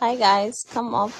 Hi guys, come up.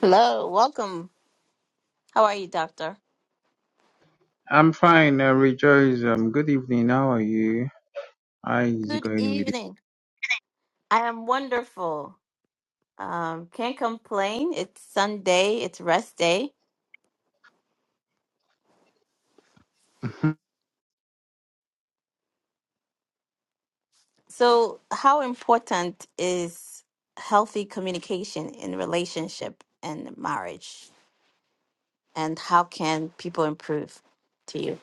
Hello, welcome. How are you, doctor? I'm fine, uh, Rejoice. Um, good evening. How are you? How is it Good going with evening. I am wonderful. Um, can't complain. It's Sunday, it's rest day. you? So, how important is healthy communication in relationship and marriage? And how can people improve to you?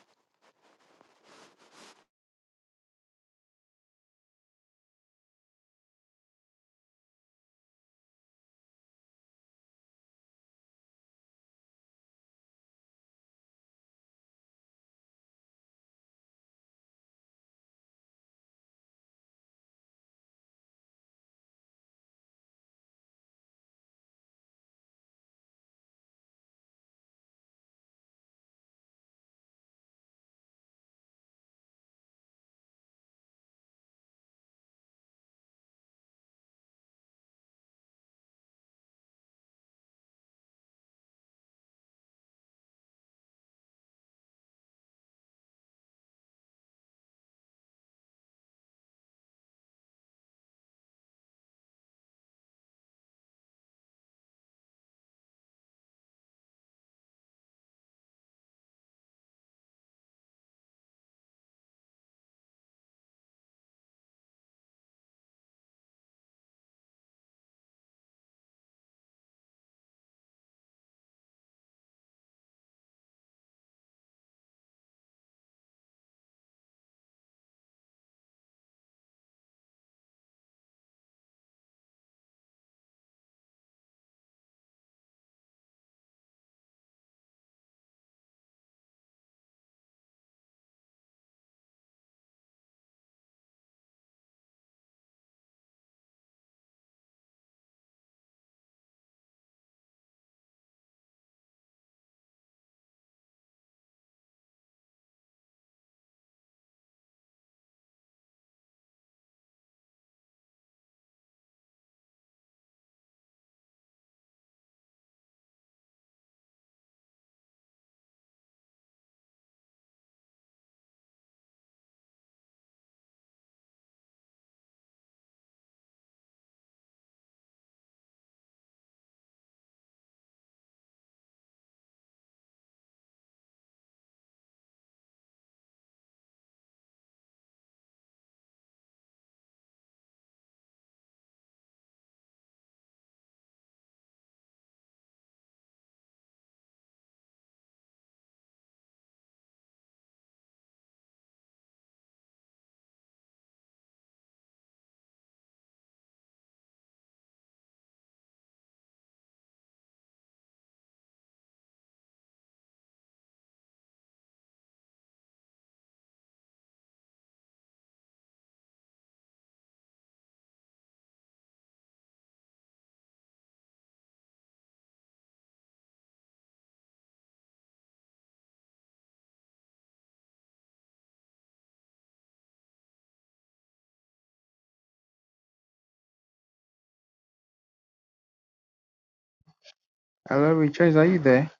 Hello, Rejoice. Are you there?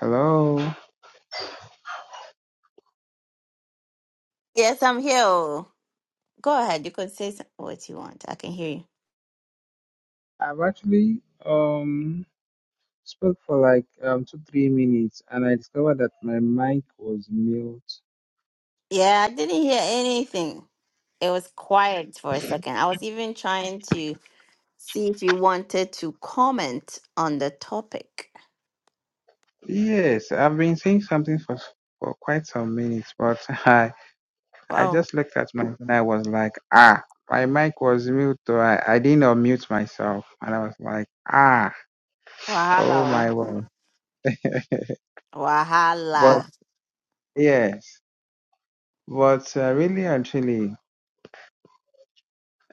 Hello. Yes, I'm here. Go ahead. You could say some- what you want. I can hear you. I've actually um spoke for like um two three minutes, and I discovered that my mic was mute. Yeah, I didn't hear anything. It was quiet for a second. I was even trying to see if you wanted to comment on the topic. Yes, I've been saying something for for quite some minutes, but I I Wow. just looked at my phone. I was like, ah, my mic was mute. So I I didn't unmute myself, and I was like, ah, oh Wahala. my word. But Wahala. yes. But uh, really and truly,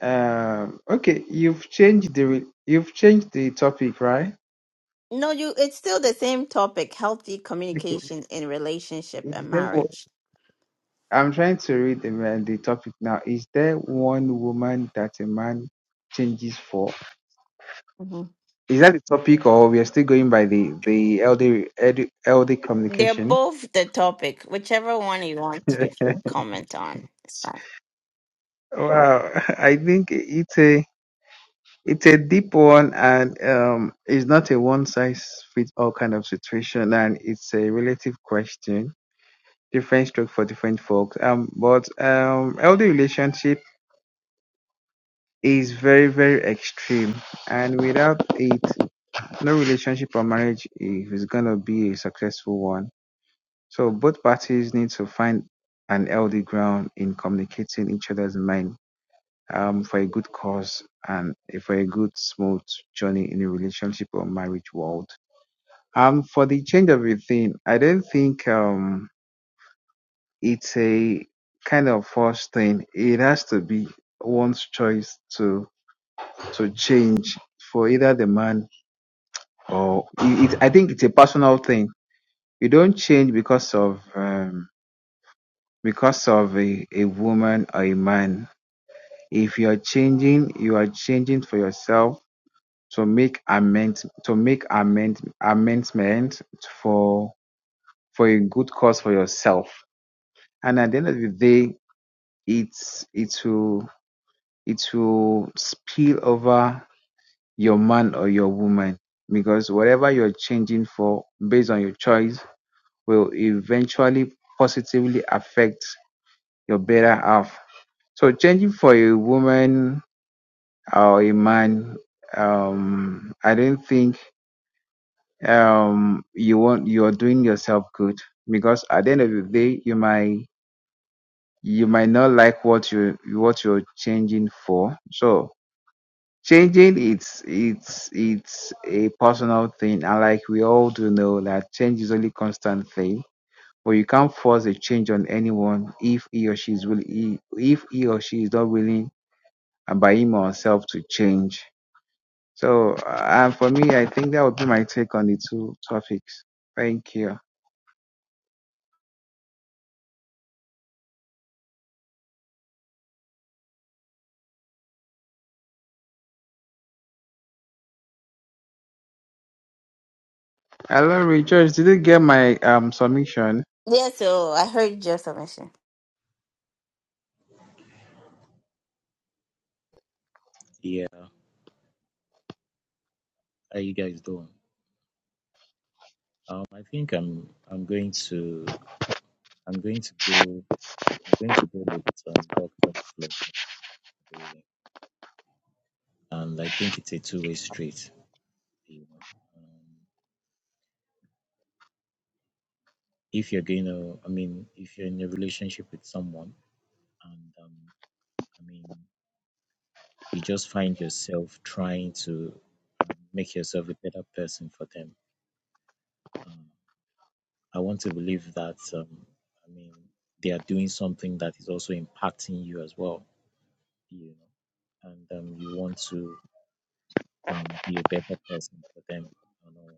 uh, okay, you've changed the re- you've changed the topic, right? No, you it's still the same topic, healthy Okay. communication in relationship Is and there, wo- marriage. I'm trying to read the, ma- the topic now. Is there one woman that a man changes for? Mhm. Is that the topic, or we are still going by the the LD ed- LD They're communication? both the topic, whichever one you want to wow, comment on. It's fine. I think it's a it's a deep one, and um, it's not a one size fits all kind of situation, and it's a relative question different stroke for different folks. Um, but um, healthy relationship is very very extreme, and without it, no relationship or marriage is is gonna be a successful one. So both parties need to find an healthy ground in communicating each other's mind um, for a good cause and for a good smooth journey in a relationship or marriage world. Um, for the change of a thing, I don't think um it's a kind of forced thing. It has to be one's choice to to change for either the man or it, it- I think it's a personal thing. You don't change because of um, because of a, a woman or a man. If you are changing, you are changing for yourself to make amend to make amend amendment for for a good cause for yourself. And at the end of the day, it's it will it will spill over your man or your woman because whatever you're changing for based on your choice will eventually positively affect your better half. So changing for a woman or a man, um, I don't think um you want you're doing yourself good because at the end of the day you might you might not like what you what you're changing for. So Changing it's it's it's a personal thing, and like we all do know that change is only constant thing. But you can't force a change on anyone if he or she is willing, if he or she is not willing, and by him or herself to change. So, uh, and for me, I think that would be my take on the two topics. Thank you. Hello, Rejoice. Did you get my um submission? Yeah, so I heard your submission. Yeah, how you guys doing? Um, I think I'm I'm going to I'm going to go I'm going to go with um Doctor Flo, really. and I think it's a two-way street. You know, um, if you're going to, I mean, if you're in a relationship with someone, and um, I mean, you just find yourself trying to um, make yourself a better person for them. Um, I want to believe that um, I mean they are doing something that is also impacting you as well you know, and um, you want to um, be a better person for them, you know,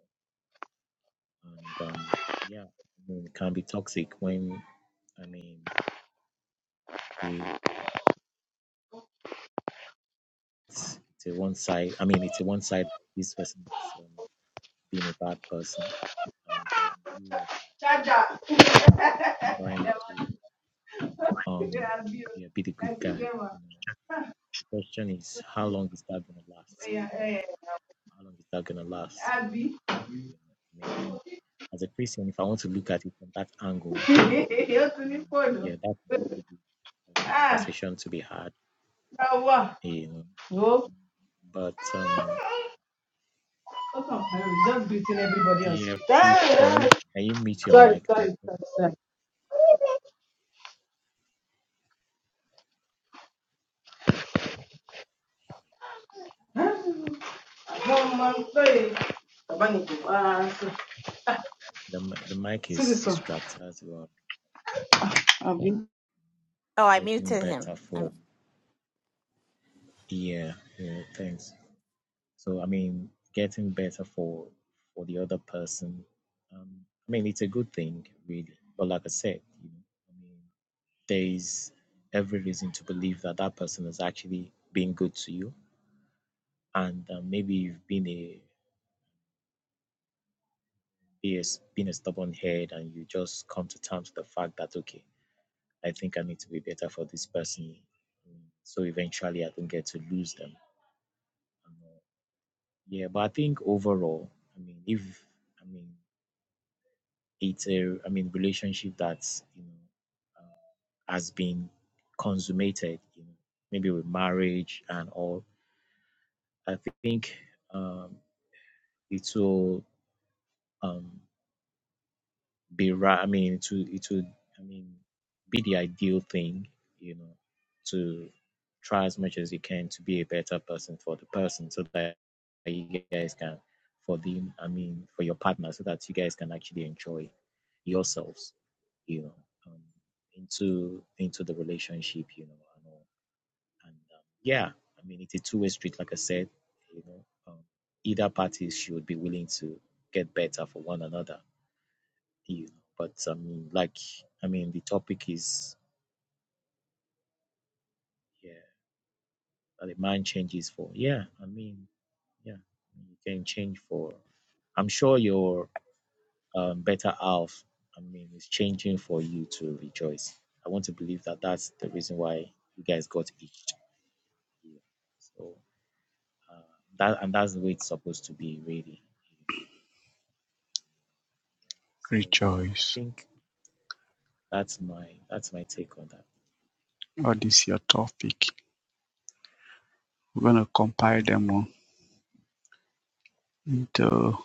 and um, yeah, I mean, it can be toxic when, I mean, it's, it's a one side. I mean, it's a one side. This person is um, being a bad person, and then you are trying to um, yeah, be the good guy. You know, the question is, how long is that gonna last? How long is that gonna last? You know, I mean. as a Christian, if I want to look at it from that angle, you know, ó I tún ní mean, fóònù yeah, that would be a ah conversation to be had, náà wà you know. ó But um, ó kàn pẹ́ rẹ̀ just greeting everybody on yeah, street ah can ah you can you mute your sorry mic? That sorry sorry sorry ah àwọn ọmọ ń pè é bàbá ni kò wá sí the the mic sí is this one distracted as well. àbí. Oh, I Getting muted him. better for Um, yeah, yeah, thanks. So I mean, getting better for for the other person. Um, I mean, it's a good thing, really. But like I said, you know, I mean. there is every reason to believe that that person is actually being good to you. And uh, maybe you've been a a a s- been a stubborn head, and you just come to terms with the fact that okay, I think I need to be better for this person, mm, so eventually I don't get to lose them. And, uh, yeah, but I think overall, I mean, if I mean it's a I mean relationship that's you know uh, has been consummated, you know, maybe with marriage and all. I think um, it will um be right i mean it will it will i mean be the ideal thing you know to try as much as you can to be a better person for the person so that you guys can for the i mean for your partner so that you guys can actually enjoy yourselves you know um, into into the relationship you know and all. And um, yeah, I mean, it's a two way street, like I said. You know, um, either party should be willing to get better for one another. You know, but I mean, like, I mean, the topic is yeah, that a man changes for. Yeah, I mean, yeah, you can change for. I'm sure your um, better half, I mean, is changing for you to rejoice. I want to believe that that's the reason why you guys got each. So uh, that and that's the way it's supposed to be, really. So I Rejoice, think that's my that's my take on that. your Topic. We're gonna compile them all into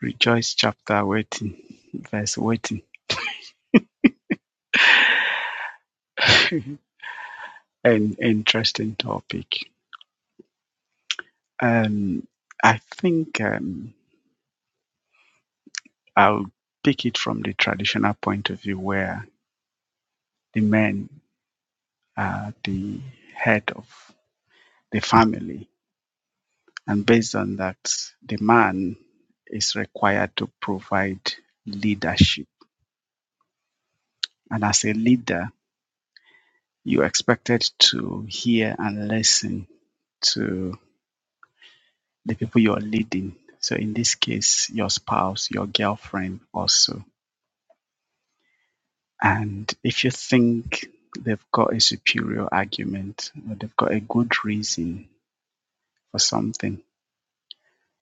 Rejoice chapter waiting, verse waiting, an interesting topic. Um, I think um, I'll pick it from the traditional point of view where the men are the head of the family, and based on that, the man is required to provide leadership. And as a leader, You are expected to hear and listen to the people you are leading. So, in this case, your spouse, your girlfriend, also. And if you think they've got a superior argument or they've got a good reason for something,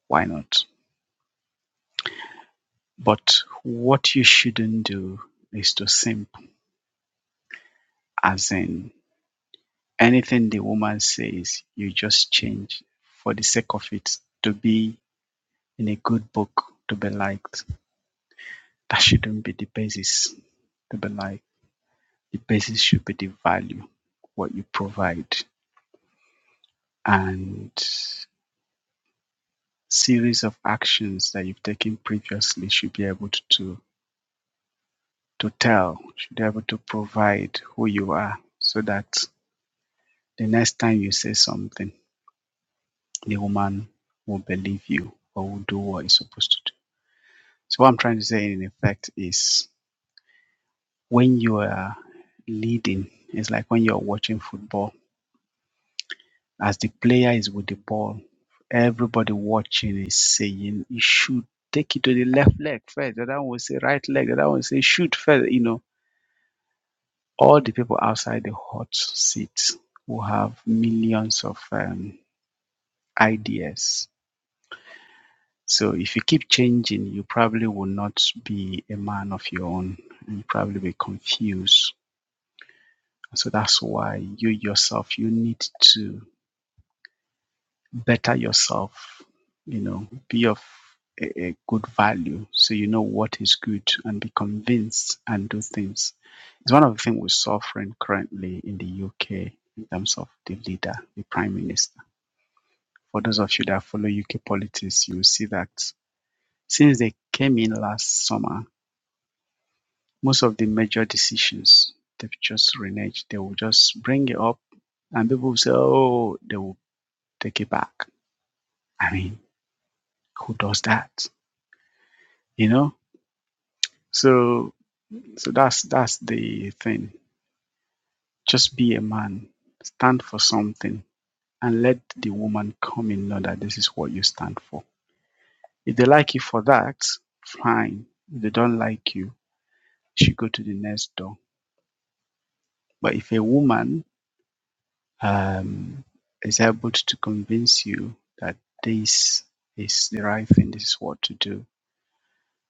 why not? But what you shouldn't do is to simp, as in anything the woman says, you just change for the sake of it to be in a good book, to be liked that shouldn't be the basis. But like the basis should be the value, what you provide, and series of actions that you've taken previously should be able to to, to tell, should be able to provide who you are, so that the next time you say something, the woman will believe you or will do what you're supposed to do. So what I'm trying to say in effect is when you are leading, it's like when you're watching football as the player is with the ball, everybody watching is saying he should take it to the left leg first. The other one will say right leg. The other one will say shoot first. You know, all the people outside the hot seat who have millions of um, ideas. So if you keep changing, you probably will not be a man of your own. You probably be confused. So that's why you yourself you need to better yourself, you know, be of a, a good value so you know what is good and be convinced and do things. It's one of the things we're suffering currently in the UK in terms of the leader, the prime minister. For those of you that follow UK politics, you will see that since they came in last summer, most of the major decisions they've just reneged. They will just bring it up and people will say, oh, they will take it back. I mean, who does that? You know, So so that's that's the thing. Just be a man, stand for something, and let the woman come in know that this is what you stand for. If they like you for that, fine. If they don't like you, she go to the next door. But if a woman um, is able to convince you that this is the right thing, this is what to do,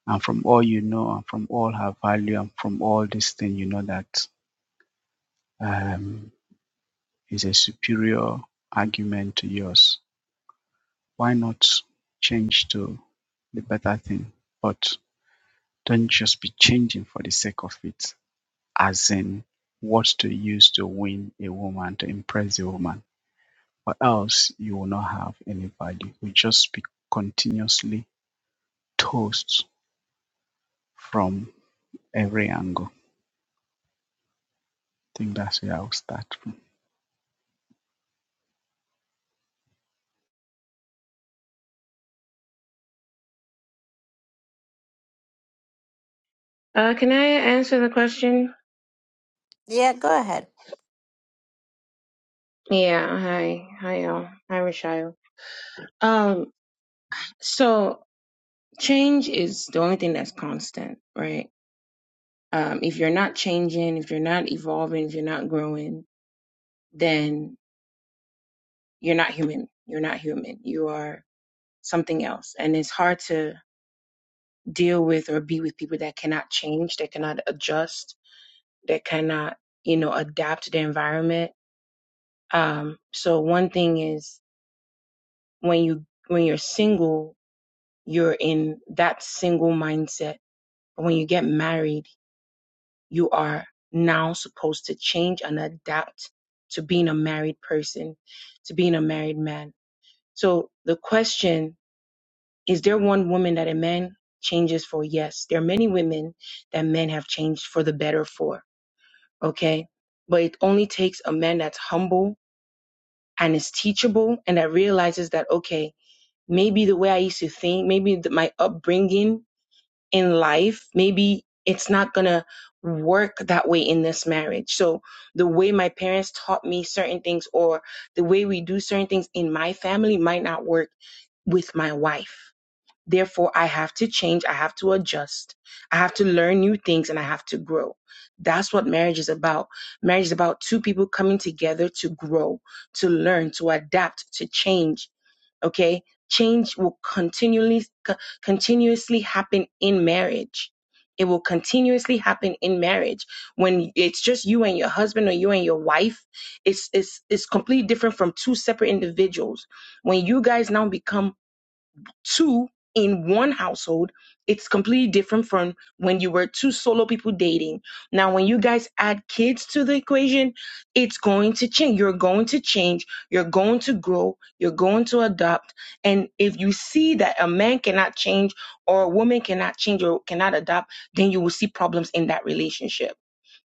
and from all you know, and from all her value, and from all this thing, you know that um, is a superior argument to yours. Why not change to the better thing? But don't just be changing for the sake of it, as in what to use to win a woman, to impress a woman, or else you will not have any value. You just be continuously toast from every angle. I think that's where I'll start from. Uh, can I answer the question? yeah, go ahead. Yeah, hi. Hi, y'all. Hi, Rashio. Um, so change is the only thing that's constant, right? Um, if you're not changing, if you're not evolving, if you're not growing, then you're not human. You're not human. You are something else. And it's hard to deal with or be with people that cannot change, that cannot adjust, that cannot, you know, adapt to the environment. Um, so one thing is when you when you're single you're in that single mindset. But when you get married, you are now supposed to change and adapt to being a married person, to being a married man. So the question is there one woman that a man changes for? Yes. There are many women that men have changed for the better for. Okay. But it only takes a man that's humble and is teachable and that realizes that, okay, maybe the way I used to think, maybe th- my upbringing in life, maybe it's not gonna work that way in this marriage. So the way my parents taught me certain things or the way we do certain things in my family might not work with my wife. Therefore, I have to change, I have to adjust, I have to learn new things, and I have to grow. That's what marriage is about. Marriage is about two people coming together to grow, to learn, to adapt, to change, Okay. Change will continually, co- continuously happen in marriage. It will continuously happen in marriage. When it's just you and your husband or you and your wife, it's, it's, it's completely different from two separate individuals. When you guys now become two in one household, it's completely different from when you were two solo people dating. Now, when you guys add kids to the equation, it's going to change. You're going to change. You're going to grow. You're going to adopt. And if you see that a man cannot change or a woman cannot change or cannot adopt, then you will see problems in that relationship.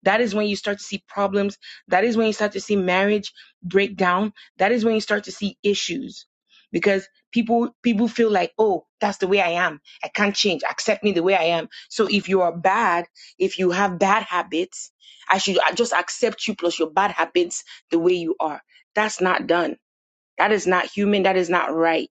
That is when you start to see problems. That is when you start to see marriage break down. That is when you start to see issues because people people feel like, "Oh, that's the way I am. I can't change. Accept me the way I am." So if you are bad, if you have bad habits, I should I just accept you plus your bad habits the way you are. That's not done that is not human. That is not right.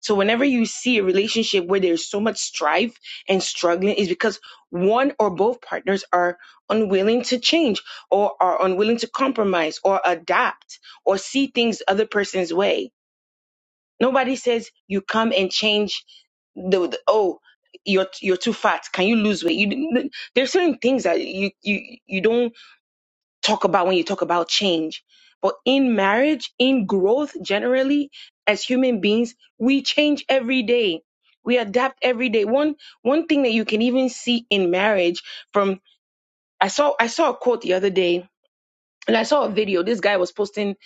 So whenever you see a relationship where there's so much strife and struggling is because one or both partners are unwilling to change or are unwilling to compromise or adapt or see things the other person's way. Nobody says you come and change the, the- oh you're you're too fat. Can you lose weight? You there's certain things that you you you don't talk about when you talk about change. But in marriage, in growth generally, as human beings, we change every day. We adapt every day. One one thing that you can even see in marriage from I saw I saw a quote the other day and I saw a video. This guy was posting,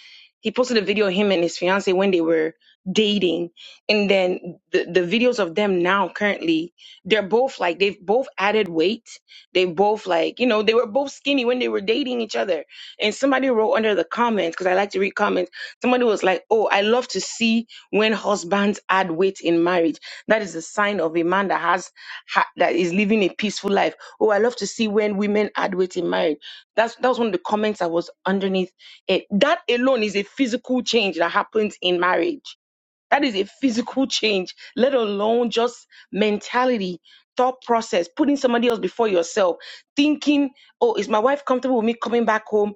he posted a video of him and his fiance when they were dating. And then the, the videos of them now currently, they're both like, they've both added weight. They both like, you know, they were both skinny when they were dating each other. And somebody wrote under the comments, because I like to read comments, somebody was like, oh, I love to see when husbands add weight in marriage. That is a sign of a man that has, ha- that is living a peaceful life. Oh, I love to see when women add weight in marriage that's that was one of the comments that was underneath it. That alone is a physical change that happens in marriage. That is a physical change, let alone just mentality, thought process, putting somebody else before yourself, thinking, oh, is my wife comfortable with me coming back home?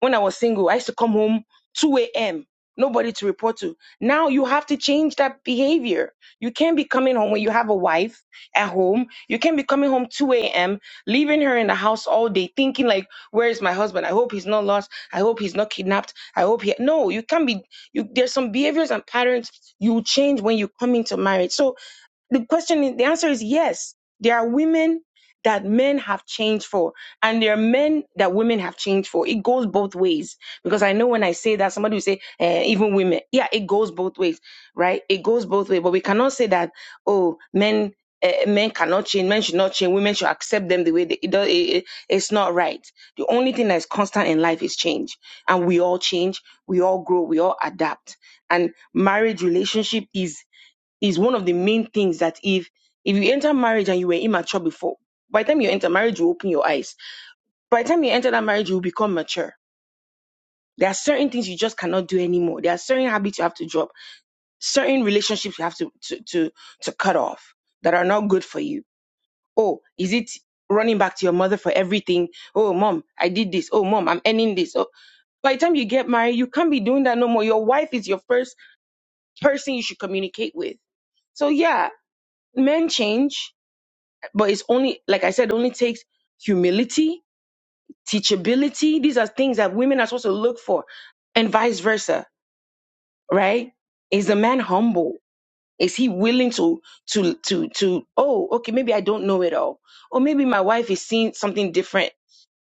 When I was single, I used to come home 2 a.m. Nobody to report to. Now you have to change that behavior. You can't be coming home when you have a wife at home. You can't be coming home 2 a.m., leaving her in the house all day, thinking like, where is my husband? I hope he's not lost. I hope he's not kidnapped. I hope he. No, you can't be. You, there's some behaviors and patterns you change when you come into marriage. So the question, is- the answer is yes. There are women that men have changed for, and there are men that women have changed for. It goes both ways because I know when I say that, somebody will say, eh, even women. Yeah, it goes both ways, right? It goes both ways, but we cannot say that oh, men. eh, men cannot change. Men should not change. Women should accept them the way they. It, does. it, it- it's not right. The only thing that is constant in life is change, and we all change. We all grow. We all adapt. And marriage relationship is is one of the main things that if if you enter marriage and you were immature before, by the time you enter marriage, you open your eyes. By the time you enter that marriage, you become mature. There are certain things you just cannot do anymore. There are certain habits you have to drop, certain relationships you have to to to, to cut off that are not good for you. Oh, is it running back to your mother for everything? Oh, mom, I did this. Oh, mom, I'm ending this. Oh, by the time you get married, you can't be doing that no more. Your wife is your first person you should communicate with. So yeah, men change But it's only, like I said, only takes humility, teachability. These are things that women are supposed to look for, and vice versa, right? Is the man humble? Is he willing to to to to? Oh, okay, maybe I don't know it all, or maybe my wife is seeing something different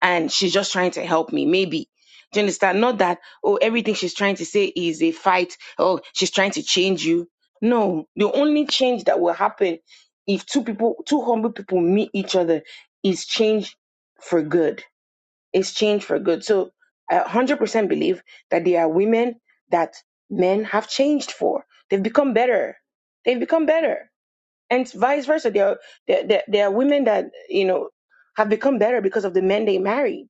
and she's just trying to help me, maybe. Do you understand? Not that, oh, everything she's trying to say is a fight. Oh, she's trying to change you. No, the only change that will happen if two people, two humble people meet each other is change for good. It's change for good. So I 100% believe that there are women that men have changed for. They've become better. They've become better. And vice versa. There are, there, there, there are women that, you know, have become better because of the men they marry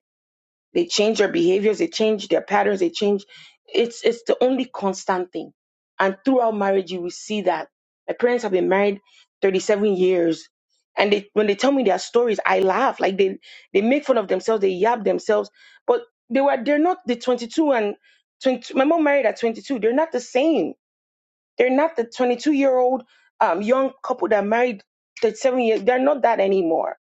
they change their behaviors, they change their patterns, they change. It's it's the only constant thing. And throughout marriage, you will see that. My parents have been married 37 years. And they, when they tell me their stories, I laugh. Like they, they make fun of themselves, they yab themselves. But they were they're not the 22 and 20, my mom married at 22. They're not the same. They're not the 22 year old um, young couple that married 37 years. They're not that anymore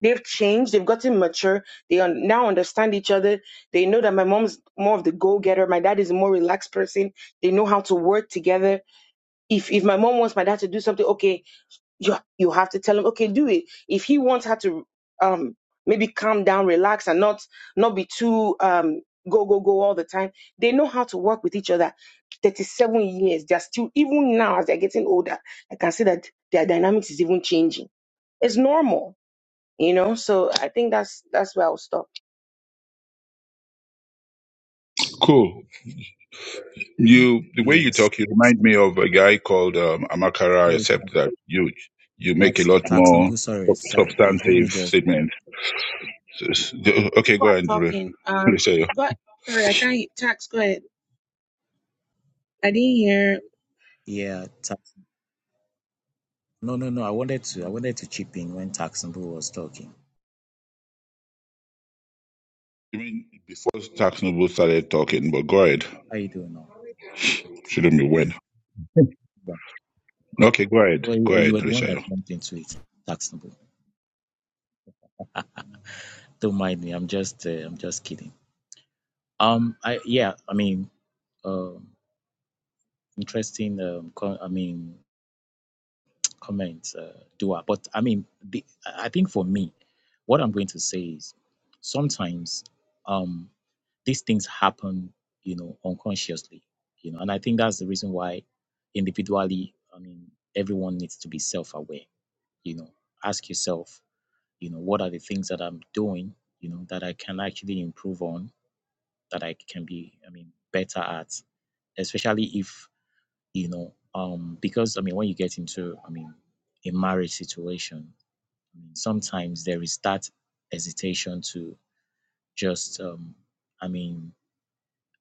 They've changed. They've gotten mature. They un- now understand each other. They know that my mom's more of the go-getter. My dad is a more relaxed person. They know how to work together. If if my mom wants my dad to do something, okay, you you have to tell him, okay, do it. If he wants her to um maybe calm down, relax, and not not be too um go go go all the time. They know how to work with each other. 37 years, they're still even now as they're getting older. I can see that their dynamics is even changing. It's normal you know, so I think that's that's where I'll stop. Cool. You the way you Yes. talk, you remind So- me of a guy called um, Amakara, Sorry, except that you you make a tax, tax, lot more Taxonbu, sorry, sub- sorry, please. Let me substantive just, uh, statements. S- Sorry, s- Okay, people go are ahead. Re- talking. re- Um, say. but sorry, I can't. Tax, go ahead. I didn't hear. yeah, tax. No, no, no. I wanted to, I wanted to chip in when Taxonbu was talking. I mean, before Tax Noble started talking, but go ahead. How you doing now? Shouldn't be when. Yeah. Okay, go ahead. Well, you Go you ahead, were the one that Rishayo. jumped into it, Taxonbu. Don't mind me. I'm just, uh, I'm just kidding. Um, I, yeah, I mean, um, interesting. Um, con- I mean, comment uh, doer. But I mean, the, I think for me, what I'm going to say is sometimes um, these things happen, you know, unconsciously, you know, and I think that's the reason why individually, I mean, everyone needs to be self-aware, you know, ask yourself, you know, what are the things that I'm doing, you know, that I can actually improve on, that I can be, I mean, better at, especially if you know um because i mean when you get into i mean a marriage situation i mean sometimes there is that hesitation to just um i mean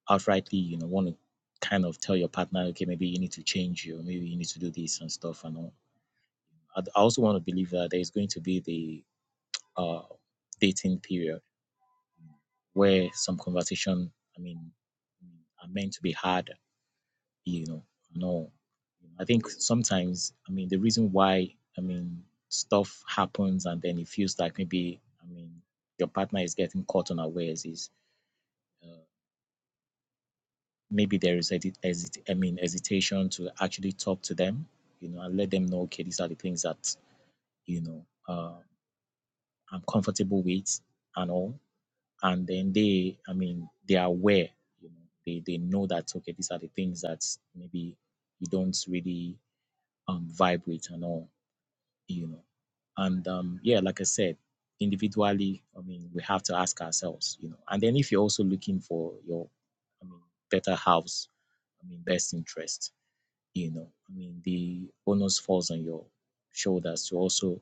outrightly you know want to kind of tell your partner okay maybe you need to change you maybe you need to do this and stuff and all i I also want to believe that there is going to be the uh dating period where some conversation i mean are meant to be had you know, and all. I think sometimes, I mean, the reason why, I mean, stuff happens and then it feels like maybe, I mean, your partner is getting caught unawares is uh, maybe there is, hesi- hesit- I mean, hesitation to actually talk to them, you know, and let them know, okay, these are the things that, you know, uh, I'm comfortable with and all. And then they, I mean, they are aware, you know, they, they know that, okay, these are the things that maybe you don't really um, vibe with and all you know and um yeah like i said individually i mean we have to ask ourselves you know and then if you're also looking for your i mean better house i mean best interest you know i mean the onus falls on your shoulders to also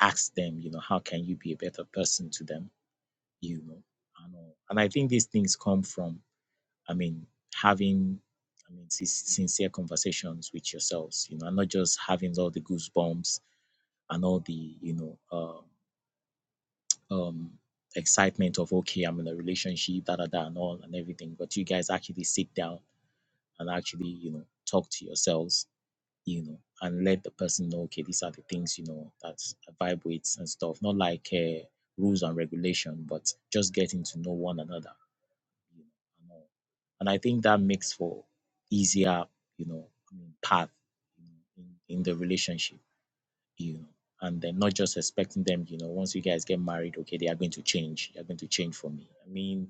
ask them you know how can you be a better person to them you know and, all. and i think these things come from i mean having i mean sin- sincere conversations with yourselves you know and not just having all the goosebumps and all the you know uh, um excitement of okay i'm in a relationship da da da and all and everything but you guys actually sit down and actually you know talk to yourselves you know and let the person know okay these are the things you know that vibrates and stuff not like uh, rules and regulation but just getting to know one another you know and, all. and i think that makes for easier you know I mean, path you know, in, in the relationship you and then not just expecting them you know once you guys get married okay they are going to change they are going to change for me i mean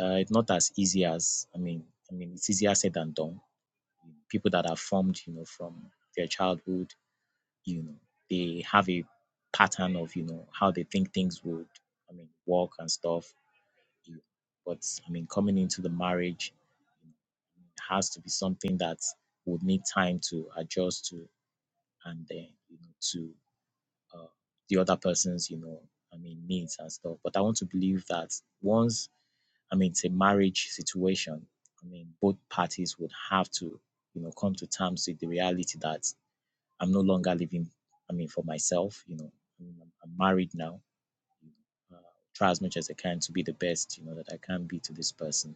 uh, it's not as easy as i mean i mean it's easier said than done people that are formed you know from their childhood you know they have a pattern of you know how they think things would i mean work and stuff you- but i mean coming into the marriage has to be something that would need time to adjust to and then you know to uh, the other person's, you know, I mean, needs and stuff. But I want to believe that once, I mean, it's a marriage situation, I mean, both parties would have to, you know, come to terms with the reality that I'm no longer living, I mean, for myself, you know, I mean, I'm, I'm married now. Uh, try as much as I can to be the best, you know, that I can be to this person,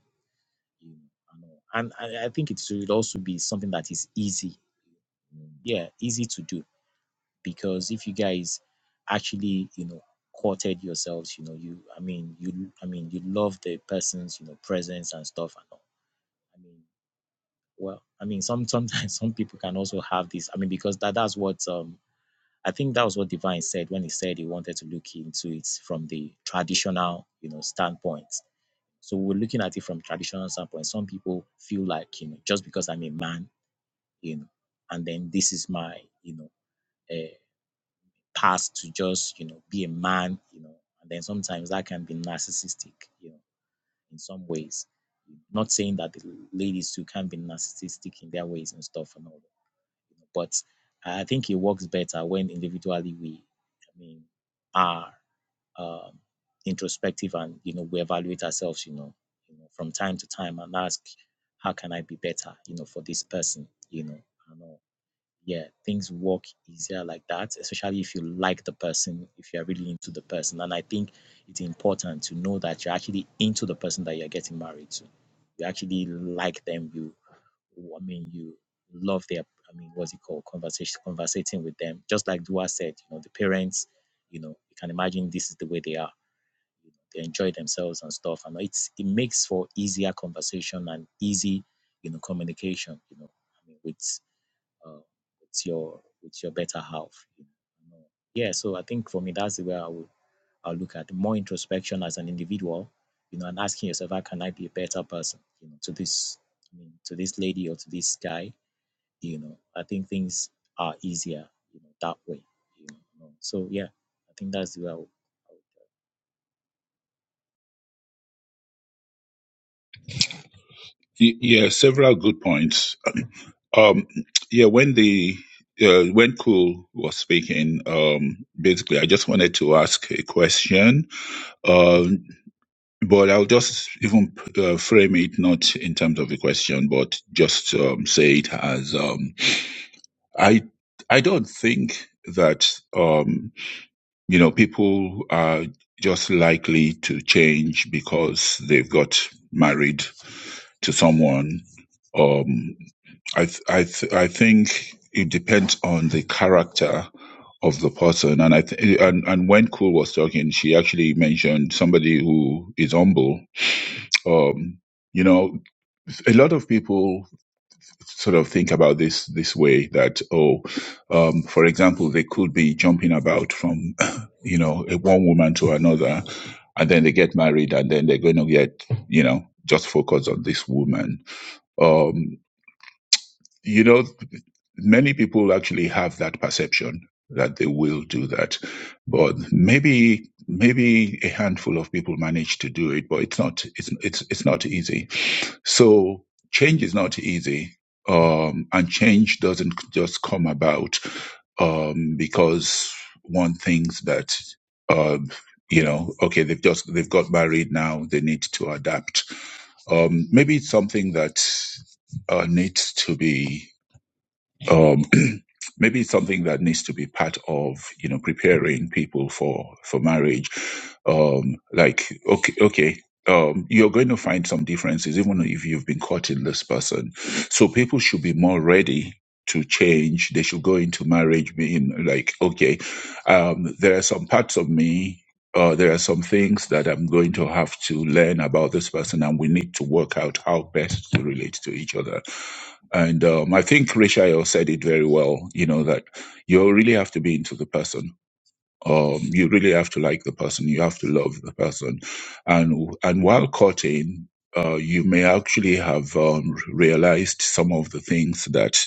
you know. I know. And I, I think it should also be something that is easy, yeah, easy to do because if you guys actually you know courted yourselves you know you i mean you i mean you love the person's you know presence and stuff and all i mean well i mean some sometimes some people can also have this i mean because that that's what um i think that was what divine said when he said he wanted to look into it from the traditional you know standpoint so we're looking at it from traditional standpoint some people feel like you know just because i'm a man you know and then this is my you know uh, past to just you know be a man you know and then sometimes that can be narcissistic you know in some ways not saying that the ladies too can be narcissistic in their ways and stuff and all that you know, but i think it works better when individually we i mean are um, introspective and you know we evaluate ourselves you know, you know from time to time and ask how can i be better you know for this person you know and all yeah, things work easier like that, especially if you like the person, if you're really into the person. And I think it's important to know that you're actually into the person that you're getting married to. You actually like them. You, I mean, you love their, I mean, what's it called? Conversation, conversating with them. Just like Dua said, you know, the parents, you know, you can imagine this is the way they are. They enjoy themselves and stuff. And it's, it makes for easier conversation and easy, you know, communication, you know, I mean, with uh, with your with your better half. You know? Yeah, so I think for me that's the way I would I would look at more introspection as an individual, you know, and asking yourself how can I be a better person, you know, to this I mean to this lady or to this guy, you know. I think things are easier, you know, that way. You know. So yeah, I think that's the way I would, I would Y- Yeah, several good points. Um, yeah, when the uh, when Cool was speaking, um, basically, I just wanted to ask a question. Um But I'll just even uh, frame it not in terms of a question, but just um, say it as um, I I don't think that um, you know people are just likely to change because they've got married to someone. Um, I th- I th- I think it depends on the character of the person, and I th- and and when Cool was talking, she actually mentioned somebody who is humble um, you know, a lot of people sort of think about this this way that oh, um, for example, they could be jumping about from you know a one woman to another, and then they get married, and then they're going to get you know just focus on this woman. Um, you know, many people actually have that perception that they will do that, but maybe maybe a handful of people manage to do it, but it's not it's it's it's not easy So change is not easy. Um, and change doesn't just come about um, because one thinks that, um, you know, okay, they've just, they've got married now, they need to adapt. Um, maybe it's something that uh, needs to be um, maybe something that needs to be part of you know preparing people for for marriage um like okay okay um you're going to find some differences even if you've been courting this person so people should be more ready to change they should go into marriage being like okay um there are some parts of me uh, there are some things that I'm going to have to learn about this person, and we need to work out how best to relate to each other and um, I think Rishayo said it very well, you know, that you really have to be into the person. Um, you really have to like the person. You have to love the person. And, and while courting, uh, you may actually have um, realized some of the things that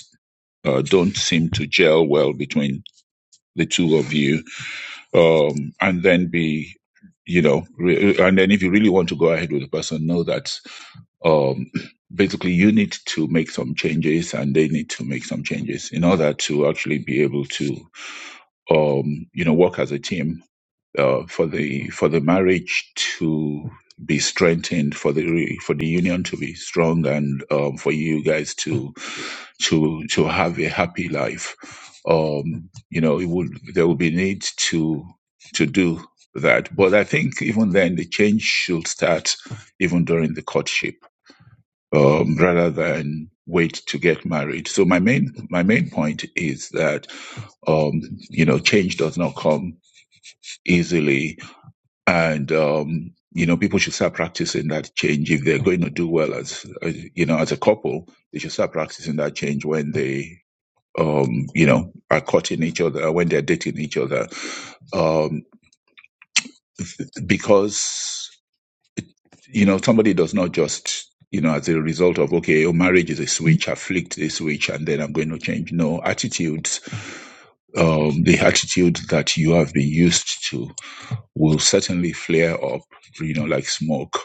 uh, don't seem to gel well between the two of you. Um, and then be, you know, re- and then if you really want to go ahead with the person, know that um, basically you need to make some changes and they need to make some changes in order to actually be able to um, you know work as a team uh, for the for the marriage to be strengthened for the for the union to be strong and um, for you guys to to to have a happy life um, you know it would there will be need to to do that but i think even then the change should start even during the courtship um, rather than wait to get married. So my main my main point is that um, you know change does not come easily, and um, you know people should start practicing that change if they're going to do well as, as you know as a couple. They should start practicing that change when they um, you know are caught in each other when they're dating each other, um, because. you know, somebody does not just, you know, as a result of, okay, your marriage is a switch, I flicked a switch and then I'm going to change. No, attitudes, um, the attitude that you have been used to will certainly flare up, you know, like smoke.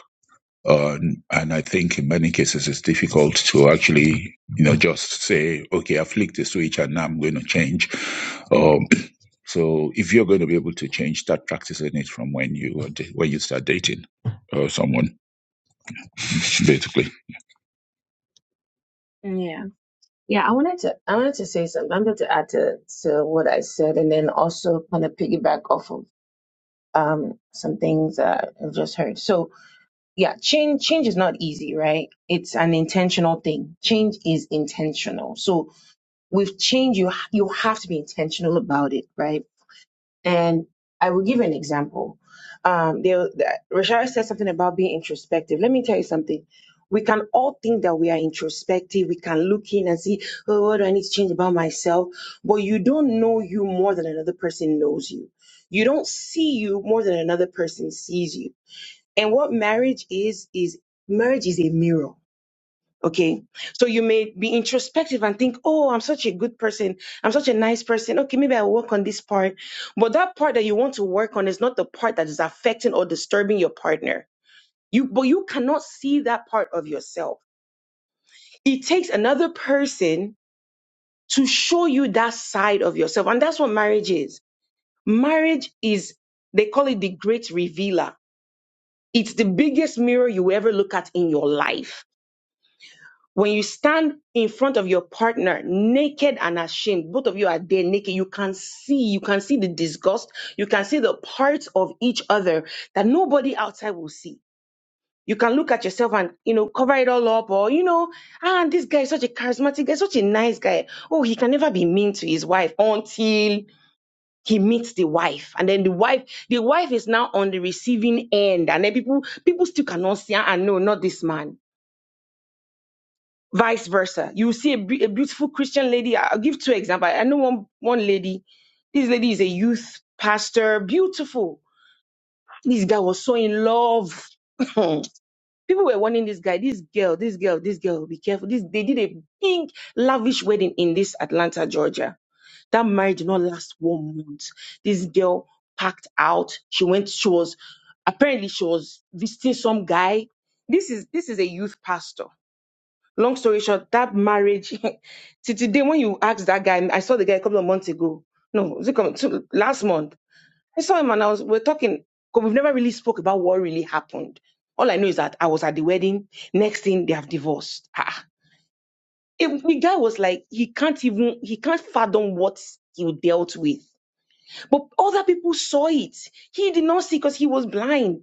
Uh, and I think in many cases it's difficult to actually, you know, just say, okay, I flicked the switch and now I'm going to change. Um, so if you're going to be able to change, start practicing it from when you when you start dating uh, someone, basically. Yeah. Yeah, I wanted to I wanted to say something. I'm going to add to, to what I said and then also kind of piggyback off of um some things that I've just heard. So yeah, change change is not easy, right? It's an intentional thing. Change is intentional. So with change you you have to be intentional about it right and i will give you an example um there that- rashad said something about being introspective let me tell you something we can all think that we are introspective we can look in and see oh what do i need to change about myself but you don't know you more than another person knows you you don't see you more than another person sees you and what marriage is is marriage is a mirror Okay. So you may be introspective and think, oh, I'm such a good person. I'm such a nice person. Okay, maybe I'll work on this part. But that part that you want to work on is not the part that is affecting or disturbing your partner. You, but you cannot see that part of yourself. It takes another person to show you that side of yourself. And that's what marriage is. Marriage is, they call it the great revealer. It's the biggest mirror you ever look at in your life When you stand in front of your partner naked and ashamed, both of you are there naked, you can see, you can see the disgust, you can see the parts of each other that nobody outside will see. You can look at yourself and, you know, cover it all up or, you know, ah, this guy is such a charismatic guy, such a nice guy. Oh, he can never be mean to his wife until he meets the wife. And then the wife, the wife is now on the receiving end. And then people, people still cannot see, ah, no, not this man Vice versa. You see a, be- a beautiful Christian lady. I- I'll give two examples. I know one, one lady. This lady is a youth pastor. Beautiful. This guy was so in love. People were warning this guy, this girl, this girl, this girl, be careful. This they did a big lavish wedding in this Atlanta, Georgia. That marriage did not last one month. This girl packed out. She went, she was apparently she was visiting some guy. This is this is a youth pastor Long story short, that marriage till today, when you ask that guy, I saw the guy a couple of months ago. No, was it coming two, last month? I saw him and I was we're talking because we've never really spoke about what really happened. All I know is that I was at the wedding. Next thing, they have divorced. Ah, It- the guy was like, he can't even, he can't fathom what he dealt with. But other people saw it. He did not see because he was blind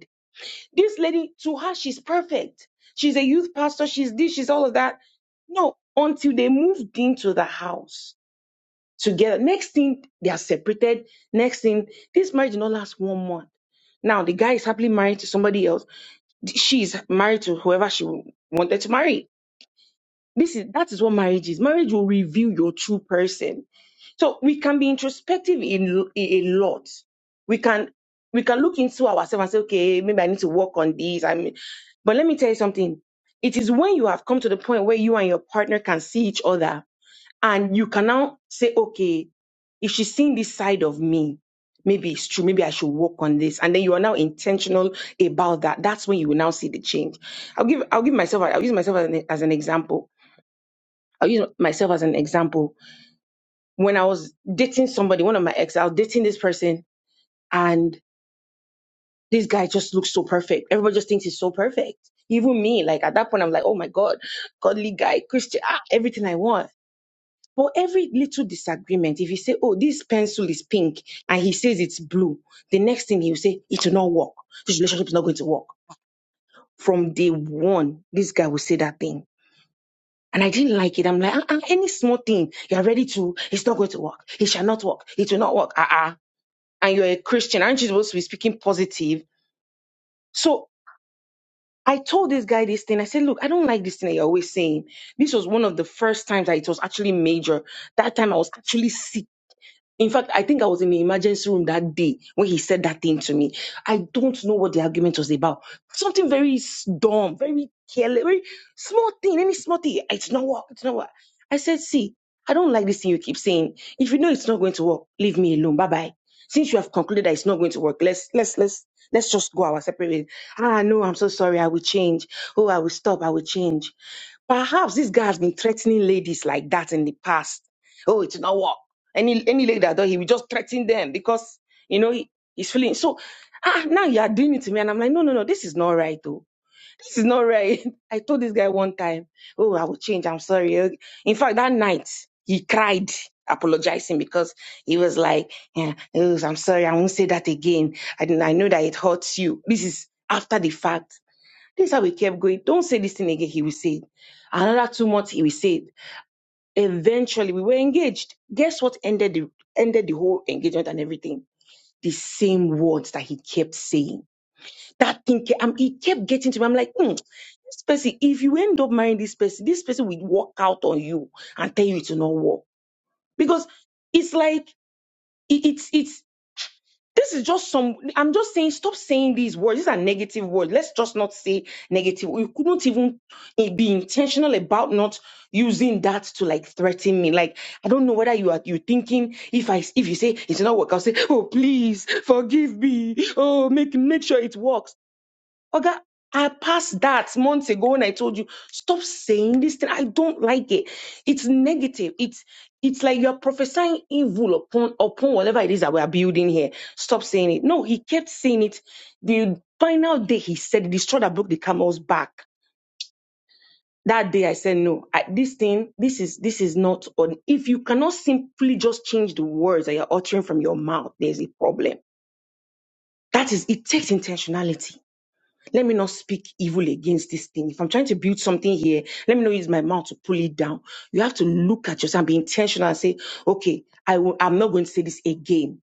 this lady, to her, she's perfect. She's a youth pastor. She's this, she's all of that. No, until they moved into the house together. Next thing, they are separated. Next thing, this marriage did not last one month. Now, the guy is happily married to somebody else. She's married to whoever she wanted to marry. This is that is what marriage is. Marriage will reveal your true person so we can be introspective in a lot. We can we can look into ourselves and say, okay, maybe I need to work on this. I mean, but let me tell you something. It is when you have come to the point where you and your partner can see each other and you can now say, okay, if she's seeing this side of me, maybe it's true, maybe I should work on this. And then you are now intentional about that. That's when you will now see the change. I'll give I'll give myself I'll use myself as an, as an example. I'll use myself as an example when I was dating somebody, one of my ex, I was dating this person and this guy just looks so perfect. Everybody just thinks he's so perfect. Even me, like at that point, I'm like, oh my God, godly guy, Christian, ah, everything I want. But every little disagreement, if you say, oh, this pencil is pink and he says it's blue, the next thing he'll say, it will not work. This relationship is not going to work. From day one, this guy will say that thing. And I didn't like it. I'm like, uh-uh, any small thing, you're ready to, it's not going to work. It shall not work. It will not work. Uh-uh. and you're a Christian, aren't you supposed to be speaking positive? So I told this guy this thing. I said, look, I don't like this thing that you're always saying. This was one of the first times that it was actually major. That time I was actually sick. In fact, I think I was in the emergency room that day when he said that thing to me. I don't know what the argument was about. Something very s- dumb, very careless, very small thing, any small thing. It's not work. It's not work. I said, see, I don't like this thing you keep saying. If you know it's not going to work, leave me alone. Bye bye. Since you have concluded that it's not going to work, let's let's let's let's just go our separate ways. Ah no, I'm so sorry. I will change. Oh, I will stop. I will change. Perhaps this guy has been threatening ladies like that in the past. Oh, it's not work. Any any lady that does, he will just threaten them because you know he, he's feeling so. Ah, now you are doing it to me, and I'm like, no, no, no, this is not right, though. This is not right. I told this guy one time, oh, I will change. I'm sorry. Okay. In fact, that night he cried, apologizing because he was like, yeah, oh, I'm sorry, I won't say that again. I didn't- I know that it hurts you. This is after the fact. This is how we kept going. Don't say this thing again. He will say it. Another two months, he will say it. Eventually, we were engaged. Guess what ended the ended the whole engagement and everything? The same words that he kept saying. That thing, ke- um, it kept getting to me. I'm like, "Hmm, this person. If you end up marrying this person, this person will walk out on you and tell you to not work." because it's like it- it's it's this is just some, I'm just saying, stop saying these words. These are negative words. Let's just not say negative. You couldn't even eh, be intentional about not using that to like threaten me. Like, I don't know whether you are, you thinking if I, if you say it's not work, I'll say, oh, please forgive me. Oh, make, make sure it works. Oga, I passed that months ago when I told you, stop saying this thing. I don't like it. It's negative. It's it's like you're prophesying evil upon upon whatever it is that we are building here. Stop saying it. No, he kept saying it. The final day he said it, the straw that broke the camel's back. That day I said no. I, this thing, this is this is not on. If you cannot simply just change the words that you're uttering from your mouth, there's a problem. That is, it takes intentionality Let me not speak evil against this thing. If I'm trying to build something here, let me not use my mouth to pull it down. You have to look at yourself and be intentional and say, okay, I will, I'm not going to say this again.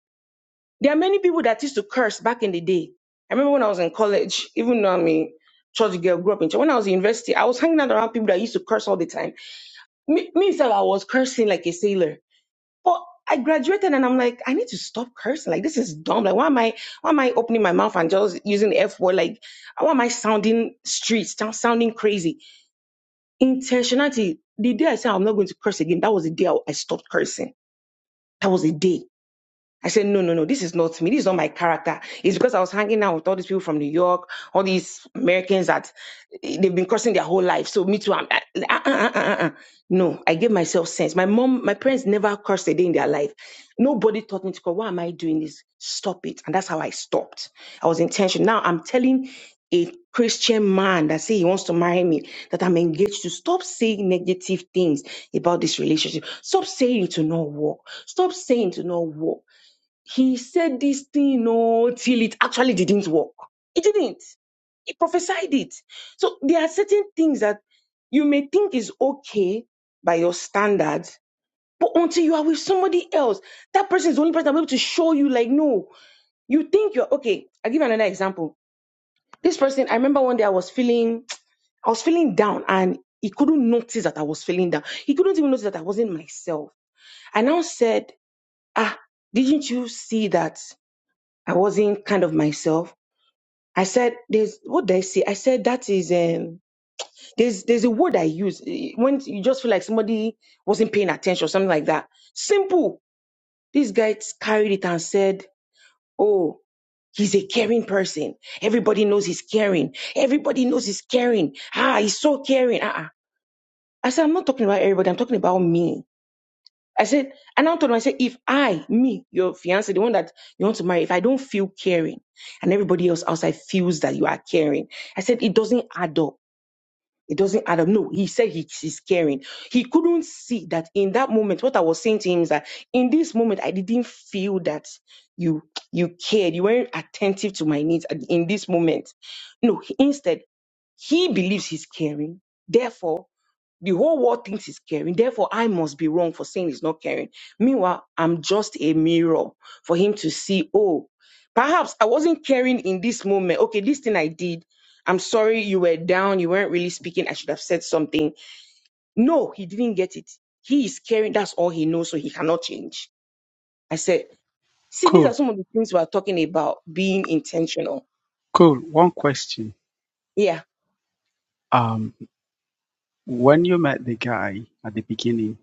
There are many people that used to curse back in the day. I remember when I was in college, even though I'm a church girl, grew up in church. When I was in university, I was hanging out around people that used to curse all the time. Me, me myself, I was cursing like a sailor. But I graduated and I'm like, I need to stop cursing. Like this is dumb. Like why am I why am I opening my mouth and just using the F word? Like why am I sounding street, sound, sounding crazy? Intentionality. The day I said I'm not going to curse again, that was the day I I stopped cursing. That was the day. I said, no, no, no, this is not me. This is not my character. It's because I was hanging out with all these people from New York, all these Americans that eh, they've been cursing their whole life. So me too. I'm, uh, uh, uh, uh, uh. No, I gave myself sense. My mom, my parents never cursed a day in their life. Nobody taught me to curse. Why am I doing this? Stop it. And that's how I stopped. I was intentional. Now I'm telling a Christian man that say he wants to marry me, that I'm engaged to stop saying negative things about this relationship. Stop saying it to not work. Stop saying it to not work. He said this thing, oh, till it actually didn't work. It didn't. He prophesied it. So there are certain things that you may think is okay by your standards, but until you are with somebody else, that person is the only person that will be able to show you, like, no, you think you're okay. I'll give you another example. This person, I remember one day I was feeling, I was feeling down and he couldn't notice that I was feeling down. He couldn't even notice that I wasn't myself. I now said, ah, didn't you see that? I wasn't kind of myself. I said, "There's what did I say?" I said that is um, there's there's a word I use eh, when you just feel like somebody wasn't paying attention, something like that. Simple. This guy t- carried it and said, "Oh, he's a caring person. Everybody knows he's caring. Everybody knows he's caring. Ah, he's so caring." Uh-uh. I said, "I'm not talking about everybody. I'm talking about me." I said, and I told him, I said, if I, me, your fiance, the one that you want to marry, if I don't feel caring and everybody else outside feels that you are caring, I said, it doesn't add up. It doesn't add up. No, he said he, he's caring. He couldn't see that in that moment, what I was saying to him is that in this moment, I didn't feel that you, you cared. You weren't attentive to my needs at- in this moment. No, he- instead, he believes he's caring. Therefore, the whole world thinks he's caring. Therefore, I must be wrong for saying he's not caring. Meanwhile, I'm just a mirror for him to see, oh, perhaps I wasn't caring in this moment. Okay, this thing I did. I'm sorry you were down. You weren't really speaking. I should have said something. No, he didn't get it. He is caring. That's all he knows. So he cannot change. I said, see, these Cool, are some of the things we are talking about being intentional. cool. One question. Yeah Um, when you met the guy at the beginning,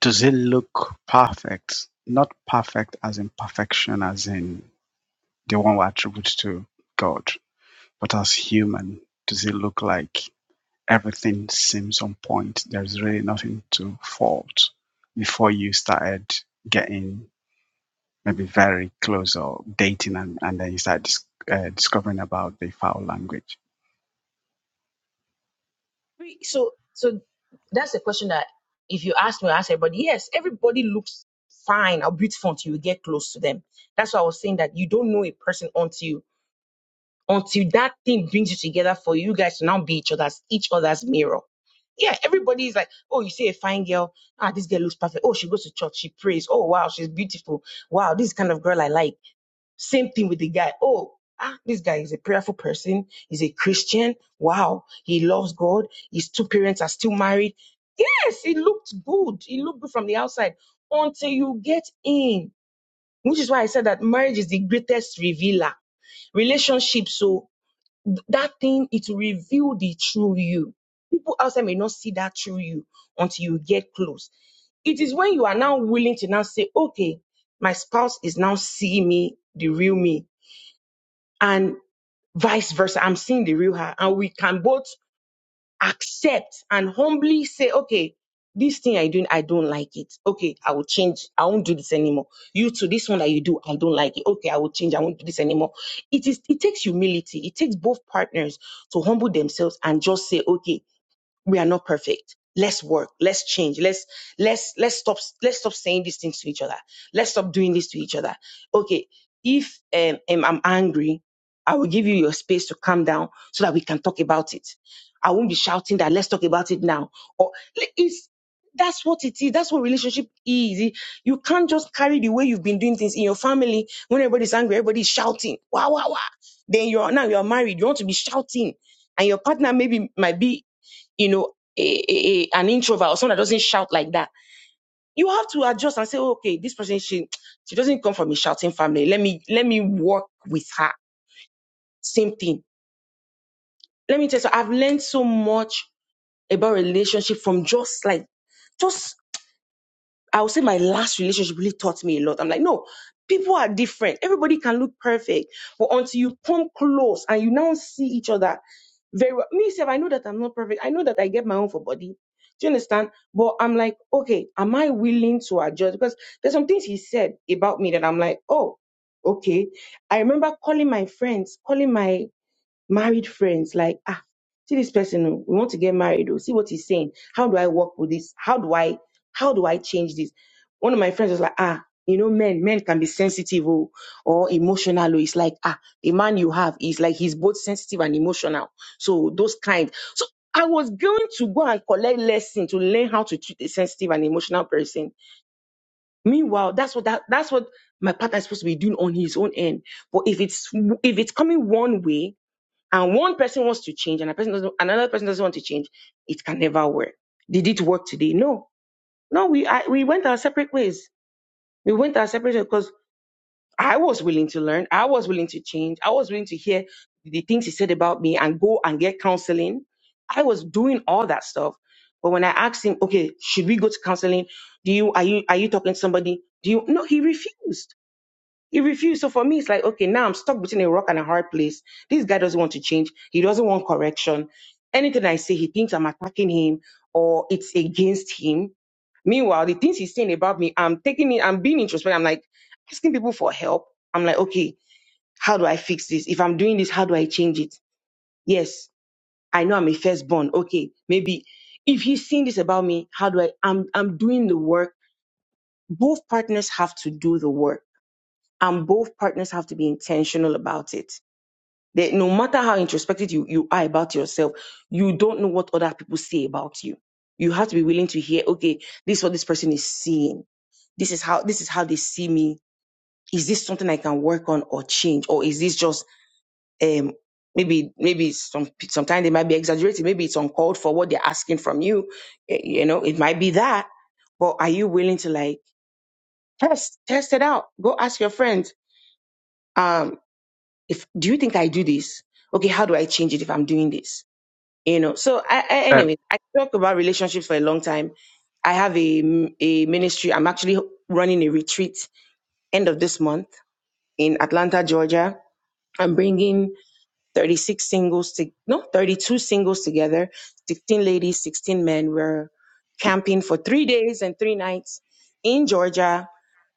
Does it look perfect? Not perfect as in perfection, as in the one we attribute to God, but as human, does it look like everything seems on point? There's really nothing to fault before you started getting maybe very close or dating, and, and then you start dis- uh, discovering about the foul language. Every- So, so that's the question that if you ask me, I ask everybody. Yes, everybody looks fine or beautiful until you get close to them. That's why I was saying that you don't know a person until until that thing brings you together for you guys to now be each other's each other's mirror. Yeah, everybody is like, oh, you see a fine girl. Ah, this girl looks perfect. Oh, she goes to church. She prays. Oh, wow, she's beautiful. Wow, this kind of girl I like same thing with the guy. Oh, ah, this guy is a prayerful person. He's a Christian. Wow. He loves God. His two parents are still married. Yes, it looked good. It looked good from the outside until you get in, which is why I said that marriage is the greatest revealer. Relationship, so that thing, it will reveal the true you. People outside may not see that true you until you get close. It is when you are now willing to now say, okay, my spouse is now seeing me, the real me and vice versa. I'm seeing the real her, and we can both accept and humbly say, okay, this thing I doing, I don't like it. Okay, I will change. I won't do this anymore. You too, this one that you do, I don't like it. Okay, I will change. I won't do this anymore. It is. It takes humility. It takes both partners to humble themselves and just say, okay we are not perfect let's work let's change let's let's let's stop let's stop saying these things to each other let's stop doing this to each other okay if um, um, i'm angry i will give you your space to calm down so that we can talk about it i won't be shouting that let's talk about it now or it's that's what it is. That's what relationship is. You can't just carry the way you've been doing things in your family. When everybody's angry, everybody's shouting. Wow, wow, wow. Then you're now you're married. You want to be shouting and your partner maybe might be you know, a, a, a- an introvert or someone that doesn't shout like that, you have to adjust and say, okay, this person she she doesn't come from a shouting family. Let me let me work with her. Same thing. Let me tell you, so I've learned so much about relationship from just like just I would say my last relationship really taught me a lot. I'm like, no, people are different. Everybody can look perfect, but until you come close and you now see each other very well. Me, self, I know that I'm not perfect. I know that I get my own for body. Do you understand? But I'm like, okay, am I willing to adjust? Because there's some things he said about me that I'm like, oh, okay. I remember calling my friends, calling my married friends like ah see this person oh, we want to get married or see what he's saying how do i work with this how do i how do i change this one of my friends was like ah you know men men can be sensitive oh, or emotional oh. it's like ah the man you have is like he's both sensitive and emotional so those kind so i was going to go and collect lesson to learn how to treat a sensitive and emotional person meanwhile that's what that, that's what my partner is supposed to be doing on his own end but if it's if it's coming one way and one person wants to change and a person doesn't, another person doesn't want to change, it can never work. Did it work today? No. No, we I, we went our separate ways. We went our separate ways because I was willing to learn. I was willing to change. I was willing to hear the things he said about me and go and get counseling. I was doing all that stuff. But when I asked him, okay, should we go to counseling? Do you are you are you talking to somebody? Do you no? He refused he refused. So for me, it's like, okay, now I'm stuck between a rock and a hard place. This guy doesn't want to change. He doesn't want correction. Anything I say, he thinks I'm attacking him or it's against him. Meanwhile, the things he's saying about me, I'm taking it, I'm being introspective. I'm like asking people for help. I'm like, okay, how do I fix this? If I'm doing this, how do I change it? Yes, I know I'm a firstborn. Okay, maybe if he's saying this about me, how do I? I'm I'm doing the work. Both partners have to do the work and both partners have to be intentional about it That no matter how introspective you, you are about yourself, you don't know what other people say about you. You have to be willing to hear, okay, this is what this person is seeing. This is how this is how they see me. Is this something I can work on or change? Or is this just um maybe maybe some sometimes they might be exaggerating, maybe it's uncalled for what they're asking from you. Eh, You know, it might be that. But are you willing to like test, test it out? Go ask your friends, um, if do you think I do this? Okay, how do I change it if I'm doing this? you know so I, I Uh, anyway i talk about relationships for a long time i have a, a ministry i'm actually running a retreat end of this month in atlanta georgia i'm bringing 36 singles to no 32 singles together 16 ladies 16 men we're camping for three days and three nights in georgia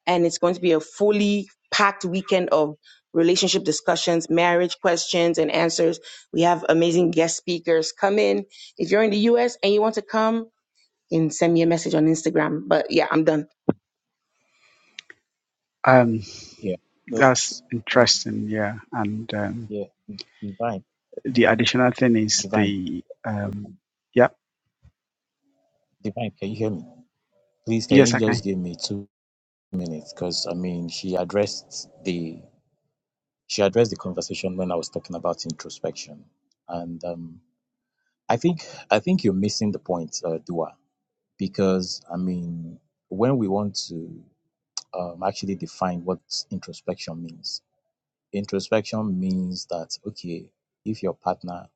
and it's going to be a fully packed weekend of relationship discussions, marriage questions and answers. We have amazing guest speakers come in. If you're in the US and you want to come, you can send me a message on Instagram. But yeah, I'm done. um, yeah. So that's um, interesting, yeah. And um, yeah, divine, the additional thing is divine, the um, divine, yeah divine. Can you hear me? Please, can Yes, you I just can. give me two? minutes because I mean she addressed the she addressed the conversation when I was talking about introspection, and um, I think I think you're missing the point, uh, Dua, because I mean when we want to um, actually define what introspection means, introspection means that okay, if your partner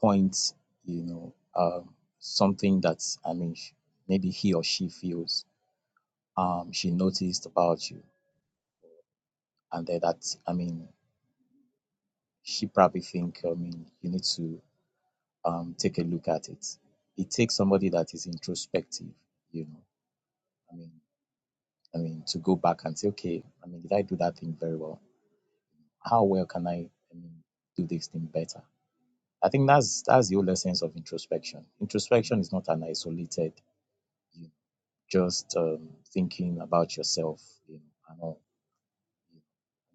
points, you know, um, something that I mean sh- maybe he or she feels um, she noticed about you, and then that I mean she probably think, I mean, you need to um, take a look at it. It takes somebody that is introspective, you know. I mean, I mean, to go back and say, okay, I mean, did I do that thing very well? How well can I, I mean, do this thing better? I think that's that's the whole essence of introspection. Introspection is not an isolated, you know, just um, thinking about yourself, you know, and all.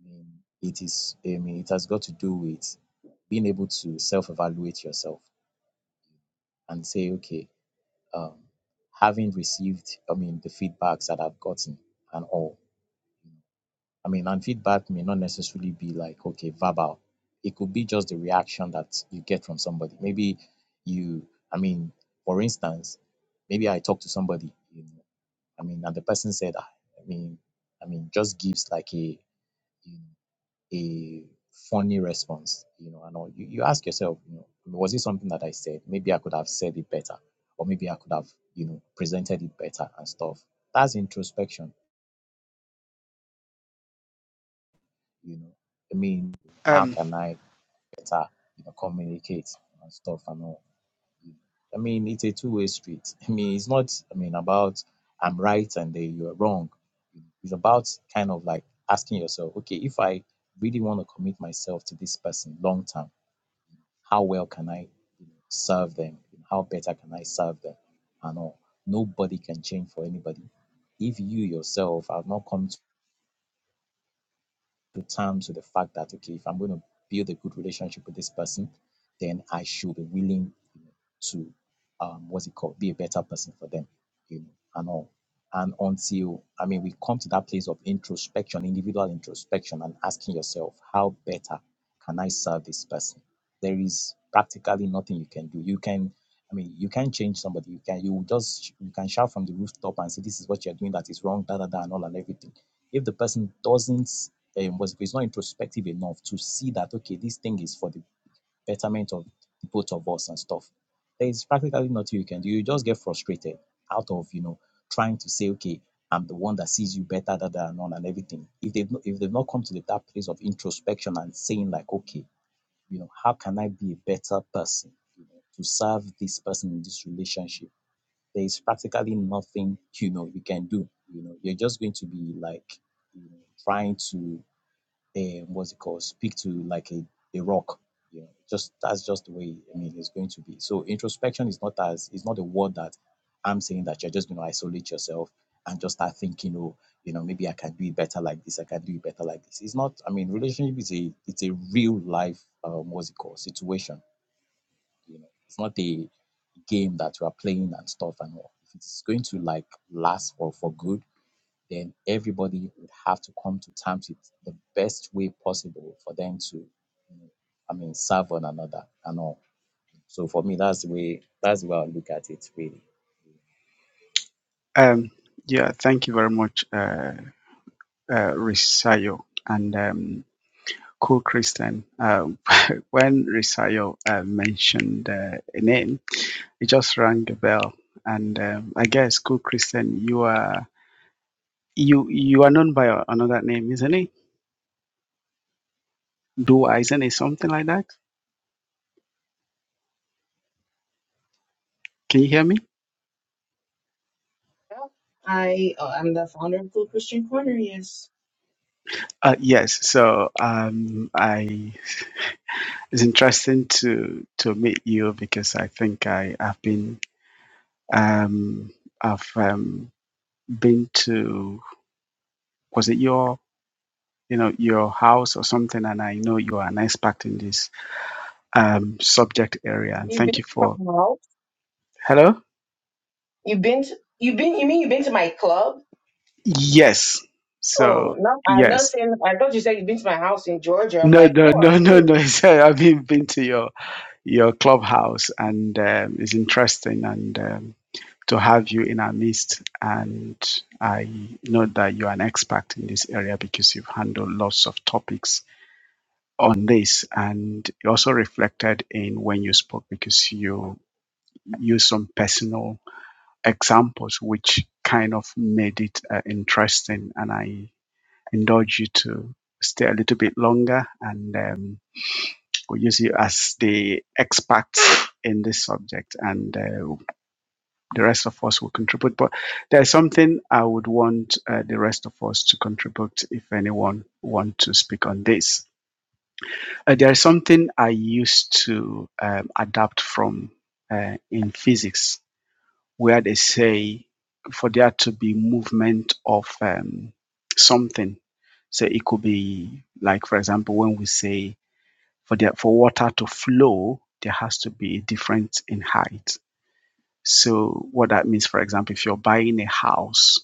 I mean, it is. I mean, it has got to do with being able to self-evaluate yourself and say, okay, um, having received, I mean, the feedbacks that I've gotten and all. I mean, and feedback may not necessarily be like, okay, verbal. It could be just the reaction that you get from somebody. Maybe you, I mean, for instance, maybe I talk to somebody, you know, I mean, and the person said, "Ah, I mean, I mean, just gives like a, you know, a funny response, you know, and all. You, you ask yourself, you know, was it something that I said? Maybe I could have said it better, or maybe I could have, you know, presented it better and stuff. That's introspection, you know. I mean, how Um, can I better, you know, communicate and stuff and all. you know. I mean, it's a two-way street. I mean, it's not, I mean, about I'm right and they, you're wrong. It's about kind of like asking yourself, okay, if I really want to commit myself to this person long term How well can I you know, serve them? How better can I serve them? And all. Nobody can change for anybody. If you yourself have not come to terms with the fact that okay, if I'm going to build a good relationship with this person, then I should be willing you know, to um, what's it called, be a better person for them, you know, and all. And until I mean, we come to that place of introspection, individual introspection, and asking yourself, how better can I serve this person? There is practically nothing you can do. You can, I mean, you can change somebody. You can, you will just, you can shout from the rooftop and say, this is what you're doing that is wrong, da da da, and all and everything if the person doesn't um, was if it's not introspective enough to see that okay this thing is for the betterment of the both of us and stuff there is practically nothing you can do you just get frustrated out of you know trying to say okay i'm the one that sees you better than and on and everything if they've not, if they've not come to the, that place of introspection and saying like okay you know how can i be a better person you know to serve this person in this relationship there is practically nothing you know you can do. You know, you're just going to be like you know trying to um, what's it called? Speak to like a, a rock. You know, just that's just the way. I mean, it's going to be. So introspection is not as it's not a word that I'm saying that you're just going to isolate yourself and just start thinking, oh, you know, maybe I can do it better like this. I can do it better like this. It's not. I mean, relationship is a it's a real life um, what's it called situation you know, it's not a game that you are playing and stuff and all. If it's going to like last for, for good, then everybody would have to come to terms with the best way possible for them to, you know, I mean, serve one another and all. So for me, that's the way that's the way I look at it really. um, yeah, thank you very much, uh, uh, Risayo and um, Cool Christian. Uh, when Risayo uh, mentioned uh, a name, it just rang a bell. And um, I guess Cool Christian, you are you you are known by a- another name, isn't it? Dua, isn't it something like that? Can you hear me? I oh, I'm the founder of Cool Christian Corner. Yes, Uh, yes. So um, I it's interesting to to meet you because I think I have been Um, I've um, been to was it your you know your house or something, and I know you are an expert in this um, subject area. And you've been thank you to for my house. hello. You've been to, you've been you mean you've been to my club? Yes, so Oh no, I'm not yes. saying. I thought you said you've been to my house in Georgia. I'm No, like, no, who are no, no, you? no. So I've been, been to your your clubhouse, and um, it's interesting, and um, to have you in our midst. And I know that you are an expert in this area because you've handled lots of topics on this and it also reflected in when you spoke because you used some personal examples which kind of made it uh, interesting and i indulge you to stay a little bit longer and um, we use you as the expert in this subject and uh, the rest of us will contribute but there's something i would want uh, the rest of us to contribute if anyone wants to speak on this Uh, there is something I used to um, adapt from uh, in physics, where they say for there to be movement of um, something. So it could be like, for example, when we say for there, for water to flow, there has to be a difference in height. So what that means, for example, if you're buying a house,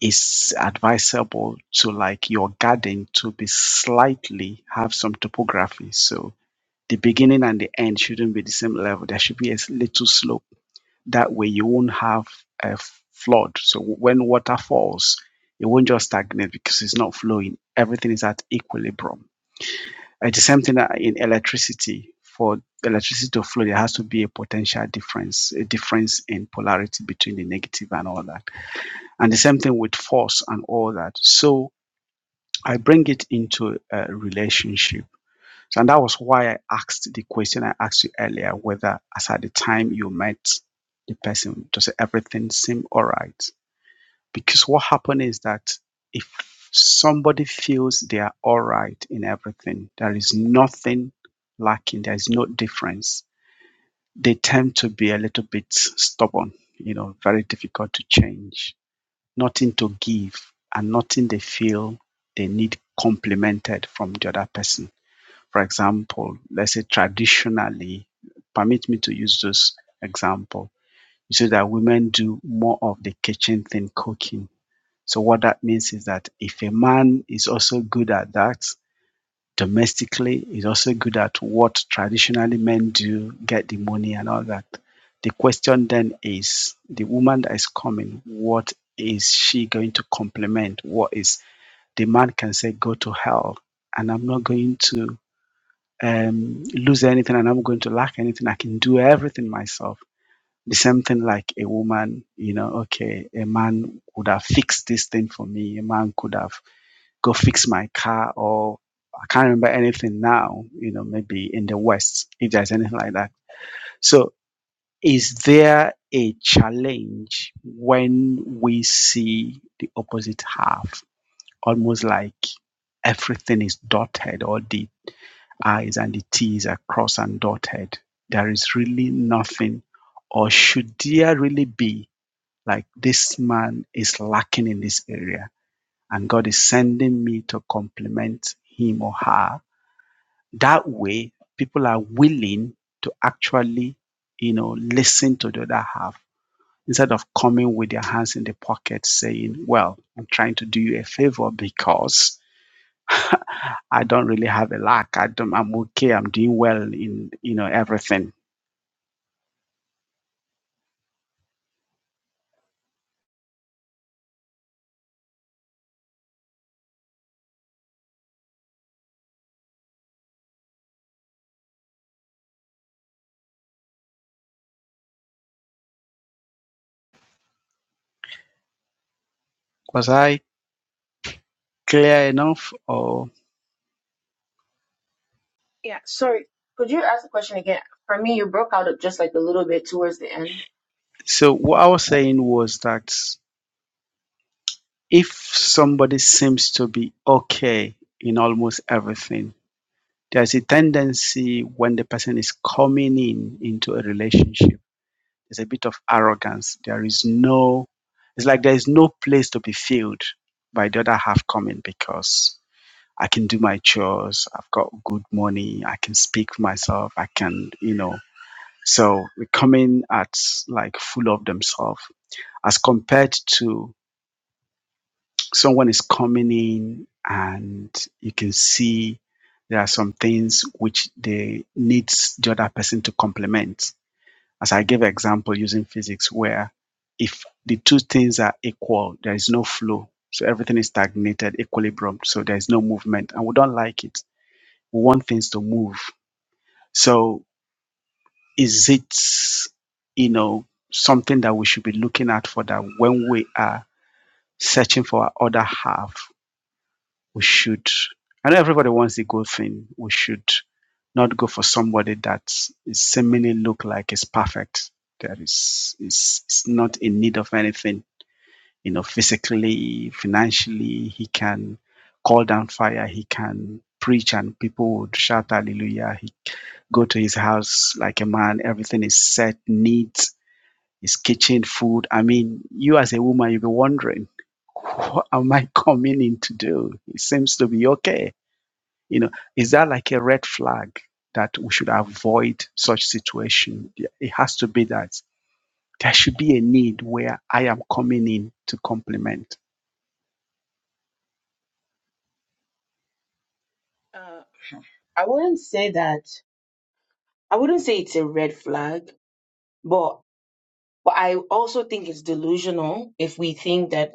it's advisable to like your garden to be slightly have some topography. So the beginning and the end shouldn't be the same level. There should be a little slope. That way, you won't have a flood. So when water falls, it won't just stagnate because it's not flowing. Everything is at equilibrium. It's the same thing uh, in electricity. For electricity to flow, there has to be a potential difference, a difference in polarity between the negative and all that. And the same thing with force and all that. So I bring it into a relationship so, and that was why I asked the question I asked you earlier whether, as at the time you met the person, does everything seem all right? Because what happened is that if somebody feels they are all right in everything, there is nothing lacking, there is no difference, they tend to be a little bit stubborn, you know, very difficult to change, nothing to give, and nothing they feel they need complimented from the other person for example, let's say traditionally, permit me to use this example. You see that women do more of the kitchen thing, cooking. So what that means is that if a man is also good at that domestically, is also good at what traditionally men do, get the money and all that. The question then is the woman that is coming, what is she going to complement? What is the man can say, go to hell, and I'm not going to um, lose anything and I'm going to lack anything. I can do everything myself. The same thing like a woman, you know, okay, a man would have fixed this thing for me. A man could have go fix my car or I can't remember anything now, you know, maybe in the West, if there's anything like that. So is there a challenge when we see the opposite half, almost like everything is dotted or the i's and the t's are crossed and dotted. There is really nothing, or should there really be, like this man is lacking in this area, and God is sending me to compliment him or her. That way, people are willing to actually, you know, listen to the other half instead of coming with their hands in the pocket saying, Well, I'm trying to do you a favor because I don't really have a lack. I don't, I'm okay. I'm doing well in you know everything. Was I clear enough? Or Yeah, sorry. Could you ask the question again? For me, you broke out just like a little bit towards the end. so what I was saying was that if somebody seems to be okay in almost everything, there's a tendency when the person is coming in into a relationship, there's a bit of arrogance. There is no, it's like there is no place to be filled by the other half coming because I can do my chores. I've got good money. I can speak for myself. I can, you know. So they coming at like full of themselves as compared to someone is coming in and you can see there are some things which they needs the other person to complement. As I gave an example using physics where if the two things are equal, there is no flow. So everything is stagnated, equilibrium. So there is no movement and we don't like it. We want things to move. So is it, you know, something that we should be looking at for that when we are searching for our other half, we should, I know everybody wants the good thing. We should not go for somebody that is seemingly look like is perfect. That is, is, is not in need of anything, you know, physically, financially, he can call down fire, he can preach and people would shout hallelujah, He go to his house like a man. Everything is set neat. His kitchen, food. I mean, you as a woman, you'll be wondering, what am I coming in to do? It seems to be okay. You know, is that like a red flag that we should avoid such situation? Yeah, It has to be that there should be a need where I am coming in to compliment. Uh, I wouldn't say that. I wouldn't say it's a red flag, but but I also think it's delusional if we think that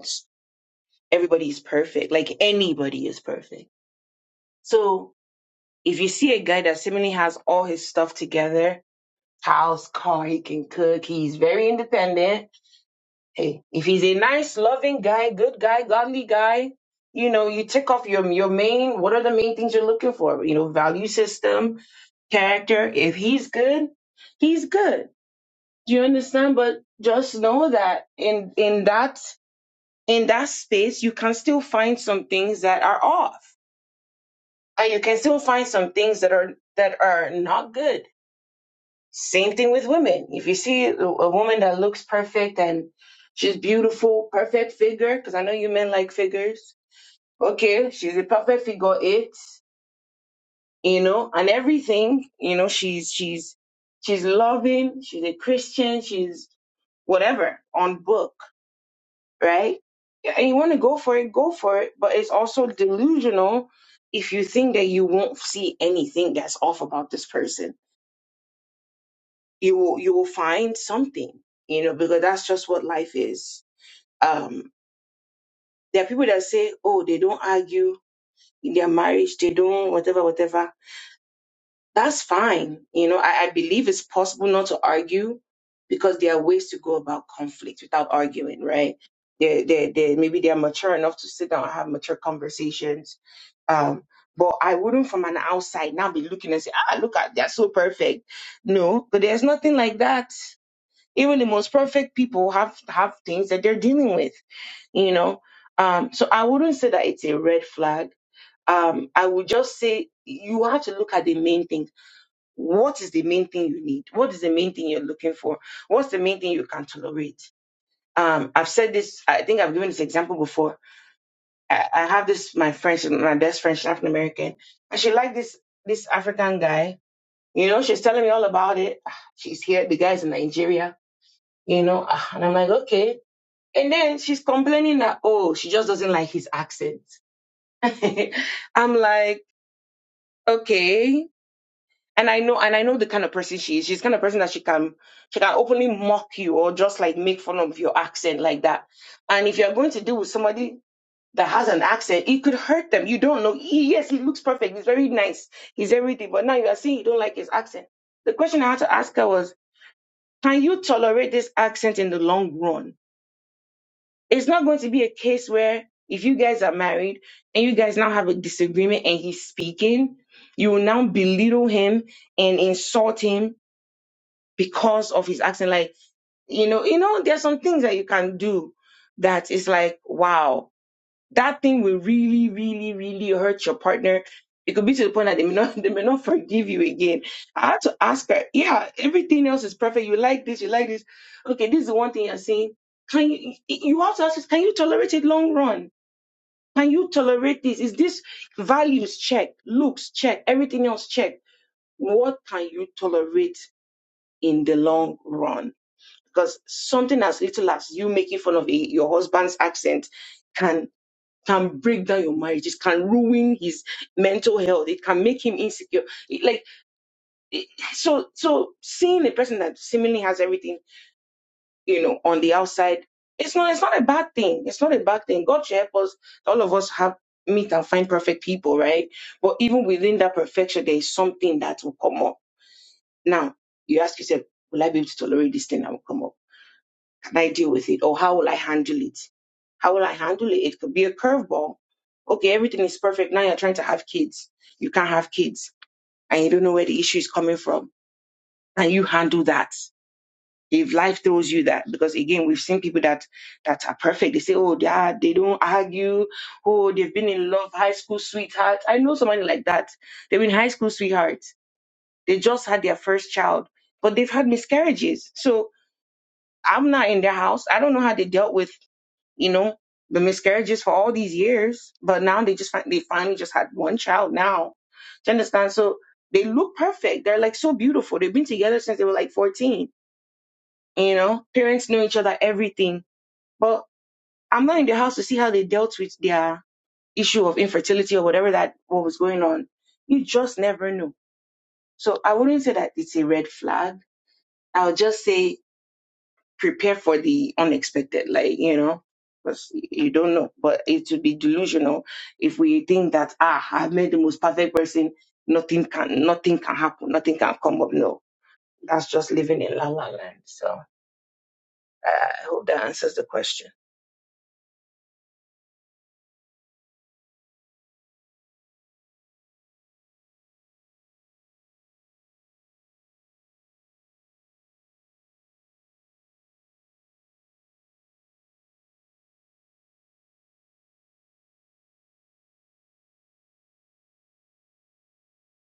everybody is perfect, like anybody is perfect. So if you see a guy that seemingly has all his stuff together, house, car, he can cook, he's very independent, hey, if he's a nice, loving guy, good guy, godly guy, you know, you tick off your your main. What are the main things you're looking for? You know, value system, character. If he's good, he's good. Do you understand? But just know that in in that in that space, you can still find some things that are off, and you can still find some things that are that are not good same thing with women. If you see a a woman that looks perfect and she's beautiful, perfect figure, because I know you men like figures. Okay, she's a perfect figure eight, you know, and everything, you know, she's she's she's loving, she's a Christian, she's whatever on book, right? Yeah, And you want to go for it, go for it. But it's also delusional if you think that you won't see anything that's off about this person you will you will find something you know because that's just what life is um there are people that say oh they don't argue in their marriage they don't whatever whatever that's fine you know i, I believe it's possible not to argue because there are ways to go about conflict without arguing right they they they maybe they are mature enough to sit down and have mature conversations um but I wouldn't from an outside now be looking and say, ah, look at, they're so perfect. No, but there's nothing like that even the most perfect people have have things that they're dealing with you know um so i wouldn't say that it's a red flag um i would just say you have to look at the main thing what is the main thing you need what is the main thing you're looking for what's the main thing you can tolerate um i've said this i think i've given this example before i, I have this my friend she's my best friend she's african american and she liked this this african guy you know she's telling me all about it Ah, she's here the guy's in nigeria you know Ah, and i'm like okay And then she's complaining that, oh, she just doesn't like his accent. I'm like, okay. And I know, and I know the kind of person she is. She's the kind of person that she can, she can openly mock you or just like make fun of your accent like that. And if you're going to deal with somebody that has an accent, it could hurt them. You don't know. He- yes, he looks perfect. He's very nice. He's everything. But now you are saying you don't like his accent. The question I had to ask her was, can you tolerate this accent in the long run? it's not going to be a case where if you guys are married and you guys now have a disagreement and he's speaking, you will now belittle him and insult him because of his accent. Like, you know, you know, there's some things that you can do that is like, wow that thing will really, really, really hurt your partner. It could be to the point that they may not they may not forgive you again. I had to ask her, yeah, everything else is perfect. You like this, you like this. Okay, this is the one thing you're saying. Can you you have to ask, this, can you tolerate it long run? Can you tolerate this? Is this values check, looks check, everything else check? What can you tolerate in the long run? Because something as little as you making fun of a, your husband's accent can can break down your marriage. It can ruin his mental health. It can make him insecure. It- like it- so, so seeing a person that seemingly has everything, you know, on the outside, it's not. It's not a bad thing. It's not a bad thing. God should help us. All of us have meet and find perfect people, right? But even within that perfection, there is something that will come up. Now you ask yourself, will I be able to tolerate this thing that will come up? can I deal with it? Or how will I handle it? How will I handle it? It could be a curveball. Okay, everything is perfect. Now you're trying to have kids. You can't have kids and you don't know where the issue is coming from. And you handle that. If life throws you that, because again, we've seen people that, that are perfect. They say, oh, they, are, they don't argue. Oh, they've been in love, high school sweetheart. I know somebody like that. They've been high school sweethearts. They just had their first child, but they've had miscarriages. So I'm not in their house. I don't know how they dealt with you know, the miscarriages for all these years, but now they just find they finally just had one child now. Do you understand? So they look perfect. They're like so beautiful. They've been together since they were like 14. You know, parents know each other, everything. But I'm not in the house to see how they dealt with their issue of infertility or whatever that what was going on. You just never know. So I wouldn't say that it's a red flag. I'll just say prepare for the unexpected, like, you know, because you don't know. But it would be delusional if we think that, ah, I've made the most perfect person, nothing can, nothing can happen, nothing can come up. No, that's just living in la la land. So I I hope that answers the question.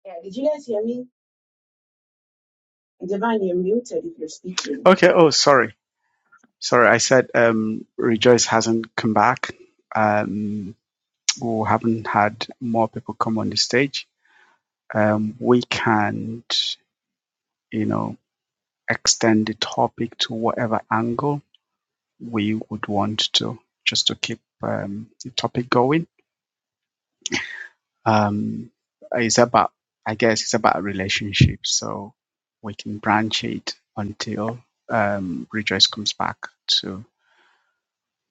Yeah, did you guys hear me? Divine, you're muted if you're speaking. Okay. Oh, sorry. Sorry. I said um, Rejoice hasn't come back. Um, we haven't had more people come on the stage. um, we can't, you know, extend the topic to whatever angle we would want to, just to keep um, the topic going. Um, it's about, I guess, it's about relationships. So we can branch it until um, Rejoice comes back to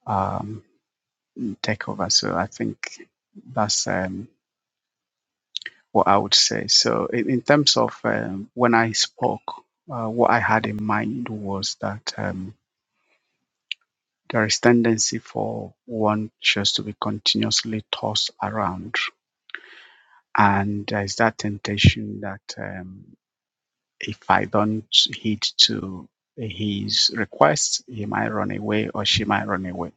um, take over. So I think that's um, what I would say. So in, in terms of um, when I spoke, uh, what I had in mind was that. Um, There is tendency for one just to be continuously tossed around, and there is that temptation that um, if I don't heed to his request, he might run away or she might run away.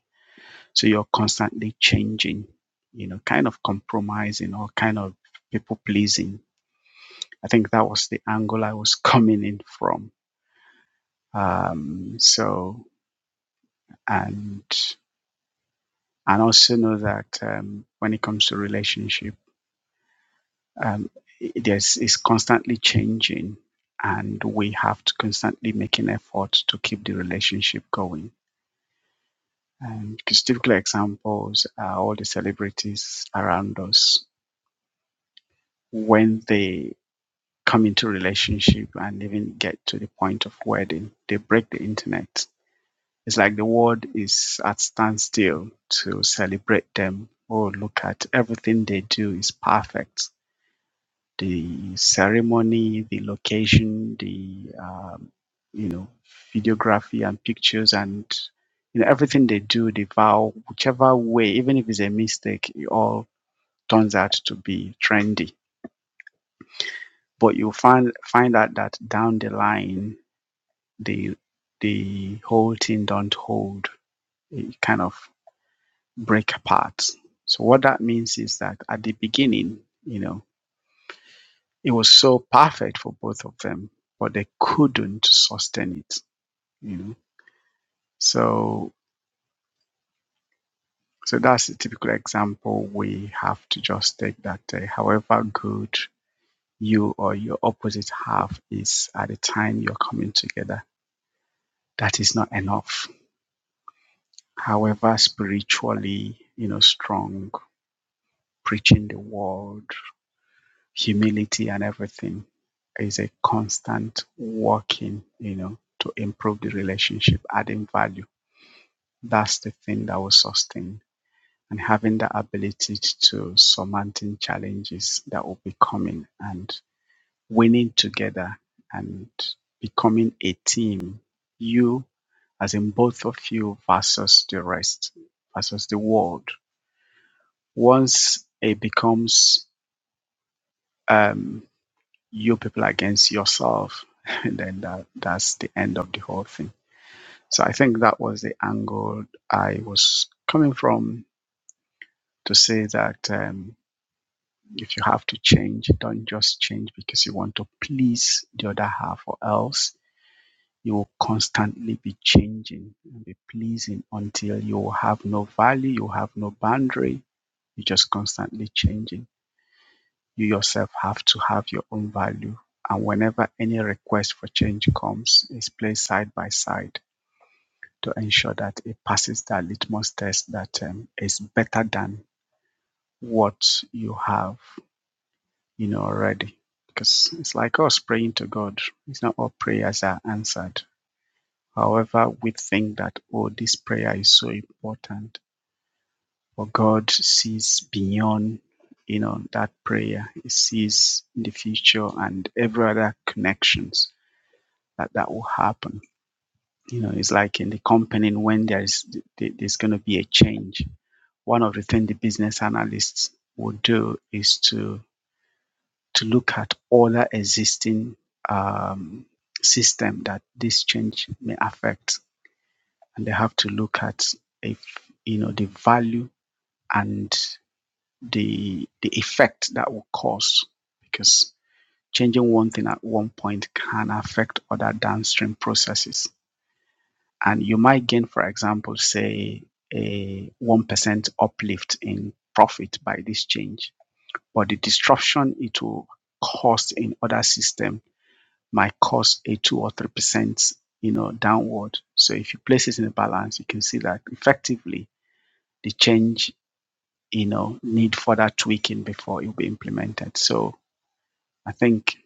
So you're constantly changing, you know, kind of compromising or kind of people pleasing. I think that was the angle I was coming in from. Um, so and and also know that um, when it comes to relationship. um, there's is constantly changing, and we have to constantly make an effort to keep the relationship going. And because typical examples are all the celebrities around us when they come into relationship and even get to the point of wedding, they break the internet. It's like the world is at standstill to celebrate them. Oh, look at everything they do is perfect the ceremony, the location, the um, you know videography and pictures and you know everything they do, they vow whichever way, even if it's a mistake, it all turns out to be trendy. But you'll find find out that down the line, the the whole thing don't hold. It kind of break apart. So what that means is that at the beginning, you know, It was so perfect for both of them, but they couldn't sustain it, you know. So so that's a typical example we have to just take that uh, however good you or your opposite half is at the time you're coming together, that is not enough. However spiritually, you know, strong, preaching the word, humility and everything is a constant working, you know, to improve the relationship, adding value that's the thing that will sustain and having the ability to surmounting challenges that will be coming and winning together and becoming a team. You, as in both of you versus the rest, versus the world. Once it becomes um, you people against yourself, then that, that's the end of the whole thing. So I think that was the angle I was coming from to say that. Um, If you have to change, don't just change because you want to please the other half, or else you will constantly be changing and be pleasing until you have no value, you have no boundary, you're just constantly changing. You yourself have to have your own value. And whenever any request for change comes, it's placed side by side to ensure that it passes that litmus test that um, is better than what you have. you know already because it's like us praying to god it's not all prayers are answered however we think that oh this prayer is so important but god sees beyond you know that prayer he sees the future and every other connections that that will happen you know it's like in the company when there's there's going to be a change one of the things the business analysts would do is to to look at other existing um, system that this change may affect, and they have to look at if you know the value and the the effect that will cause because changing one thing at one point can affect other downstream processes and you might gain for example say a 1% uplift in profit by this change but the disruption it will cause in other system might cause a two or three percent, you know, downward. So if you place it in a balance, you can see that effectively the change, you know, need further tweaking before it will be implemented. So I think,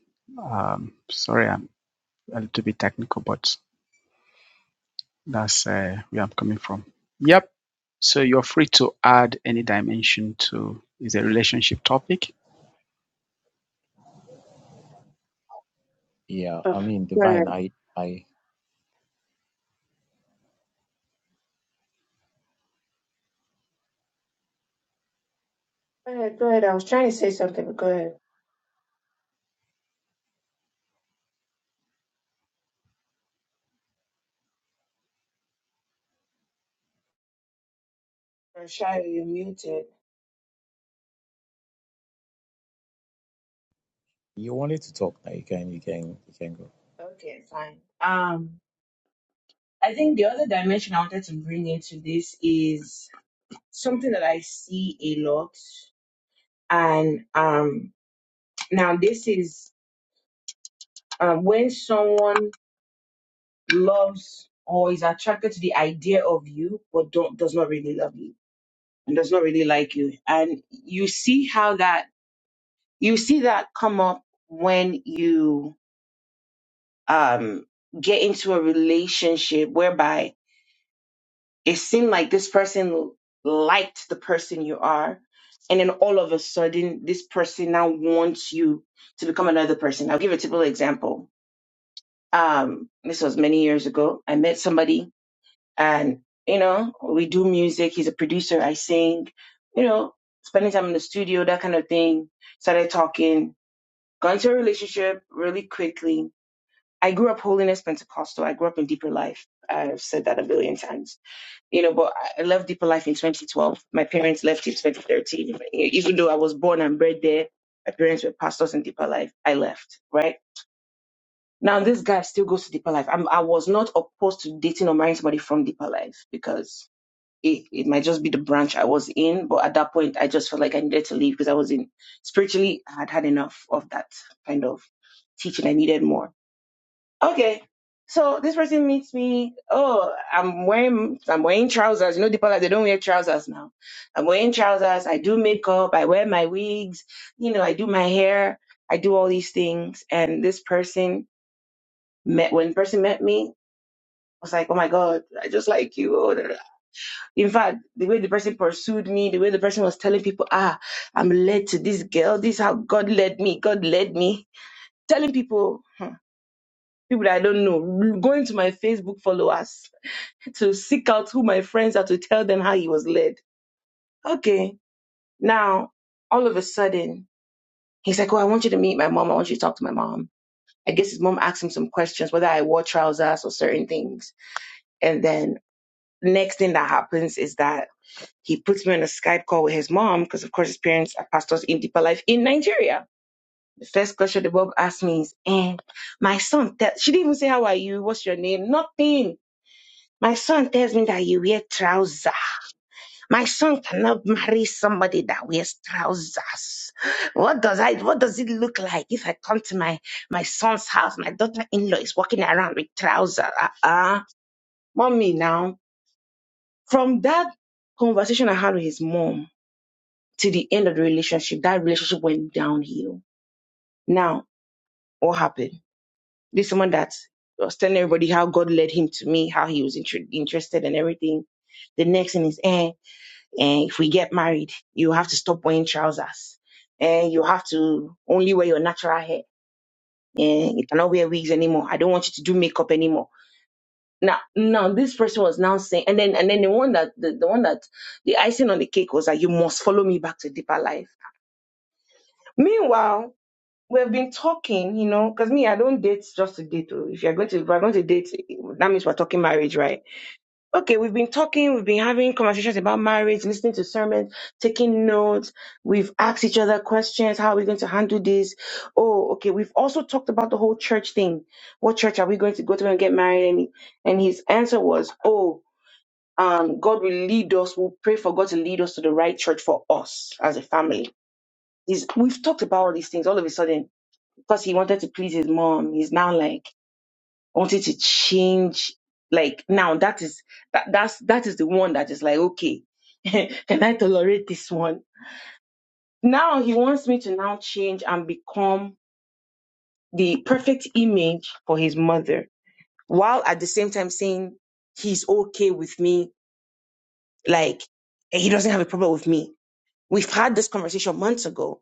um, sorry, I'm a little bit technical, but that's uh, where I'm coming from. Yep. So you're free to add any dimension to is a relationship topic. Yeah, I Oh, mean, go Divine, ahead. I I Go ahead, go ahead. I was trying to say something, but go ahead. Rashaya, you're muted. You wanted to talk now. You can, you can, you can go. Okay, fine. Um, I think the other dimension I wanted to bring into this is something that I see a lot, and um, now this is uh, when someone loves or is attracted to the idea of you, but don't does not really love you and does not really like you, and you see how that you see that come up when you um get into a relationship whereby It seemed like this person liked the person you are. And then all of a sudden, this person now wants you to become another person. I'll give a typical example. Um, this was many years ago. I met somebody and, you know, we do music. He's a producer. I sing, you know, spending time in the studio, that kind of thing. Started talking, got into a relationship really quickly. I grew up holiness Pentecostal. I grew up in deeper life. I've said that a billion times you know, but I left Deeper Life in 2012. My parents left in 2013. Even though I was born and bred there, my parents were pastors in Deeper Life. I left, right? Now this guy still goes to Deeper Life. I'm, I was not opposed to dating or marrying somebody from Deeper Life because it, it might just be the branch I was in. But at that point, I just felt like I needed to leave because I was in spiritually, I had had enough of that kind of teaching. I needed more. Okay. So this person meets me. Oh, I'm wearing I'm wearing trousers. You know, the part they don't wear trousers now. I'm wearing trousers. I do makeup. I wear my wigs. You know, I do my hair. I do all these things. And this person met when the person met me I was like, oh my god, I just like you. Oh, da, da, da. In fact, the way the person pursued me, the way the person was telling people, ah, I'm led to this girl. This is how God led me. God led me. Telling people, hmm, people that I don't know, going to my Facebook followers to seek out who my friends are to tell them how he was led. Okay. Now, all of a sudden, he's like, Oh, I want you to meet my mom. I want you to talk to my mom. I guess his mom asked him some questions, whether I wore trousers or certain things. And then next thing that happens is that he puts me on a Skype call with his mom, because of course his parents are pastors in Deeper Life in Nigeria. The first question the Bob asked me is, and my son, te-" she didn't even say, How are you? What's your name? Nothing. My son tells me that you wear trousers. My son cannot marry somebody that wears trousers. What does I what does it look like if I come to my my son's house? My daughter-in-law is walking around with trousers. Uh-uh. Mommy now. From that conversation I had with his mom to the end of the relationship, that relationship went downhill. Now, what happened? This woman that was telling everybody how God led him to me, how he was inter- interested and everything. The next thing is, eh? And if we get married, you have to stop wearing trousers. And you have to only wear your natural hair. And you cannot wear wigs anymore. I don't want you to do makeup anymore. Now, now this person was now saying, and then and then the one that the, the one that the icing on the cake was that you must follow me back to deeper life. Meanwhile, we've been talking, you know, because me, I don't date just to date. oh. If you're going to if we're going to date, that means we're talking marriage, right? Okay, we've been talking, we've been having conversations about marriage, listening to sermons, taking notes. We've asked each other questions. How are we going to handle this? Oh, okay. We've also talked about the whole church thing. What church are we going to go to and get married? And, he- and his answer was, oh, um, God will lead us. We'll pray for God to lead us to the right church for us as a family. He's, we've talked about all these things all of a sudden because he wanted to please his mom. He's now like, I Wanted to change like now that is that that's that is the one that is like okay can i tolerate this one now he wants me to now change and become the perfect image for his mother while at the same time saying he's okay with me like he doesn't have a problem with me we've had this conversation months ago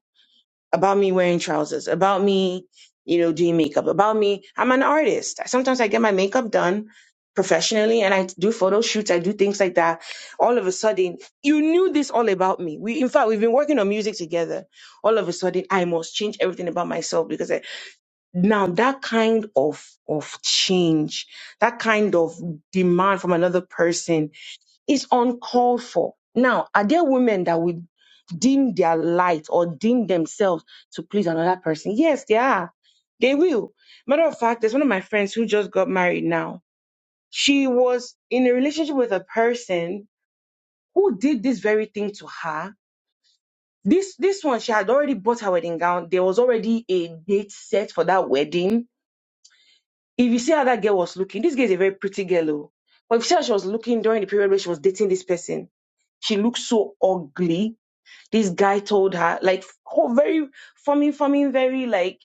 about me wearing trousers, about me, you know, doing makeup, about me. I'm an artist. Sometimes I get my makeup done professionally and I do photo shoots, I do things like that. All of a sudden, you knew this all about me. We in fact we've been working on music together. All of a sudden, I must change everything about myself because I, now that kind of of change, that kind of demand from another person it's uncalled for. Now, are there women that would dim their light or dim themselves to please another person? Yes, they are. They will. Matter of fact, there's one of my friends who just got married now. She was in a relationship with a person who did this very thing to her. This this one, she had already bought her wedding gown. There was already a date set for that wedding. If you see how that girl was looking, this girl is a very pretty girl. oh. But if you see how she was looking during the period where she was dating this person, she looked so ugly This guy told her, like, oh, very forming, forming, very like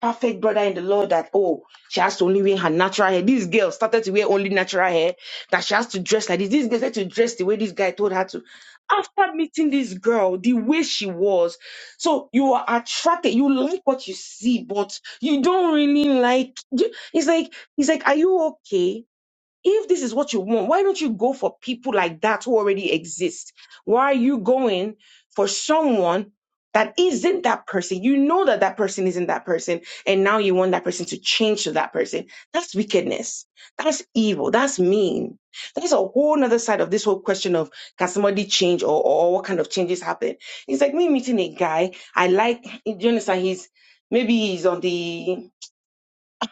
perfect brother in the Lord that, oh, she has to only wear her natural hair. This girl started to wear only natural hair, that she has to dress like this. This girl said to dress the way this guy told her to. After meeting this girl, the way she was, so you are attracted, you like what you see, but you don't really like. you- It's like, it's like, are you okay? if this is what you want, why don't you go for people like that who already exist? Why are you going for someone that isn't that person? You know that that person isn't that person, and now you want that person to change to that person. That's wickedness. That's evil. That's mean. That's a whole nother side of this whole question of can somebody change or, or what kind of changes happen? It's like me meeting a guy. I like, do you understand? He's maybe he's on the,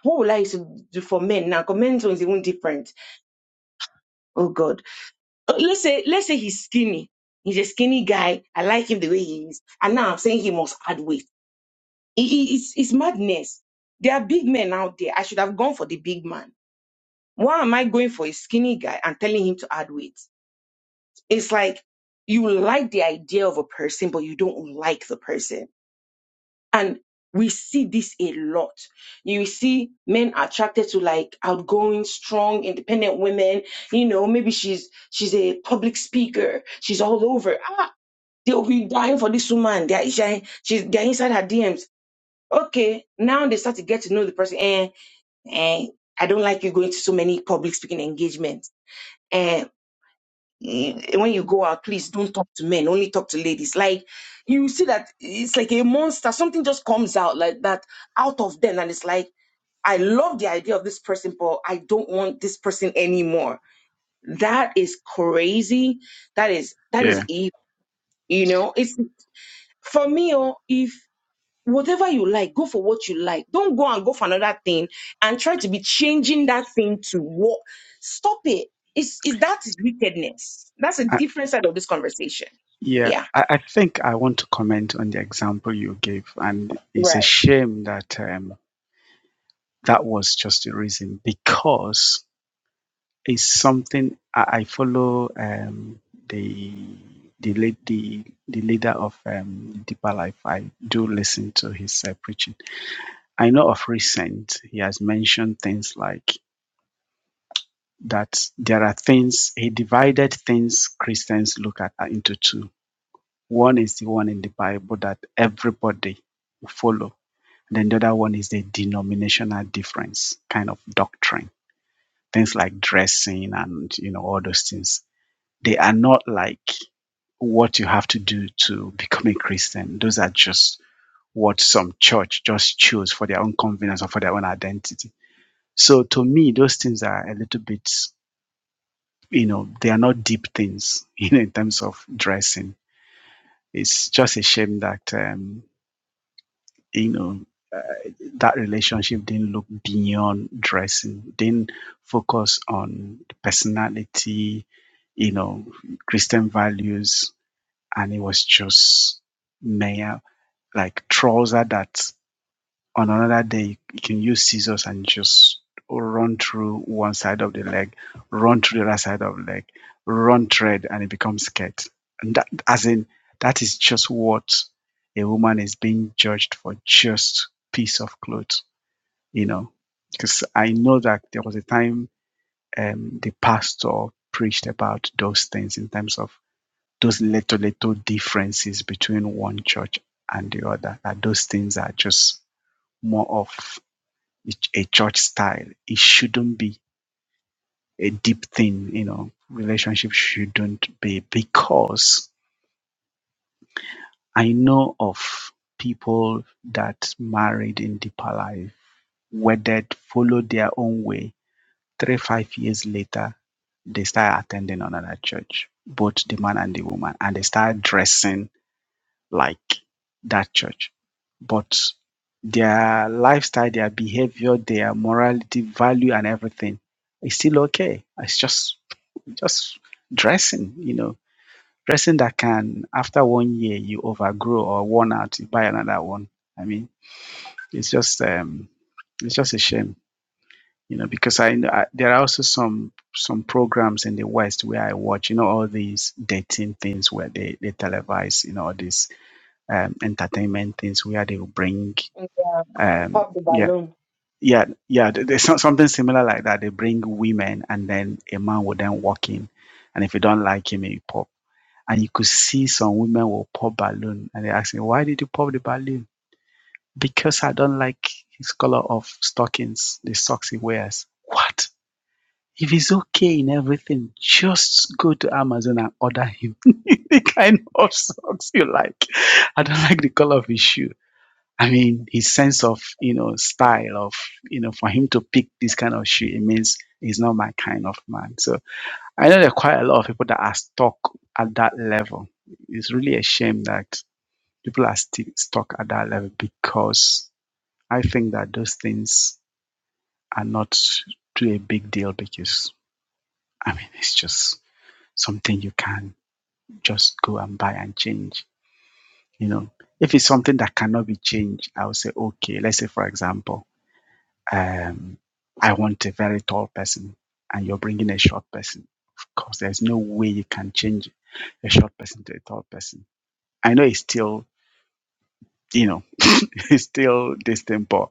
what would I used to do for men now? Because men's own is even different. Oh God uh, Let's say, let's say he's skinny. He's a skinny guy. I like him the way he is. And now I'm saying he must add weight. It- it- it's, it's madness. There are big men out there. I should have gone for the big man. Why am I going for a skinny guy and telling him to add weight? It's like you like the idea of a person, but you don't like the person. And we see this a lot. You see men attracted to like outgoing, strong, independent women. You know, maybe she's she's a public speaker. She's all over. Ah, They'll be dying for this woman. They're, she, she's, they're inside her DMs. Okay, now they start to get to know the person. And, I don't like you going to so many public speaking engagements. And when you go out, please don't talk to men, only talk to ladies. Like you see that it's like a monster. Something just comes out like that out of them. And it's like, I love the idea of this person, but I don't want this person anymore. That is crazy. That is, that is Yeah. evil. You know, it's for me, oh, if whatever you like, go for what you like. Don't go and go for another thing and try to be changing that thing to what. Stop it. It's, it's that is wickedness. That's a I, different side of this conversation. yeah. Yeah. I, I think I want to comment on the example you gave, and it's a Right. shame that um, That was just the reason because it's something I, I follow um, the the lead, the the leader of um, Deeper Life. I do listen to his uh, preaching. I know of recent he has mentioned things like that there are things he divided things Christians look at uh, into two. One is the one in the Bible that everybody follow. Then the other one is the denominational difference kind of doctrine things like dressing and you know all those things they are not like what you have to do to become a christian those are just what some church just choose for their own convenience or for their own identity so to me those things are a little bit you know they are not deep things you know in terms of dressing it's just a shame that um, you know that relationship didn't look beyond dressing, didn't focus on the personality, you know, Christian values, and it was just mere like trouser that on another day you can use scissors and just run through one side of the leg, run through the other side of the leg, run thread, and it becomes skirt. And that, as in, that is just what a woman is being judged for, just piece of clothes you know, because I know that there was a time um, the pastor preached about those things in terms of those little, little differences between one church and the other, that those things are just more of a church style. It shouldn't be a deep thing, you know, relationship shouldn't be because I know of people that married in deeper life, whether they followed their own way Three five years later, they start attending another church, both the man and the woman, and they start dressing like that church. But their lifestyle, their behavior, their morality, value, and everything is still okay. It's just just dressing, you know, dressing that can after one year you overgrow or worn out, you buy another one. I mean, it's just um, it's just a shame you know because I, I there are also some some programs in the west where i watch you know all these dating things where they they televise you know all these um entertainment things where they will bring Mm, um Pop the yeah balloon. yeah yeah there's something similar like that they bring women and then a man will then walk in and if you don't like him you pop and you could see some women will pop balloon and they ask me why did you pop the balloon because i don't like his color of stockings the socks he wears what If he's okay in everything, just go to Amazon and order him the kind of socks you like. I don't like the color of his shoe. I mean, his sense of, you know, style of, you know, for him to pick this kind of shoe, it means he's not my kind of man. So I know there are quite a lot of people that are stuck at that level. It's really a shame that people are still stuck at that level because I think that those things are not too a big deal because, I mean, it's just something you can just go and buy and change. You know, if it's something that cannot be changed, I would say, okay, let's say, for example, um, I want a very tall person and you're bringing a short person. Of course, there's no way you can change a short person to a tall person. I know it's still, you know, it's still distant, but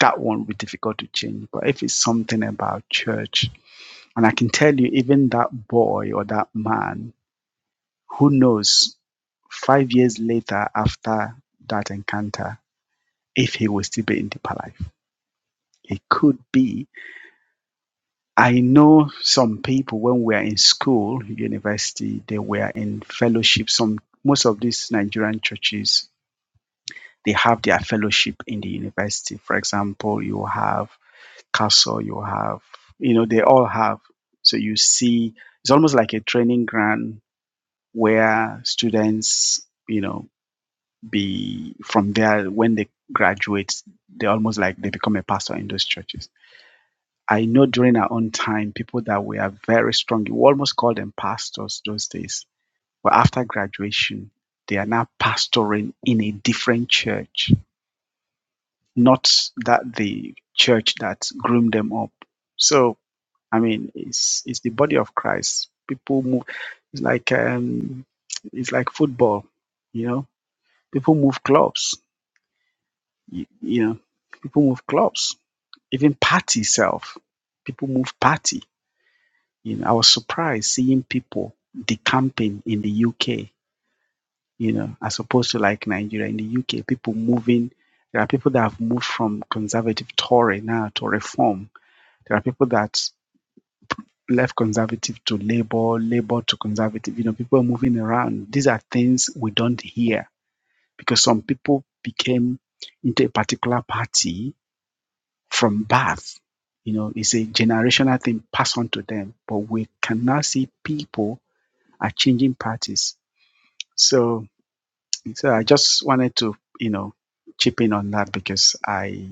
that one will be difficult to change. But if it's something about church, and I can tell you, even that boy or that man Who knows, five years later after that encounter, if he will still be in deeper life. It could be. I know some people when we are in school, university, they were in fellowship. Some most of these Nigerian churches they have their fellowship in the university. For example, you have castle, you have you know, they all have. So you see it's almost like a training ground where students, you know, be from there when they graduate they almost like they become a pastor in those churches i know during our own time people that were very strong you almost call them pastors those days but after graduation they are now pastoring in a different church not that the church that groomed them up so i mean it's it's the body of christ people move it's like um it's like football you know people move clubs You, you know, people move clubs, even party self. People move party. You know, I was surprised seeing people decamping in the UK. You know, as opposed to like Nigeria. In the UK, people moving. There are people that have moved from conservative Tory now to reform. There are people that left conservative to Labour, Labour to conservative. You know, people are moving around. These are things we don't hear because some people became into a particular party from birth. You know, it's a generational thing passed on to them. But we can now see people are changing parties. So, so I just wanted to, you know, chip in on that because I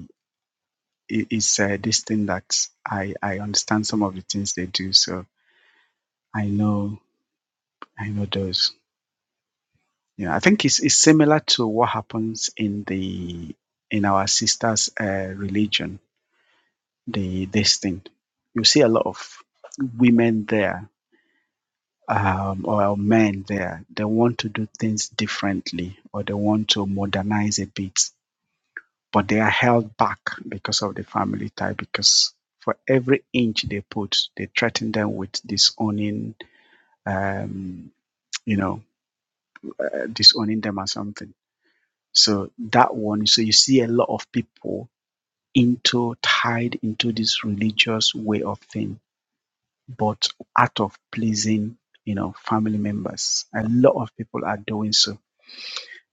it- it's uh, this thing that I I understand some of the things they do. So I know I know those. You know, I think it's it's similar to what happens in the in our sisters' uh, religion. The this thing you see a lot of women there um, or men there, they want to do things differently or they want to modernize a bit, but they are held back because of the family tie. Because for every inch they put, they threaten them with disowning, um, you know, uh, disowning them or something. So that one, so you see a lot of people into tied into this religious way of thing, but out of pleasing, you know, family members. A lot of people are doing so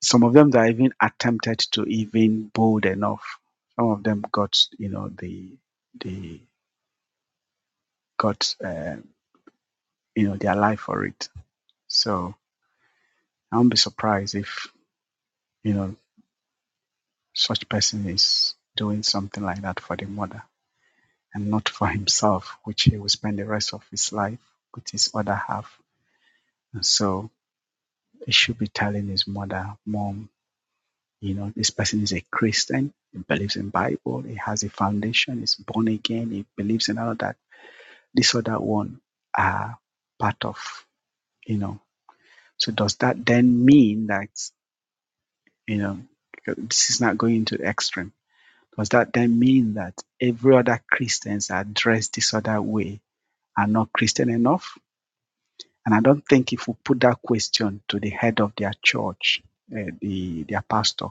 Some of them that even attempted to even bold enough. Some of them got, you know, the the got, uh, you know, their life for it. So I won't be surprised if you know such person is doing something like that for the mother and not for himself, which he will spend the rest of his life with his other half. And so he should be telling his mother, Mom, you know, this person is a Christian. He believes in Bible. He has a foundation. He's born again. He believes in all that this other one are part of, you know. So does that then mean that, you know, this is not going to the extreme? Does that then mean that every other Christians are dressed this other way are not Christian enough? And I don't think if we put that question to the head of their church, uh, the their pastor,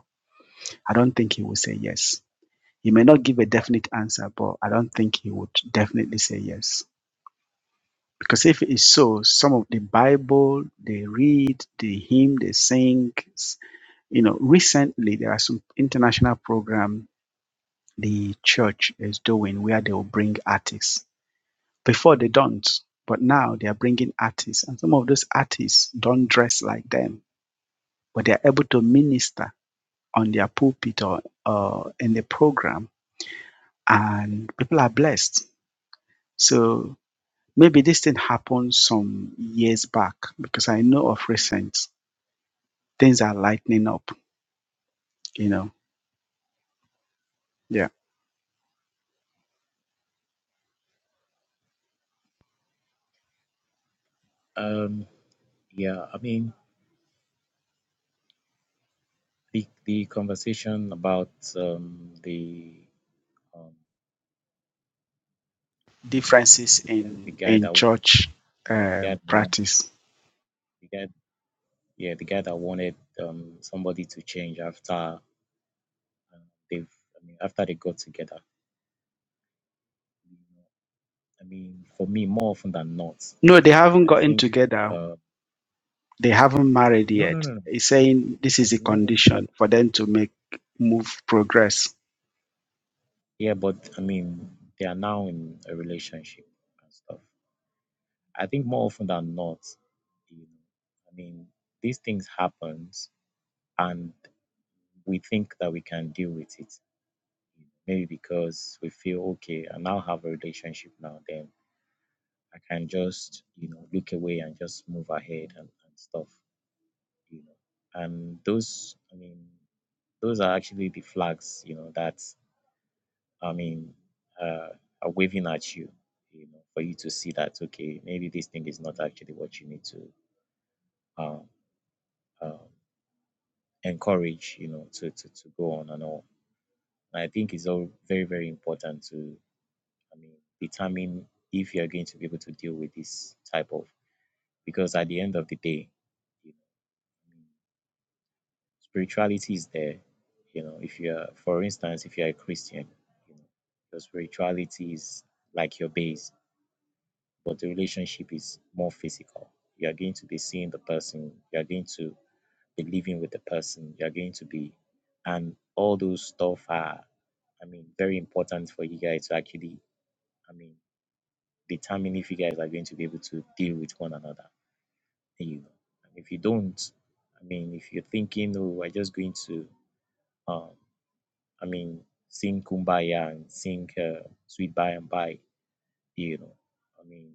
I don't think he will say yes. He may not give a definite answer, but I don't think he would definitely say yes. Because if it's so, some of the Bible they read, the hymn they sing, s- you know, recently there are some international program the church is doing where they will bring artists. Before they don't, but now they are bringing artists, and some of those artists don't dress like them, but they are able to minister on their pulpit or uh, in the program, and people are blessed. So maybe this thing happened some years back because I know of recent things are lightening up, you know. Yeah. Um, yeah, I mean the the conversation about um the um Differences the in guy in that church yeah the guy um, that wanted practice. the guy yeah the guy that wanted um somebody to change after uh, they've I mean after they got together. I mean for me more often than not, No, they haven't I gotten think together. uh They haven't married no no yet. no no He's saying this is a no but condition for them to make move progress. yeah but I mean they are now in a relationship and stuff. I think more often than not, you know, I mean, these things happens, and we think that we can deal with it. Maybe because we feel okay, I now have a relationship now, then I can just, you know, look away and just move ahead and, and stuff, you know. And those, I mean, those are actually the flags, you know, that, I mean, uh, are waving at you, you know, for you to see that, okay, maybe this thing is not actually what you need to um, um, encourage, you know, to, to, to go on and all. And I think it's all very, very important to, I mean, determine if you're going to be able to deal with this type of, because at the end of the day, you know, I mean, spirituality is there. You know, if you're, for instance, if you're a Christian, you know, your spirituality is like your base, but the relationship is more physical. You are going to be seeing the person. You are going to the living with the person you're going to be and all those stuff are i mean very important for you guys to actually i mean determine if you guys are going to be able to deal with one another you know and if you don't i mean if you're thinking oh we're just going to um i mean sing kumbaya and sing uh, sweet by and by you know i mean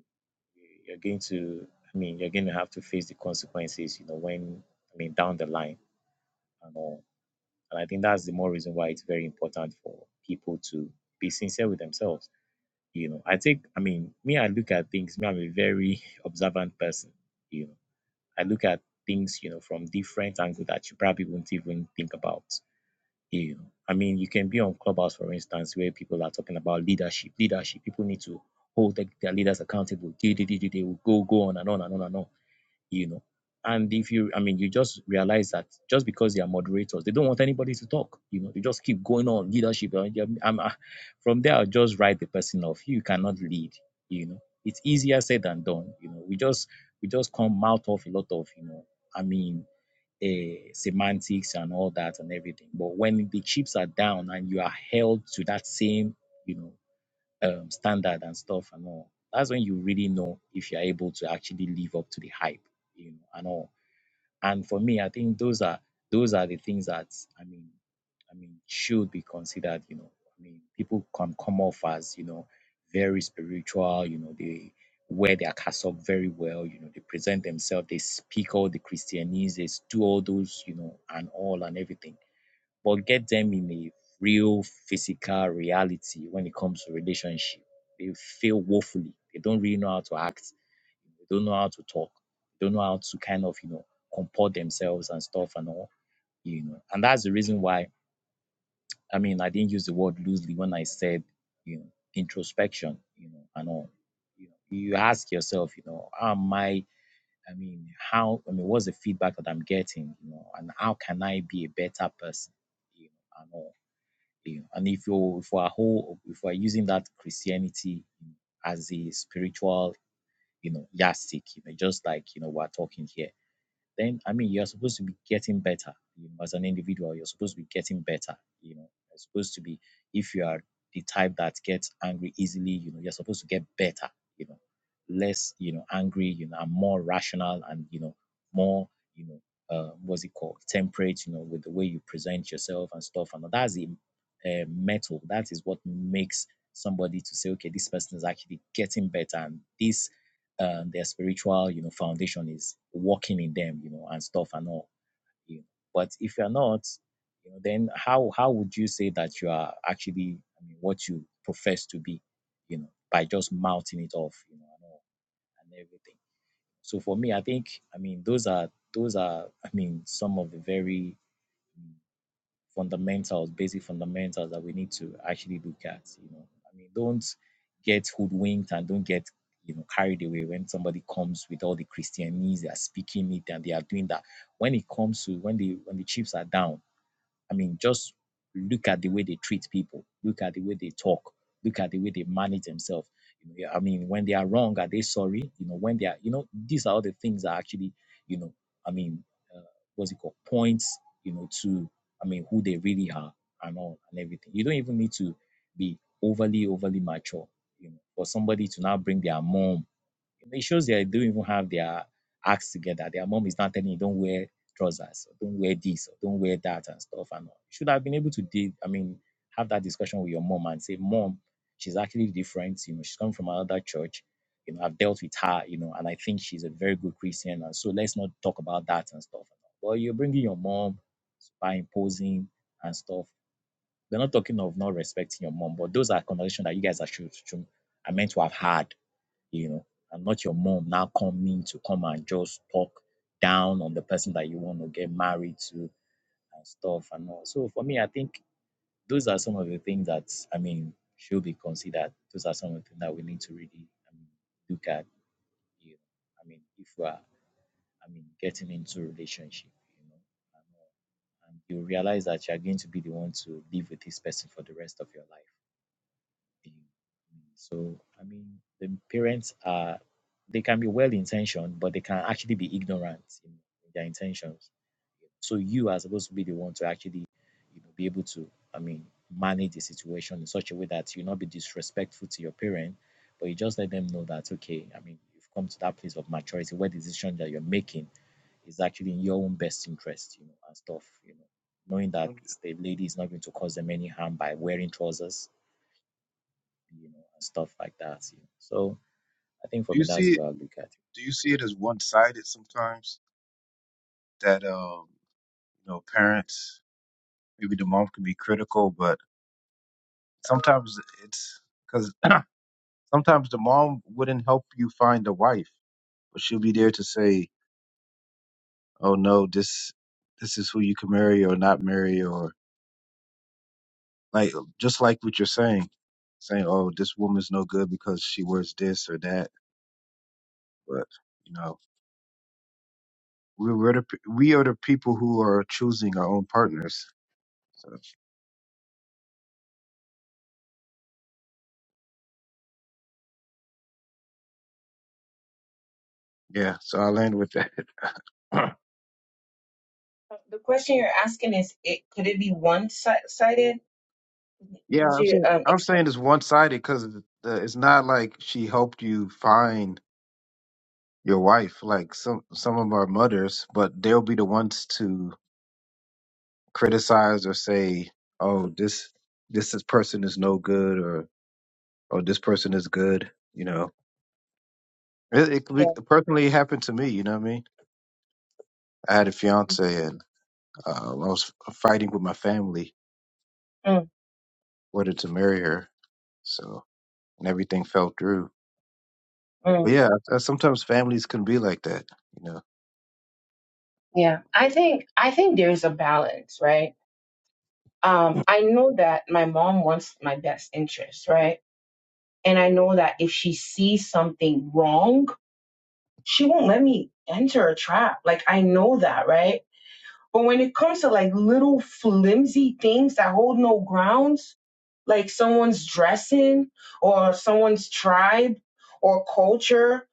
you- you're going to i mean you're going to have to face the consequences you know when i mean down the line and all And I think that's the more reason why it's very important for people to be sincere with themselves. You know, I take, I mean, me, I look at things, me, I'm a very observant person. You know, I look at things, you know, from different angles that you probably wouldn't even think about. You know, I mean, you can be on Clubhouse, for instance, where people are talking about leadership, leadership. People need to hold their their leaders accountable. They, they, they, they, they will go, go on and on and on and on you know. And if you, I mean, you just realize that just because they are moderators, they don't want anybody to talk. You know, they just keep going on leadership. uh, yeah, I'm, uh, from there, I'll just write the person off. You cannot lead. You know, it's easier said than done. You know, we just we just come mouth off a lot of you know, I mean, uh, semantics and all that and everything. But when the chips are down and you are held to that same, you know, um, standard and stuff and all. That's when you really know if you're able to actually live up to the hype, you know, and all. And for me, I think those are those are the things that I mean, I mean, should be considered. You know, I mean, people can come off as you know very spiritual. You know, they wear their cassock very well. You know, they present themselves, they speak all the Christianese, they do all those, you know, and all and everything but get them in a real physical reality when it comes to relationship. They fail woefully. They don't really know how to act. They don't know how to talk. They don't know how to kind of, you know, comport themselves and stuff and all, you know. And that's the reason why, I mean, I didn't use the word loosely when I said, you know, introspection, you know, and all. You know, you ask yourself, you know, how am I, I mean, how, I mean, what's the feedback that I'm getting, you know, and how can I be a better person, you know, and all you know, and if you if we're whole if we're using that Christianity as a spiritual you know yardstick, you know, just like you know we're talking here then I mean you're supposed to be getting better you know, as an individual. You're supposed to be getting better. You know, you're supposed to be if you are the type that gets angry easily, you know, you're supposed to get better. You know, less you know angry, you know, and more rational and you know more you know uh, what's it called temperate. You know, with the way you present yourself and stuff. And that's the uh, metal. That is what makes somebody to say, okay, this person is actually getting better, and this um, their spiritual, you know, foundation is working in them, you know, and stuff and all. You know. But if you're not, you know, then how how would you say that you are actually, I mean, what you profess to be, you know, by just mouthing it off, you know, and all and everything. So for me, I think, I mean, those are those are, I mean, some of the very fundamentals, basic fundamentals that we need to actually look at. You know, I mean, don't get hoodwinked and don't get you know carried away when somebody comes with all the Christianese, they are speaking it and they are doing that. When it comes to when the when the chips are down I mean, just look at the way they treat people, look at the way they talk, look at the way they manage themselves. You know, yeah, I mean, when they are wrong, are they sorry? You know, when they are, you know, these are all the things that actually, you know, I mean, uh, what's it called? Points, you know, to, I mean, who they really are and all and everything. You don't even need to be overly, overly mature, you know, for somebody to now bring their mom it shows they don't even have their acts together. Their mom is not telling you don't wear trousers, or don't wear this, or don't wear that, and stuff. And you should have been able to, de- I mean, have that discussion with your mom and say, Mom, she's actually different. You know, she's coming from another church. You know, I've dealt with her. You know, and I think she's a very good Christian. And so let's not talk about that and stuff. But you're bringing your mom by imposing and stuff. We're not talking of not respecting your mom, but those are conversations that you guys are should, should are meant to have had you know, I'm not your mom now coming to come and just talk down on the person that you want to get married to and stuff and all. So for me, I think those are some of the things that I mean should be considered. Those are some of the things that we need to really I mean, look at. You know, I mean, if we are, I mean, getting into relationship, you know, and, all. and you realize that you are going to be the one to live with this person for the rest of your life So, I mean, the parents are, they can be well intentioned, but they can actually be ignorant in in their intentions. So, you are supposed to be the one to actually you know, be able to, I mean, manage the situation in such a way that you not be disrespectful to your parent, but you just let them know that, okay, I mean, you've come to that place of maturity where the decision that you're making is actually in your own best interest, you know, and stuff, you know, knowing that Don't you- the lady is not going to cause them any harm by wearing trousers you know, and stuff like that. You know. So I think for Do you me, that's see the it? way I look at it. Do you see it as one-sided sometimes? That um, you know, parents, maybe the mom can be critical, but sometimes it's because sometimes the mom wouldn't help you find a wife, but she'll be there to say, "Oh no, this this is who you can marry or not marry," or like just like what you're saying, saying, "Oh, this woman's no good because she wears this or that," but you know. we- We're the, pe- we are the people who are choosing our own partners. so Yeah, so I'll end with that. The question you're asking is, it, could it be one-sided? yeah, Could I'm you saying, um, I'm saying it's one sided because it's not like she helped you find your wife. Like some some of our mothers, but they'll be the ones to criticize or say, "Oh, this this is, person is no good," or "Oh, this person is good." You know, it, it, could be- Yeah. it personally happened to me. You know what I mean? I had a fiance, and uh, I was fighting with my family Mm, whether to marry her. So and everything fell through. mm, But yeah, uh, sometimes families can be like that, you know. yeah. I think I think there's a balance, right? Um, I know that my mom wants my best interest, right? And I know that if she sees something wrong, she won't let me enter a trap. Like I know that, right? But when it comes to like little flimsy things that hold no grounds, like someone's dressing or someone's tribe or culture,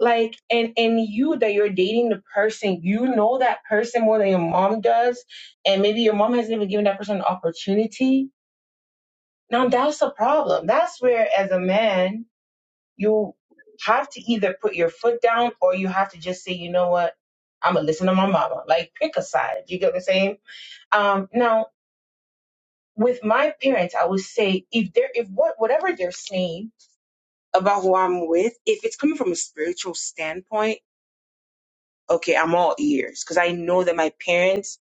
like and and you that you're dating the person, you know that person more than your mom does, and maybe your mom hasn't even given that person an opportunity. Now that's a problem. That's where as a man, you have to either put your foot down or you have to just say, you know what, I'ma listen to my mama. Like pick a side. You get what I'm saying? Um, now, with my parents, I would say if they're if what whatever they're saying about who I'm with, if it's coming from a spiritual standpoint, okay, I'm all ears because I know that my parents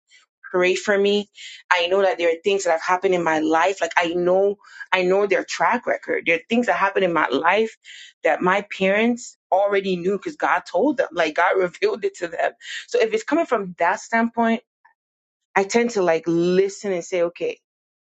pray for me. I know that there are things that have happened in my life. Like I know, I know their track record. There are things that happened in my life that my parents already knew because God told them. Like God revealed it to them. So if it's coming from that standpoint, I tend to like listen and say, okay,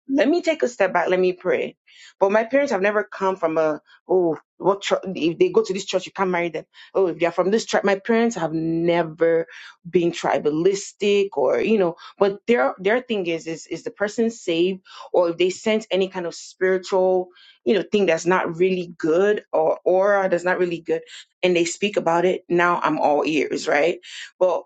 let me take a step back. Let me pray. But my parents have never come from a, oh, what church, if they go to this church, you can't marry them. Oh, if they're from this tribe, my parents have never been tribalistic or, you know, but their, their thing is, is, is the person saved or if they sense any kind of spiritual, you know, thing that's not really good or aura that's not really good and they speak about it. Now I'm all ears, right? but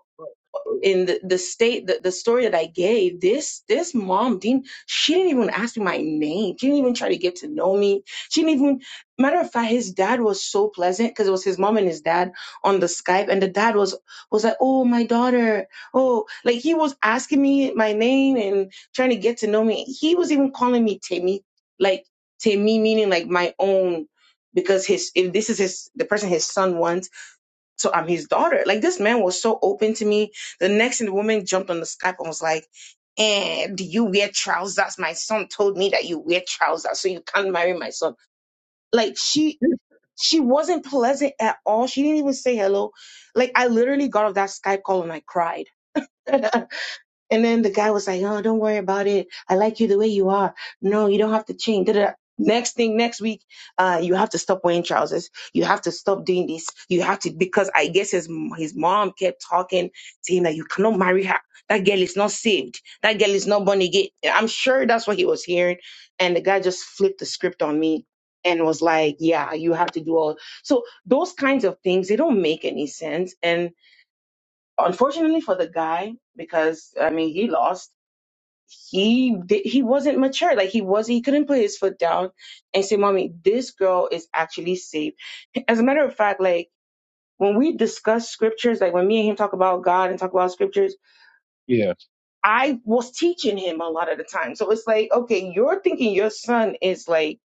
in the, the state the, the story that i gave this this mom didn't she didn't even ask me my name she didn't even try to get to know me she didn't even matter of fact his dad was so pleasant because it was his mom and his dad on the skype and the dad was was like oh my daughter oh like he was asking me my name and trying to get to know me he was even calling me timmy like timmy meaning like my own because his if this is his the person his son wants so I'm his daughter. Like this man was so open to me. The next thing the woman jumped on the Skype and was like, and do you wear trousers? My son told me that you wear trousers, so you can't marry my son. Like she she wasn't pleasant at all. She didn't even say hello. Like I literally got off that Skype call and I cried. And then the guy was like, "Oh, don't worry about it. I like you the way you are. No, you don't have to change." Da-da-da. Next thing, next week, uh, you have to stop wearing trousers. You have to stop doing this. You have to because I guess his his mom kept talking to him that you cannot marry her. That girl is not saved. That girl is not born again. I'm sure that's what he was hearing. And the guy just flipped the script on me and was like, "Yeah, you have to do all." So those kinds of things they don't make any sense. And unfortunately for the guy, because I mean he lost he did, he wasn't mature. Like he was he couldn't put his foot down and say, "Mommy, this girl is actually safe." As a matter of fact, like when we discuss scriptures, like when me and him talk about God and talk about scriptures, Yeah, I was teaching him a lot of the time. So it's like, okay, you're thinking your son is like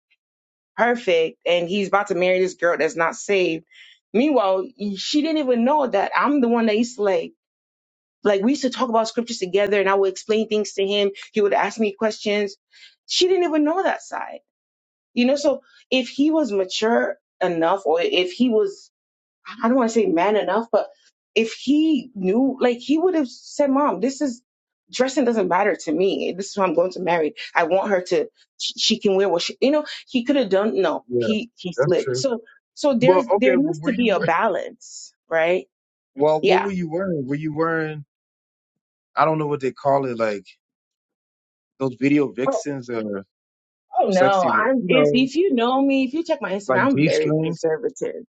perfect and he's about to marry this girl that's not saved. Meanwhile, she didn't even know that I'm the one that used to like Like we used to talk about scriptures together and I would explain things to him. He would ask me questions. She didn't even know that side. You know, so if he was mature enough or if he was, I don't want to say man enough, but if he knew, like he would have said, mom, this is dressing doesn't matter to me. This is who I'm going to marry. I want her to, she, she can wear what she, you know, he could have done, no, yeah, he, he that's slipped. true. So, so Well, there's, okay, there but needs were to be you? a we- balance, right? Well, what Yeah. were you wearing? Were you wearing? I don't know what they call it, like those video vixens or Oh sexy, no, you I'm if know, if you know me, if you check my like Instagram, I'm G very string. conservative.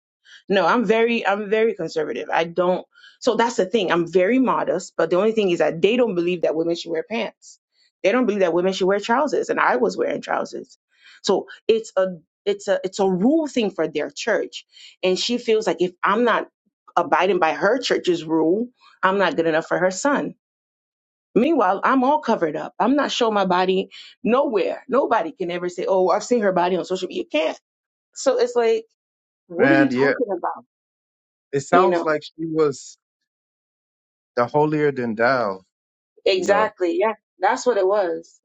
No, I'm very I'm very conservative. I don't so that's the thing. I'm very modest, but the only thing is that they don't believe that women should wear pants. They don't believe that women should wear trousers, and I was wearing trousers. So it's a it's a it's a rule thing for their church. And she feels like if I'm not abiding by her church's rule, I'm not good enough for her son. Meanwhile, I'm all covered up. I'm not showing my body nowhere. Nobody can ever say, "Oh, I've seen her body on social media." You can't. So it's like, what are you Man, yeah, talking about? it You sounds know like she was the holier than thou. You know, exactly. Yeah, that's what it was.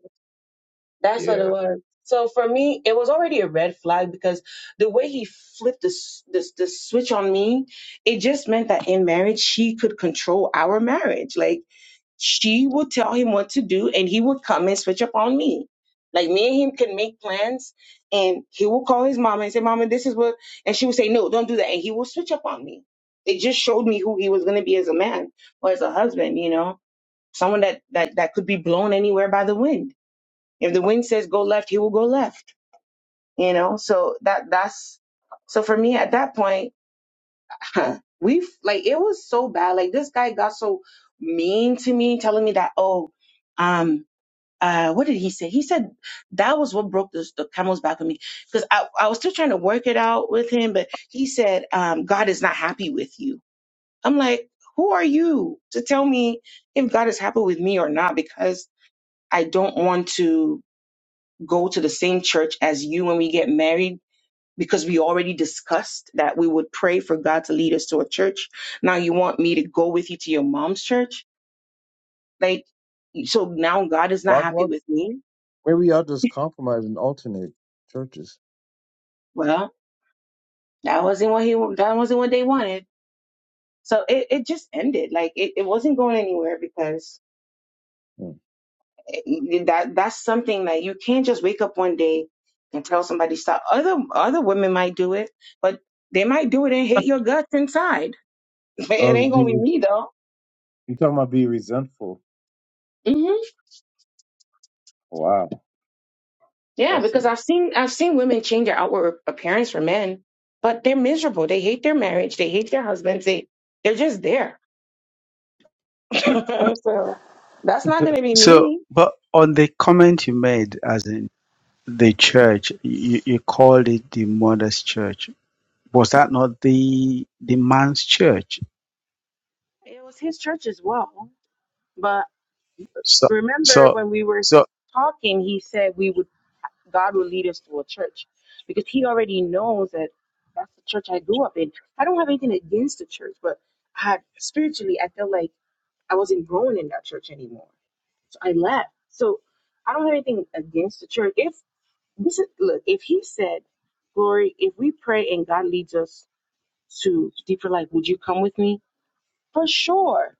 That's what it yeah. was. So for me, it was already a red flag because the way he flipped the s- the, s- the switch on me, it just meant that in marriage she could control our marriage. Like she would tell him what to do and he would come and switch up on me. Like me and him can make plans and he will call his mama and say, Mama, this is what and she would say, No, don't do that. And he will switch up on me. It just showed me who he was gonna be as a man or as a husband, you know. Someone that that, that could be blown anywhere by the wind. If the wind says go left, he will go left. You know, so that that's so for me at that point, we like it was so bad. Like this guy got so mean to me, telling me that, oh, um, uh what did he say he said that was what broke the, the camel's back for me because I, I was still trying to work it out with him but he said um god is not happy with you i'm like who are you to tell me if god is happy with me or not because i don't want to go to the same church as you when we get married because we already discussed that we would pray for god to lead us to a church now you want me to go with you to your mom's church like so now god is not Well, happy well, with me maybe I'll just compromise and alternate churches. well That wasn't what he. That wasn't what they wanted. So it, it just ended. Like it, it wasn't going anywhere because Hmm. it, that that's something that you can't just wake up one day and tell somebody stop. Other other women might do it, but they might do it and hate your guts inside. It Oh, ain't gonna be be me though. you talking about be resentful? hmm Wow, Yeah, that's because I've a seen I've seen women change their outward appearance for men, but they're miserable. They hate their marriage. They hate their husbands. They they're just there. so that's not gonna be So, me. but on the comment you made, as in the church, you, you called it the mother's church. Was that not the the man's church? It was his church as well. But So, remember so, when we were so talking, he said we would God will lead us to a church because he already knows that that's the church I grew up in. I don't have anything against the church, but I had spiritually I felt like I wasn't growing in that church anymore. So I left. So I don't have anything against the church. If this is look, if he said, Glory, if we pray and God leads us to deeper life, would you come with me? For sure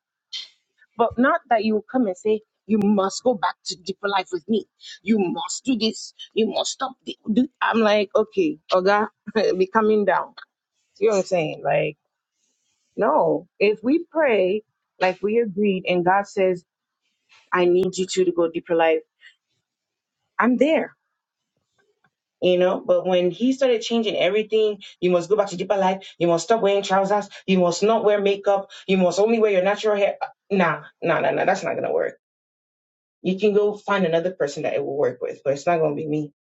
But not that you come and say, you must go back to deeper life with me. You must do this. You must stop. thi- do-" I'm like, okay, Oga, be coming down. You know what I'm saying? Like, no. If we pray, like we agreed, and God says, I need you two to go deeper life, I'm there. You know, but when he started changing everything, you must go back to deeper life. You must stop wearing trousers. You must not wear makeup. You must only wear your natural hair. Nah, nah, nah, nah. That's not gonna work you can go find another person that it will work with, but it's not gonna be me.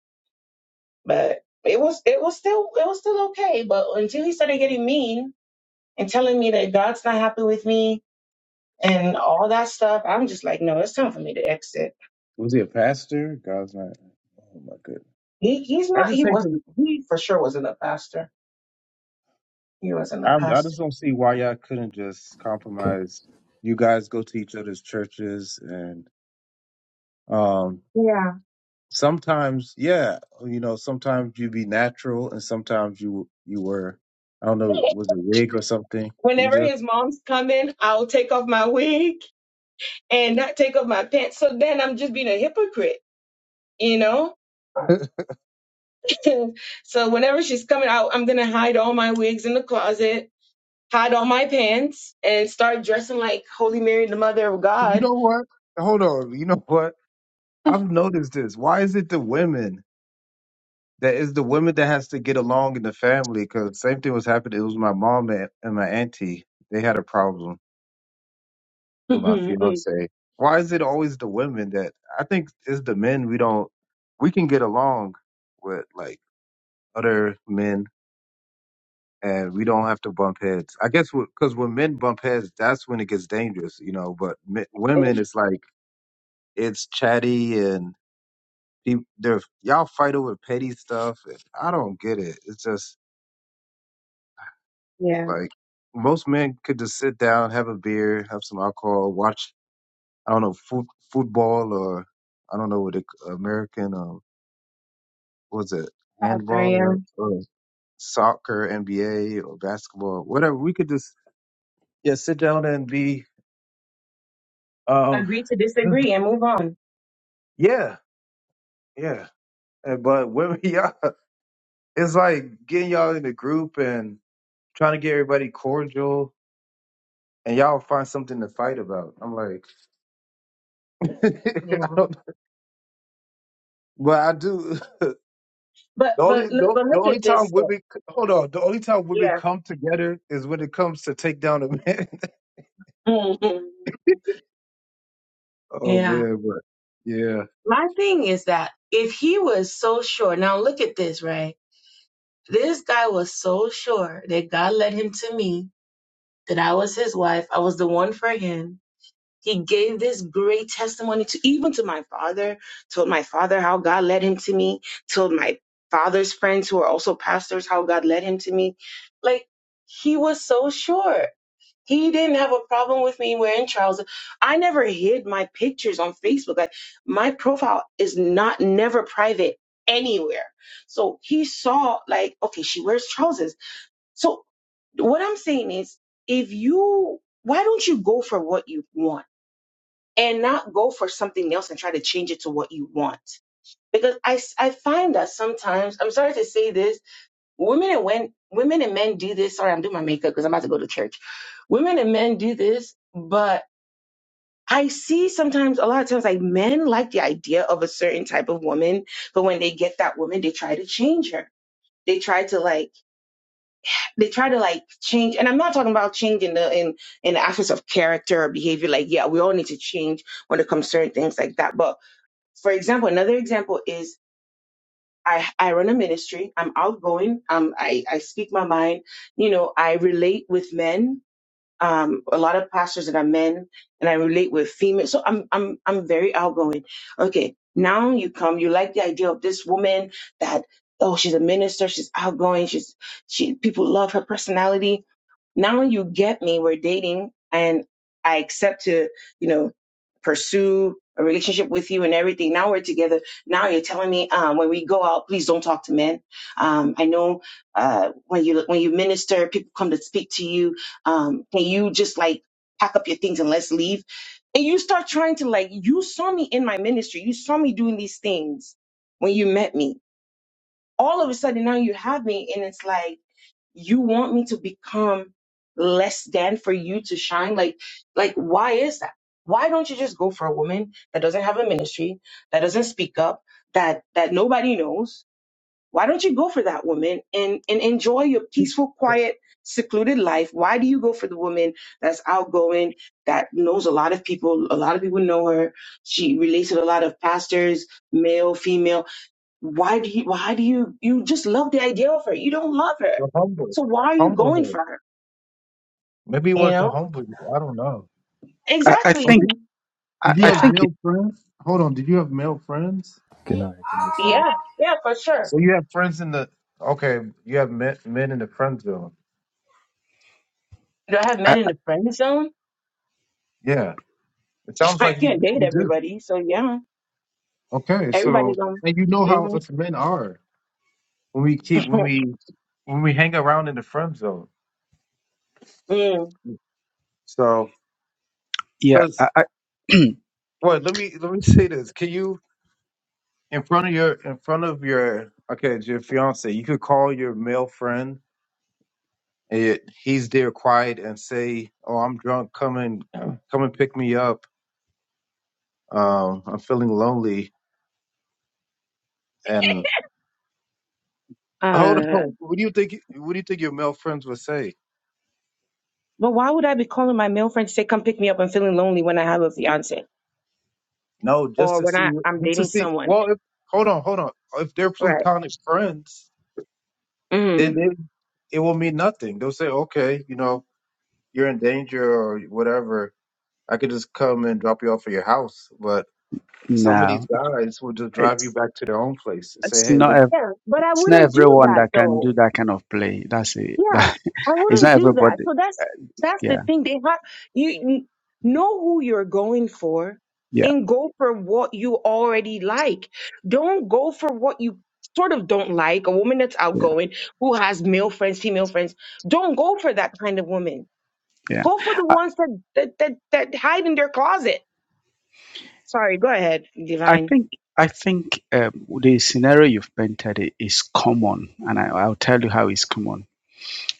But it was it was still it was still okay. But until he started getting mean and telling me that God's not happy with me and all that stuff, I'm just like, no, it's time for me to exit. Was he a pastor? God's not. Oh my goodness. He he's I not he just hate to. wasn't he for sure wasn't a pastor. He wasn't a I, I pastor. just don't see why y'all couldn't just Good, compromise. You guys go to each other's churches, and um, Yeah. sometimes, yeah, you know, sometimes you be natural, and sometimes you you were. I don't know, was it rig or something? You Whenever just. his mom's coming, I'll take off my wig and not take off my pants. So then I'm just being a hypocrite, you know? And so whenever she's coming out, I'm gonna hide all my wigs in the closet, hide all my pants, and start dressing like Holy Mary, the Mother of You God. know what? Hold on. You know what? I've noticed this. Why is it the women? that is the women that has to get along in the family because same thing was happening. It was my mom and, and my auntie. They had a problem with my fiance. Why is it always the women that I think it's the men we don't we can get along with like other men and we don't have to bump heads. I guess because when men bump heads, that's when it gets dangerous, you know. But men, women, And, it's like it's chatty and peop- they're y'all fight over petty stuff. And I don't get it. It's just yeah, Like most men could just sit down, have a beer, have some alcohol, watch I don't know foot, football or I don't know what it, American um what was it out there, handball yeah. or, or soccer, NBA or basketball, whatever. We could just yeah sit down and be um Agree to disagree and move on. yeah yeah. And, but women, yeah, it's like getting y'all in a group and trying to get everybody cordial. And y'all find something to fight about. I'm like, Yeah, I don't, but I do. but The only but look- the, but the look only at time this though. women hold on, the only time women Yeah. come together is when it comes to take down a man. Mhm. oh Yeah. man, but yeah, My thing is that if he was so sure, now look at this, right? This guy was so sure that God led him to me, that I was his wife, I was the one for him He gave this great testimony to even to my father, told my father how God led him to me, told my father's friends who are also pastors how God led him to me. Like he was so sure. He didn't have a problem with me wearing trousers. I never hid my pictures on Facebook. Like my profile is not never private anywhere. So he saw like, okay, she wears trousers. So what I'm saying is if you why don't you go for what you want? and not go for something else and try to change it to what you want. Because I, s- I find that sometimes, I'm sorry to say this, women and when, women and men do this. Sorry, I'm doing my makeup because I'm about to go to church. Women and men do this, but I see sometimes a lot of times like men like the idea of a certain type of woman, but when they get that woman, they try to change her. They try to like they try to like change and I'm not talking about change in the in in the aspects of character or behavior. Like, yeah, we all need to change when it comes to certain things like that. But for example, another example is I, I run a ministry. I'm outgoing. Um, I, I speak my mind. You know, I relate with men. Um, a lot of pastors that are men and I relate with females. So I'm, I'm, I'm very outgoing. Okay. Now you come, you like the idea of this woman that, oh, she's a minister. She's outgoing. She's, she, people love her personality now you get me, we're dating and I accept to, you know, pursue a relationship with you and everything. Now we're together. Now you're telling me, um, when we go out, please don't talk to men. Um, I know, uh, when you, when you minister, people come to speak to you. Um, can you just like pack up your things and let's leave? And you start trying to like, you saw me in my ministry. You saw me doing these things when you met me. All of a sudden now you have me and it's like, you want me to become less than for you to shine like like why is that why don't you just go for a woman that doesn't have a ministry that doesn't speak up that that nobody knows why don't you go for that woman and and enjoy your peaceful the, quiet secluded life why do you go for the woman that's outgoing that knows a lot of people a lot of people know her she relates with a lot of pastors male female why do you, why do you, you just love the idea of her. You don't love her. the humble, So why are you humble going her. for her? Maybe he You wanted to know? humble you. I don't know. I, I Exactly. Oh, think did, So, I, did you I have yeah. think it. male friends? Hold on, did you have male friends? good night. Yeah. Yeah, for sure. So you have friends in the okay, you have men, men in the friend zone. Do I have I, men in I- the friend zone? Yeah, it sounds I like you can't date you do. everybody. So yeah, Okay, so everybody's on. and you know how hmm us men are. When we keep when we when we hang around in the friend zone. Mm. So. yeah, Because I, I what? Let me let me say this. Can you in front of your in front of your okay it's your fiance? You could call your male friend and he's there quiet and say, "Oh, I'm drunk. Come and come and pick me up. Um, I'm feeling lonely." And hold Uh, on. What do you think? What do you think your male friends would say? but why would I be calling my male friend to say, "Come pick me up"? I'm feeling lonely when I have a fiance No, just or to when see. I I'm Just to dating see. someone, Well, if hold on, hold on. If they're right? plutonic friends, then Mm. they, it will mean nothing. They'll say, "Okay, you know, you're in danger or whatever." I could just come and drop you off at your house, but some of these No, guys will just drive you it's back to their own place and say, it's "Hey, not look, ev- Yeah, but I it's not wouldn't do everyone that that can though. do that kind of play. That's it. Yeah, That, I it's wouldn't not do that. everybody. So that's that's the Yeah, thing. They have you you know who you're going for yeah, and go for what you already like. Don't go for what you sort of don't like. A woman that's yeah, outgoing, who has male friends, female friends. Don't go for that kind of woman. yeah. Go for the I, ones that that that, that hide in their closet. Sorry, go ahead, I Divine. think I think um, the scenario you've painted i- is common, and I, I'll tell you how it's common.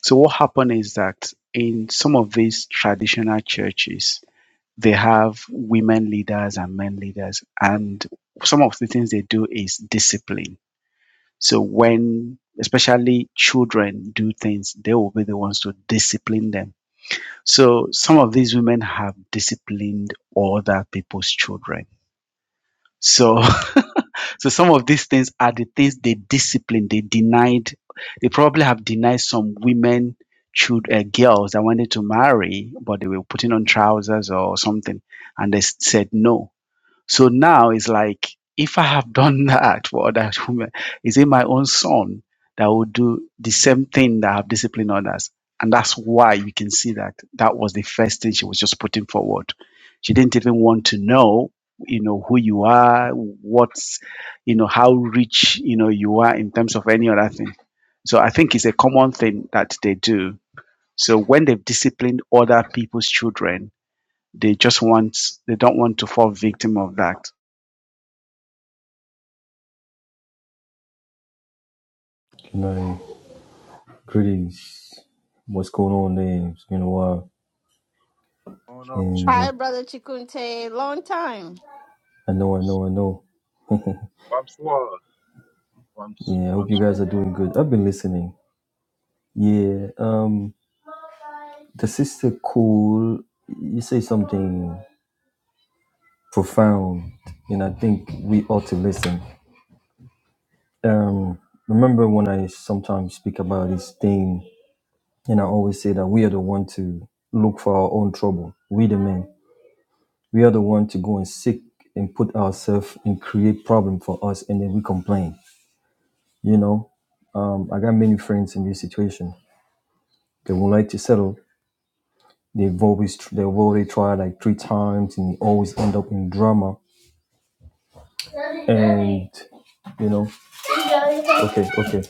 So what happened is that in some of these traditional churches, they have women leaders and men leaders, and some of the things they do is discipline So when especially children do things, they will be the ones to discipline them. So some of these women have disciplined other people's children. So so some of these things are the things they disciplined, they denied, they probably have denied some women children, uh, girls that wanted to marry, but they were putting on trousers or something, and they s- said no so now it's like, if I have done that for other women, is it my own son that will do the same thing that have disciplined others? And that's why you can see that that was the first thing she was just putting forward. She didn't even want to know, you know, who you are, what's, you know, how rich, you know, you are in terms of any other thing. So I think it's a common thing that they do. So when they've disciplined other people's children, they just want, they don't want to fall victim of that Good night. Greetings. What's going on, there? It's been a while. Hold on, And Chicksaw. uh, Hi, Brother Chikunte. Long time. I know, I know, I know. I'm flawed. I'm, Yeah, I I'm hope you guys smooth. are doing good. I've been listening. Yeah. Um, the sister cool. You say something profound, and I think we ought to listen. Um, remember when I sometimes speak about this thing, and I always say that we are the one to look for our own trouble. We the men. We are the one to go and seek and put ourselves and create problem for us, and then we complain. You know, um, I got many friends in this situation. They would like to settle. They've always tr- they've already tried like three times, and they always end up in drama. And you know, okay, okay,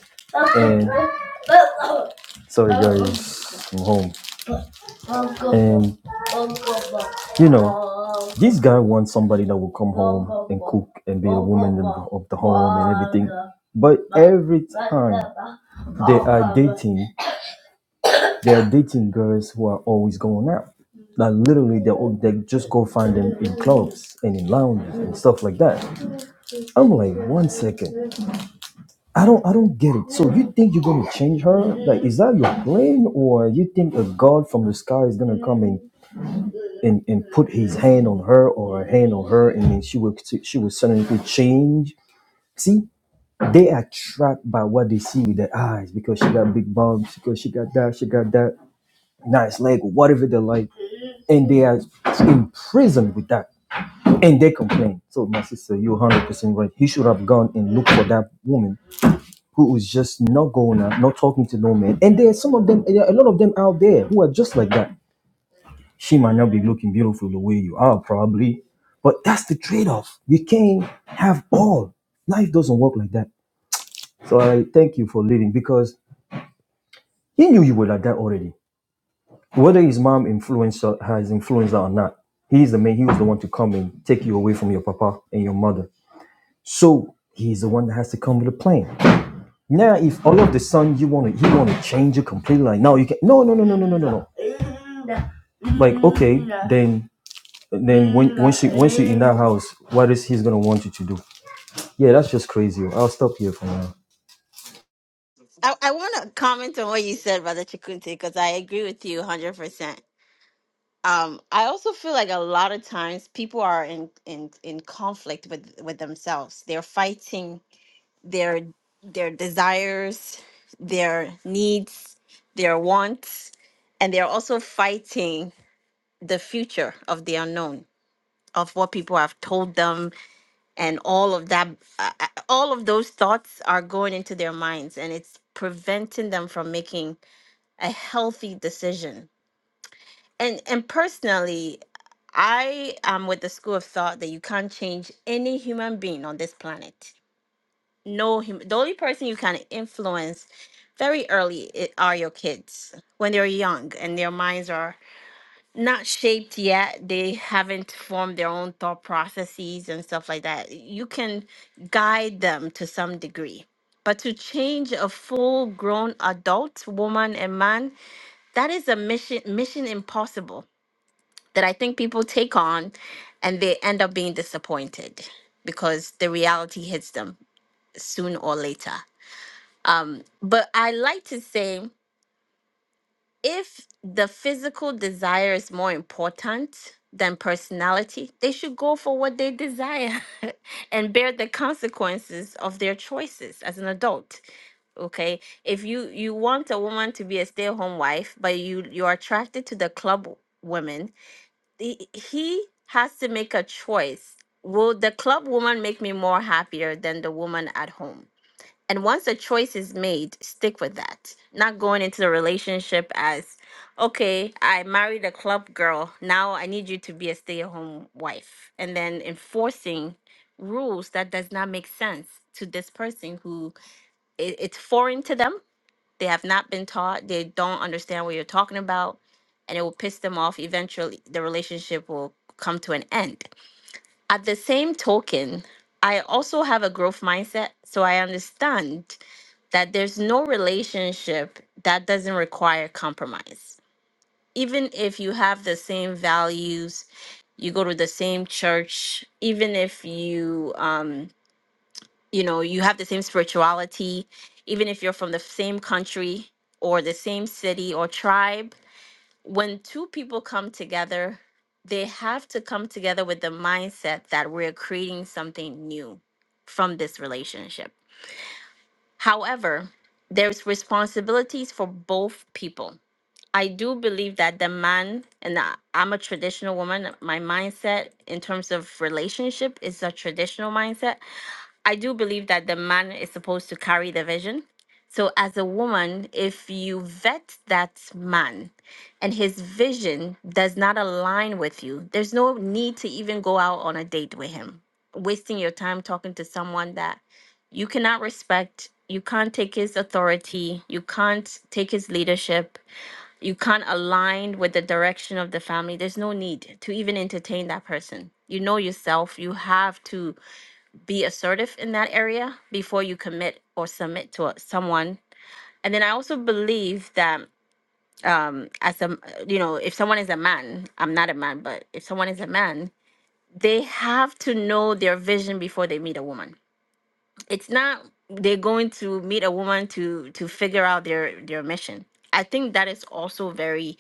and sorry guys, I'm home. And you know, this guy wants somebody that will come home and cook and be a woman in of the home and everything. But every time they are dating, they are dating girls who are always going out. Like literally, they they just go find them in clubs and in lounges and stuff like that. I'm like, one second, I don't I don't get it. So you think you're gonna change her? Like, is that your plan, or you think a god from the sky is gonna come and and, and put his hand on her or her hand on her, and then she would she would suddenly change. See, they are trapped by what they see with their eyes because she got big bumps, because she got that, she got that nice leg, whatever they like, and they are imprisoned with that, and they complain. So my sister, you're one hundred percent right. He should have gone and looked for that woman. Who was just not going out, not talking to no man, and there are some of them, a lot of them out there who are just like that She might not be looking beautiful the way you are, probably, but that's the trade off. You can't have all. Life doesn't work like that. So I thank you for leading because he knew you were like that already. Whether his mom influenced her- has influenced her or not, he's the man. He was the one to come and take you away from your papa and your mother. So he's the one that has to come with a plan. Now, if all of the sudden you want to, you want to change it completely. Like now, you can. No, no, no, no, no, no, no, no. Like okay, then then when when she when she in that house, what is he's gonna want you to do? Yeah, that's just crazy. I'll stop here for now. I, I want to comment on what you said, Brother Chikunte, because I agree with you 100%. um i also feel like a lot of times people are in in in conflict with with themselves they're fighting their their desires their needs their wants and they're also fighting the future of the unknown of what people have told them and all of that uh, uh, all of those thoughts are going into their minds and it's preventing them from making a healthy decision and and personally i am with the school of thought that you can't change any human being on this planet no hum- the only person you can influence very early i- are your kids when they're young and their minds are not shaped yet they haven't formed their own thought processes and stuff like that you can guide them to some degree but to change a full grown adult woman and man that is a mission mission impossible that I think people take on and they end up being disappointed because the reality hits them soon or later. Um, but I like to say if the physical desire is more important than personality, they should go for what they desire and bear the consequences of their choices as an adult. Okay. If you you want a woman to be a stay-at-home wife, but you you're attracted to the club women he he has to make a choice. Will the club woman make me more happier than the woman at home? And once a choice is made, stick with that. Not going into the relationship as, okay, I married a club girl. Now I need you to be a stay at home wife. And then enforcing rules that does not make sense to this person who i- it's foreign to them they have not been taught. They don't understand what you're talking about. And it will piss them off. Eventually, the relationship will come to an end. At the same token, I also have a growth mindset. So I understand that there's no relationship that doesn't require compromise. Even if you have the same values, you go to the same church, even if you, um, you know you have the same spirituality even if you're from the same country or the same city or tribe when two people come together they have to come together with the mindset that we're creating something new from this relationship however there's responsibilities for both people i do believe that the man and I- i'm a traditional woman my mindset in terms of relationship is a traditional mindset I do believe that the man is supposed to carry the vision. So, as a woman, if you vet that man and his vision does not align with you, there's no need to even go out on a date with him, wasting your time talking to someone that you cannot respect. You can't take his authority. You can't take his leadership. You can't align with the direction of the family. There's no need to even entertain that person. You know yourself. You have to be assertive in that area before you commit or submit to a- someone. And then I also believe that um, as a you know, if someone is a man, I'm not a man, but if someone is a man, they have to know their vision before they meet a woman. It's not they're going to meet a woman to to figure out their their mission. I think that is also very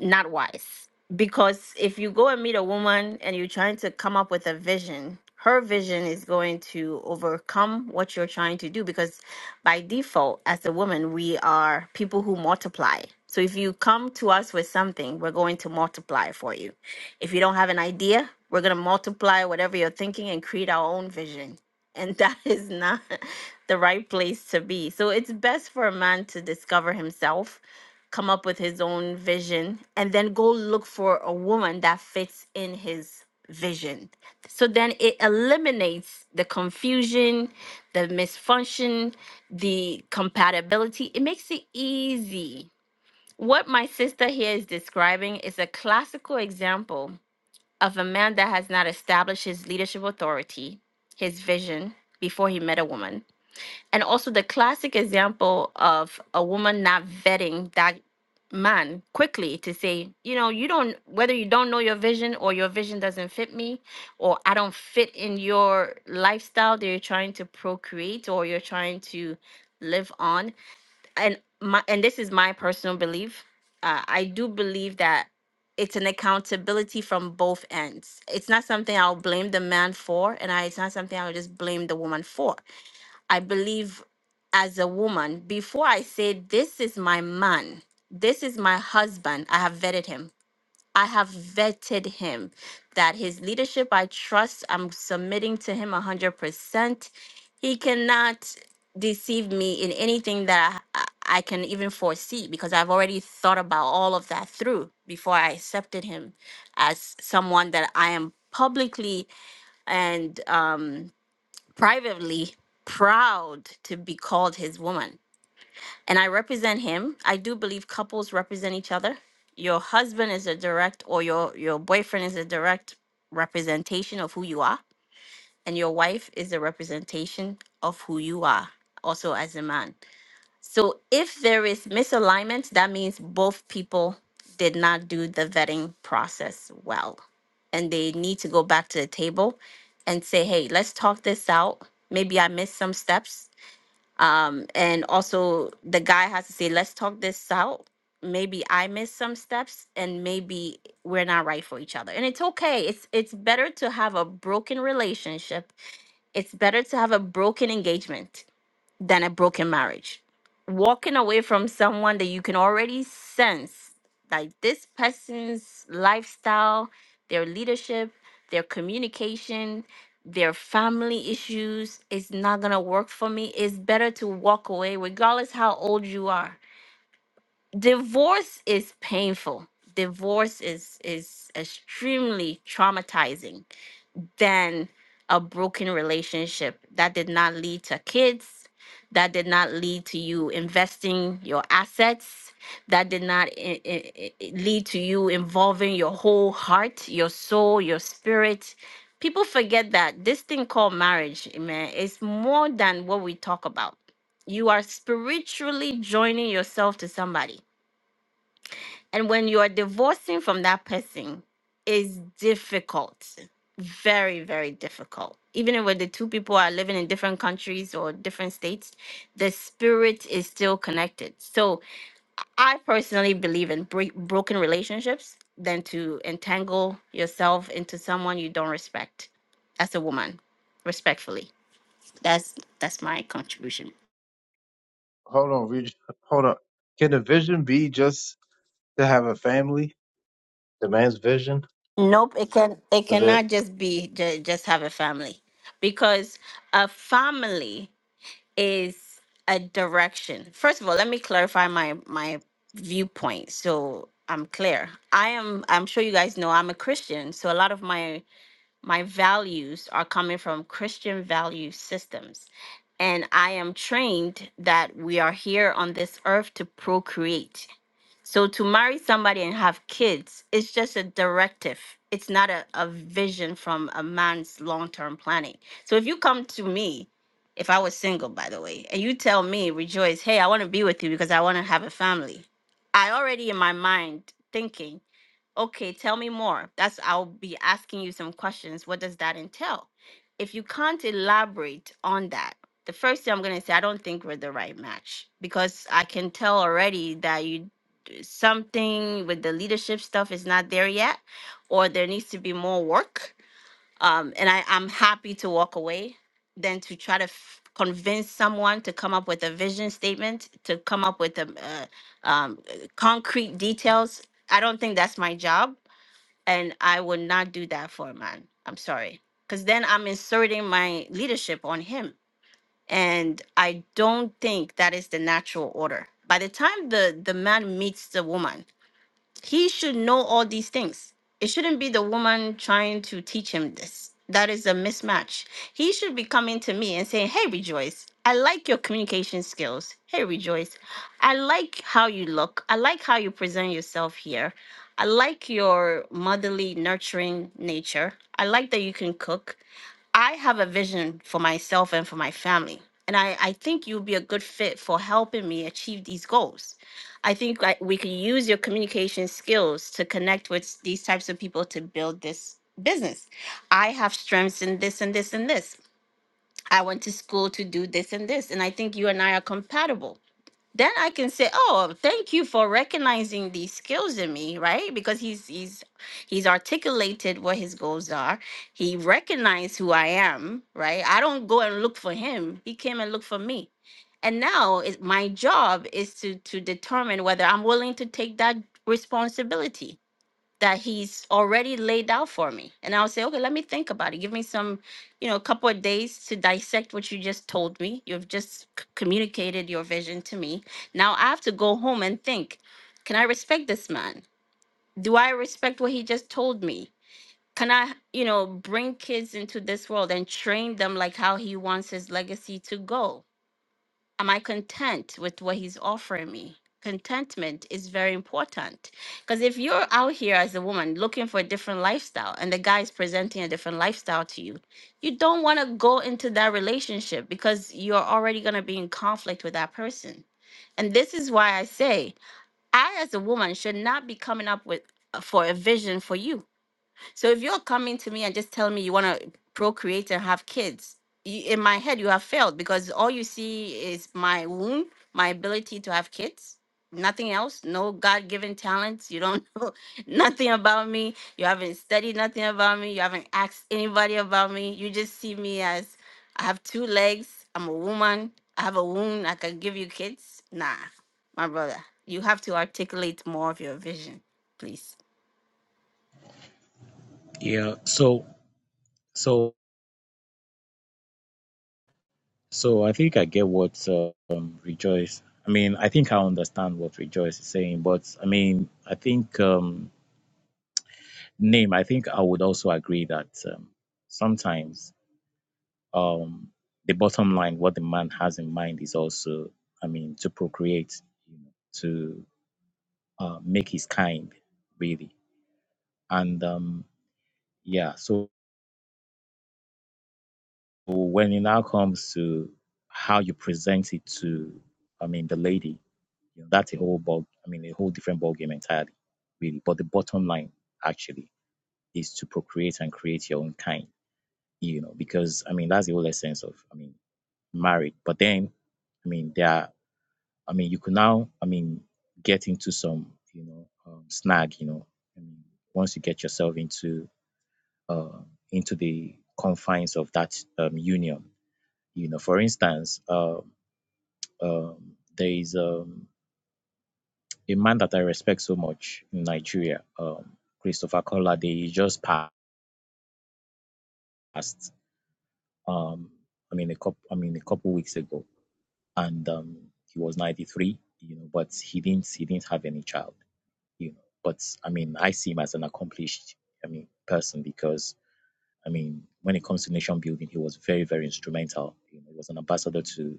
not wise. Because if you go and meet a woman and you're trying to come up with a vision, her vision is going to overcome what you're trying to do. Because by default, as a woman, we are people who multiply. So if you come to us with something, we're going to multiply for you. If you don't have an idea, we're going to multiply whatever you're thinking and create our own vision. And that is not the right place to be. So it's best for a man to discover himself come up with his own vision and then go look for a woman that fits in his vision. So then it eliminates the confusion, the misfunction, the compatibility. It makes it easy. What my sister here is describing is a classical example of a man that has not established his leadership authority, his vision, before he met a woman and also the classic example of a woman not vetting that man quickly to say you know you don't whether you don't know your vision or your vision doesn't fit me or i don't fit in your lifestyle that you're trying to procreate or you're trying to live on and my and this is my personal belief uh, i do believe that it's an accountability from both ends it's not something i'll blame the man for and I, it's not something i'll just blame the woman for I believe as a woman, before I say, This is my man, this is my husband, I have vetted him. I have vetted him that his leadership I trust, I'm submitting to him 100%. He cannot deceive me in anything that I, I I can even foresee because I've already thought about all of that through before I accepted him as someone that I am publicly and um, privately proud to be called his woman. And I represent him. I do believe couples represent each other. Your husband is a direct or your your boyfriend is a direct representation of who you are and your wife is a representation of who you are also as a man. So if there is misalignment, that means both people did not do the vetting process well. And they need to go back to the table and say, hey, let's talk this out. Maybe I missed some steps. Um, and also, the guy has to say, let's talk this out. Maybe I missed some steps, and maybe we're not right for each other. And it's okay. It's it's better to have a broken relationship. It's better to have a broken engagement than a broken marriage. Walking away from someone that you can already sense, like this person's lifestyle, their leadership, their communication, their family issues, is not gonna work for me. It's better to walk away, regardless how old you are. Divorce is painful. Divorce is is extremely traumatizing than a broken relationship that did not lead to kids, that did not lead to you investing your assets, that did not i- i- i- lead to you involving your whole heart, your soul, your spirit. People forget that this thing called marriage, man, is more than what we talk about. You are spiritually joining yourself to somebody and when you are divorcing from that person, it's difficult. Very, very difficult. Even if the two people are living in different countries or different states, the spirit is still connected. So I personally believe in break broken relationships than to entangle yourself into someone you don't respect as a woman, respectfully. That's that's my contribution. hold on, Reg- hold on. Can the vision be just to have a family? The man's vision Nope, it can it is it? cannot just be ju- just have a family because a family is a direction. First of all, let me clarify my my viewpoint so I'm clear. I am I'm sure you guys know I'm a Christian, so a lot of my my values are coming from Christian value systems. And I am trained that we are here on this earth to procreate. So to marry somebody and have kids, it's just a directive. It's not a, a vision from a man's long-term planning. So if you come to me, if I was single, by the way, and you tell me, Rejoice, hey, I want to be with you because I want to have a family. I already in my mind thinking, okay, tell me more. That's I'll be asking you some questions. What does that entail? If you can't elaborate on that, the first thing I'm gonna say, I don't think we're the right match because I can tell already that you something with the leadership stuff is not there yet, or there needs to be more work. Um, and I, I'm happy to walk away than to try to f- convince someone to come up with a vision statement, to come up with a, uh, um, uh, concrete details. I don't think that's my job. And I would not do that for a man. I'm sorry. Because then I'm inserting my leadership on him. And I don't think that is the natural order. By the time the, the man meets the woman, he should know all these things. It shouldn't be the woman trying to teach him this. That is a mismatch. He should be coming to me and saying, Hey, Rejoice, I like your communication skills. Hey, Rejoice, I like how you look. I like how you present yourself here. I like your motherly, nurturing nature. I like that you can cook. I have a vision for myself and for my family. And I, I think you'll be a good fit for helping me achieve these goals. I think like we can use your communication skills to connect with these types of people to build this business. I have strengths in this and this and this. I went to school to do this and this. And I think you and I are compatible then I can say, "Oh, thank you for recognizing these skills in me," right? Because he's he's he's articulated what his goals are. He recognized who I am, right? I don't go and look for him. He came and looked for me. And now it, my job is to to determine whether I'm willing to take that responsibility that he's already laid out for me. And I'll say, okay, let me think about it. Give me some, you know, a couple of days to dissect what you just told me. You've just c- communicated your vision to me. Now I have to go home and think, can I respect this man? Do I respect what he just told me? Can I, you know, bring kids into this world and train them like how he wants his legacy to go? Am I content with what he's offering me? Contentment is very important because if you're out here as a woman looking for a different lifestyle and the guy is presenting a different lifestyle to you, you don't want to go into that relationship because you're already going to be in conflict with that person. And this is why I say, I as a woman should not be coming up with uh, for a vision for you so if you're coming to me and just tell me you want to procreate and have kids, you, in my head you have failed because all you see is my womb, my ability to have kids, nothing else. No God-given talents. You don't know nothing about me. You haven't studied nothing about me. You haven't asked anybody about me. You just see me as I have two legs. I'm a woman. I have a womb. I can give you kids. Nah, my brother, you have to articulate more of your vision, please. Yeah. So so So I think I get what uh, um, Rejoice. I mean, I think I understand what Rejoice is saying, but I mean, I think um, name. I think I would also agree that um, sometimes um, the bottom line, what the man has in mind, is also, I mean, to procreate, you know, to uh, make his kind, really, and um, yeah. So when it now comes to how you present it to, I mean, the lady, you know, that's a whole ball. I mean, a whole different ball game entirely, really. But the bottom line actually is to procreate and create your own kind, you know, because I mean that's the whole essence of, I mean, marriage. But then, I mean, there, are, I mean, you could now, I mean, get into some, you know, um, snag, you know, I mean, once you get yourself into, uh, into the confines of that um, union you know, for instance, um, um, there is um, a man that I respect so much in Nigeria, um, Christopher Collade. He just passed. Um, I mean, a couple. I mean, a couple weeks ago, and um, he was ninety three. You know, but he didn't. He didn't have any child. You know, but I mean, I see him as an accomplished. I mean, person because I mean, when it comes to nation building, he was very, very instrumental. You know, he was an ambassador to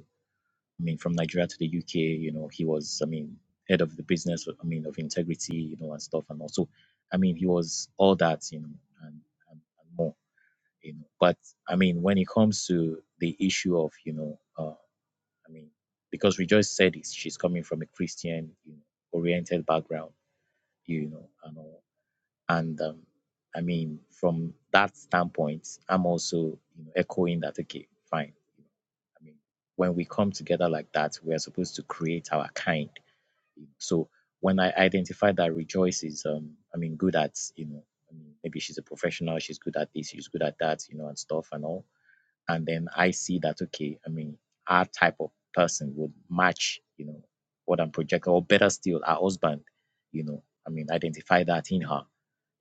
I mean, from Nigeria to the UK, you know, he was, I mean, head of the business, I mean, of integrity, you know, and stuff. And also, I mean, he was all that, you know, and, and, and more, you know. But I mean, when it comes to the issue of, you know, uh, I mean, because Rejoice said it, she's coming from a Christian, you know, oriented background, you know, and all. And um, I mean, from that standpoint, I'm also, you know, echoing that, okay, fine. I mean, when we come together like that, we are supposed to create our kind. So when I identify that Rejoice is, um, I mean, good at, you know, I mean, maybe she's a professional, she's good at this, she's good at that, you know, and stuff and all. And then I see that, okay, I mean, our type of person would match, you know, what I'm projecting, or better still, our husband, you know, I mean, identify that in her,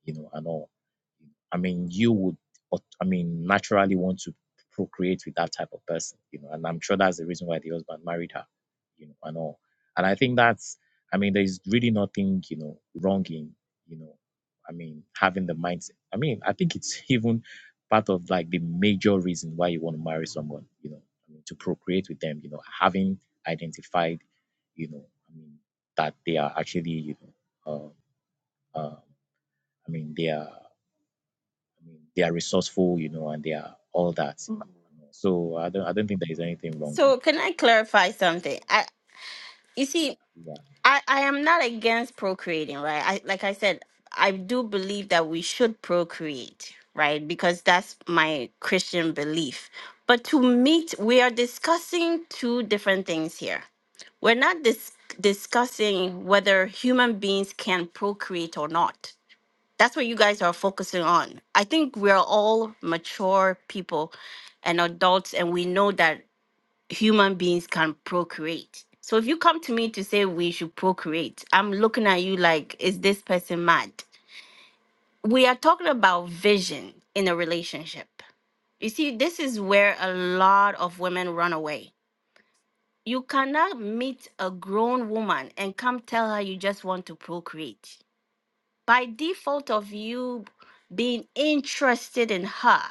you know, and all. I mean, you would, I mean, naturally want to procreate with that type of person, you know, and I'm sure that's the reason why the husband married her, you know, and all. And I think that's, I mean, there's really nothing, you know, wrong in, you know, I mean, having the mindset. I mean, I think it's even part of like the major reason why you want to marry someone, you know, I mean, to procreate with them, you know, having identified, you know, I mean, that they are actually, you know, uh, uh, I mean, they are. I mean, they are resourceful, you know, and they are all that. You know. and all. So I don't, I don't think there is anything wrong in So can I clarify you something? I you see, that. I I am not against procreating, right? I like I said, I do believe that we should procreate, right? Because that's my Christian belief. But to meet, we are discussing two different things here. We're not dis- discussing whether human beings can procreate or not. That's what you guys are focusing on. I think we're all mature people and adults and we know that human beings can procreate. So if you come to me to say we should procreate, I'm looking at you like, is this person mad? We are talking about vision in a relationship. You see, this is where a lot of women run away. You cannot meet a grown woman and come tell her you just want to procreate by default of you being interested in her,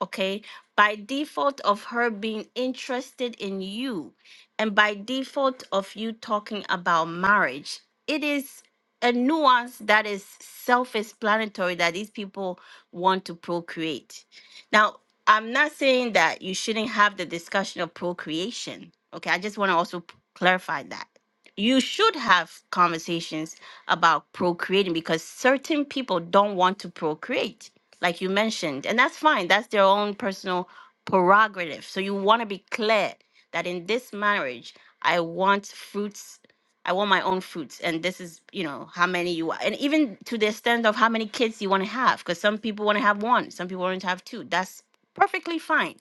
okay? By default of her being interested in you, and by default of you talking about marriage, it is a nuance that is self explanatory that these people want to procreate. Now, I'm not saying that you shouldn't have the discussion of procreation, okay? I just want to also p- clarify that. You should have conversations about procreating because certain people don't want to procreate, like you mentioned, and that's fine. That's their own personal prerogative. So you want to be clear that in this marriage, I want fruits. I want my own fruits, and this is, you know, how many you are, and even to the extent of how many kids you want to have, because some people want to have one, some people want to have two. That's perfectly fine.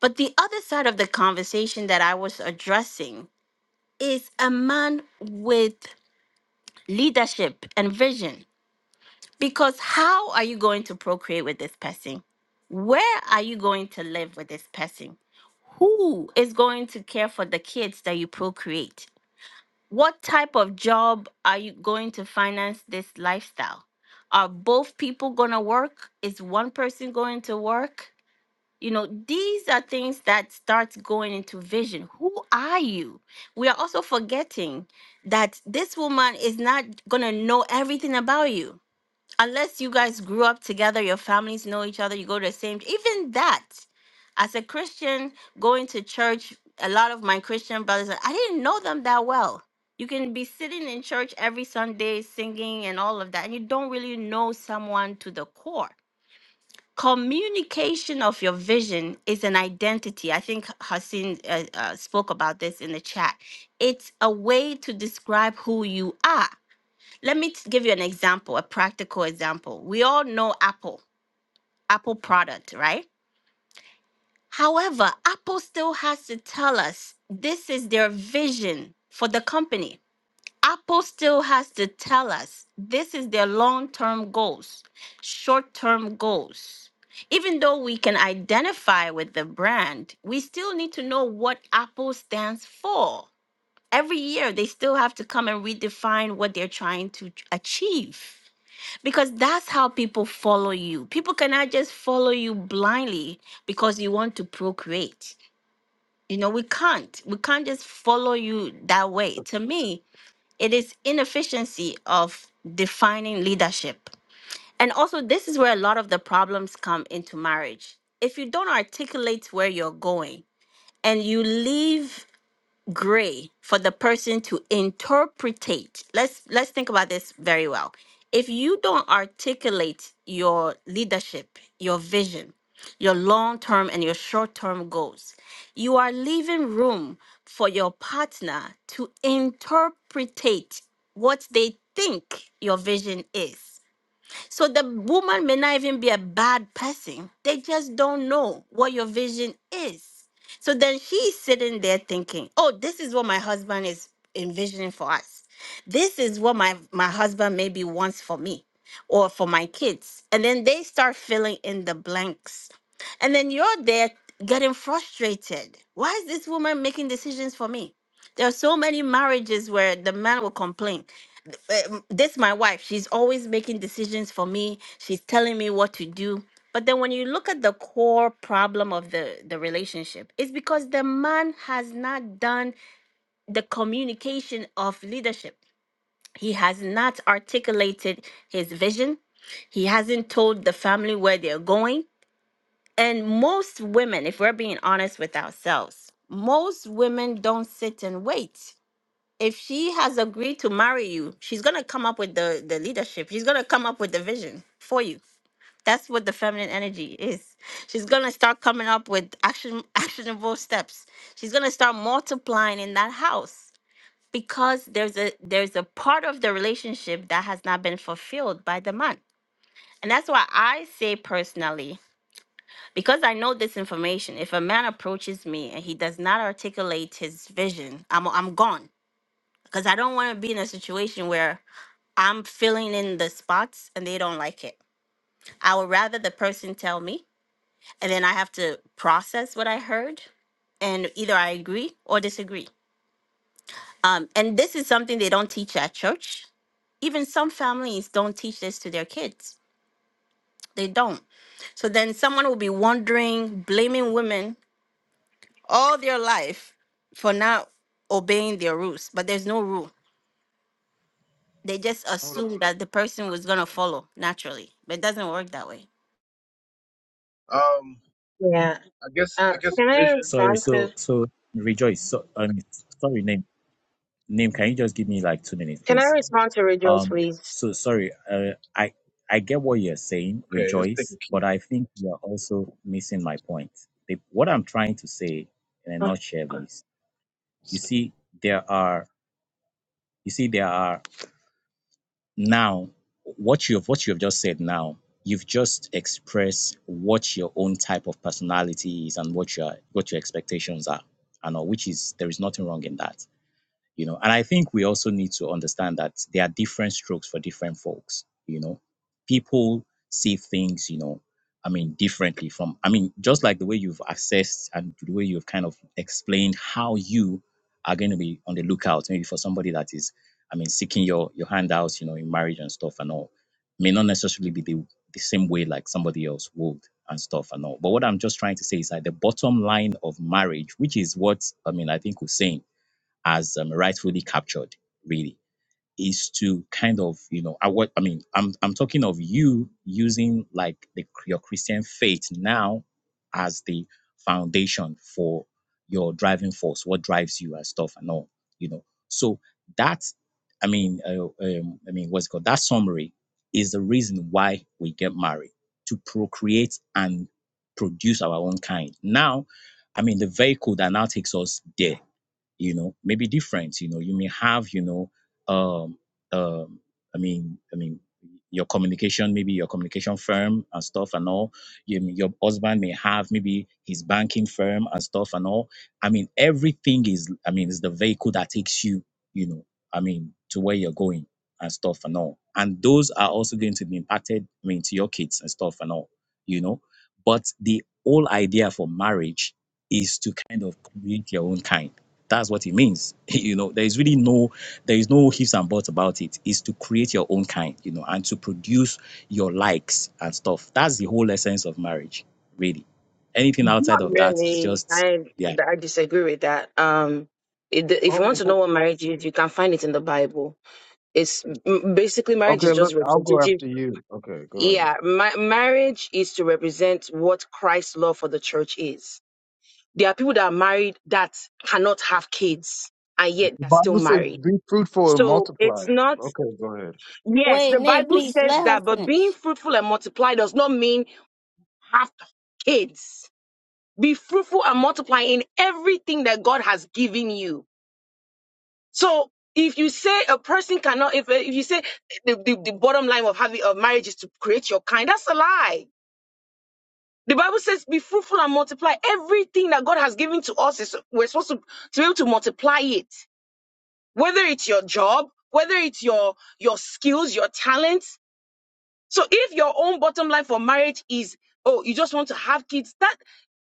But the other side of the conversation that I was addressing is a man with leadership and vision because how are you going to procreate with this person? Where are you going to live with this person? Who is going to care for the kids that you procreate? What type of job are you going to finance this lifestyle? Are both people going to work? Is one person going to work? You know, these are things that starts going into vision. Who are you? We are also forgetting that this woman is not going to know everything about you unless you guys grew up together, your families know each other, you go to the same, even that, as a Christian, going to church, a lot of my Christian brothers, I didn't know them that well. You can be sitting in church every Sunday singing and all of that, and you don't really know someone to the core. Communication of your vision is an identity. I think Hassan uh, uh, spoke about this in the chat. It's a way to describe who you are let me t- give you an example, a practical example. We all know Apple, Apple product, right? However, Apple still has to tell us this is their vision for the company. Apple still has to tell us this is their long term goals, short term goals. Even though we can identify with the brand, we still need to know what Apple stands for. Every year, they still have to come and redefine what they're trying to achieve. Because that's how people follow you. People cannot just follow you blindly because you want to procreate. You know, we can't. We can't just follow you that way. To me, it is inefficiency of defining leadership. And also, this is where a lot of the problems come into marriage. If you don't articulate where you're going and you leave gray for the person to interpretate. Let's let's think about this very well. If you don't articulate your leadership, your vision, your long-term and your short-term goals, you are leaving room for your partner to interpretate what they think your vision is. So the woman may not even be a bad person. They just don't know what your vision is. So then she's sitting there thinking, "Oh, this is what my husband is envisioning for us. This is what my my husband maybe wants for me or for my kids." And then they start filling in the blanks. And then you're there getting frustrated. Why is this woman making decisions for me? There are so many marriages where the man will complain um, this my wife she's always making decisions for me she's telling me what to do but then when you look at the core problem of the the relationship it's because the man has not done the communication of leadership he has not articulated his vision he hasn't told the family where they're going and most women if we're being honest with ourselves most women don't sit and wait if she has agreed to marry you, she's gonna come up with the the leadership. She's gonna come up with the vision for you. That's what the feminine energy is. She's gonna start coming up with action actionable steps. She's gonna start multiplying in that house because there's a there's a part of the relationship that has not been fulfilled by the man. And that's why I say personally, because I know this information, if a man approaches me and he does not articulate his vision, I'm I'm gone because I don't want to be in a situation where I'm filling in the spots and they don't like it. I would rather the person tell me and then I have to process what I heard and either I agree or disagree. Um, and this is something they don't teach at church. Even some families don't teach this to their kids. They don't. So then someone will be wondering, blaming women all their life for not obeying their rules, but there's no rule. They just Hold assume that the person was going to on. follow naturally, but it doesn't work that way. Um, Yeah. I guess Uh, I guess can I vision. Sorry, respond to so so rejoice. So, um, sorry, name name. Can you just give me like two minutes, Can I please? respond to Rejoice, Um, please? so sorry. Uh, I I get what you're saying, Okay, let's take a rejoice, but cue. I think you're also missing my point. The, what I'm trying to say in a nutshell is, you see, there are you see there are Now, what you have what you have just said now, you've just expressed what your own type of personality is and what your what your expectations are, and all, which is there is nothing wrong in that you know and i think we also need to understand that there are different strokes for different folks you know people see things you know i mean differently from i mean just like the way you've assessed and the way you've kind of explained how you are going to be on the lookout maybe for somebody that is i mean seeking your your handouts you know in marriage and stuff and all may not necessarily be the, the same way like somebody else would and stuff and all but what i'm just trying to say is that the bottom line of marriage which is what i mean i think we as um, rightfully captured really is to kind of you know i what i mean i'm i'm talking of you using like the your christian faith now as the foundation for your driving force what drives you and stuff and all you know so that i mean uh, um, i mean what's it called that summary is the reason why we get married to procreate and produce our own kind now i mean the vehicle that now takes us there you know may be different you know you may have you know um um i mean i mean your communication maybe your communication firm and stuff and all you, your husband may have maybe his banking firm and stuff and all i mean everything is i mean is the vehicle that takes you you know i mean to where you're going and stuff and all and those are also going to be impacted i mean to your kids and stuff and all you know but the whole idea for marriage is to kind of create your own kind that's what it means. You know, there is really no, there is no ifs and buts about it. It's to create your own kind, you know, and to produce your likes and stuff. That's the whole essence of marriage, really. Anything outside of that is Really, just, I yeah. I disagree with that. Um, it, if you want Oh, to know oh, what marriage is, you can find it in the Bible. It's m- basically marriage is okay. just Look, I'll go representative. after you. Okay, go ahead. Yeah, ma- marriage is to represent what Christ's love for the church is. There are people that are married that cannot have kids, and yet The they're still Bible said, married. "Be fruitful and So it's multiply." not. Okay, go ahead. Yes, Wait, the Nate, Bible please says let her that, but being finish. fruitful and multiply does not mean have kids. Be fruitful and multiply in everything that God has given you. So if you say a person cannot, if, if you say the, the, the bottom line of having of marriage is to create your kind, that's a lie. The Bible says, be fruitful and multiply. Everything that God has given to us is we're supposed to, to be able to multiply it. Whether it's your job, whether it's your your skills, your talents. So if your own bottom line for marriage is, oh, you just want to have kids, that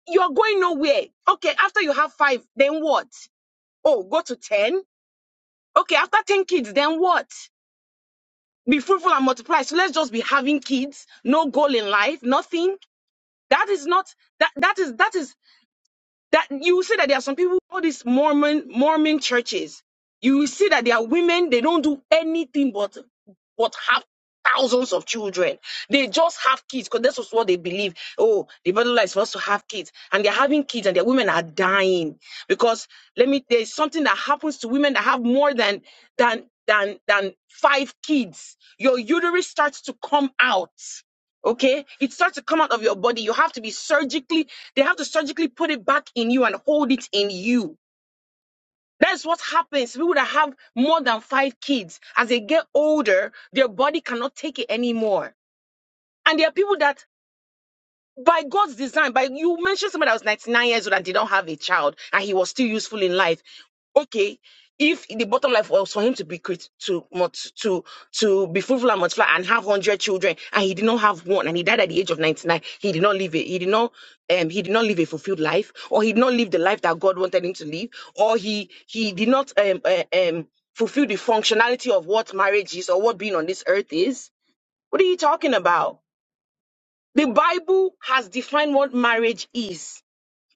you're going nowhere. Okay, after you have five, then what? Oh, go to 10. Okay, after 10 kids, then what? Be fruitful and multiply. So let's just be having kids, no goal in life, nothing. That is not that that is that is that you see that there are some people, all these Mormon Mormon churches. You see that there are women, they don't do anything but but have thousands of children. They just have kids because that's just what they believe. Oh, the Bible is for us to have kids. And they're having kids and their women are dying. Because let me there's something that happens to women that have more than than than than five kids. Your uterus starts to come out Okay, it starts to come out of your body. You have to be surgically, they have to surgically put it back in you and hold it in you. That's what happens. People that have more than five kids, as they get older, their body cannot take it anymore. And there are people that by God's design, by you mentioned somebody that was 99 years old and did not have a child and he was still useful in life. Okay, if the bottom line was for him to be crit- to mult- to to be fruitful and multiply and have 100 children and he did not have one and he died at the age of 99, he did not live it. He did not um he did not live a fulfilled life or he did not live the life that God wanted him to live or he he did not um uh, um fulfill the functionality of what marriage is or what being on this earth is. What are you talking about? The Bible has defined what marriage is.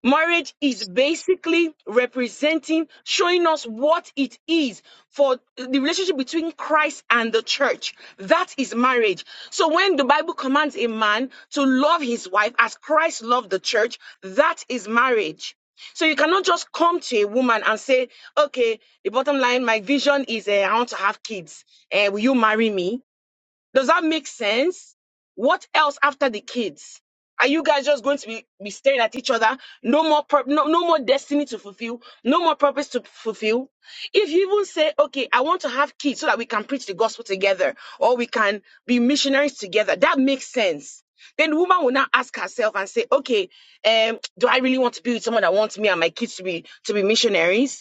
Marriage is basically representing, showing us what it is for the relationship between Christ and the church. That is marriage. So when the Bible commands a man to love his wife as Christ loved the church, that is marriage. So you cannot just come to a woman and say, okay, the bottom line, my vision is eh, I want to have kids. Eh, will you marry me? Does that make sense? What else after the kids? Are you guys just going to be, be staring at each other? No more pur- no, no more destiny to fulfill, no more purpose to fulfill. If you even say, okay, I want to have kids so that we can preach the gospel together or we can be missionaries together, that makes sense. Then the woman will now ask herself and say, okay, um, do I really want to be with someone that wants me and my kids to be to be missionaries?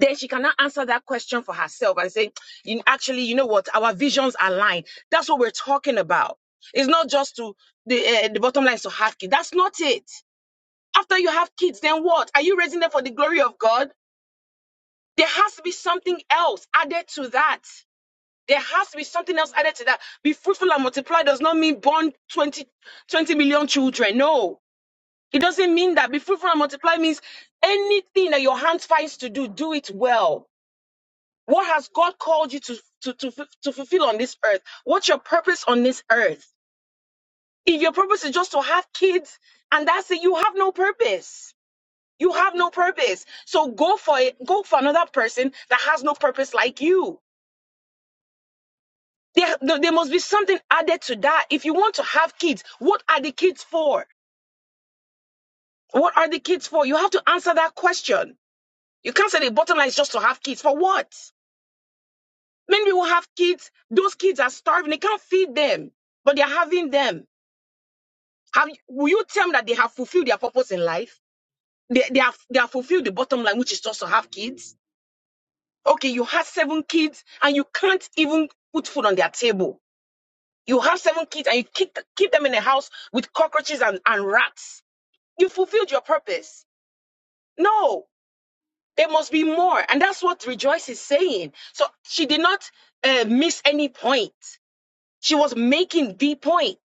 then she cannot answer that question for herself and say, "You- actually, you know what? Our visions align. That's what we're talking about. It's not just to the uh, the bottom line is to have kids. That's not it. After you have kids, then what? Are you raising them for the glory of God? There has to be something else added to that. There has to be something else added to that. Be fruitful and multiply does not mean born twenty twenty million children. No. It doesn't mean that. Be fruitful and multiply means anything that your hands finds to do, do it well What has God called you to, to, to, fu- to fulfill on this earth? What's your purpose on this earth? If your purpose is just to have kids and that's it, you have no purpose. You have no purpose. So go for it. Go for another person that has no purpose like you. There, there there must be something added to that. If you want to have kids, what are the kids for? What are the kids for? You have to answer that question. You can't say the bottom line is just to have kids. For what? Many people have kids. Those kids are starving. They can't feed them, but they're having them. Have you- will you tell me that they have fulfilled their purpose in life? They they have they have fulfilled the bottom line, which is just to have kids. Okay, you have seven kids and you can't even put food on their table. You have seven kids and you keep keep them in a house with cockroaches and, and rats. You fulfilled your purpose. No, there must be more, and that's what Rejoice is saying. So she did not uh, miss any point. She was making the point.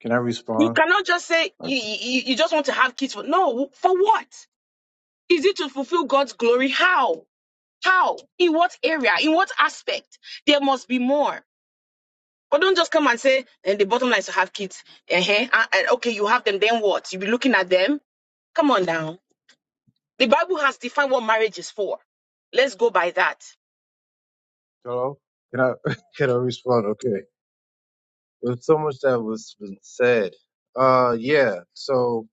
Can I You respond? cannot just say you, you, you just want to have kids. For, no, for what? Is it to fulfill God's glory? How? How? In what area? In what aspect? There must be more. But don't just come and say, and the bottom line is to have kids. Uh-huh. Uh, uh, okay, you have them, then what? You'll be looking at them. Come on now. The Bible has defined what marriage is for. Let's go by that. Hello? Can I can I respond? Okay. There's so much that was been said. Uh yeah. So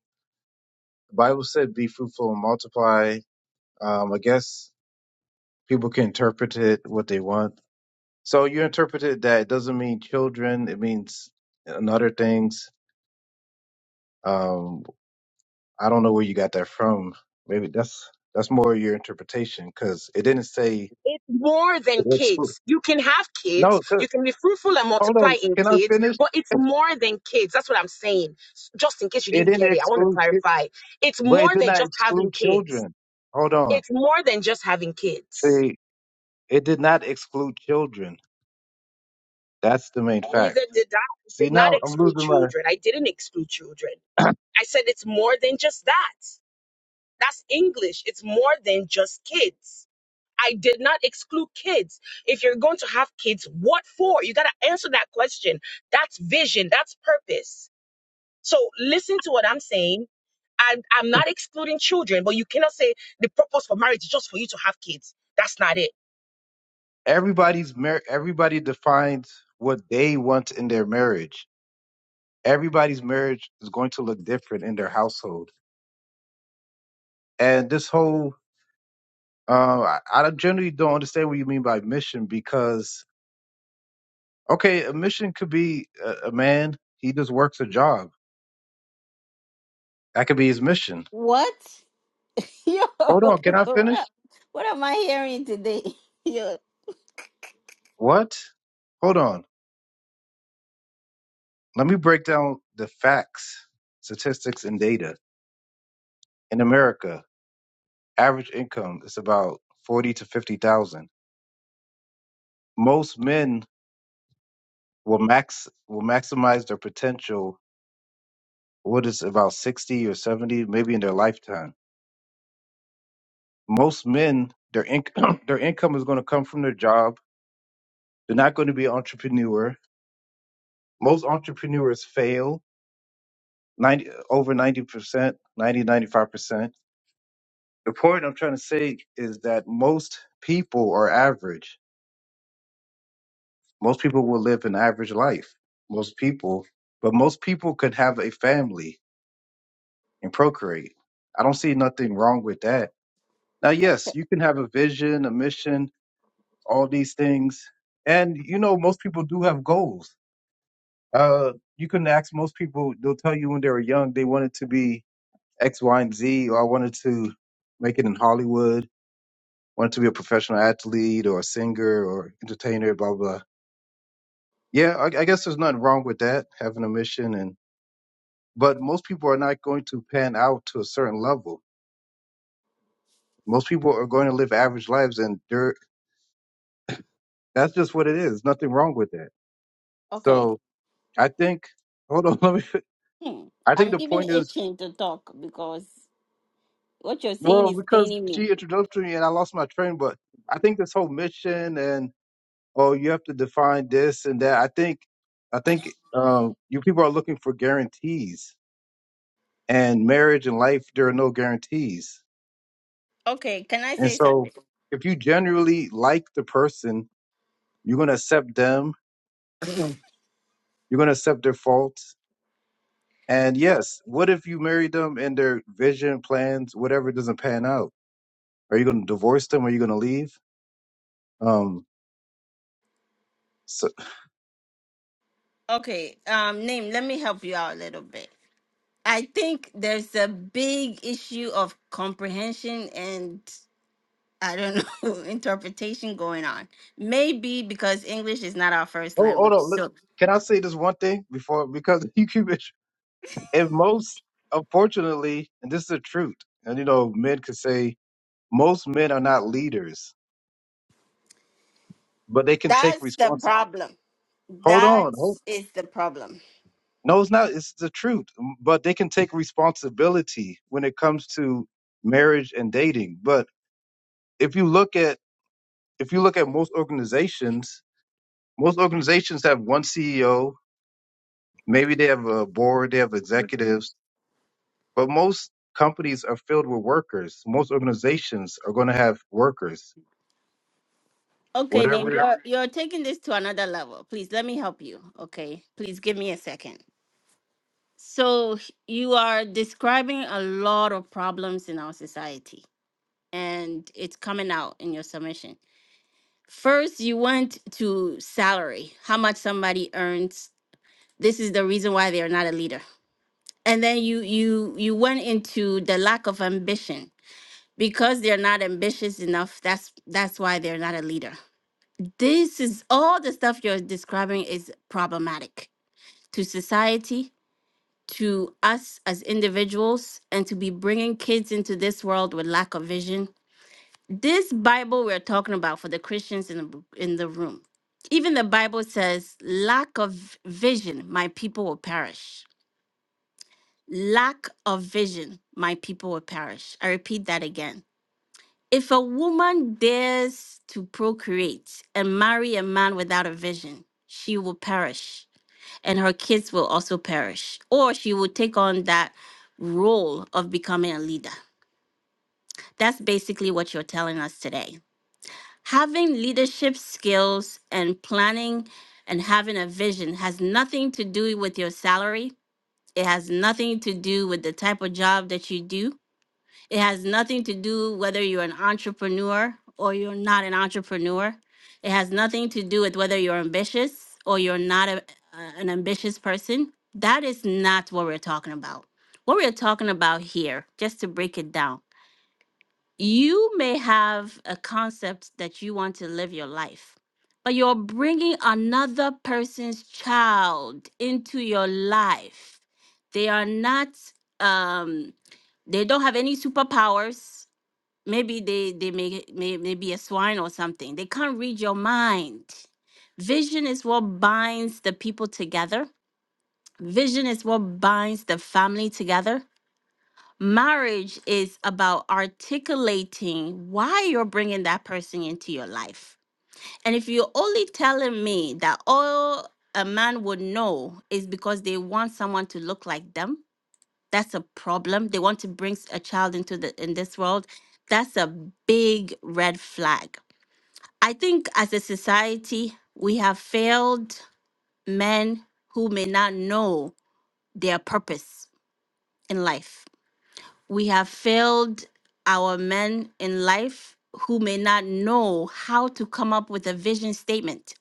the Bible said be fruitful and multiply. Um I guess people can interpret it what they want. So you interpret it that it doesn't mean children, it means and other things. Um I don't know where you got that from. Maybe that's that's more your interpretation because it didn't say It's more than That's kids. You can have no kids, to, you can be fruitful and hold multiply on. in Can I kids, finish? but it's more than kids. That's what I'm saying. S- Just in case you It didn't didn't get it, I want to exclude. clarify. It's But it more did than not just having exclude kids children. Hold on. it's more than just having kids. See, it did not exclude children. That's the main fact. Neither did I. I See, did not now I'm exclude losing my. children. I didn't exclude children. I said it's more than just that. That's English. It's more than just kids. I did not exclude kids. If you're going to have kids, what for? You got to answer that question. That's vision. That's purpose. So listen to what I'm saying. I, I'm not excluding children, but you cannot say the purpose for marriage is just for you to have kids. That's not it. Everybody's mar- everybody defines what they want in their marriage. Everybody's marriage is going to look different in their household. And this whole, uh, I, I generally don't understand what you mean by mission because, okay, a mission could be a, a man, he just works a job. That could be his mission. What? Yo, Hold what, on, can I finish? am what am I hearing today? Yo, What? Hold on. Let me break down the facts, statistics, and data. In America, average income is about forty to fifty thousand. Most men will max will maximize their potential. What is about sixty or seventy, maybe in their lifetime. Most men, their income their income is going to come from their job. They're not going to be an entrepreneur. Most entrepreneurs fail. 90, over 90%, ninety ninety five percent The point I'm trying to say is that most people are average Most people will live an average life. Most people, but most people could have a family and procreate. I don't see nothing wrong with that. Now, yes, you can have a vision, a mission, all these things. And, you know, most people do have goals. Uh, you can ask most people, they'll tell you when they were young, they wanted to be X, Y, and Z, or I wanted to make it in Hollywood, wanted to be a professional athlete or a singer or entertainer, blah, blah. Yeah, I, I guess there's nothing wrong with that, having a mission and but most people are not going to pan out to a certain level. Most people are going to live average lives, and they're, that's just what it is. Nothing wrong with that. okay. So I think, hold on, let me. Hmm. I think I'm the even point is, itching to talk because what you're saying well, is because paining me. she introduced me and I lost my train, but I think this whole mission and oh, you have to define this and that. I think, I think um, you people are looking for guarantees, and marriage and life there are no guarantees, Okay, can I and say so something? if you generally like the person You're going to accept them. You're going to accept their faults. And yes, what if you marry them and their vision, plans, whatever doesn't pan out? Are you going to divorce them? Are you going to leave? Um, so, Okay, um, name, let me help you out a little bit. I think there's a big issue of comprehension and I don't know interpretation going on. Maybe because English is not our first oh, hold language, on. Look, so can I say this one thing before? Because you keep it. If most, unfortunately, and this is the truth, and you know, men could say most men are not leaders, but they can take That's the responsibility. problem. Hold That on. hold is the problem. No, it's not. It's the truth. But they can take responsibility when it comes to marriage and dating. But if you look at if you look at most organizations, most organizations have one CEO. Maybe they have a board, they have executives, but most companies are filled with workers. Most organizations are going to have workers. Okay, Nick, Whatever Whatever. it you're, you're taking this to another level. Please let me help you. Okay, please give me a second. So, h- you are describing a lot of problems in our society, and it's coming out in your submission. First, you went to salary, how much somebody earns. This is the reason why they are not a leader. And then you you you went into the lack of ambition because they're not ambitious enough that's that's why they're not a leader this is all the stuff you're describing is problematic to society to us as individuals and to be bringing kids into this world with lack of vision this bible we're talking about for the christians in the, in the room even the bible says lack of vision my people will perish lack of vision my people will perish i repeat that again If a woman dares to procreate and marry a man without a vision, she will perish, and her kids will also perish, or she will take on that role of becoming a leader. That's basically what you're telling us today. Having leadership skills and planning and having a vision has nothing to do with your salary. It has nothing to do with the type of job that you do it has nothing to do whether you're an entrepreneur or you're not an entrepreneur. It has nothing to do with whether you're ambitious or you're not a, a- an ambitious person. That is not what we're talking about. What we're talking about here, just to break it down, you may have a concept that you want to live your life, but you're bringing another person's child into your life. They are not, um, they don't have any superpowers. Maybe they they may, may may be a swine or something. They can't read your mind. Vision is what binds the people together. Vision is what binds the family together Marriage is about articulating why you're bringing that person into your life. And if you're only telling me that all a man would know is because they want someone to look like them, that's a problem. They want to bring s- a child into the in this world. That's a big red flag. I think as a society, we have failed men who may not know their purpose in life we have failed our men in life who may not know how to come up with a vision statement.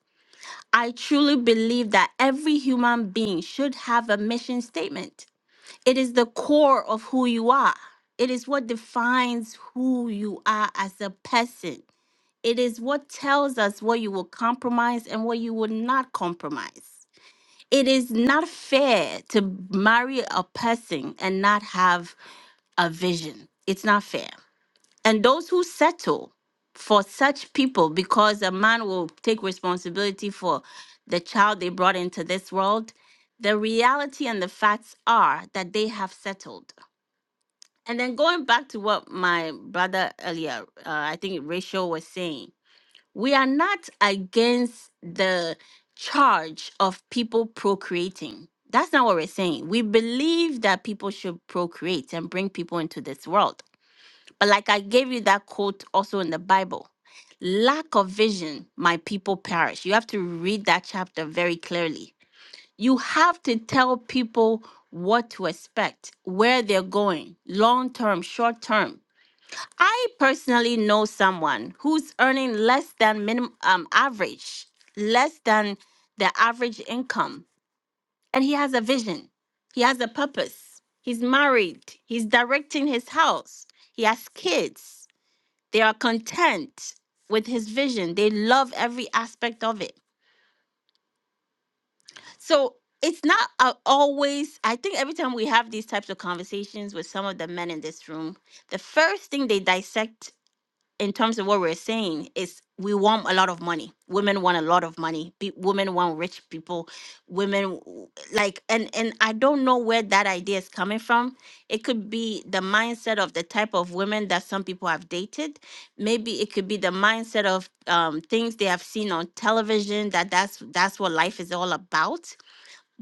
I truly believe that every human being should have a mission statement. It is the core of who you are. It is what defines who you are as a person. It is what tells us what you will compromise and what you will not compromise. It is not fair to marry a person and not have a vision. It's not fair. And those who settle for such people, because a man will take responsibility for the child they brought into this world, the reality and the facts are that they have settled. And then going back to what my brother earlier, uh, I think Rachel was saying, we are not against the charge of people procreating. That's not what we're saying. We believe that people should procreate and bring people into this world but like I gave you that quote also in the Bible lack of vision, my people perish. You have to read that chapter very clearly. You have to tell people what to expect, where they're going, long term, short term. I personally know someone who's earning less than minimum um, average, less than the average income, and he has a vision. He has a purpose. He's married. He's directing his house. He has kids they are content with his vision. They love every aspect of it. So it's not a- always, I think every time we have these types of conversations with some of the men in this room, the first thing they dissect in terms of what we're saying is we want a lot of money women want a lot of money Pe- women want rich people women w- like and and i don't know where that idea is coming from it could be the mindset of the type of women that some people have dated maybe it could be the mindset of um, things they have seen on television that that's that's what life is all about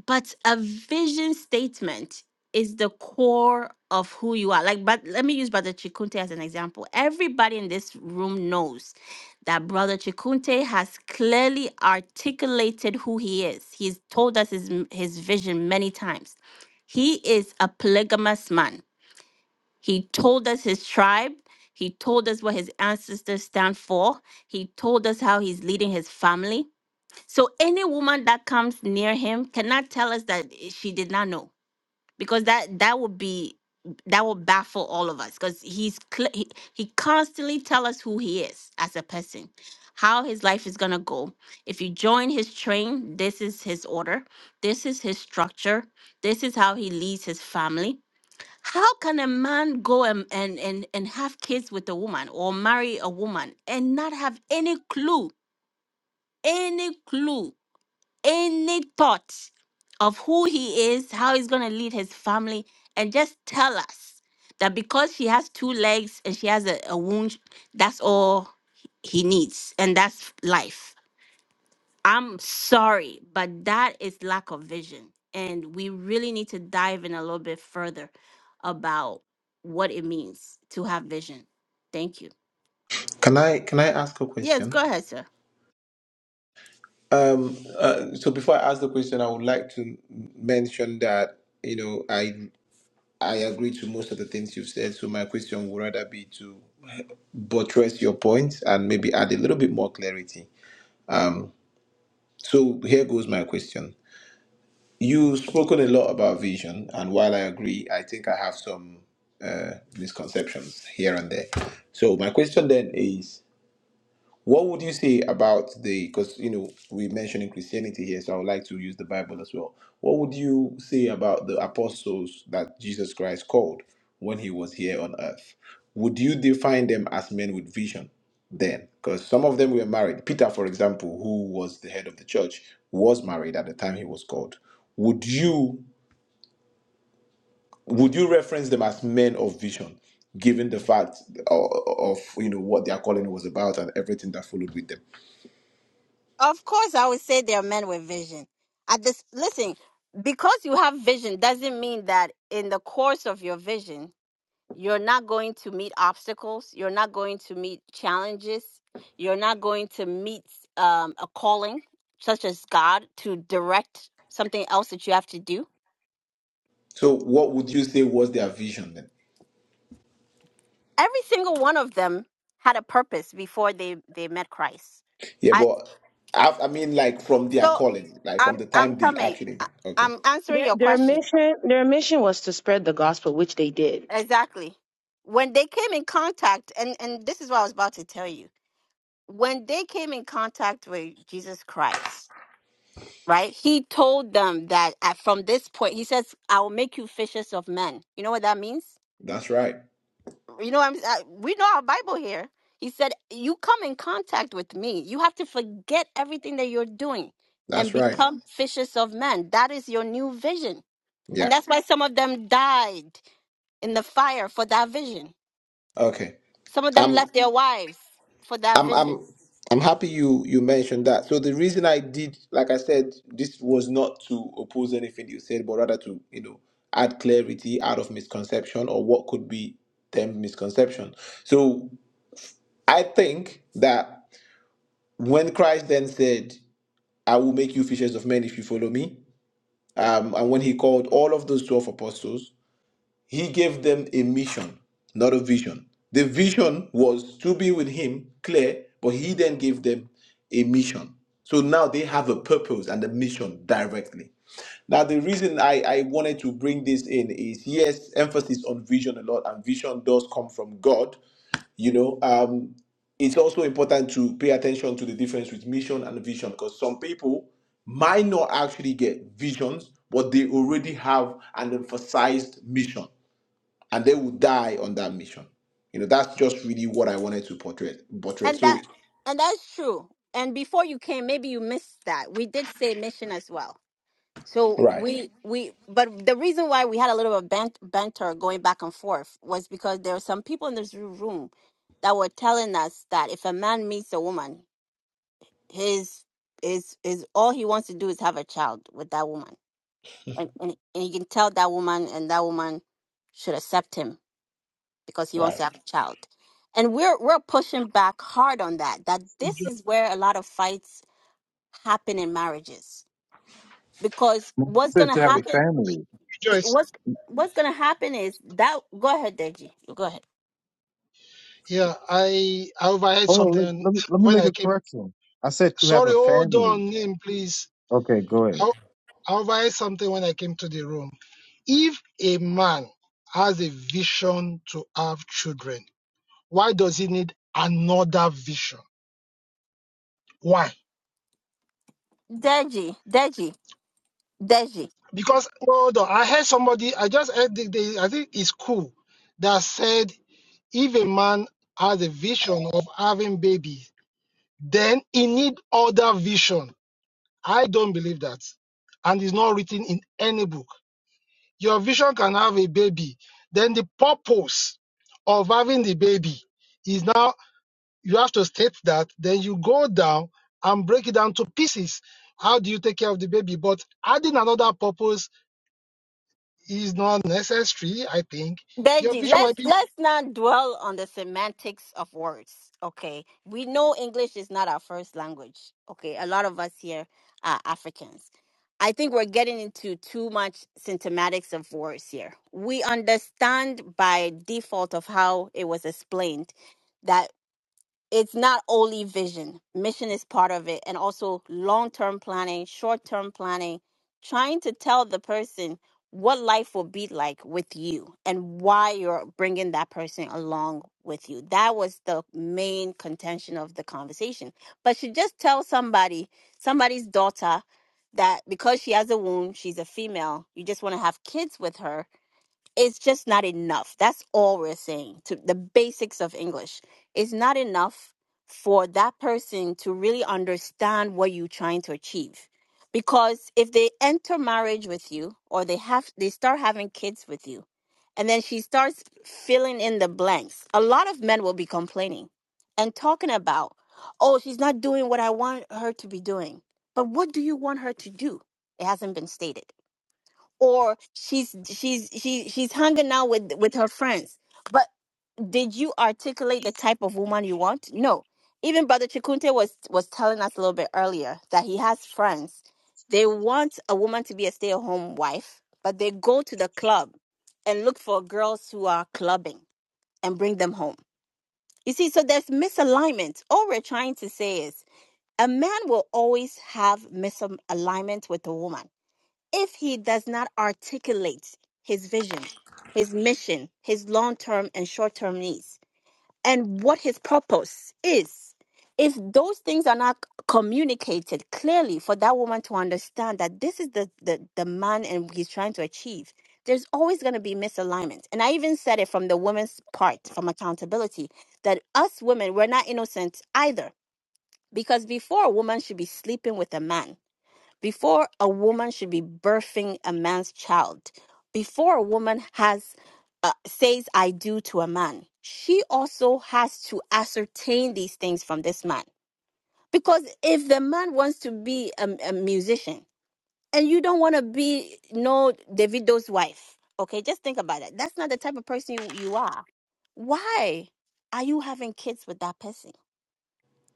but a vision statement is the core of who you are. Like, but let me use Brother Chikunte as an example. Everybody in this room knows that Brother Chikunte has clearly articulated who he is. He's told us his his vision many times. He is a polygamous man. He told us his tribe. He told us what his ancestors stand for. He told us how he's leading his family. So any woman that comes near him cannot tell us that she did not know because that that would be that would baffle all of us because he's cl- he, he constantly tell us who he is as a person how his life is going to go if you join his train this is his order this is his structure this is how he leads his family how can a man go and and and, and have kids with a woman or marry a woman and not have any clue any clue any thought of who he is, how he's going to lead his family, and just tell us that because she has two legs and she has a, a wound, that's all he needs, and that's life. I'm sorry, but that is lack of vision. And we really need to dive in a little bit further about what it means to have vision. Thank you. Can I can I ask a Yes, question? go ahead, sir. Um, uh, so before I ask the question, I would like to mention that you know I I agree to most of the things you've said. So my question would rather be to buttress your points and maybe add a little bit more clarity. Um, so here goes my question. You've spoken a lot about vision, and while I agree, I think I have some uh, misconceptions here and there. So my question then is What would you say about the, because, you know, we're mentioning Christianity here, so I would like to use the Bible as well. What would you say about the apostles that Jesus Christ called when he was here on earth? Would you define them as men with vision then? Because some of them were married. Peter, for example, who was the head of the church, was married at the time he was called. Would you would you reference them as men of vision, given the fact of, of you know what their calling was about and everything that followed with them? Of course, I would say there are men with vision. At this, listen, because you have vision doesn't mean that in the course of your vision, you're not going to meet obstacles, you're not going to meet challenges, you're not going to meet um, a calling such as God to direct something else that you have to do. So, what would you say was their vision then? Every single one of them had a purpose before they they met Christ. Yeah, I but I, I mean, like from their so calling, like from I'm the I'm time they coming. actually. I- Okay, I'm answering Their your their question. mission their mission was to spread the gospel, which they did. Exactly. When they came in contact, and, and this is what I was about to tell you. When they came in contact with Jesus Christ, right? He told them that at, from this point, he says, I will make you fishers of men. You know what that means? that's right. You know, I'm, I, we know our Bible here. He said, You come in contact with me. You have to forget everything that you're doing and That's right. become Mhm. fishers of men. That is your new vision. And Yeah. that's why some of them died in the fire for that vision Okay. Some of them I'm. left their wives for that I'm. I'm. vision. I'm happy you you mentioned that. So the reason I did, like I said, this was not to oppose anything you said, but rather to you know add clarity out of misconception or what could be termed misconception. So I think that when Christ then said, "I will make you fishers of men if you follow me," Um, and when he called all of those 12 apostles, he gave them a mission, not a vision. The vision was to be with him, clear, but he then gave them a mission. So now they have a purpose and a mission directly. Now, the reason I, I wanted to bring this in is yes, emphasis on vision a lot, and vision does come from God. You know, um, it's also important to pay attention to the difference with mission and vision because some people might not actually get visions, but they already have an emphasized mission and they will die on that mission. You know, that's just really what I wanted to portray. portray. And that So, and that's true. And before you came, maybe you missed that. We did say mission as well. So right, we we but the reason why we had a little bit of bant- banter going back and forth was because there were some people in this room that were telling us that if a man meets a woman, his is is all he wants to do is have a child with that woman. And, and and he can tell that woman and that woman should accept him because he wants right. to have a child. And we're we're pushing back hard on that. That this is where a lot of fights happen in marriages. Because means what's to, gonna have a Rejo- happen family. Rejoice. what's what's gonna happen is that go ahead, Deji. Go ahead. Yeah, I I overheard Hold on, let, something let me let me when make I a came. correction. I said to have Sorry, a hold family. on, name, please. Okay, go ahead. I I overheard something when I came to the room. If a man has a vision to have children, why does he need another vision? Why? Deji, Deji, Deji. Because hold on, I heard somebody. I just heard the, the I think it's cool that said if a man has a vision of having babies, then he need other vision I don't believe that. And it's not written in any book. Your vision can have a baby. Then the purpose of having the baby is now you have to state that. Then you go down and break it down to pieces. How do you take care of the baby? But adding another purpose is not necessary, I think. Your Benji, vision let's might be let's not dwell on the semantics of words. Okay, we know English is not our first language. Okay, a lot of us here are Africans. I think we're getting into too much symptomatics of words here. We understand by default of how it was explained that it's not only vision mission is part of it and also long-term planning short-term planning trying to tell the person what life will be like with you and why you're bringing that person along with you that was the main contention of the conversation but she just tells somebody somebody's daughter that because she has a wound she's a female you just want to have kids with her it's just not enough. That's all we're saying to the basics of English. It's not enough for that person to really understand what you're trying to achieve. Because if they enter marriage with you or they have they start having kids with you and then she starts filling in the blanks, a lot of men will be complaining and talking about, "Oh, she's not doing what I want her to be doing." But what do you want her to do? It hasn't been stated or she's she's she she's hanging out with with her friends. But did you articulate the type of woman you want? No. Even Brother Chikunte was was telling us a little bit earlier that he has friends. They want a woman to be a stay-at-home wife, but they go to the club and look for girls who are clubbing and bring them home. You see, so there's misalignment. All we're trying to say is a man will always have misalignment with a woman if he does not articulate his vision, his mission, his long term and short term needs, and what his purpose is, if those things are not communicated clearly for that woman to understand that this is the, the, the man and he's trying to achieve, there's always going to be misalignment. And I even said it from the woman's part, from accountability, that us women, we're not innocent either. Because before, a woman should be sleeping with a man before a woman should be birthing a man's child, before a woman has uh, says I do to a man, she also has to ascertain these things from this man. Because if the man wants to be a, a musician and you don't want to be no Davido's wife, okay, just think about it. That's not the type of person you, you are. Why are you having kids with that person?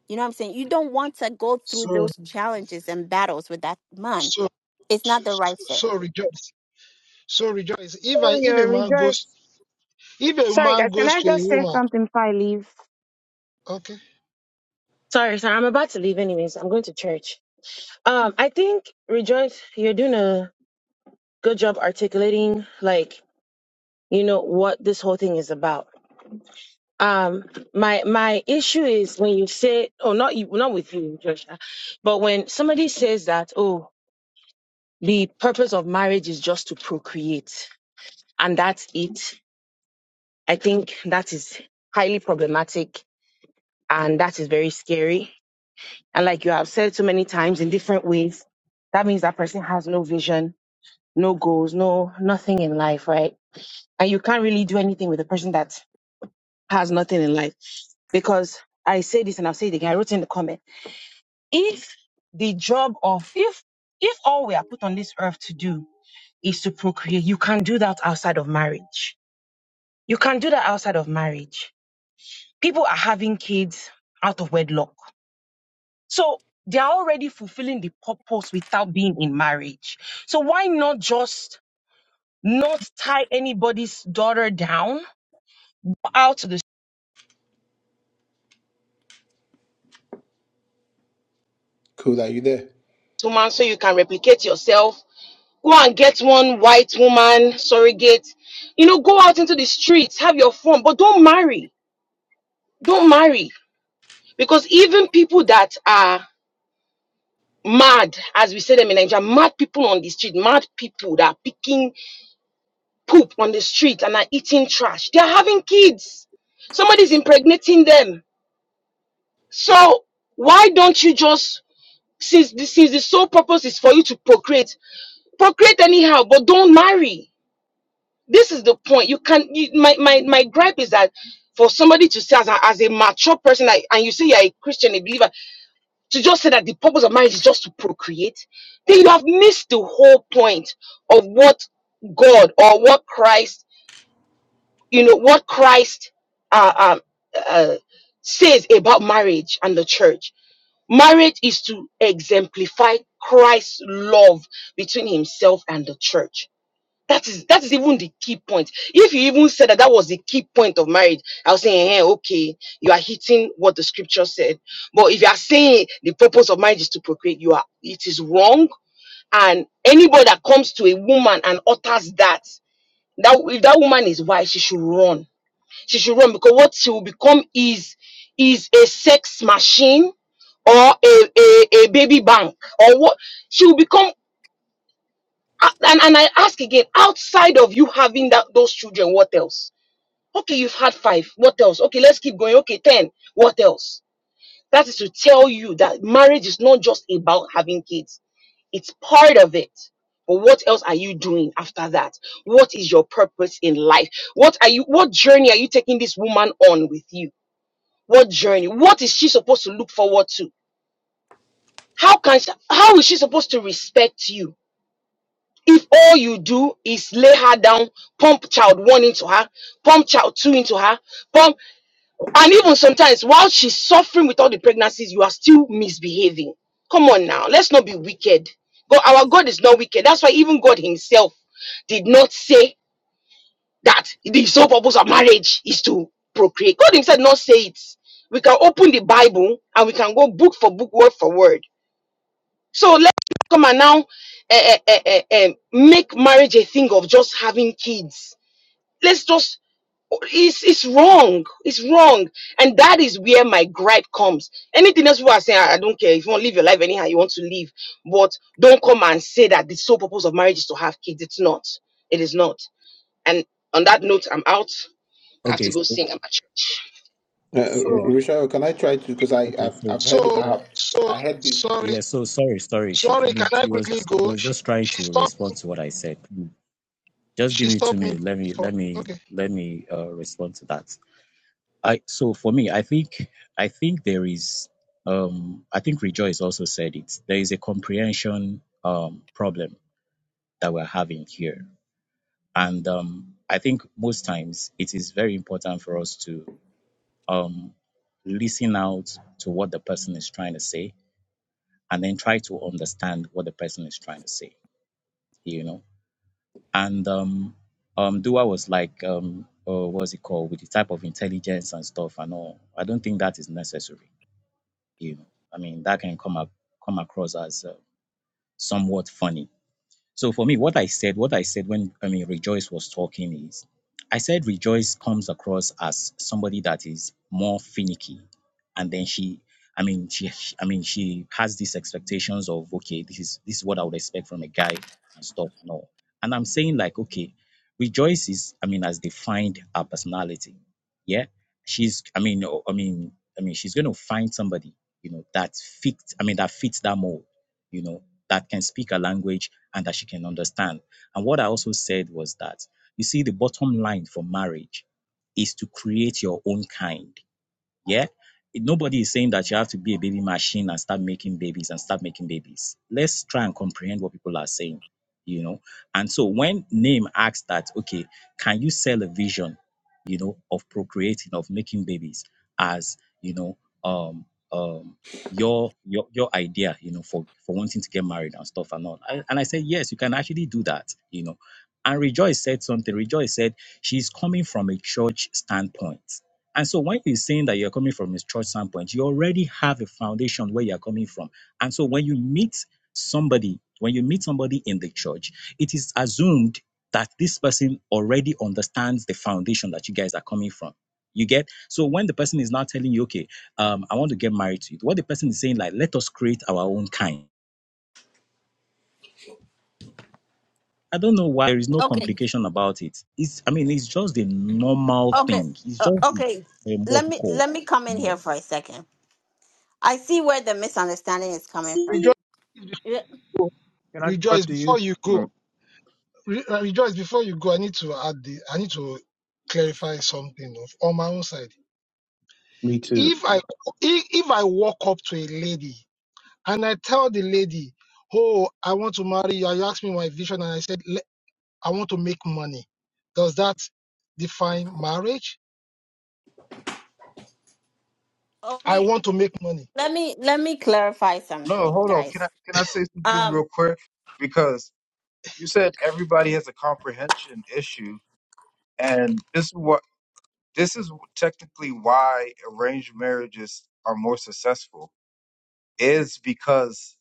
You know what I'm saying? You don't want to go through so those challenges and battles with that man. so It's not so, the right fit. so rejoice. So rejoice. If I Sorry, you if a man rejoice. goes if a Sorry, man guys. Can goes I to a just say woman, something before I leave? okay. Sorry, sorry. I'm about to leave anyways. I'm going to church. Um, I think rejoice. You're doing a good job articulating, like you know what this whole thing is about. Um, my my issue is when you say, oh, not you, not with you, Joshua, but when somebody says that, oh. the purpose of marriage is just to procreate, and that's it. I think that is highly problematic and that is very scary. And like you have said so many times in different ways, that means that person has no vision, no goals, no nothing in life, right? And you can't really do anything with a person that has nothing in life. Because I say this and I'll say it again, I wrote in the comment. If the job of if if all we are put on this earth to do is to procreate, you can do that outside of marriage You can do that outside of marriage. People are having kids out of wedlock. So they are already fulfilling the purpose without being in marriage. So why not just not tie anybody's daughter down out to the Cool. Are you there? woman so you can replicate yourself? Go and get one white woman surrogate. You know, go out into the streets, have your fun, but don't marry. Don't marry. Because even people that are mad, as we say them in Nigeria, mad people on the street, mad people that are picking poop on the street and are eating trash. They are having kids. Somebody's impregnating them. So why don't you just, since the, since the sole purpose is for you to procreate, procreate anyhow, but don't marry. This is the point. You can. You, my my my gripe is that for somebody to say as a, as a mature person, like, and you say you're a Christian, a believer, to just say that the purpose of marriage is just to procreate, then you have missed the whole point of what God or what Christ, you know, what Christ uh, um, uh, says about marriage and the church. Marriage is to exemplify Christ's love between himself and the church that is that is even the key point. If you even said that that was the key point of marriage, I was saying, hey, okay, you are hitting what the scripture said. But if you are saying the purpose of marriage is to procreate, you are it is wrong. And anybody that comes to a woman and utters that, that if that woman is wise, she should run. She should run because what she will become is is a sex machine or a, a, a baby bank or what she will become a- And, and I ask again, outside of you having that those children, what else? Okay, you've had five. What else? Okay, let's keep going. Okay, ten. What else? That is to tell you that marriage is not just about having kids. It's part of it. But what else are you doing after that? What is your purpose in life? What are you what journey are you taking this woman on with you? What journey? What is she supposed to look forward to? How can she, how is she supposed to respect you? If all you do is lay her down, pump child one into her, pump child two into her, pump, and even sometimes while she's suffering with all the pregnancies, you are still misbehaving. Come on now, let's not be wicked. God, our God is not wicked. That's why even God Himself did not say that the sole purpose of marriage is to procreate. God Himself did not say it. We can open the Bible and we can go book for book, word for word so let's not come and now eh, eh, eh, eh, eh, make marriage a thing of just having kids. Let's just it's it's wrong. It's wrong. And that is where my gripe comes. Anything else people are saying, I I don't care. If you want to live your life anyhow, you want to live. But don't come and say that the sole purpose of marriage is to have kids. It's not. It is not. And on that note, I'm out. I have Okay, to go so sing. I'm at church. Uh, uh, So. yeah, Richard, can I try to? Because I, okay, I've, so, I've heard, So, so I've, so I heard this. sorry, yeah, so sorry, sorry. She, I sorry. Can mean, I she quickly was go? was She, just trying she to stopped. respond to what I said. Mm. Just give She me two stopped me. minutes. Let me, For let me, okay, let me uh, respond to that. I so for me, I think I think there is um I think Rejoice also said it. There is a comprehension um problem that we're having here. And um I think most times it is very important for us to um listen out to what the person is trying to say and then try to understand what the person is trying to say, you know. And um um Dua was like um uh, what's it called with the type of intelligence and stuff and all. I don't think that is necessary you know i mean that can come up come across as uh, somewhat funny so for me, what I said, what I said when I mean Rejoice was talking is, I said Rejoice comes across as somebody that is more finicky, and then she, I mean she, she- I mean she has these expectations of okay, this is this is what I would expect from a guy and stuff and all. And I'm saying like okay, Rejoice is I mean has defined her personality, yeah. She's I mean o- I mean I mean she's going to find somebody you know that fits I mean that fits that mold you know, that can speak a language and that she can understand. And what I also said was that, you see, the bottom line for marriage is to create your own kind. Yeah. Nobody is saying that you have to be a baby machine and start making babies and start making babies. Let's try and comprehend what people are saying, you know. And so when Name asks that, okay, can you sell a vision, you know, of procreating, of making babies as, you know, um, um, your your your idea, you know, for for wanting to get married and stuff and all. I, and I said, yes, you can actually do that, you know. And Rejoice said something. Rejoice said she's coming from a church standpoint and so when you're saying that you're coming from a church standpoint, you already have a foundation where you're coming from. And so when you meet somebody, when you meet somebody in the church, it is assumed that this person already understands the foundation that you guys are coming from. You get so when the person is now telling you, okay, um, I want to get married to you, what the person is saying, like, let us create our own kind. I don't know why there is no Okay. complication about it. It's, I mean, it's just a normal Okay. thing. It's just Uh, a, okay. a Let what you me call. let me come in no, here for a second. I see where the misunderstanding is coming See, from. rejoice, Yeah, Can I rejoice corrupt you? before you go. No, Re, uh, rejoice before you go. I need to add the. I need to clarify something of, on my own side. Me too. If I if, if I walk up to a lady and I tell the lady, "Oh, I want to marry you," you asked me my vision, and I said, "Le- "I want to make money." Does that define marriage? oh, Let I me want to make money let me let me clarify No, something, hold on. Can I guys. can I say something Um. real quick? Because you said everybody has a comprehension issue, and this is what this is technically why arranged marriages are more successful is because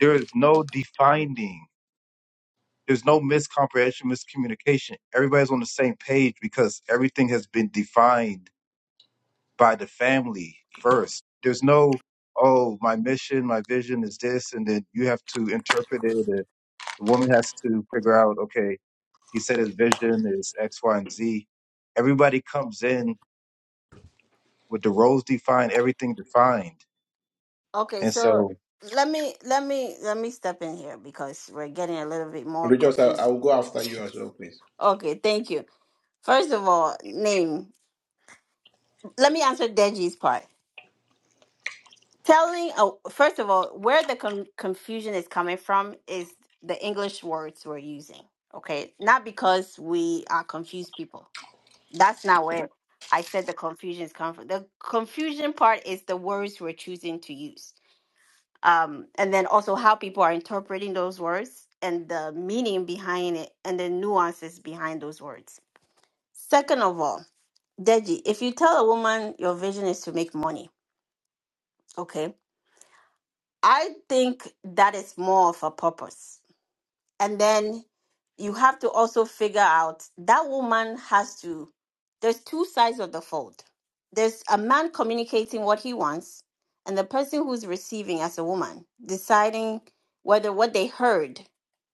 there is no defining, there's no miscomprehension, miscommunication. Everybody's on the same page because everything has been defined by the family first. There's no oh my mission, my vision is this, and then you have to interpret it The woman has to figure out, okay, he said his vision is X, Y, and Z. Everybody comes in with the roles defined, everything defined. Okay. And So so let me let me let me step in here because we're getting a little bit more Richard, I, confusing. I'll go after you as well, please. Okay. Thank you. First of all, name. Let me answer Deji's part. telling oh, first of all where the con- confusion is coming from is the english words we're using okay not because we are confused people that's not where i said the confusion is coming from the confusion part is the words we're choosing to use um, and then also how people are interpreting those words and the meaning behind it and the nuances behind those words second of all deji if you tell a woman your vision is to make money okay I think that is more of a purpose. And then you have to also figure out that woman has to, there's two sides of the fold. There's a man communicating what he wants, and the person who's receiving as a woman deciding whether what they heard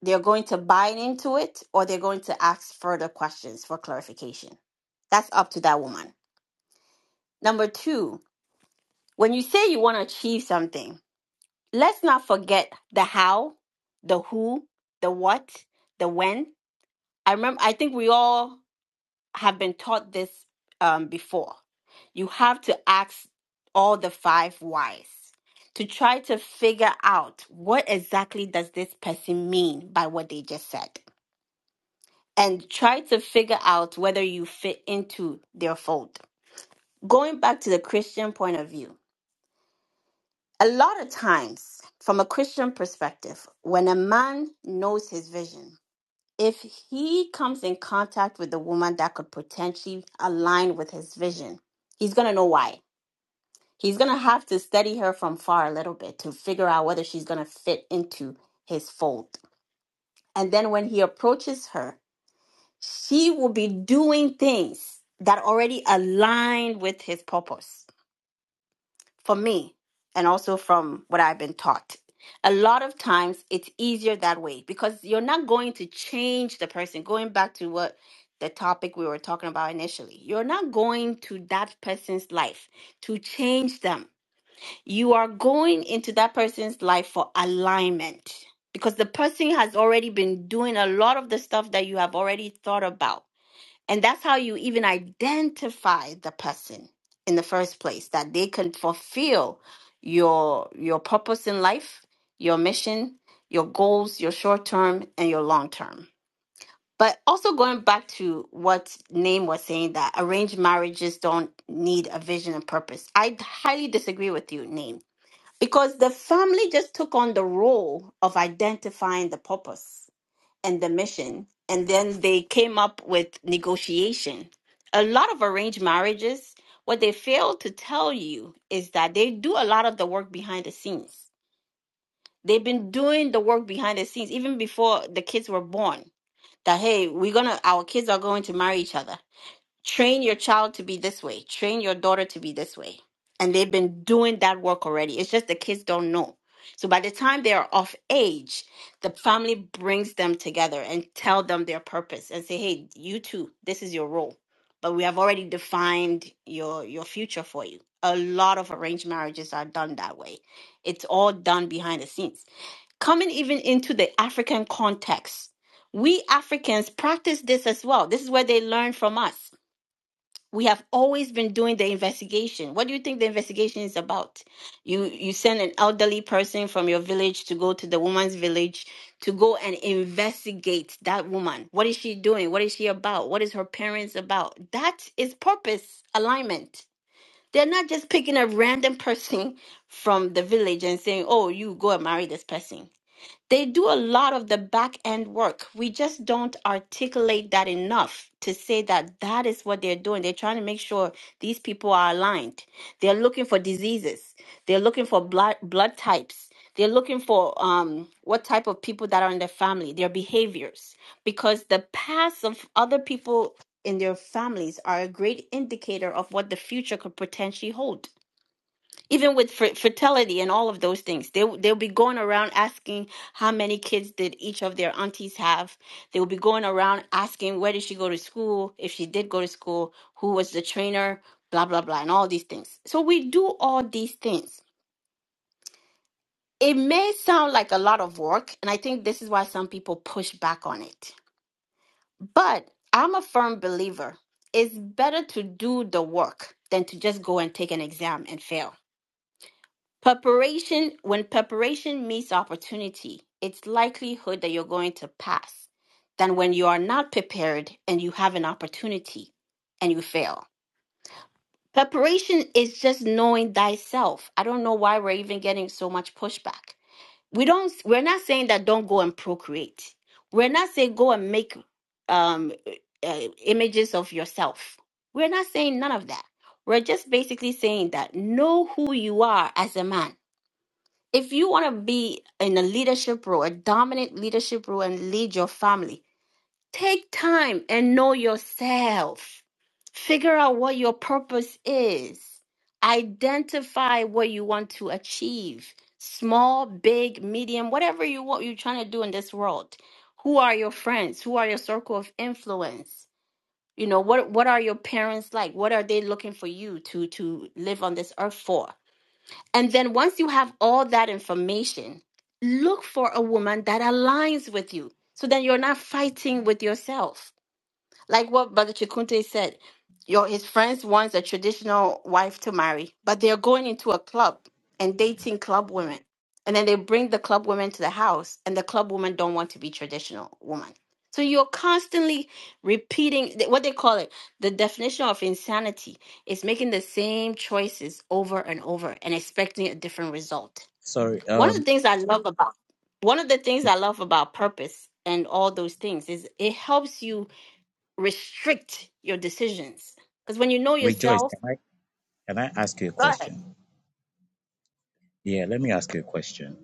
they're going to buy into it or they're going to ask further questions for clarification. That's up to that woman. Number two, when you say you want to achieve something, let's not forget the how, the who, the what, the when. I remember I think we all have been taught this um, before. You have to ask all the five whys to try to figure out what exactly does this person mean by what they just said and try to figure out whether you fit into their fold. Going back to the Christian point of view, A lot of times, from a Christian perspective, when a man knows his vision, if he comes in contact with a woman that could potentially align with his vision, he's going to know why. He's going to have to study her from far a little bit to figure out whether she's going to fit into his fold. And then when he approaches her, she will be doing things that already align with his purpose for me and also from what I've been taught. A lot of times it's easier that way because you're not going to change the person. Going back to what the topic we were talking about initially, you're not going to that person's life to change them. You are going into that person's life for alignment because the person has already been doing a lot of the stuff that you have already thought about and that's how you even identify the person in the first place that they can fulfill your your purpose in life, your mission, your goals, your short term and your long term. But also going back to what Name was saying that arranged marriages don't need a vision and purpose. I highly disagree with you, Name, because the family just took on the role of identifying the purpose and the mission. And then they came up with negotiation. A lot of arranged marriages, what they fail to tell you is that they do a lot of the work behind the scenes. They've been doing the work behind the scenes even before the kids were born. That hey, we're gonna our kids are going to marry each other train your child to be this way train your daughter to be this way and they've been doing that work already it's just the kids don't know so by the time they are of age the family brings them together and tell them their purpose and say hey you two this is your role but we have already defined your your future for you a lot of arranged marriages are done that way it's all done behind the scenes coming even into the african context we africans practice this as well this is where they learn from us we have always been doing the investigation. What do you think the investigation is about? You you send an elderly person from your village to go to the woman's village to go and investigate that woman. What is she doing? What is she about? What is her parents about? That is purpose alignment. They're not just picking a random person from the village and saying, "Oh, you go and marry this person." They do a lot of the back end work. We just don't articulate that enough to say that that is what they're doing. They're trying to make sure these people are aligned. They're looking for diseases. They're looking for blood blood types. They're looking for um, what type of people that are in their family, their behaviors, because the past of other people in their families are a great indicator of what the future could potentially hold even with fer- fertility and all of those things they w- they'll be going around asking how many kids did each of their aunties have they will be going around asking where did she go to school if she did go to school who was the trainer blah blah blah and all these things so we do all these things it may sound like a lot of work and i think this is why some people push back on it but i'm a firm believer it's better to do the work than to just go and take an exam and fail Preparation, when preparation meets opportunity, it's likelihood that you're going to pass than when you are not prepared and you have an opportunity and you fail. Preparation is just knowing thyself. I don't know why we're even getting so much pushback. We don't we're not saying that don't go and procreate. We're not saying go and make um uh, images of yourself. We're not saying none of that. We're just basically saying that know who you are as a man if you want to be in a leadership role, a dominant leadership role, and lead your family, take time and know yourself. Figure out what your purpose is. Identify what you want to achieve small, big, medium, whatever you want, you're trying to do in this world. Who are your friends? Who are your circle of influence? You know, what, what are your parents like? What are they looking for you to, to live on this earth for? And then once you have all that information, look for a woman that aligns with you. So then you're not fighting with yourself like what Brother Chikunte said, your his friends wants a traditional wife to marry, but they're going into a club and dating club women. And then they bring the club women to the house, and the club women don't want to be traditional woman. So you're constantly repeating th- what they call it. The definition of insanity is making the same choices over and over and expecting a different result. Sorry. One Um, of the things I love about one of the things I love about purpose and all those things is it helps you restrict your decisions. Because when you know Rejoice, yourself, can I can I ask you a go ahead. question? Yeah, let me ask you a question.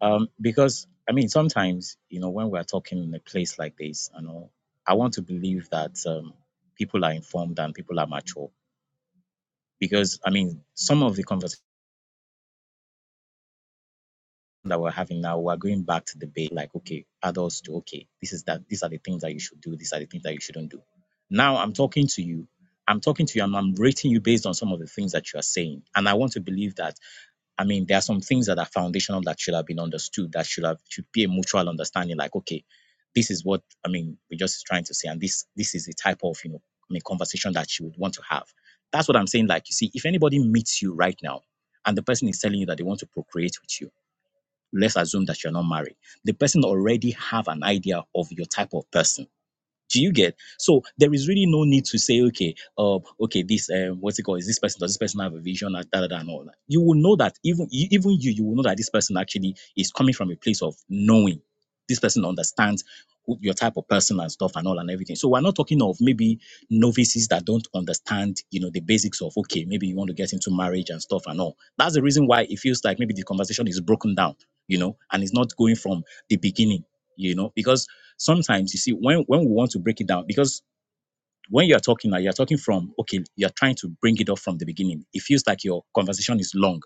Um, because I mean, sometimes you know when we are talking in a place like this, you know, I want to believe that um, people are informed and people are mature. Because I mean, some of the conversations that we're having now, we're going back to the debate like, okay, adults to okay, this is that these are the things that you should do, these are the things that you shouldn't do. Now I'm talking to you, I'm talking to you, and I'm rating you based on some of the things that you are saying, and I want to believe that I mean, there are some things that are foundational that should have been understood, that should have should be a mutual understanding, like, okay, this is what I mean, we're just trying to say, and this this is the type of, you know, I mean, conversation that you would want to have. That's what I'm saying. Like, you see, if anybody meets you right now and the person is telling you that they want to procreate with you, let's assume that you're not married. The person already have an idea of your type of person do you get? So there is really no need to say, okay, uh, okay, this um, what's it called? Is this person does this person have a vision and da da da and all that? You will know that even you- even you, you will know that this person actually is coming from a place of knowing. This person understands who, your type of person and stuff and all and everything. So we're not talking of maybe novices that don't understand, you know, the basics of okay, maybe you want to get into marriage and stuff and all. That's the reason why it feels like maybe the conversation is broken down, you know, and it's not going from the beginning you know because sometimes you see when when we want to break it down because when you're talking now you're talking from okay you're trying to bring it up from the beginning it feels like your conversation is long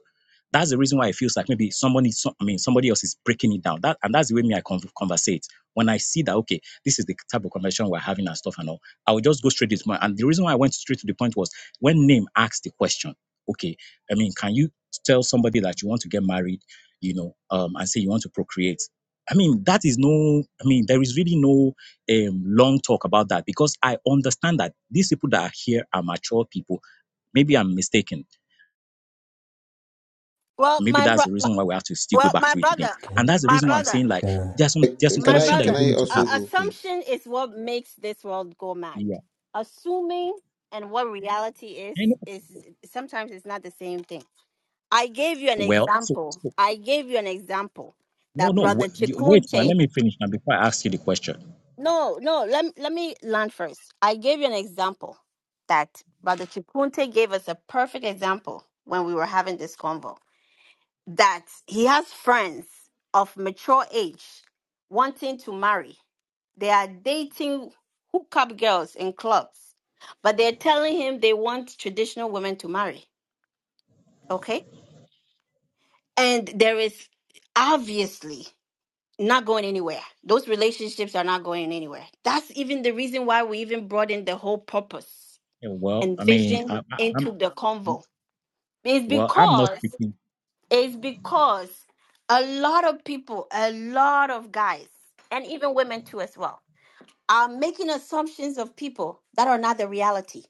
that's the reason why it feels like maybe somebody so- i mean somebody else is breaking it down that and that's the way me i con- conversate when i see that okay this is the type of conversation we're having and stuff and all i will just go straight to my and the reason why i went straight to the point was when name asked the question okay i mean can you tell somebody that you want to get married you know um and say you want to procreate i mean that is no i mean there is really no um, long talk about that because I understand that these people that are here are mature people. Maybe I'm mistaken. Well, Maybe my that's bro- the my- reason why we have to still go well, back my to it again. brother, Okay. And that's the my reason why I'm brother, saying like okay. there's some Uh, there's some my Can I, conversation that you can brother. don't I need to Uh, also have. go, please? assumption is what makes this world go mad. Yeah. Assuming and what reality is I know. is sometimes it's not the same thing. I gave you an Well, so, example. so I gave you an example no, that no. brother Wait, wait now. Chikunche Let me finish now before I ask you the question. No, no, let, let me land first. I gave you an example that Brother Chikunte gave us a perfect example when we were having this convo that he has friends of mature age wanting to marry. They are dating hookup girls in clubs, but they're telling him they want traditional women to marry. Okay. And there is obviously not going anywhere. Those relationships are not going anywhere. That's even the reason why we even brought in the whole purpose Yeah, Well, and I mean, I, vision I, into I'm the convo. It's well, I'm not because speaking. it's because a lot of people, a lot of guys, and even women too as well, are making assumptions of people that are not the reality.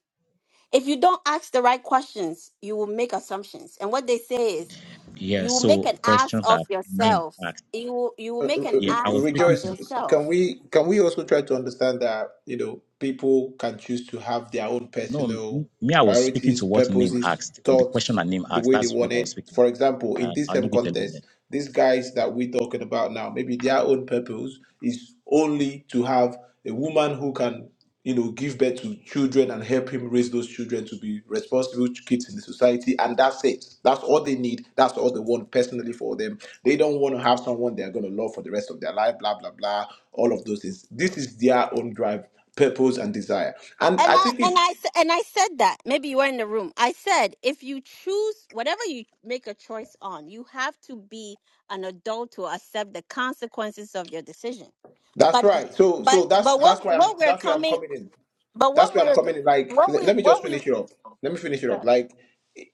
If you don't ask the right questions, you will make assumptions. And what they say is Yeah. you will So make an ass question of that name yourself. asked. You will, you will uh, make uh, an Yeah, uh, I ass was of speaking to rejoice the yourself can we can we also try to understand that you know people can choose to have their own no personal m- me. I was speaking priorities to what name purposes asked, or the question thoughts that name the asked. way they That's want what I was it speaking. for example in and this I'll same leave it alone then. contest, these guys that we're talking about now maybe their own purpose is only to have a woman who can you know, give birth to children and help him raise those children to be responsible kids in the society. And that's it. That's all they need. That's all they want personally for them. They don't want to have someone they're going to love for the rest of their life, blah, blah, blah, all of those things. This is their own drive, purpose, and desire. And And I I think and it's I s- and I said that maybe you were in the room. I said if you choose whatever you make a choice on, you have to be an adult to accept the consequences of your decision. that's But right. So but so that's but that's what why I'm what we're that's where I'm coming coming in. but That's what where I'm we're coming. in, Like, le- let me just finish it up. Let me finish it up. Like,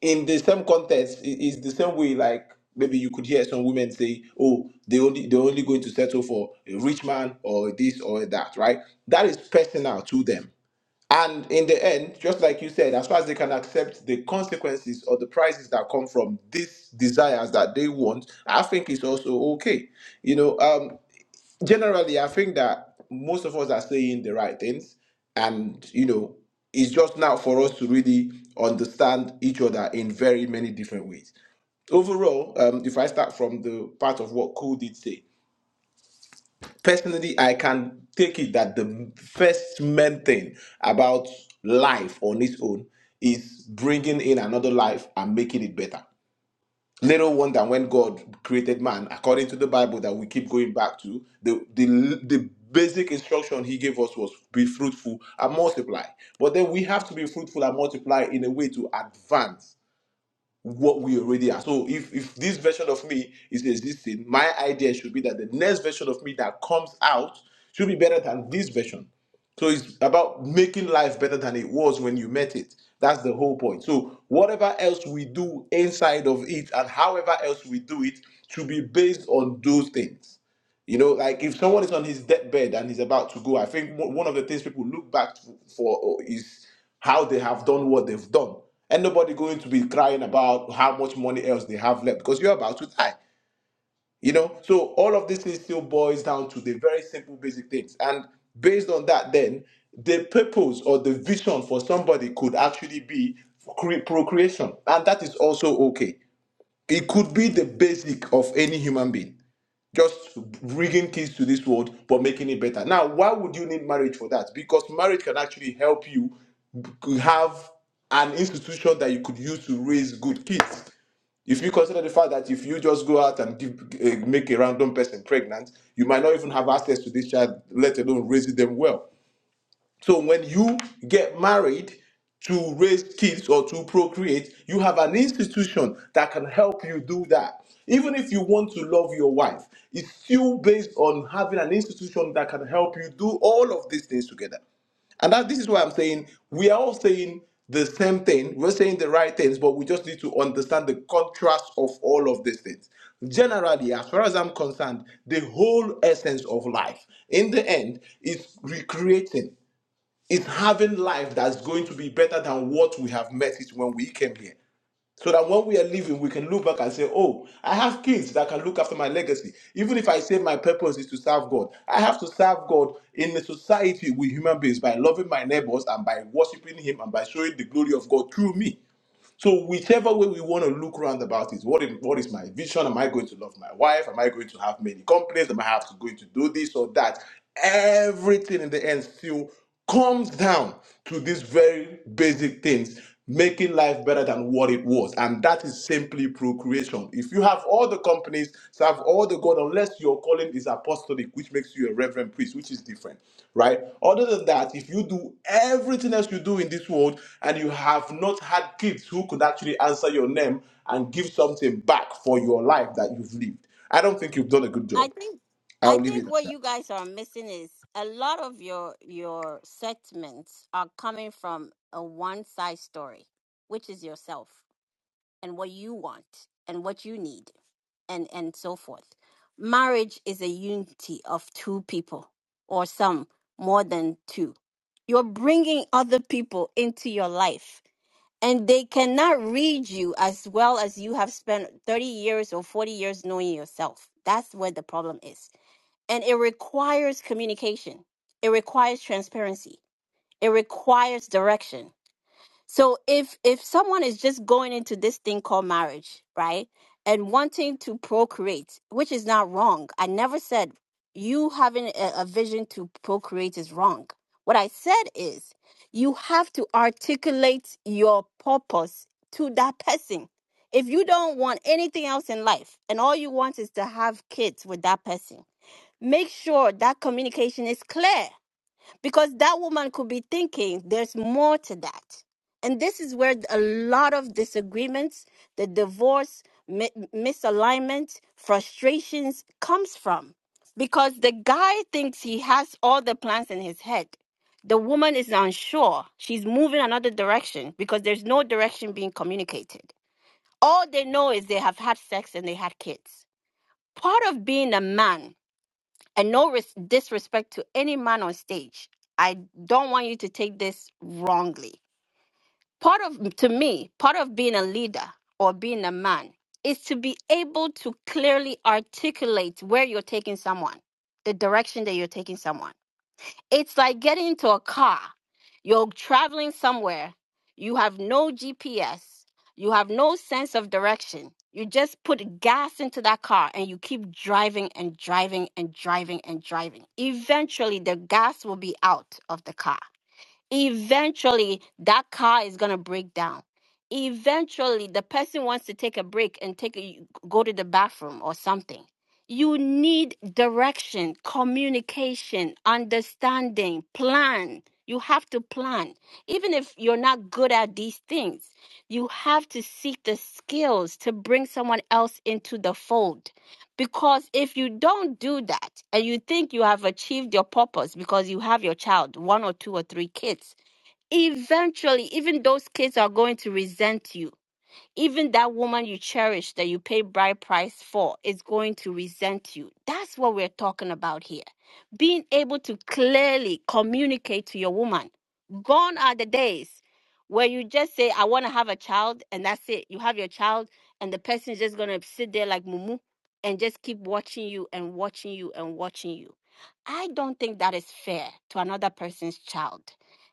in the same context, it- it's the same way. Like, maybe you could hear some women say, "Oh, they only they're only going to settle for a rich man or this or that." Right? That is personal to them. And in the end, just like you said, as far as they can accept the consequences or the prices that come from these desires that they want, I think it's also okay. You know, um, generally, I think that most of us are saying the right things, and you know, it's just now for us to really understand each other in very many different ways. Overall, um, if I start from the part of what Cole did say, personally, I can take it that the first main thing about life on its own is bringing in another life and making it better Little wonder when God created man, according to the Bible that we keep going back to, the, the, the basic instruction he gave us was be fruitful and multiply. But then we have to be fruitful and multiply in a way to advance what we already are. So if if this version of me is existing, my idea should be that the next version of me that comes out should be better than this version. So it's about making life better than it was when you met it. That's the whole point. So whatever else we do inside of it and however else we do it should be based on those things. You know, like if someone is on his deathbed and he's about to go, I think one one of the things people look back to- for uh, is how they have done what they've done. And nobody going to be crying about how much money else they have left because you're about to die. You know, so all of this things still boils down to the very simple, basic things. And based on that, then the purpose or the vision for somebody could actually be cre- procreation, and that is also okay. It could be the basic of any human being just bringing kids to this world but making it better now why would you need marriage for that because marriage can actually help you b- have an institution that you could use to raise good kids if you consider the fact that if you just go out and give, uh, make a random person pregnant you might not even have access to this child let alone raising them well so when you get married to raise kids or to procreate, you have an institution that can help you do that. Even if you want to love your wife, it's still based on having an institution that can help you do all of these things together. And that this is why I'm saying we are all saying the same thing. We're saying the right things, but we just need to understand the contrast of all of these things. Generally, as far as I'm concerned, the whole essence of life in the end is recreating is having life that's going to be better than what we have met it when we came here. So that when we are leaving, we can look back and say, Oh, I have kids that can look after my legacy. Even if I say my purpose is to serve God, I have to serve God in a society with human beings by loving my neighbors and by worshiping Him and by showing the glory of God through me. So whichever way we want to look round about is what is what is my vision? Am I going to love my wife? Am I going to have many complaints? Am I have to going to do this or that? Everything in the end still comes down to these very basic things, making life better than what it was. And that is simply procreation. If you have all the companies, serve all the God, unless your calling is apostolic, which makes you a reverend priest, which is different, right? Other than that, if you do everything else you do in this world and you have not had kids who could actually answer your name and give something back for your life that you've lived, I don't think you've done a good I job. think I I'll leave it think at what you that. guys are missing is a lot of your your segments are coming from a one side story, which is yourself. and what you want and what you need and and so forth marriage is a unity of two people or some more than two you're bringing other people into your life and they cannot read you as well as you have spent 30 years or 40 years knowing yourself that's where the problem is and it requires communication it requires transparency it requires direction so if if someone is just going into this thing called marriage, right? And wanting to procreate, which is not wrong. I never said you having a, a vision to procreate is wrong. What I said is you have to articulate your purpose to that person. If you don't want anything else in life and all you want is to have kids with that person, make sure that communication is clear because that woman could be thinking there's more to that and this is where a lot of disagreements the divorce mi- misalignment frustrations comes from because the guy thinks he has all the plans in his head the woman is unsure she's moving another direction because there's no direction being communicated all they know is they have had sex and they had kids part of being a man and no res- disrespect to any man on stage. I don't want you to take this wrongly. Part of, to me, part of being a leader or being a man is to be able to clearly articulate where you're taking someone, the direction that you're taking someone. It's like getting into a car. You're traveling somewhere. You have no GPS. You have no sense of direction. You just put gas into that car and you keep driving and driving and driving and driving. Eventually, the gas will be out of the car eventually that car is going to break down eventually the person wants to take a break and take a go to the bathroom or something you need direction communication understanding plan you have to plan even if you're not good at these things you have to seek the skills to bring someone else into the fold because if you don't do that and you think you have achieved your purpose because you have your child one or two or three kids eventually even those kids are going to resent you even that woman you cherish that you pay bride price for is going to resent you. That's what we're talking about here. Being able to clearly communicate to your woman. Gone are the days where you just say, I want to have a child, and that's it. You have your child, and the person is just going to sit there like Mumu and just keep watching you and watching you and watching you. I don't think that is fair to another person's child.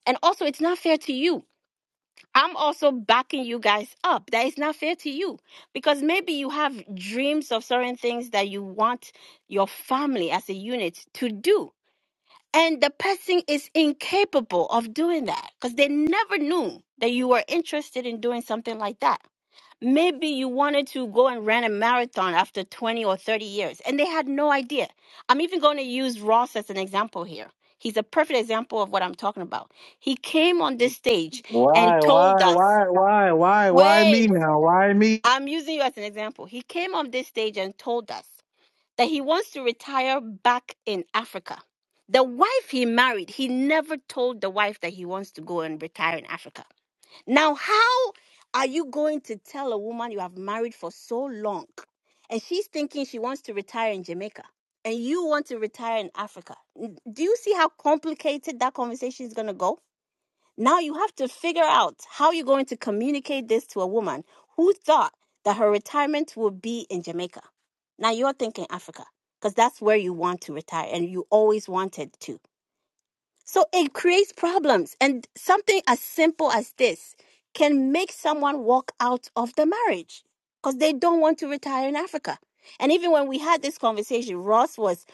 And also, it's not fair to you I'm also backing you guys up. That is not fair to you because maybe you have dreams of certain things that you want your family as a unit to do. And the person is incapable of doing that because they never knew that you were interested in doing something like that. Maybe you wanted to go and run a marathon after 20 or 30 years and they had no idea. I'm even going to use Ross as an example here. He's a perfect example of what I'm talking about. He came on this stage and Why, told why, us why, why, why, why Wait, me now? Why me? I'm using you as an example. He came on this stage and told us that he wants to retire back in Africa. The wife he married, he never told the wife that he wants to go and retire in Africa. Now, how are you going to tell a woman you have married for so long and she's thinking she wants to retire in Jamaica and you want to retire in Africa? N- Do you see how complicated that conversation is going to go? Now you have to figure out how you're going to communicate this to a woman who thought that her retirement would be in Jamaica. Now you're thinking Africa because that's where you want to retire and you always wanted to. So it creates problems. And something as simple as this can make someone walk out of the marriage because they don't want to retire in Africa. And even when we had this conversation, Ross was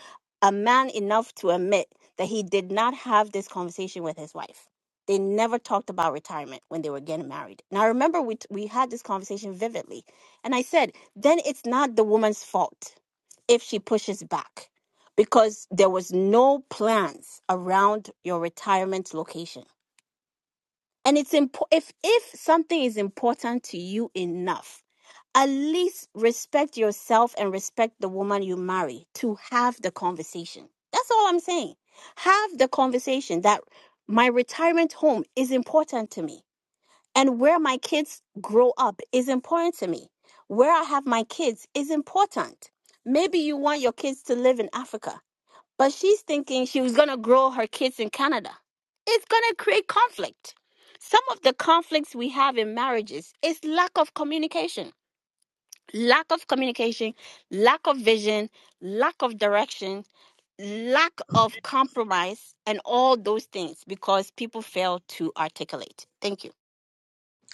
a man enough to admit that he did not have this conversation with his wife. They never talked about retirement when they were getting married. And I remember we, t- we had this conversation vividly. And I said, then it's not the woman's fault if she pushes back because there was no plans around your retirement location. And it's impo- if if something is important to you enough, at least respect yourself and respect the woman you marry to have the conversation. That's all I'm saying. Have the conversation that my retirement home is important to me and where my kids grow up is important to me. Where I have my kids is important. Maybe you want your kids to live in Africa but she's thinking she was going to grow her kids in Canada. It's going to create conflict. Some of the conflicts we have in marriages is lack of communication, lack of communication, lack of vision, lack of direction, lack of compromise, and all those things because people fail to articulate. Thank you.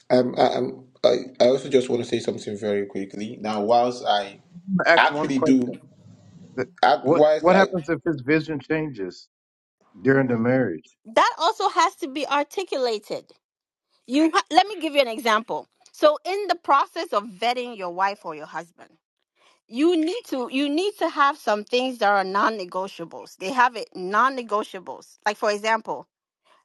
Um, I, um, I, I also just want to say something very quickly. Now, whilst I I'm gonna ask one actually do, question. The- I, What whilst what I happens if his vision changes during the marriage? That also has to be articulated. You ha- let me give you an example. So in the process of vetting your wife or your husband, you need to you need to have some things that are non-negotiables they have it non-negotiables like for example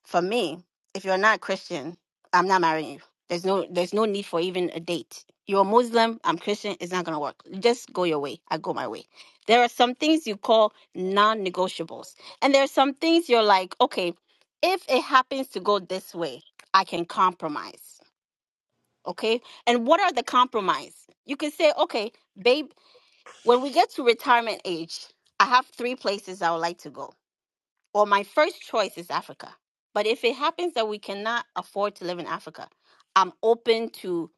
for me if you're not christian i'm not marrying you there's no there's no need for even a date you're a muslim i'm christian it's not gonna work just go your way i go my way there are some things you call non-negotiables and there are some things you're like okay if it happens to go this way i can compromise okay and what are the compromise you can say okay babe when we get to retirement age, I have three places I would like to go. Well, my first choice is Africa. But if it happens that we cannot afford to live in Africa, I'm open to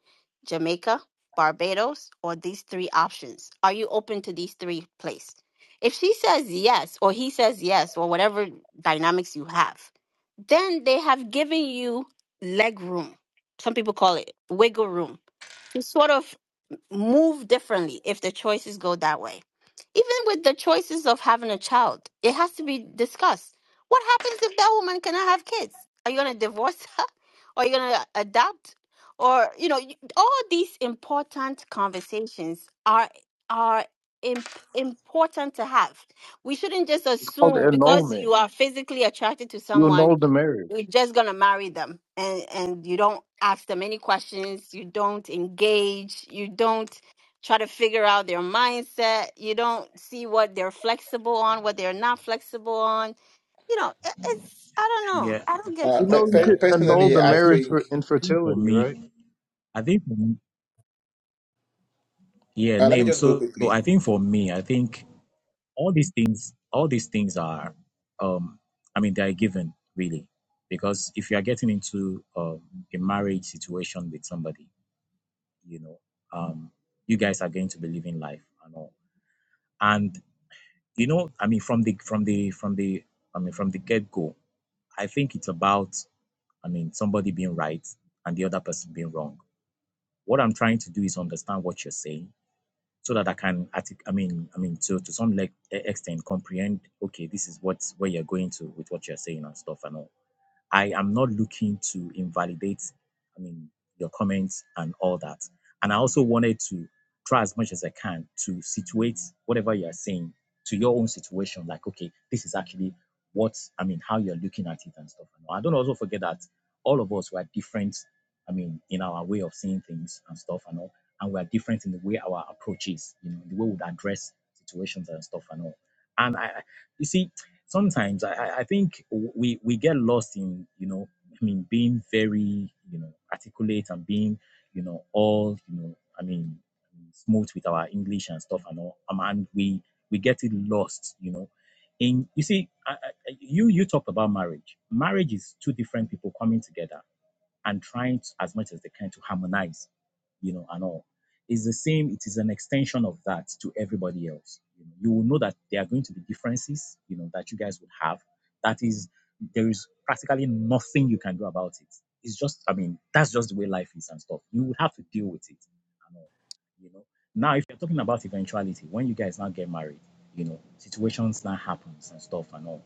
Jamaica, Barbados, or these three options. Are you open to these three places? If she says yes, or he says yes, or whatever dynamics you have, then they have given you leg room. Some people call it wiggle room to sort of move differently if the choices go that way. Even with the choices of having a child, it has to be discussed. What happens if that woman cannot have kids? Are you going to divorce her? Or are you going to adopt? Or, you know, you- all these important conversations are are imp- important to have. We shouldn't just It's called assume because annulment. you are physically attracted to You someone annul the you're marriage. just gonna marry them and and you don't ask them any questions you don't engage you don't try to figure out their mindset you don't see what they're flexible on what they're not flexible on you know i- it's i don't know Yeah. i don't get you uh, You know pe- guys you Yeah, I could pe- annul personally, mean, the I I think, marriage I for think. think for infertility, right? me, I think for me, yeah, Uh, let me name. just go So, so quickly. I think for me, I think all these things, all these things are, um, I mean, they are given really, because if you are getting into um, a marriage situation with somebody, you know, um, you guys are going to be living life and all, and you know, I mean, from the from the from the, I mean, from the get go, I think it's about, I mean, somebody being right and the other person being wrong What I'm trying to do is understand what you're saying so that I can, artic- I mean, I mean, to, to some like, extent comprehend, okay, this is what's where you're going to with what you're saying and stuff and all. I am not looking to invalidate, I mean, your comments and all that. And I also wanted to try as much as I can to situate whatever you are saying to your own situation. Like, okay, this is actually what I mean, how you're looking at it and stuff. I don't also forget that all of us were different, I mean, in our way of seeing things and stuff and all. And we are different in the way our approach is, you know, the way we would address situations and stuff and all. And I, I- you see, sometimes I, I think we we get lost in you know I mean being very you know articulate and being you know all you know I mean smooth with our English and stuff and all um, and we we get it lost you know in you see I, I, you you talked about marriage marriage is two different people coming together and trying to, as much as they can to harmonize, you know, and all. It's the same. It is an extension of that to everybody else. You, know, you will know that there are going to be differences, you know, that you guys would have. That is, there is practically nothing you can do about it. It's just, I mean, that's just the way life is and stuff. You would have to deal with it and all, you know. Now, if you're talking about eventuality, when you guys now get married, you know, situations now happens and stuff and all.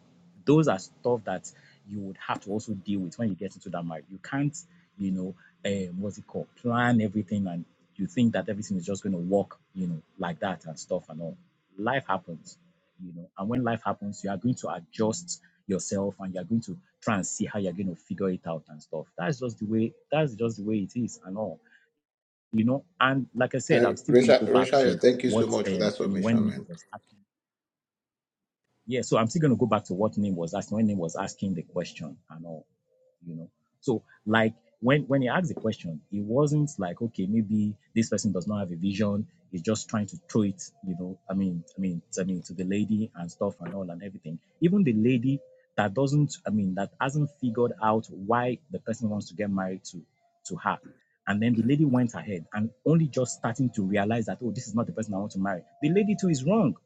Those are stuff that you would have to also deal with when you get into that marriage. You can't you know, um, what's it called, plan everything, and you think that everything is just going to work, you know, like that and stuff and all. Life happens, you know, and when life happens, you are going to adjust yourself and you're going to try and see how you're going to figure it out and stuff. That's just the way. That's just the way it is and all, you know. And like I said, Uh, I'm still going to go Risha, back Risha, to thank you so what much for that um, I mean when submission, name man. was asking. Yeah, so I'm still going to go back to what name was asking when name was asking the question and all you know. So like when when he asked the question, it wasn't like okay, maybe this person does not have a vision. He's just trying to throw it, you know. I mean, I mean, I mean, to the lady and stuff and all and everything. Even the lady that doesn't, I mean, that hasn't figured out why the person wants to get married to, to her. And then the lady went ahead and only just starting to realize that, oh, this is not the person I want to marry. The lady too is wrong.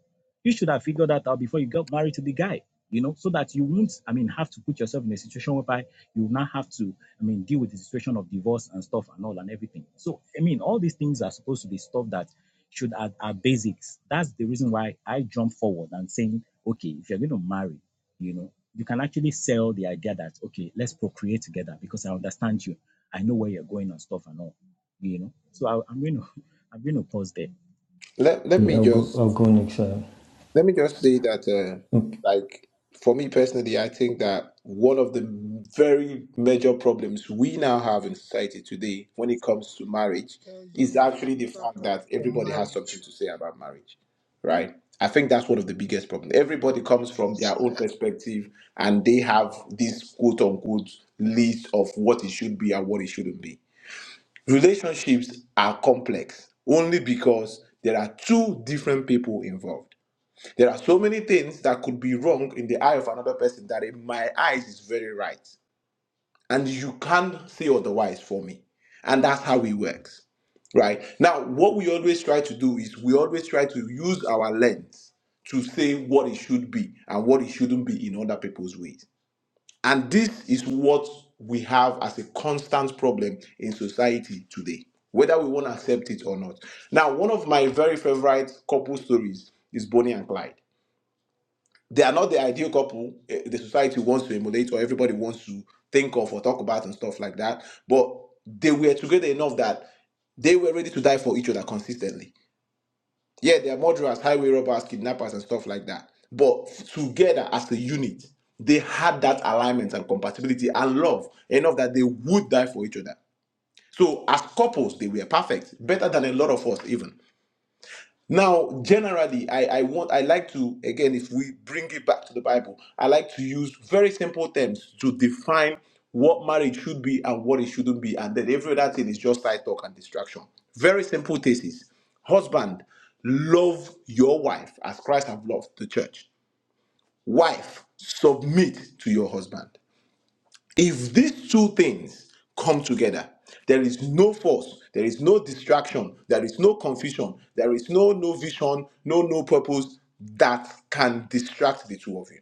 You should have figured that out before you got married to the guy, you know, so that you won't, I mean, have to put yourself in a situation whereby you will not have to, I mean, deal with the situation of divorce and stuff and all and everything. So, I mean, all these things are supposed to be stuff that should are, are basics. That's the reason why I jump forward and saying, okay, if you're going to marry, you know you can actually sell the idea that okay let's procreate together because i understand you i know where you're going and stuff and all you know so I, i'm going to i'm going to pause there Let Let Yeah, me I'll go. just I'll go next. Uh, let me just say that, uh, okay, like for me personally, I think that one of the very major problems we now have in society today, when it comes to marriage, tell you is that Uh-huh. actually the after fact pop that for everybody has marriage. something to say about marriage, right? I think that's one of the biggest problems. Everybody comes from their own perspective, and they have this quote unquote list of what it should be and what it shouldn't be Relationships are complex only because there are two different people involved. There are so many things that could be wrong in the eye of another person that in my eyes is very right. And you can't say otherwise for me. And that's how it works. Right? Now, what we always try to do is we always try to use our lens to say what it should be and what it shouldn't be in other people's ways. And this is what we have as a constant problem in society today, whether we want to accept it or not. Now, one of my very favorite couple stories is Bonnie and Clyde. They are not the ideal couple eh, the society wants to emulate or everybody wants to think of or talk about and stuff like that, but they were together enough that they were ready to die for each other consistently yeah, they are murderers, highway robbers, kidnappers, and stuff like that. But together as a unit, they had that alignment and compatibility and love enough that they would die for each other. So as couples, they were perfect, better than a lot of us even. Now, generally, I, I want I like to again, if we bring it back to the Bible, I like to use very simple terms to define what marriage should be and what it shouldn't be, and then every other thing is just side talk and distraction. Very simple thesis. Husband, love your wife as Christ have loved the church. Wife, submit to your husband. If these two things come together, there is no force, there is no distraction, there is no confusion, there is no no vision, no no purpose that can distract the two of you.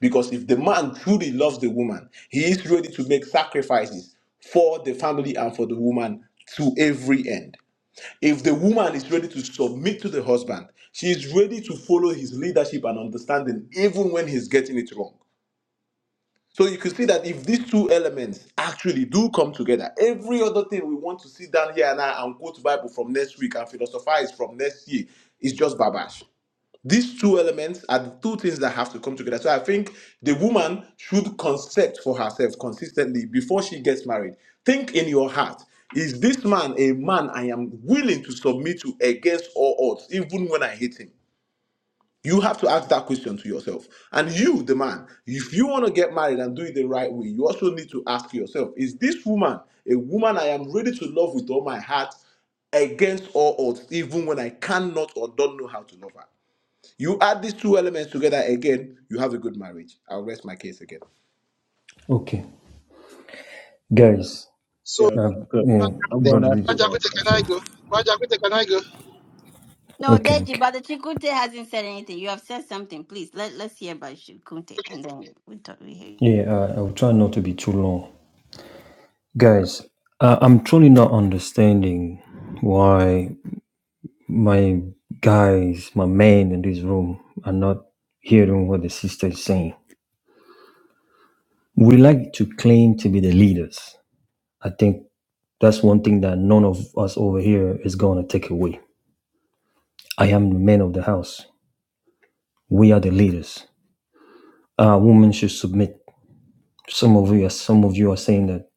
Because if the man truly loves the woman, he is ready to make sacrifices for the family and for the woman to every end. If the woman is ready to submit to the husband, she is ready to follow his leadership and understanding even when he's getting it wrong. So you can see that if these two elements actually do come together, every other thing we want to sit down here and, I and quote Bible from next week and philosophize from next year is just babash. These two elements are the two things that have to come together. So I think the woman should concept for herself consistently before she gets married. Think in your heart. Is this man a man I am willing to submit to against all odds, even when I hate him? You have to ask that question to yourself. And you, the man, if you want to get married and do it the right way, you also need to ask yourself Is this woman a woman I am ready to love with all my heart against all odds, even when I cannot or don't know how to love her? You add these two elements together again, you have a good marriage. I'll rest my case again. okay, guys. So Yeah, Uh, I'm good. yeah, Brother I'm going brother. after DG. that. can Okay. I go? Brother can I go? no Okay, deji okay. but the chikunte hasn't said anything you have said something please let, let's hear about chikunte Okay. and then we talk we hear you Yeah, uh, I'll try not to be too long, guys. Uh, I'm truly not understanding why my guys, my men in this room, are not hearing what the sister is saying. We like to claim to be the leaders. I think That's one thing that none of us over here is going to take away. I am the man of the house. We are the leaders. Uh, women should submit. Some of you, are, some of you are saying that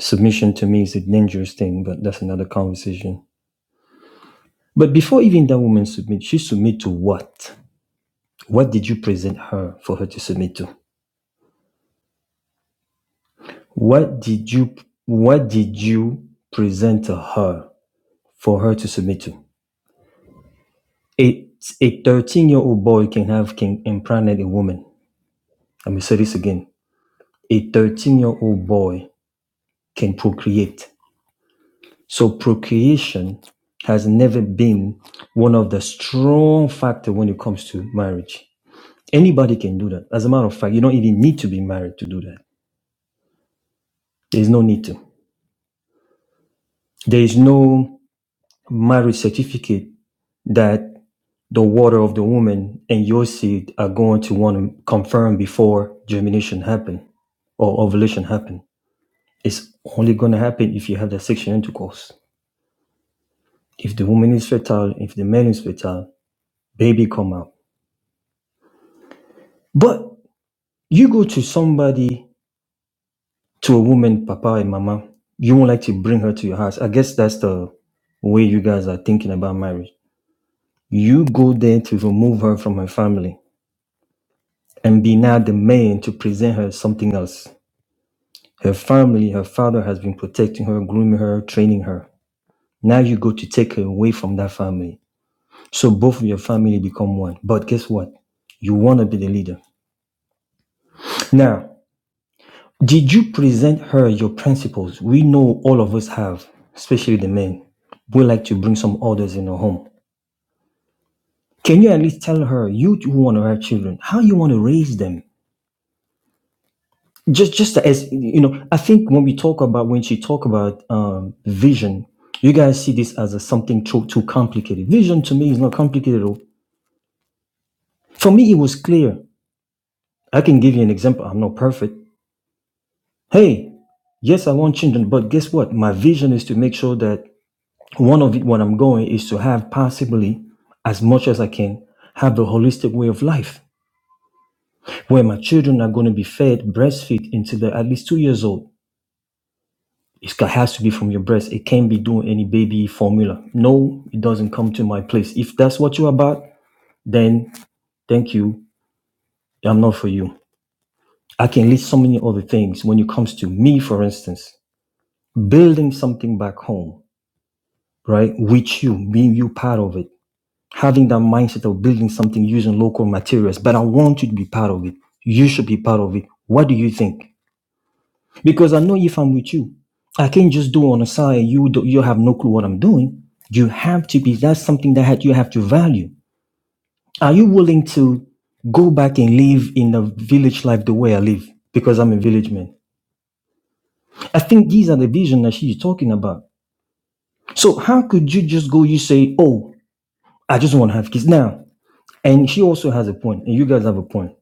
submission to me is a dangerous thing, but that's another conversation. But before even that woman submit, she submit to what? What did you present her for her to submit to? What did you What did you present to her for her to submit to? A a 13 year old boy can have can impregnate a woman. Let me say this again A 13-year-old boy can procreate. So procreation has never been one of the strong factor when it comes to marriage. Anybody can do that. As a matter of fact, you don't even need to be married to do that. There's no need to. There is no marriage certificate that the water of the woman and your seed are going to want to confirm before germination happen or ovulation happen. It's only going to happen if you have the sexual intercourse. If the woman is fertile, if the man is fertile, baby come out. But you go to somebody, to a woman, papa and mama, you won't like to bring her to your house. I guess that's the way you guys are thinking about marriage. You go there to remove her from her family and be now the man to present her something else. Her family, her father has been protecting her, grooming her, training her. Now you go to take her away from that family. So both of your family become one. But guess what? You want to be the leader. Now, Did you present her your principles? We know all of us have, especially the men. We like to bring some orders in our home. Can you at least tell her you who want to have children, how you want to raise them? Just, just as you know, I think when we talk about when she talk about um, vision, you guys see this as a something too too complicated. Vision to me is not complicated at all. For me, it was clear. I can give you an example. I'm not perfect. Hey, yes, I want children, but guess what? My vision is to make sure that one of it, what I'm going is to have possibly as much as I can have the holistic way of life where my children are going to be fed breastfeed until they're at least two years old. It has to be from your breast. It can't be doing any baby formula. No, it doesn't come to my place. If that's what you're about, then thank you. I'm not for you. I can list so many other things when it comes to me, for instance, building something back home, right? With you, being you part of it having that mindset of building something using local materials, but I want you to be part of it. You should be part of it. What do you think? Because I know if I'm with you, I can't just do on the side. You do, you have no clue what I'm doing. You have to be. That's something that you have to value. Are you willing to go back and live in the village life the way I live? Because I'm a village man. I think these are the vision that she's talking about. So how could you just go? You say, "Oh, I just want to have kids now," and she also has a point, and you guys have a point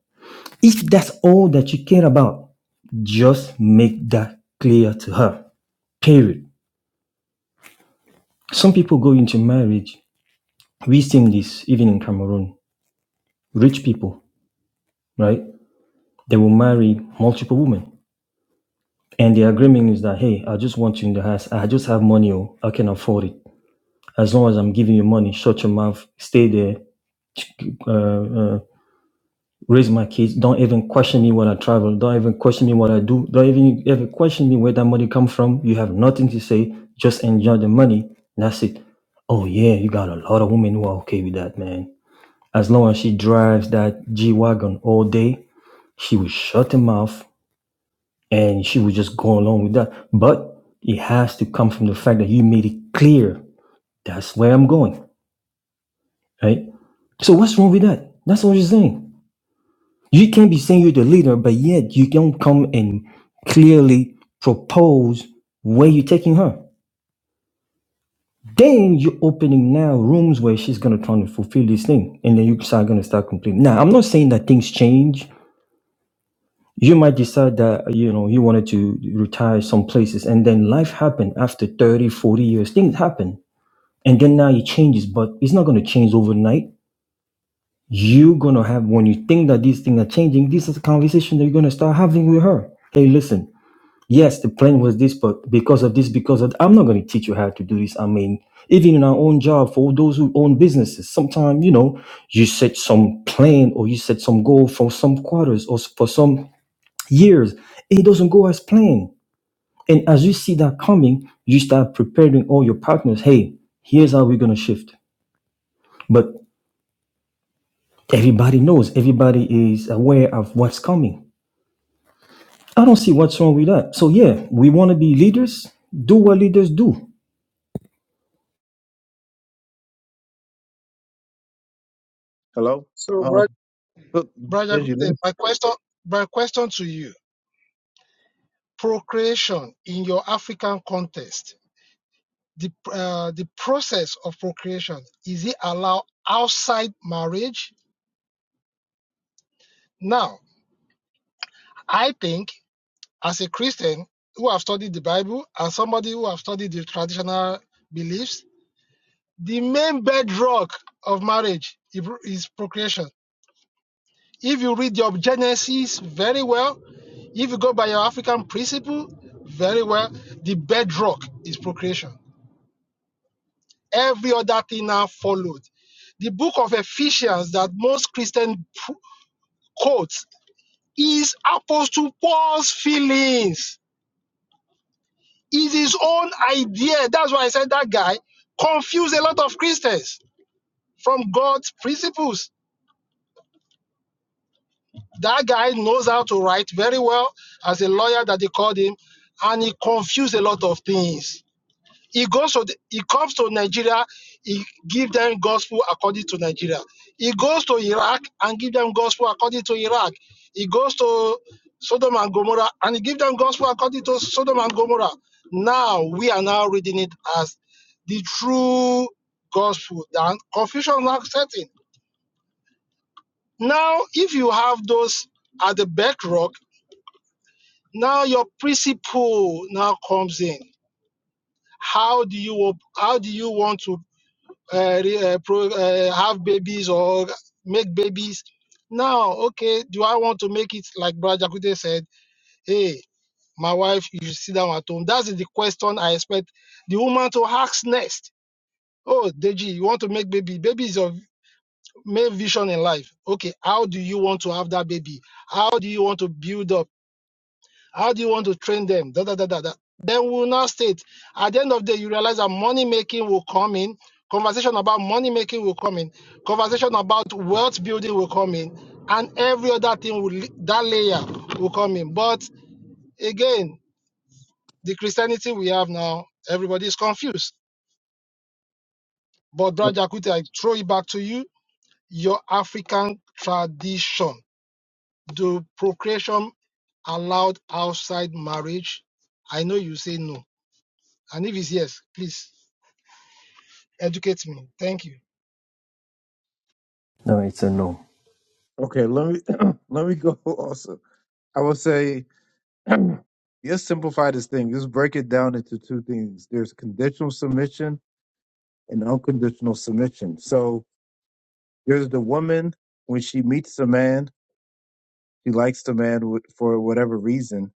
If that's all that you care about, just make that clear to her. Period. Some people go into marriage. We've seen this even in Cameroon. Rich people, right? They will marry multiple women. And the agreement is that, hey, I just want you in the house. I just have money. Oh, I can afford it. As long as I'm giving you money, shut your mouth, stay there, uh, uh, raise my kids. Don't even question me when I travel. Don't even question me what I do. Don't even ever question me where that money come from. You have nothing to say. Just enjoy the money. And that's it. Oh yeah, you got a lot of women who are okay with that, man. As long as she drives that G wagon all day, she would shut her mouth and she would just go along with that. But it has to come from the fact that you made it clear that's where I'm going, right? So what's wrong with that? That's what you're saying. You can be saying you're the leader, but yet you don't come and clearly propose where you're taking her. Then you're opening now rooms where she's gonna try to fulfill this thing, and then you start gonna start complaining. Now, I'm not saying that things change. You might decide that you know you wanted to retire some places, and then life happened after 30, 40 years. Things happen, and then now it changes, but it's not gonna change overnight. You're gonna have when you think that these things are changing. This is a conversation that you're gonna start having with her. Hey, listen. yes, the plan was this, but because of this, because of I'm not going to teach you how to do this. I mean, even in our own job, for those who own businesses, sometimes you know you set some plan or you set some goal for some quarters or for some years, and it doesn't go as planned. And as you see that coming, you start preparing all your partners. Hey, here's how we're going to shift. But everybody knows, everybody is aware of what's coming. I don't see what's wrong with that. So yeah, we want to be leaders. Do what leaders do. Hello? Um look, Brother Digi, let me my question my question to you. Procreation in your African context, the uh, the process of procreation, is it allowed outside marriage? Now, I think as a Christian who have studied the Bible and somebody who have studied the traditional beliefs, the main bedrock of marriage is procreation If you read your Genesis very well, if you go by your African principle very well, the bedrock is procreation. Every other thing now followed. The book of Ephesians that most Christian pr- quotes is Apostle Paul's feelings. Is his own idea. That's why I said that guy confused a lot of Christians from God's principles. That guy knows how to write very well as a lawyer that they called him, and he confused a lot of things. He goes to the, he comes to Nigeria, he give them gospel according to Nigeria. He goes to Iraq and give them gospel according to Iraq. He goes to Sodom and Gomorrah and he give them gospel according to Sodom and Gomorrah. Now we are now reading it as the true gospel. Then confusion now setting. Now, if you have those at the bedrock Now your principle now comes in. How do you how do you want to uh, re- uh, pro- uh, have babies or make babies? Now, okay, do I want to make it like Brother Jakute said? Hey, my wife, you should sit down at home. That's the question I expect the woman to ask next. Oh, Deji, you want to make baby? Baby is your main vision in life. Okay, how do you want to have that baby? How do you want to build up? How do you want to train them? Da, da, da, da, da. Then we will now state. At the end of the day, you realize that money making will come in. Conversation about money making will come in. Conversation about wealth building will come in. And every other thing will that layer will come in. But again, the Christianity we have now, everybody is confused. But Brother Jakuti, I throw it back to you. Your African tradition. Do procreation allowed outside marriage? I know you say no. And if it's yes, please educate me. Thank you. No, it's a no. okay, let me let me go also. I would say Let's simplify this thing. Let's break it down into two things. There's conditional submission and unconditional submission. So there's the woman when she meets a man, she likes the man wh- for whatever reason.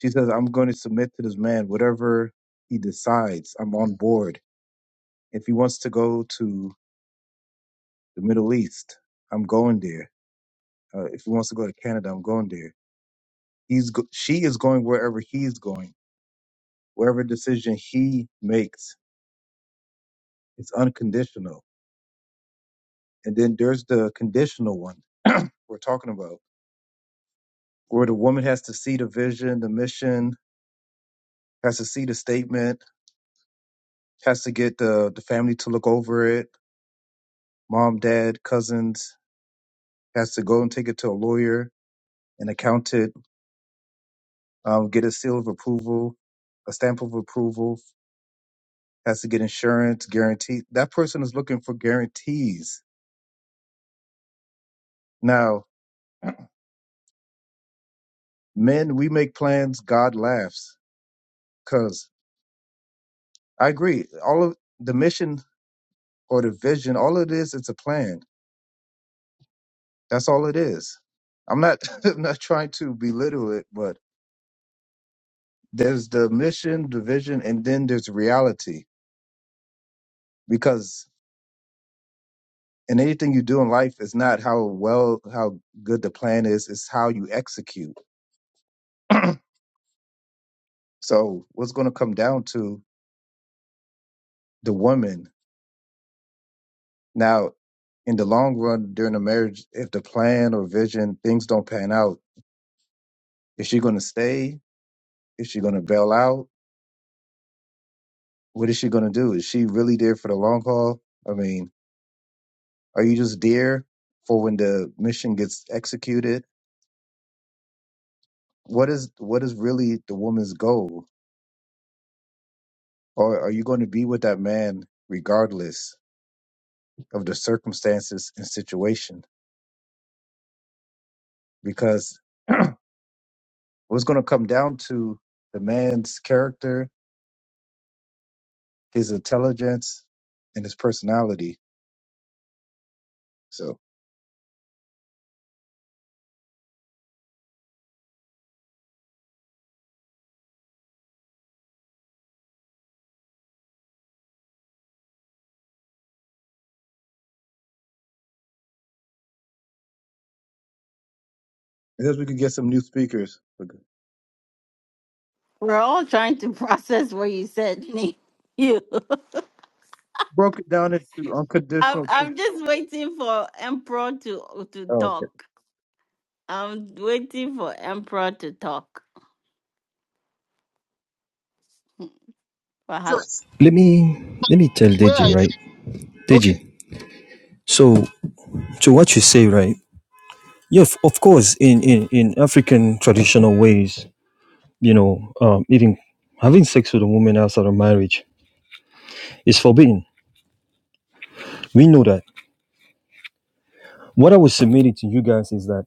She says, "I'm going to submit to this man, whatever he decides. I'm on board. If he wants to go to the Middle East, I'm going there. Uh, if he wants to go to Canada, I'm going there. He's go- she is going wherever he's going. Wherever decision he makes, it's unconditional." And then there's the conditional one we're talking about, where the woman has to see the vision, the mission, has to see the statement, has to get the, the family to look over it, mom, dad, cousins, has to go and take it to a lawyer, an accountant, um, get a seal of approval, a stamp of approval, has to get insurance, guarantee. That person is looking for guarantees. Now, men, we make plans, God laughs. Because I agree, all of the mission or the vision, all it is, it's a plan. That's all it is. I'm not I'm not trying to belittle it, but there's the mission, the vision, and then there's reality. Because in anything you do in life, it's not how well how good the plan is, it's how you execute. So what's going to come down to the woman now in the long run during the marriage, if the plan or vision things don't pan out, is she going to stay? Is she going to bail out? what is she going to do? Is she really there for the long haul? I mean, are you just there for when the mission gets executed? What is what is really the woman's goal? Or are you going to be with that man regardless of the circumstances and situation? Because what's going to come down to the man's character, his intelligence, and his personality. So I guess we could get some new speakers. we're all trying to process what you said Nick. you Broke it down into I'm unconditional. Oh, I'm just waiting for Emperor to to okay. talk. I'm waiting for Emperor to talk. For how long? Joyce, let me let me tell where are Deji, you? right? Okay. Deji. So to what you say, right? Yeah, of, of course, in, in, in African traditional ways, you know, um, even having sex with a woman outside of marriage is forbidden. We know that. What I was submitting to you guys is that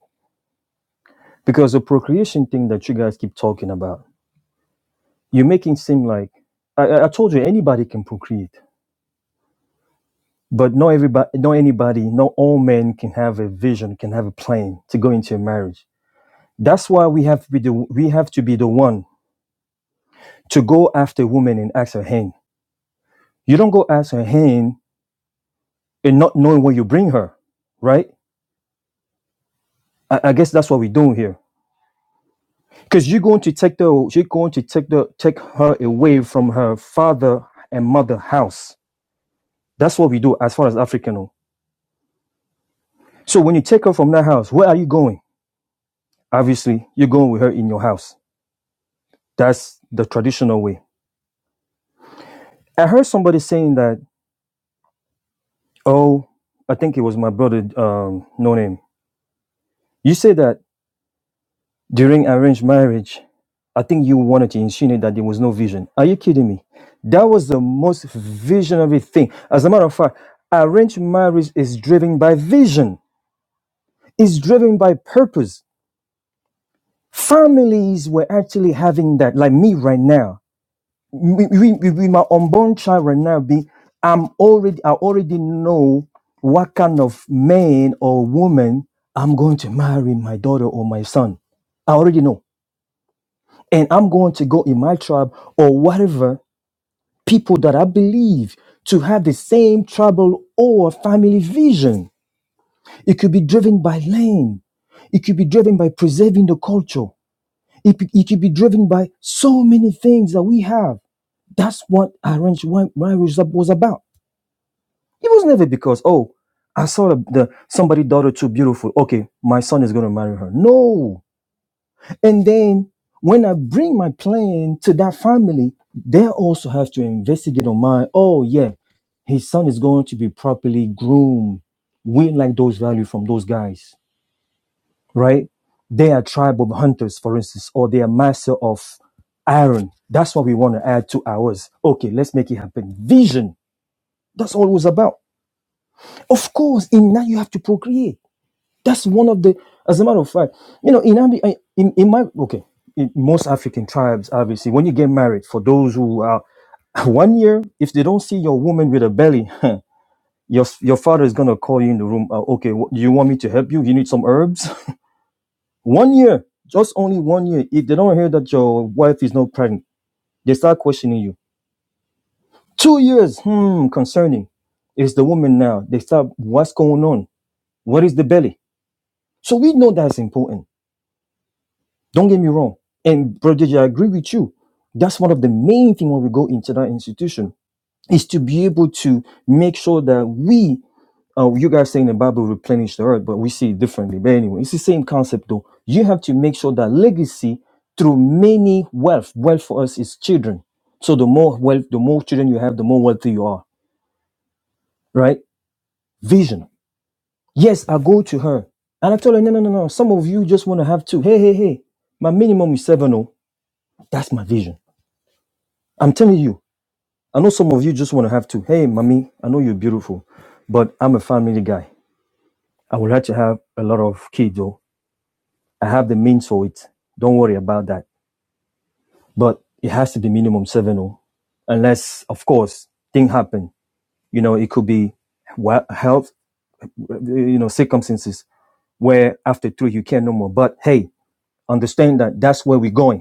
because the procreation thing that you guys keep talking about, you're making seem like I, I I told you anybody can procreate, but not everybody, not anybody, not all men can have a vision, can have a plan to go into a marriage That's why we have to be the, we have to be the one to go after a woman and ask her hand. You don't go ask her hand and not knowing where you bring her, right? I, I guess that's what we're doing here. Because you're going to take the you're going to take the take her away from her father and mother house. That's what we do as far as African. So when you take her from that house, where are you going? Obviously, you're going with her in your house. That's the traditional way. I heard somebody saying that, oh, I think it was my brother, um, no name. You say that during arranged marriage, I think you wanted to insinuate that there was no vision. Are you kidding me? That was the most visionary thing. As a matter of fact, arranged marriage is driven by vision, it's driven by purpose. Families were actually having that, like me right now. With with- with my unborn child right now, be I'm already I already know what kind of man or woman I'm going to marry my daughter or my son. I already know. and I'm going to go in my tribe or whatever people that I believe to have the same tribal or family vision. It could be driven by land. It could be driven by preserving the culture. It, could- it could be driven by so many things that we have. That's what arranged wi- marriage was about. It was never because, oh, I saw the, the somebody daughter too beautiful. Okay, my son is going to marry her. No, And then when I bring my plan to that family, they also have to investigate on my, oh, yeah, his son is going to be properly groomed. We like those values from those guys, right? They are tribe of hunters, for instance, or they are master of iron. That's what we want to add to ours. Okay, let's make it happen. Vision. That's all it was about. Of course, in that you have to procreate. That's one of the, as a matter of fact, you know, in Abi, I- in, in my okay, in most African tribes, obviously, when you get married, for those who are one year, if they don't see your woman with a belly, your your father is gonna call you in the room. Uh, okay, wh- do you want me to help you? You need some herbs. one year, just only one year. If they don't hear that your wife is not pregnant, they start questioning you. Two years, hmm, concerning. Is the woman now? They start. What's going on? What is the belly? So we know that's important Don't get me wrong. And Brother Deji, I agree with you. That's one of the main thing when we go into that institution is to be able to make sure that we, uh, you guys saying the Bible replenish the earth, but we see it differently. But anyway, it's the same concept though. You have to make sure that legacy through many wealth. Wealth for us is children. So the more wealth, the more children you have, the more wealthy you are. Right? Vision. Yes, I go to her. And I told her, no, no, no, no. Some of you just want to have two. Hey, hey, hey. My minimum is seven. Oh, that's my vision. I'm telling you, I know some of you just want to have to, hey, mommy, I know you're beautiful, but I'm a family guy. I would like to have a lot of kids, though. I have the means for it. Don't worry about that. But it has to be minimum seven, oh, unless, of course, thing happen. You know, it could be wa- health, you know, circumstances where after three you can not no more. But hey, understand that that's where we're going.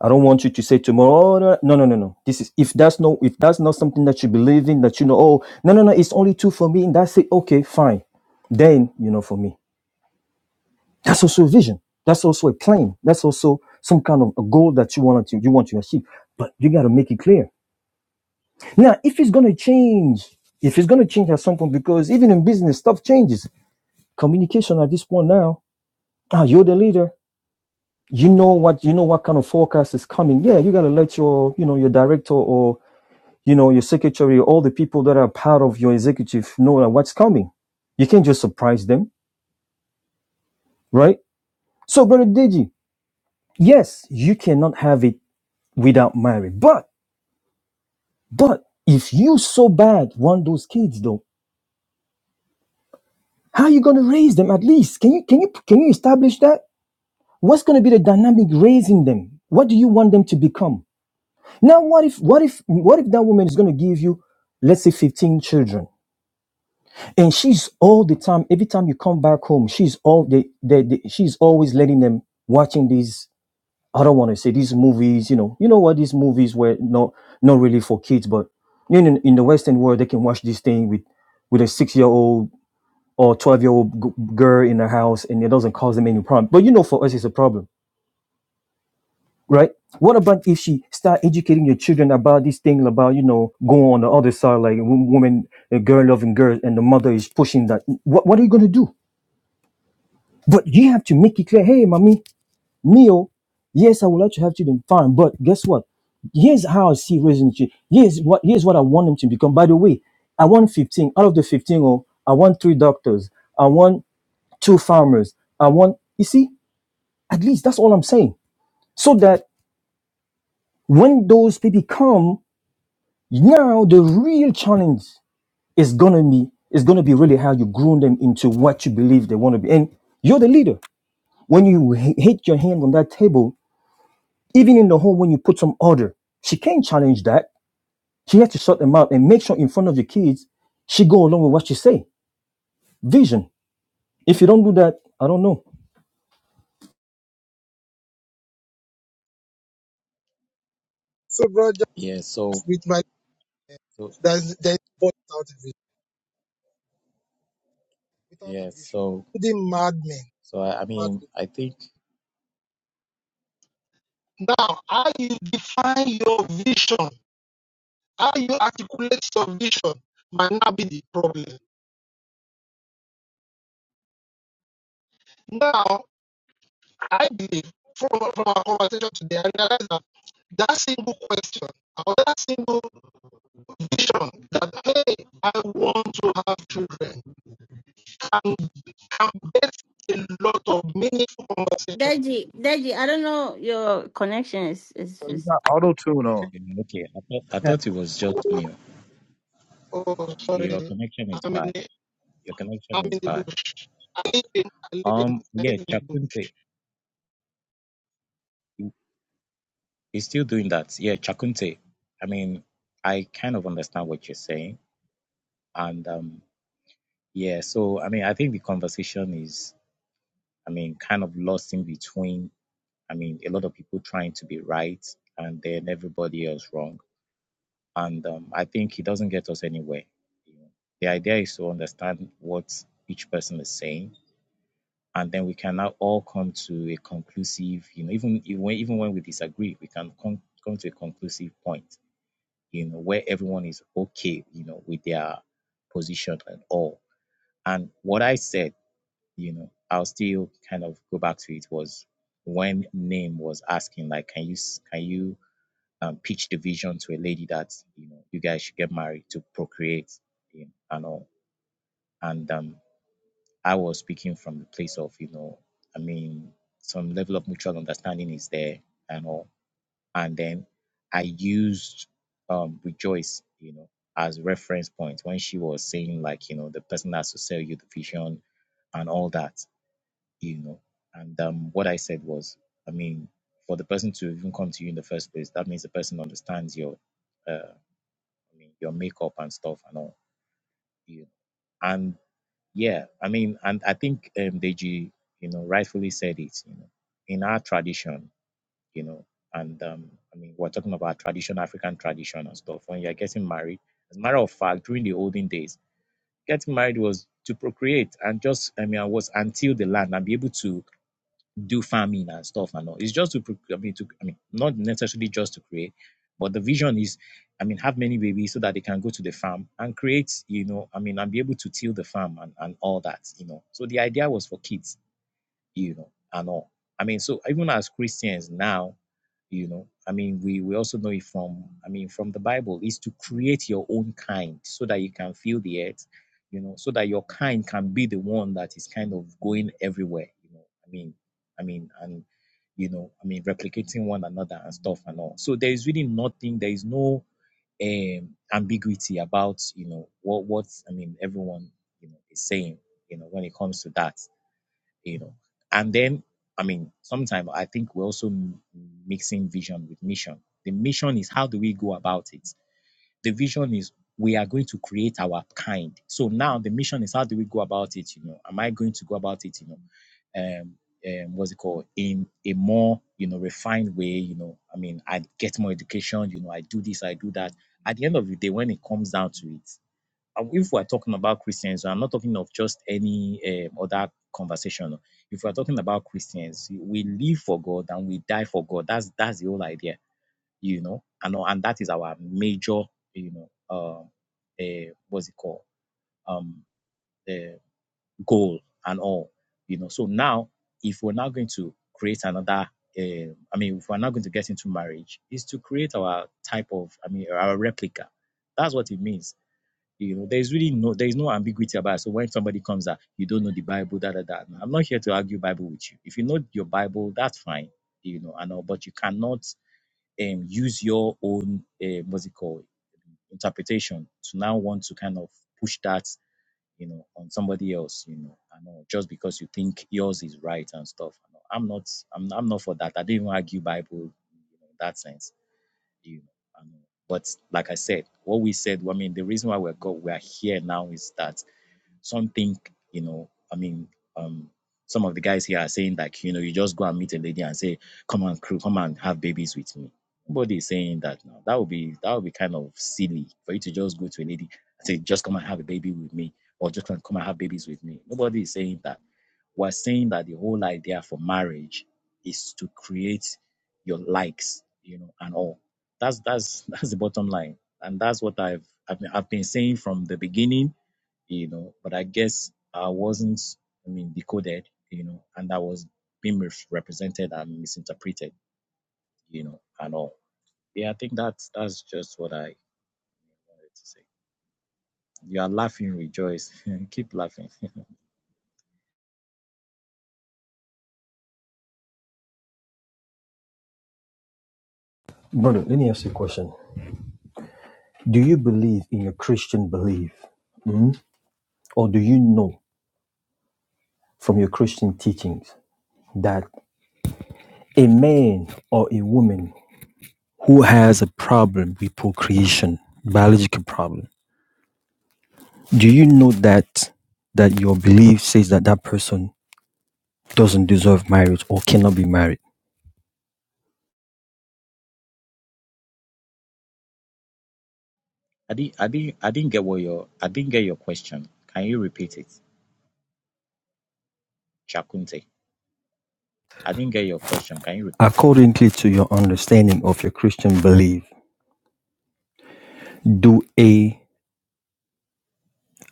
I don't want you to say tomorrow. Oh, no, no, no, no. no." This is if that's no, if that's not something that you believe in, that you know. Oh, no, no, no. It's only two for me, and that's it. Okay, fine. Then you know, for me, that's also a vision. That's also a plan. That's also some kind of a goal that you want to you want to achieve. But you got to make it clear. Now, if it's gonna change, if it's gonna change at some point, because even in business, stuff changes. Communication at this point now. Ah, you're the leader you know what you know what kind of forecast is coming yeah you got to let your you know your director or you know, your secretary, all the people that are part of your executive know like, what's coming. You can't just surprise them, right? So, Brother Deji, yes, you cannot have it without marriage. But, but if you so bad want those kids though, how are you going to raise them at least? Can you, can you, can you establish that? What's going to be the dynamic raising them? What do you want them to become? Now, what if, what if, what if that woman is going to give you, let's say 15 children? and she's all the time every time you come back home she's all the, the, the she's always letting them watching these i don't want to say these movies you know you know what these movies were not not really for kids but you know, in the western world they can watch this thing with with a six year old or 12 year old g- girl in the house and it doesn't cause them any problem but you know for us it's a problem right what about if she start educating your children about this thing about you know going on the other side like w- woman a girl loving girl and the mother is pushing that what, what are you going to do But you have to make it clear, hey, mommy, Mio, yes, I would like to have children, fine. But guess what? Here's how I see raising children. Here's what here's what I want them to become. By the way, I want 15. Out of the 15, oh, I want three doctors. I want two farmers. I want, you see, at least that's all I'm saying. So that when those people come, now the real challenge is gonna be is gonna be really how you groom them into what you believe they want to be. And you're the leader. When you h- hit your hand on that table, Even in the home, when you put some order, she can't challenge that. She has to shut them out and make sure in front of your kids, she go along with what she say. Vision. If you don't do that, I don't know. So, brother, Yeah, so with my uh, so there's there's boy without a vision, Without a yeah, vision. so including madmen, so I, I mad mean people. I think Now, how you define your vision, how you articulate your vision might not be the problem. Now, I believe from, from our conversation today, I realize that that single question or that single vision that, hey, I want to have children, can a lot of meaningful conversation. Deji, Deji, I don't know your connection is is So you just got auto tune on. you know, okay, I thought I Yeah, thought it was just me. Oh, Your sorry. connection is I'm in bad. the, Your connection I'm in is the bad. bush. Um yeah, Chakunte is still doing that. Yeah, Chakunte. I mean, I kind of understand what you're saying. And um yeah, so I mean I think the conversation I mean, kind of lost in between. I mean, a lot of people trying to be right and then everybody else wrong. And um, I think it doesn't get us anywhere. You know, the idea is to understand what each person is saying, and then we can now all come to a conclusive. You know, even even even when we disagree, we can come come to a conclusive point. You know, where everyone is okay. You know, with their position and all. And what I said you know, I'll still kind of go back to it was when Name was asking, like, can you can you um, pitch the vision to a lady that you know you guys should get married to procreate you know, and all, and um, I was speaking from the place of you know, I mean, some level of mutual understanding is there and all, and then I used um, rejoice, you know, as reference point when she was saying like, you know, the person has to sell you the vision and all that you know. And um, what I said was, I mean, for the person to even come to you in the first place, that means the person understands your, uh, I mean, your makeup and stuff and all, you know. And yeah, I mean, and I think um, Deji, you know, rightfully said it, you know, in our tradition, you know, and um, I mean, we're talking about tradition, African tradition and stuff. When you're getting married, as a matter of fact, during the olden days, getting married was to procreate and just, I mean, I was until the land and be able to do farming and stuff and all. It's just to, I mean, to, I mean, not necessarily just to create, but the vision is, I mean, have many babies so that they can go to the farm and create, you know, I mean, and be able to till the farm and, and all that, you know. So the idea was for kids, you know, and all. I mean, so even as Christians now, you know i mean we we also know it from i mean from the bible is to create your own kind so that you can feel the earth you know so that your kind can be the one that is kind of going everywhere you know i mean i mean and you know i mean replicating one another and stuff and all so there is really nothing there is no um ambiguity about you know what what i mean everyone you know is saying you know when it comes to that you know. And then, I mean, sometimes I think we're also m- mixing vision with mission. The mission is how do we go about it? The vision is we are going to create our kind. So now the mission is how do we go about it? You know, am I going to go about it? You know, um, um, what's it called? In a more you know refined way. You know, I mean, I get more education. You know, I do this, I do that. At the end of the day, when it comes down to it, uh, if we're talking about Christians, I'm not talking of just any um, other conversation. no. If we're talking about Christians, we live for God and we die for God. That's that's the whole idea, you know. And and that is our major, you know, um, uh, what's it called, um, uh, goal and all, you know. So now, if we're not going to create another, uh, I mean, if we're not going to get into marriage, is to create our type of, I mean, our replica. That's what it means you know, there's really no there's no ambiguity about it. So when somebody comes out, you don't know the Bible, da da da. No, I'm not here to argue Bible with you. If you know your Bible, that's fine, you know, I know, but you cannot um use your own uh, what's it called interpretation to now want to kind of push that, you know, on somebody else, you know, I know, just because you think yours is right and stuff. and all. I'm not I'm I'm not for that. I don't even argue Bible in that sense, you know. I know. But like I said, what we said, I mean, the reason why we're go, we are here now is that some think, you know, I mean, um, some of the guys here are saying like, you know, you just go and meet a lady and say, come and crew, come and have babies with me. Nobody is saying that now. That would be that would be kind of silly for you to just go to a lady and say, just come and have a baby with me, or just come and have babies with me. Nobody is saying that. We're saying that the whole idea for marriage is to create your likes, you know, and all. That's that's that's the bottom line, and that's what I've I've been, I've been saying from the beginning you know. But I guess I wasn't, I mean, decoded, you know, and I was being misrepresented and misinterpreted, you know, and all. Yeah, I think that's that's just what I wanted to say. You are laughing, rejoice, keep laughing. Brother, let me ask you a question. Do you believe in your Christian belief? Mm? Or do you know from your Christian teachings that a man or a woman who has a problem with procreation, biological problem, do you know that that your belief says that that person doesn't deserve marriage or cannot be married? I didn't, I didn't, I didn't get what your, I didn't get your question. Can you repeat it, Chakunte? I didn't get your question. Can you repeat it? Accordingly to your understanding of your Christian belief, do a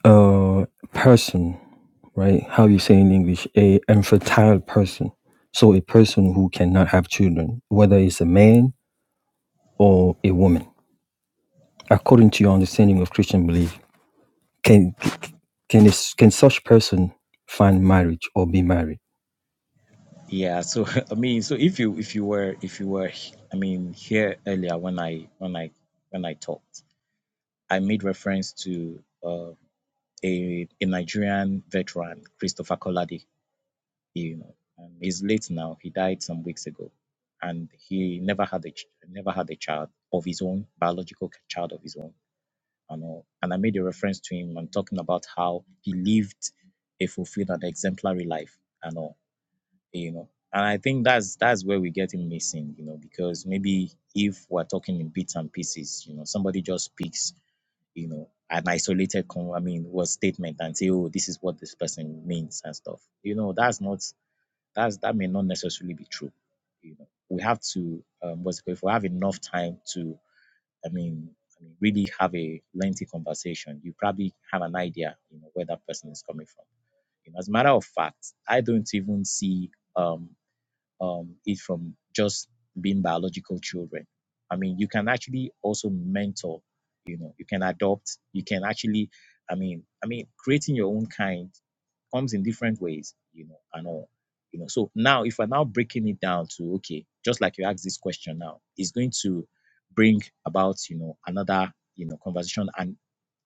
uh, person, right? How you say in English, a infertile person. So a person who cannot have children, whether it's a man or a woman. According to your understanding of Christian belief, can can this, can such person find marriage or be married? Yeah. So I mean, so if you if you were if you were, I mean, here earlier when I when I when I talked, I made reference to. uh, a, a Nigerian veteran, Christopher Kolade. You know, um, he's late now. He died some weeks ago, and he never had a ch- never had a child of his own, biological child of his own, and all. And I made a reference to him and talking about how he lived a fulfilled and exemplary life, and all. You know, and I think that's that's where we get him missing. You know, because maybe if we're talking in bits and pieces, you know, somebody just speaks you know, an isolated, con- I mean, was statement and say, oh, this is what this person means and stuff. You know, that's not, that's, that may not necessarily be true. You know, we have to, um, what's it called, if we have enough time to, I mean, I mean, really have a lengthy conversation, you probably have an idea, you know, where that person is coming from. You know, as a matter of fact, I don't even see, um, um, it from just being biological children. I mean, you can actually also mentor, you know, you can adopt, you can actually, I mean, I mean, creating your own kind comes in different ways, you know, and all. You know, so now if I'm now breaking it down to okay, just like you asked this question now, it's going to bring about, you know, another, you know, conversation and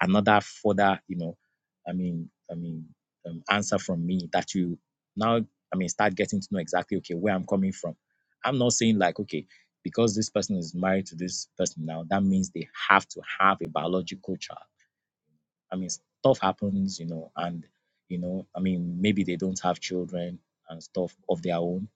another further, you know, I mean, I mean, um, answer from me that you now, I mean, start getting to know exactly, okay, where I'm coming from. I'm not saying like, okay, because this person is married to this person now, that means they have to have a biological child. I mean, stuff happens, you know, and you know, I mean, maybe they don't have children and stuff of their own.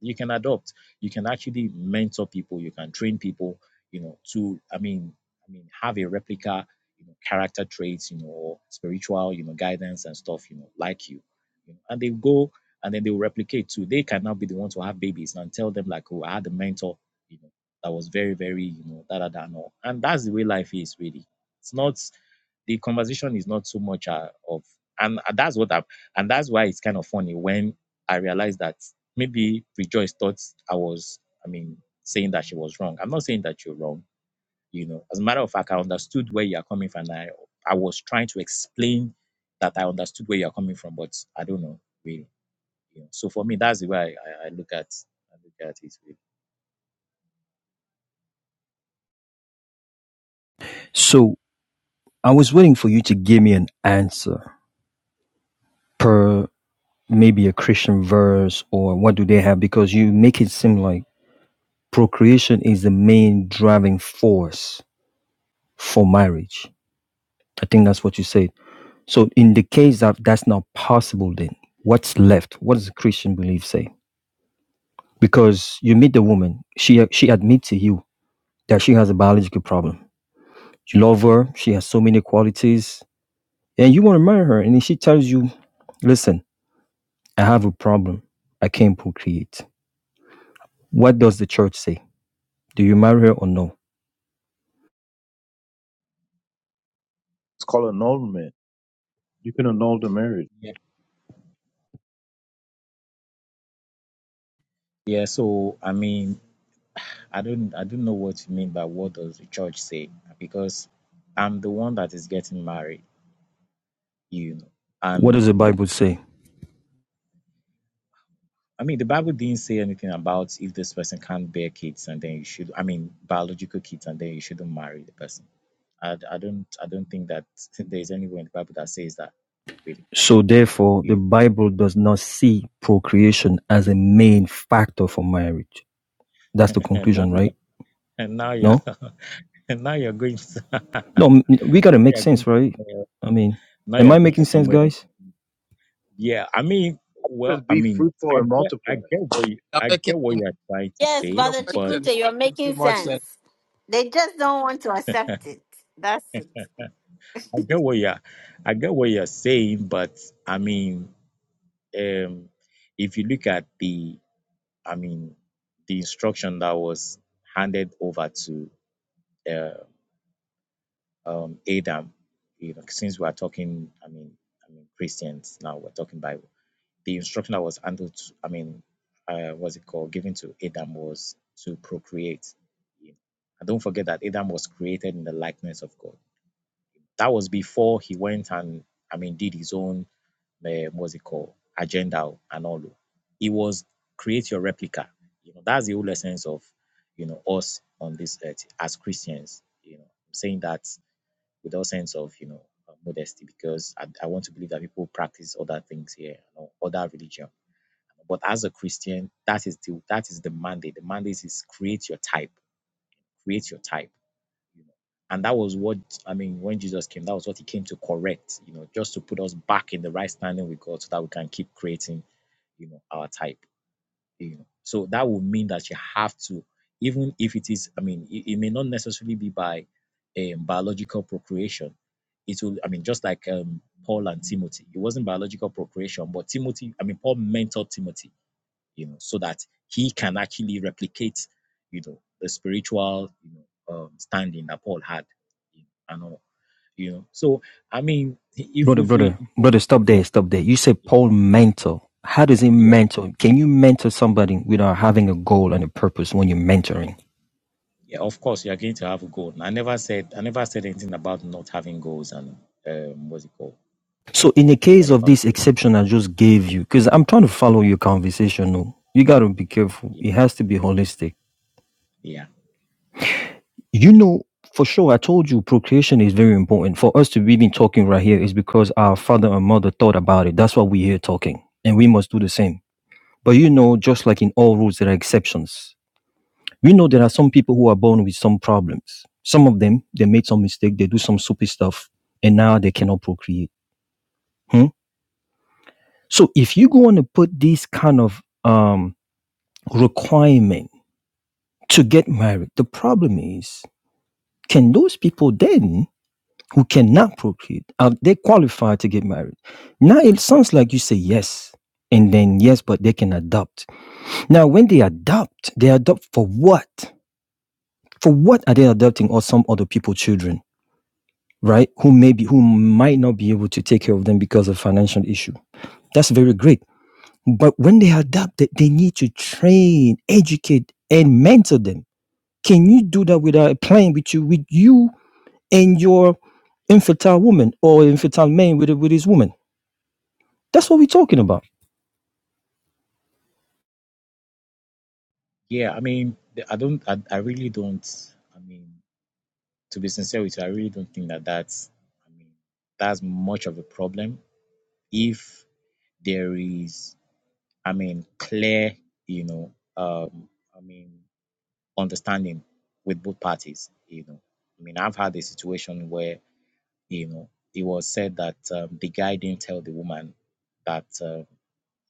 You can adopt. You can actually mentor people. You can train people, you know, to I mean, I mean, have a replica, you know, character traits, you know, or spiritual, you know, guidance and stuff, you know, like you, you know, and they go and then they will replicate too. They can now be the ones who have babies and tell them like, oh, I had a mentor, you know, that was very, very, you know, da da da, no. And that's the way life is really. It's not the conversation is not so much uh, of and that's what i'm and that's why it's kind of funny when i realized that maybe rejoice thought i was i mean saying that she was wrong i'm not saying that you're wrong you know as a matter of fact i understood where you're coming from and i i was trying to explain that i understood where you're coming from but i don't know really you know so for me that's the way i, I I look at i look at it really. So I was waiting for you to give me an answer per maybe a Christian verse or what do they have because you make it seem like procreation is the main driving force for marriage. I think that's what you said. So, in the case that that's not possible, then what's left? What does the Christian belief say? Because you meet the woman, she she admits to you that she has a biological problem. You love her, she has so many qualities, and you want to marry her, and then she tells you, "Listen, I have a problem. I can't procreate." What does the church say? Do you marry her or no? It's called annulment. You can annul the marriage. yeah so i mean I don't I don't know what you mean by what does the church say because I'm the one that is getting married, you know. What And does the Bible say? I mean the Bible didn't say anything about if this person can't bear kids and then you should I mean biological kids and then you shouldn't marry the person. I, I don't I don't think that there's anywhere in the Bible that says that really. So therefore, the You Bible does not see procreation as a main factor for marriage. That's know. the and now conclusion, you're right? and now you're No, and now you're going to no, we gotta now make you're going sense, to right? somewhere, I mean, now am you're I going making to sense, somewhere guys? Yeah, I mean, It says well, I be mean, fruitful I and get, I multiply. get what you, I'm I making get too what much. you're trying to Yes, say, Your Brother but question Chikunte, you're is making too making much sense. sense. They just don't want to accept it. That's it. I get what you're, I get what you're saying, but I mean, um, if you look at the, I mean, the instruction that was handed over to uh, um, Adam, you know, since we are talking, I mean, I mean Christians now, we're talking Bible. the instruction that was handled, to, I mean, uh, what's it called, given to Adam was to procreate. And don't forget that Adam was created in the likeness of God. That was before he went and, I mean, did his own, uh, what's it called, agenda and all. It was create your replica. You know, that's the whole essence of, you know, us on this earth as Christians. You know, I'm saying that with all sense of, you know, uh, modesty because I, I want to believe that people practice other things here, you know, other religion but as a Christian, that is the that is the mandate. The mandate is create your type, create your type. You know, and that was what I mean when Jesus came. That was what he came to correct. You know, just to put us back in the right standing with God, so that we can keep creating. You know, our type. You know, so that would mean that you have to, even if it is. I mean, it, it may not necessarily be by um, biological procreation. It will. I mean, just like um, Paul and Timothy, it wasn't biological procreation, but Timothy. I mean, Paul mentored Timothy you know, so that he can actually replicate, you know, the spiritual, you know, um, standing that Paul had, you know, and all, you know. So I mean, if Brother, if we, brother, if we brother, stop yeah, there, stop there. You said yeah, Paul mentor. How does he yeah, mentor? Can you mentor somebody without having a goal and a purpose when you're mentoring? yeah, of course you are going to have a goal. And I never said I never said anything about not having goals and um, what's it called? So I in the mean, case when it of this comes to exception I just gave it, you, because I'm trying to follow your conversation, no, you gotta be careful. yeah, It has to be holistic. yeah, You know, for sure, I told you procreation is very important. For us to be been talking right here is because our father and mother thought about it. That's why we're here talking. And we must do the same. But you know, just like in all rules, there are exceptions. We know there are some people who are born with some problems. Some of them, they made some mistake, they do some stupid stuff, and now they cannot procreate. Hmm? So if you go on to put this kind of um, requirement to get married, the problem is, can those people then who cannot procreate, are they qualified to get married? Now it sounds like you say yes, and then yes, but they can adopt. Now, when they adopt, they adopt for what? For what are they adopting or some other people children, right? Who maybe who might not be able to take care of them because of financial issue. That's very great. But when they adopt, they they need to train, educate, and mentor them. Can you do that without playing with you with you and your infertile woman or infertile man with with his woman? That's what we're talking about. yeah. I mean, I don't, I, I really don't. I mean, to be sincere with you, I really don't think that that's, I mean, that's much of them. If there is I mean, clear, you know, um, I mean, understanding with both parties, you know. I mean, I've had a situation where, you know, it was said that um, the guy didn't tell the woman that, uh,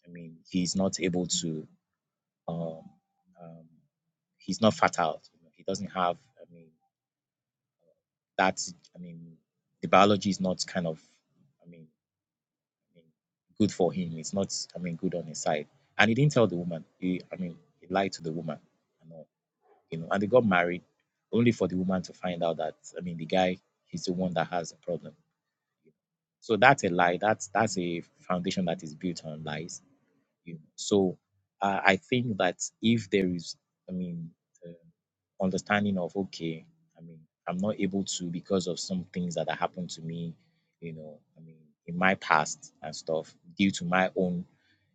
I mean, he's not able to, um, um, he's not fertile. You know, he doesn't have, I mean, that's, I mean, the biology is not kind of, I mean, I mean, good for him. It's not, I mean, good on his side. And he didn't tell the woman. He, I mean, he lied to the woman. and all. you know, and they got married only for the woman to find out that I mean the guy he's the one that has the problem. So that's a lie. That's that's a foundation that is built on lies. You know. So uh, I think that if there is, I mean, the understanding of okay, I mean, I'm not able to because of some things that have happened to me, you know, I mean, in my past and stuff due to my own,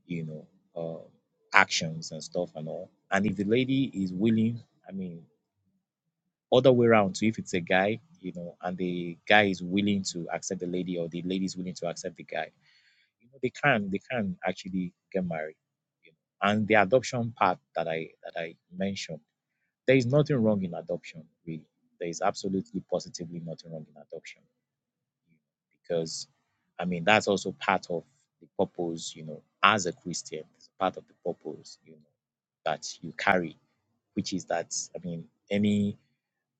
you know, uh, actions and stuff and all. And if the lady is willing, I mean, other way around So if it's a guy, you know, and the guy is willing to accept the lady or the lady is willing to accept the guy, you know, they can they can actually get married. You know. And the adoption part that I that I mentioned, there is nothing wrong in adoption, really. There is absolutely positively nothing wrong in adoption. you know, Because I mean that's also part of the purpose, you know, as a Christian, it's part of the purpose, you know, that you carry, which is that I mean any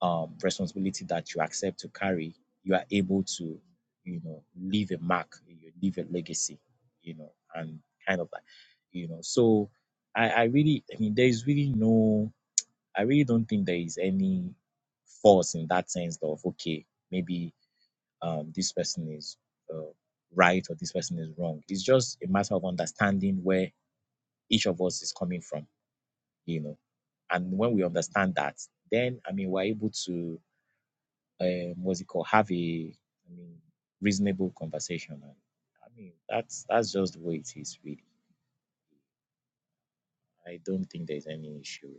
um, responsibility that you accept to carry, you are able to, you know, leave a mark, you leave a legacy, you know, and kind of that, you know. So I, I really, I mean, there is really no, I really don't think there is any force in that sense of, okay, maybe um, this person is uh, right or this person is wrong. It's just a matter of understanding where each of us is coming from, you know. And when we understand that, then I mean, we're able to um, what's it called, have a I mean, reasonable conversation. And I mean, that's that's just the way it is, really. I don't think they will.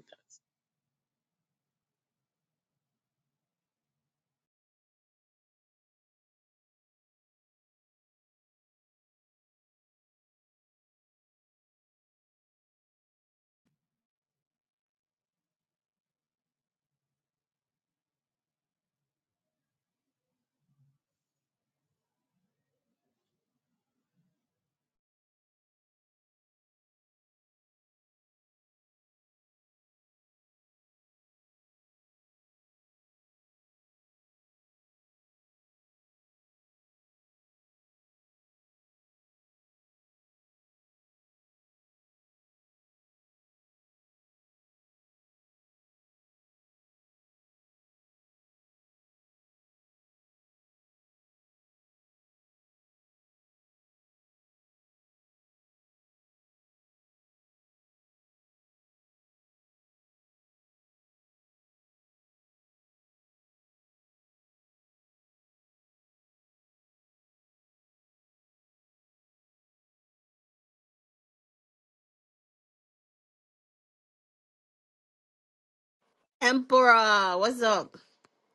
Emperor, what's up?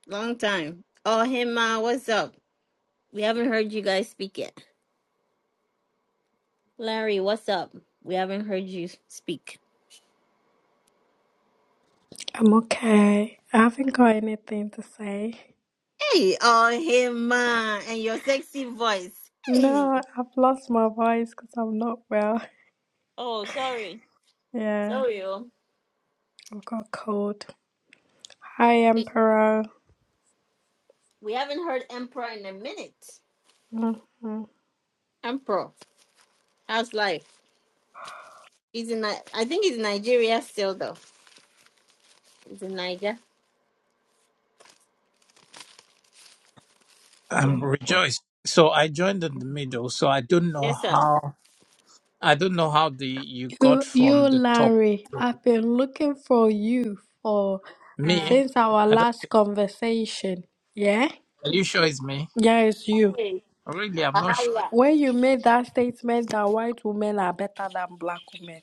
Long time. Oh Hima, what's up? We haven't heard you guys speak yet. Larry, what's up? We haven't heard you speak. I'm okay. I haven't got anything to say. Hey, oh Hima, and your sexy voice. Hey. No, I've lost my voice because I'm not well. Oh, sorry. Yeah, Sorry. oh. I've got a cold. Hi, Emperor. We haven't heard Emperor in a minute. hmm Emperor, how's life? He's in. Ni- I think he's in Nigeria still, though. He's in Niger. It's Um, on the phone. rejoice. So I joined in the middle. So I don't know Yes, sir. how. I don't know how the you got You, you, from the topic. Larry. I've been looking for you for Mm. Me. since our I don't, last conversation. Yeah, are you sure it's me? yeah, it's you. Hey, Really, I'm not sure. Wahala. When you made that statement that white women are better than black women,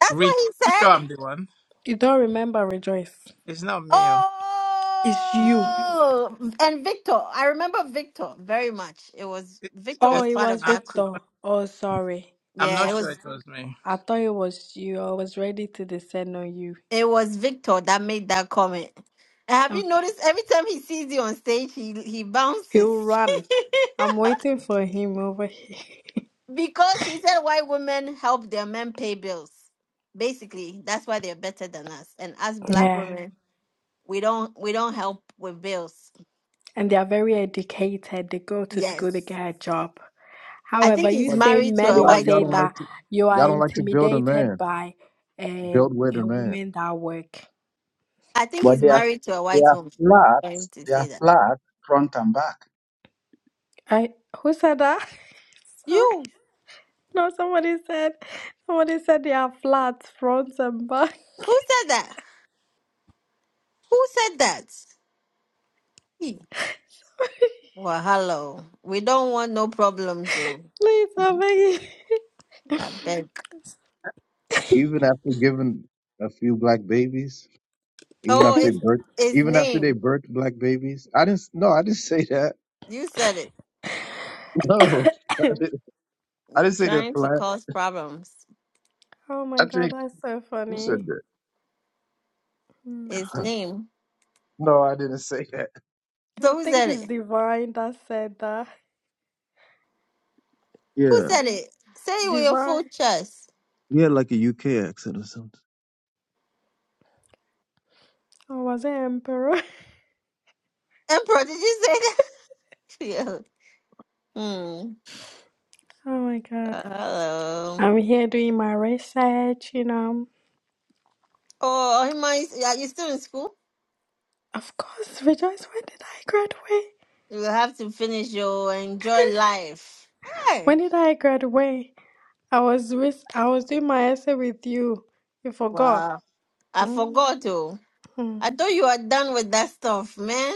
That's Really, what he you said. sure I'm the one? you don't remember Rejoice. It's not me. oh. It's you. Oh, and Victor. I remember Victor very much. It was It, Victor Oh, it, was it part of was I, that group. Victor. Oh, sorry. I'm Yeah, not it sure was. it was me. I thought it was you. I was ready to descend on you. It was Victor that made that comment. And Have you Okay. noticed? Every time he sees you on stage, he he bounces. He'll run. I'm waiting for him over here. Because he said why women help their men pay bills. Basically, that's why they're better than us. And us black Yeah. women, we don't we don't help with bills. And they are very educated. They go to school, they Yes. get a job. I However, think you he's But they, say married to I men they a are, who thought white y'all say don't woman. that like to you are y'all don't like to build a intimidated man. by a, Build with a a man. woman that work. I think but he's they are, married to a they white are woman. flat. For him to They are say that. flat front back. I who said that? Sorry. You No, somebody said somebody said they are flats, fronts and back. who said that? Who said that? He. Well, hello. We don't want no problems, so Please, I'm I beg. Even after giving a few black babies, even Oh, after they it's birth his even after they name. birth black babies. I didn't no, I didn't say that. You said it. No, I begging. didn't, I didn't You're say they're trying to flat. cause problems. Oh my I God, think that's so you funny. said that. Hmm. His name. No, I didn't say that. I So who think said it's it? Divine that said that. Who Yeah, said Div- it? Say it with your Divine. full chest. you had like a UK accent or something. Or was it Emperor? Emperor, did you say that? yeah. Hmm. Oh my God. Uh, hello. I'm here doing my research, you know. Oh, he might. Are you still in school? Of course, Rejoice, when did I graduate? You will have to finish your enjoy life. Hey. When did I graduate? I was with, I was doing my essay with you. You forgot. Wow. I hmm forgot to. No, I thought you were done with that stuff, man.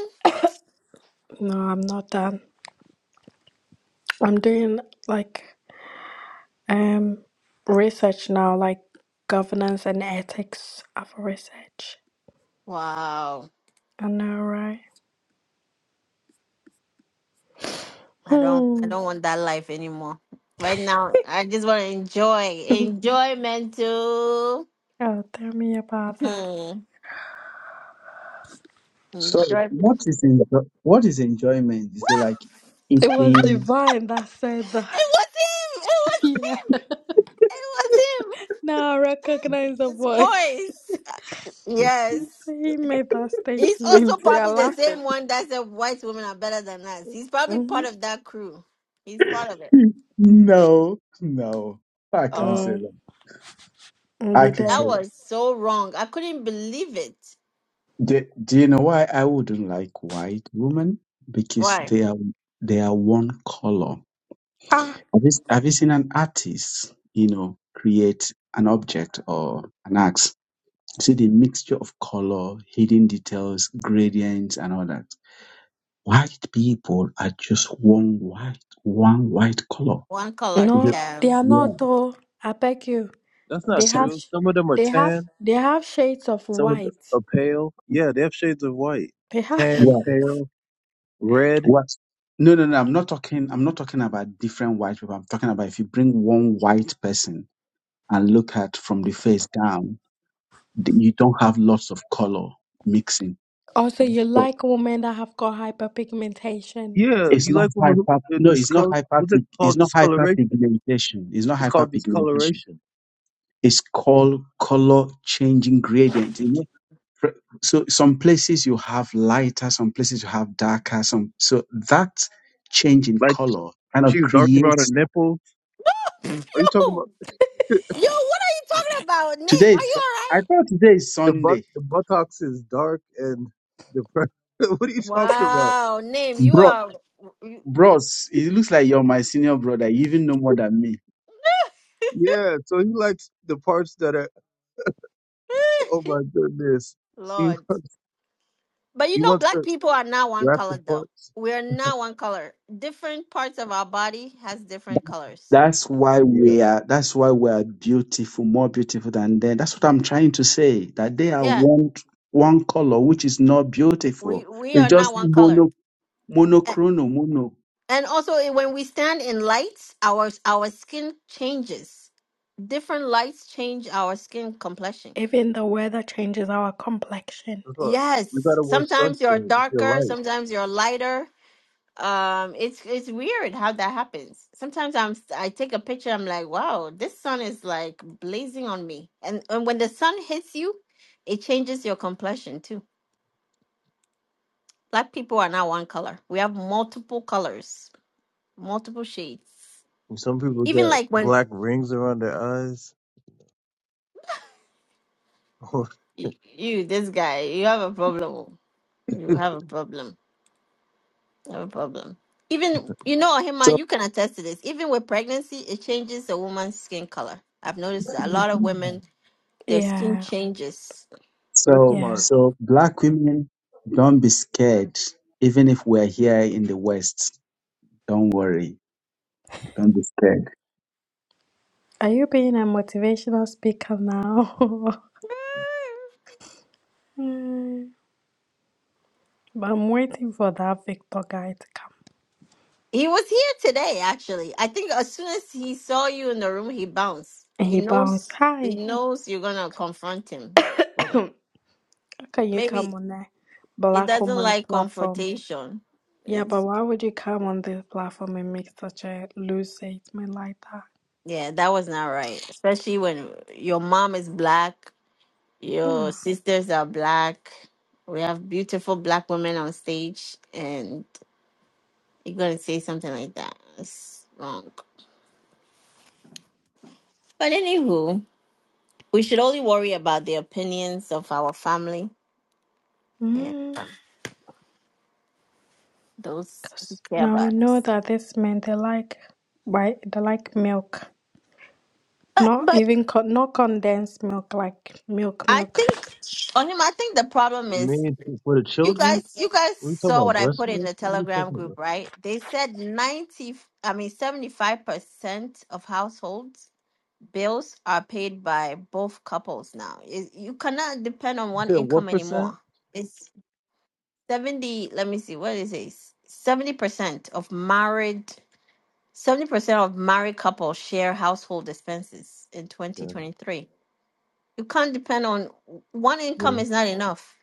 I'm not done. I'm doing like um research now, like governance and ethics of research. Wow. I know, right? I don't. I Hmm. don't want that life anymore. Right now, I just want to enjoy. Enjoy, mental. Oh, tell me about that. Hmm. So Enjoy. what is enjo- what is enjoyment? Is it like It was eating? divine that said that. It was him. It was yeah. Now I recognize the him. It was voice. him. His voice. Yes. So he made that He's also statement. You're probably the laughing. same one that said white women are better than us. He's probably Mm-hmm. part of that crew. He's part of it. No, no. I can't say Oh, Mm. that. mm, I Be can there. say that that. was so wrong. I couldn't believe it. Do, do you know why I wouldn't like white women? Because Why? they are they are one color. Ah, Have you, have you seen an artist, you know, create an object or an axe? See the mixture of color, hidden details, gradients, and all that. White people are just one white, one white color. One color. Yeah, no, Yeah. they are yeah. not. Oh, I beg you. That's They not Some, have, true. sh- Some of them are they have, tan, they have shades of some of them white. are pale. Yeah, they have shades of white, They have. tan, yeah. pale, red. What? No, no, no. I'm not talking. I'm not talking about different white people. I'm talking about if you bring one white person and look at from the face down, th- you don't have lots of color mixing. also, you But like women that have got hyperpigmentation. Yeah, it's you not like women hyper. who uh, No, it's not discolor. hyper. What's it It's called? not Discoloration. hyperpigmentation. It's not It's called hyperpigmentation. discoloration. It's called color changing gradient. Fr- So some places you have lighter, some places you have darker. Some so that change in Like color kind of she's dark around her creates. nipples. Yo, Are you talking about? yo, what are you talking about? Name, Today, are is you all I thought today is the butt Sunday, the buttocks is dark and the pre- what are you right? talking about? Wow, name, you bro. are. Bros, it looks like you're my senior brother. You even know more than me. Yeah, so he likes the parts that are oh my goodness. He Lord. wants- But you he know, wants black to people are not one wrap the color though. parts. We are not one color. Different parts of our body has different colors. That's why Yeah. from- that's what I'm trying to say. They are Yeah, one one color, which is we beautiful. we It's are not just one color. mono A- monochrono mono. And also, eh, when we stand in lights, our our skin changes. Different lights change our skin complexion. Even the weather changes our complexion. that's all. We Yes. gotta wear Sometimes you're sunscreen if you're darker. light. Sometimes you're lighter. um it's it's weird how that happens sometimes i'm i take a picture i'm like wow this sun is like blazing on me and and when the sun hits you it changes your complexion too black people are not one color we have multiple colors multiple shades And some people even got like when black rings around their eyes. Oh y- you this guy you have a problem you have a problem you have a problem even you know hima So you can attest to this even with pregnancy it changes a woman's skin color i've noticed that a lot of women Their skin Yeah, changes. that's so yeah. smart. so black women, don't be scared. Even if we're here in the West, Don't worry. Don't be scared. Are you being a motivational speaker now? Mm, but I'm waiting for that Victor guy to come. He was here today, actually. I think as soon as he saw you in the room, he bounced. And He he bounced. knows. He Hi, knows you're gonna confront him. So, how can you Maybe come on the he Black doesn't Woman's like platform? confrontation. Yeah, but It's, why would you come on this platform and make such a loose statement like yeah, that was not right. Especially when your mom is black, your that? sisters are black. We have beautiful black women on stage, and you're gonna say something like that. It's wrong. But anywho, We should only worry about the opinions of our family and Because those who care now we about know us. that this men they like white, they like milk, But, not but even con- not condensed milk, like milk, I milk. think, on him, I think the problem You is mean for the you children? guys. You guys What are you talking saw about? what I Breast put in milk? the What are you Telegram talking about? group, right? They said ninety, I mean seventy-five percent of households bills are paid by both couples now. Is you cannot depend on You one said what income percent? anymore. It's seventy. Let me see. What is it? Seventy percent of married 70% of married couples share household expenses in Yeah. 2023. You can't depend on one yeah. income is not enough.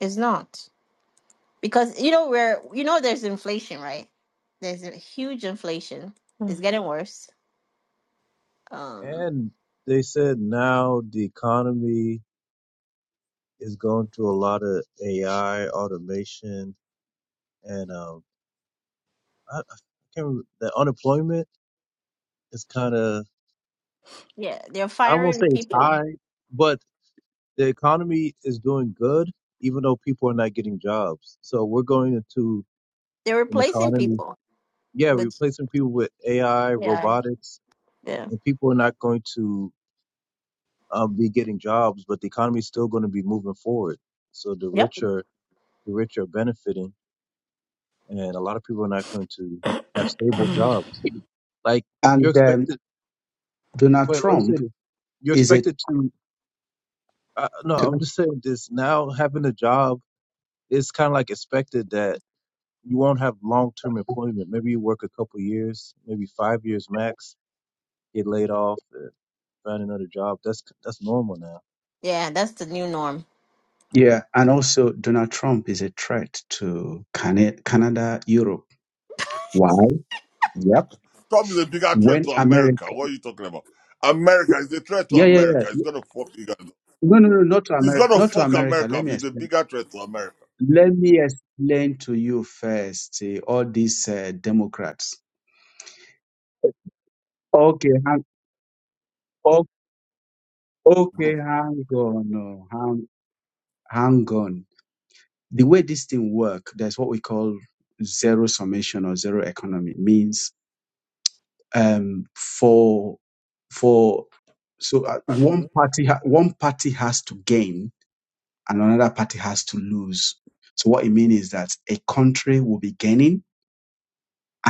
It's not. Because you know where you know there's inflation, right? There's a huge inflation. It's Mm. getting worse. Um And they said now the economy is going through a lot of AI automation, and um, I, I can't remember, the unemployment is kind of yeah, they're I don't want to firing say it's people. high, but the economy is doing good, even though people are not getting jobs. So we're going into They're an replacing economy, people yeah, with replacing people with AI, yeah. robotics, Yeah. and people are not going to um, be getting jobs, but the economy is still going to be moving forward. So the Yep. rich are the rich are benefiting, and a lot of people are not going to have stable jobs. Like you're And um, expected. Donald Wait, let me say Trump this. You're is a expected to. Uh, no, I'm just saying this. Now having a job, it's kind of like expected that you won't have long term employment. Maybe you work a couple years, maybe five years max. Get laid off, and find another job. That's that's normal now. Yeah, that's the new norm. yeah, and also Donald Trump is a threat to Can- Canada, Europe. Why? Yep. Trump is a bigger threat to When America. America, What are you talking about? America is a threat to yeah, yeah, yeah. America. It's gonna fuck you guys. up. No, no, no, not to It's America. gonna Not to fuck America. America. Let up. me He's a explain. bigger threat to America. Let me explain to you first. eh, all these uh, Democrats. Okay, hang. o- Group. Okay, hang on. oh, Hang, hang on. the way this thing work, there's what we call zero summation or zero economy. Means um, for for so uh, one party ha- one party has to gain and another party has to lose. So what it means is that a country will be gaining.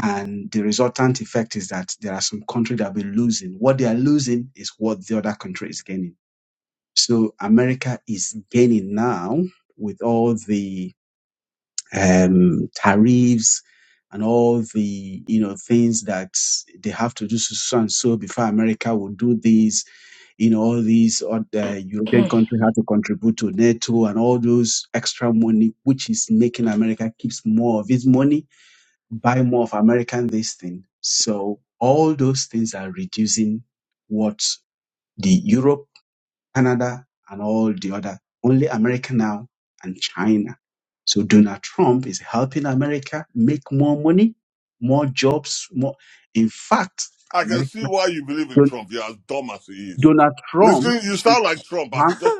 And the resultant effect is that there are some country that will be losing. What they are losing is what the other country is gaining. So America is gaining now with all the um, tariffs and all the you know things that they have to do so so and so before America will do this. You know all these other European countries have to contribute to NATO and all those extra money, which is making America keeps more of its money, buy more of American this thing. So all those things are reducing what the Europe Canada, and all the other, only America now and China. So Donald Trump is helping America make more money, more jobs, more. In fact, I can America, see why you believe in Don- Trump. You're as dumb as he is. Donald Trump, Listen, you is sound like Trump. As one- just,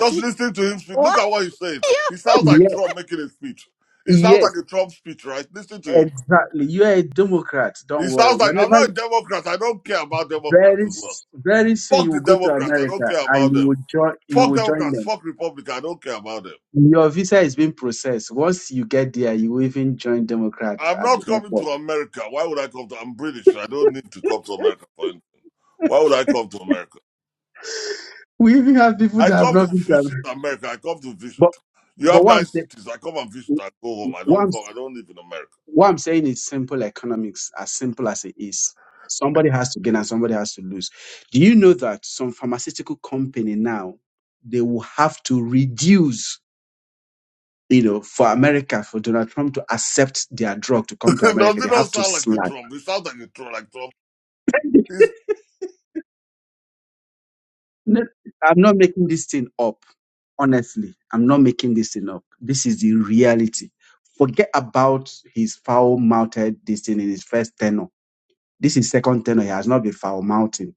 just listen to him speak. Look What? at what he's saying. He sounds like yes, Yeah. Trump making a speech. He sounds like yes, a Trump speech, right? Listen to him. exactly. You are a Democrat. He Don't worry. sounds like I'm Whenever not a Democrat. I don't care about Democrats very, as well. s- very soon Fuck you will the go to Democrats. I don't America care and about you them. will join, you Fuck will join Democrats. them. Fuck Republicans. I don't care about them. Your visa is being processed. Once you get there, you will even join Democrats I'm at the not airport. coming to America. Why would I come to? I'm British. I don't need to come to America. for anything. Why would I come to America? We even have people I that have come not to been to visit America. America. I come to But visit. You but have what I'm, nice cities. I come and visit. saying, I go home. I what don't I'm come. I don't live in America. what I'm saying is simple economics, as simple as it is. Somebody has to gain and somebody has to lose. Do you know that some pharmaceutical company now they will have to reduce, you know, for America for Donald Trump to accept their drug to come to Does America, they it not have to sound like slash. a Trump? It sounds like a Trump. Like Trump. He's, No, I'm not making this thing up. Honestly, I'm not making this thing up. This is the reality. Forget about his foul mouthed this thing in his first tenor. This is second tenor. He has not been foul mounting.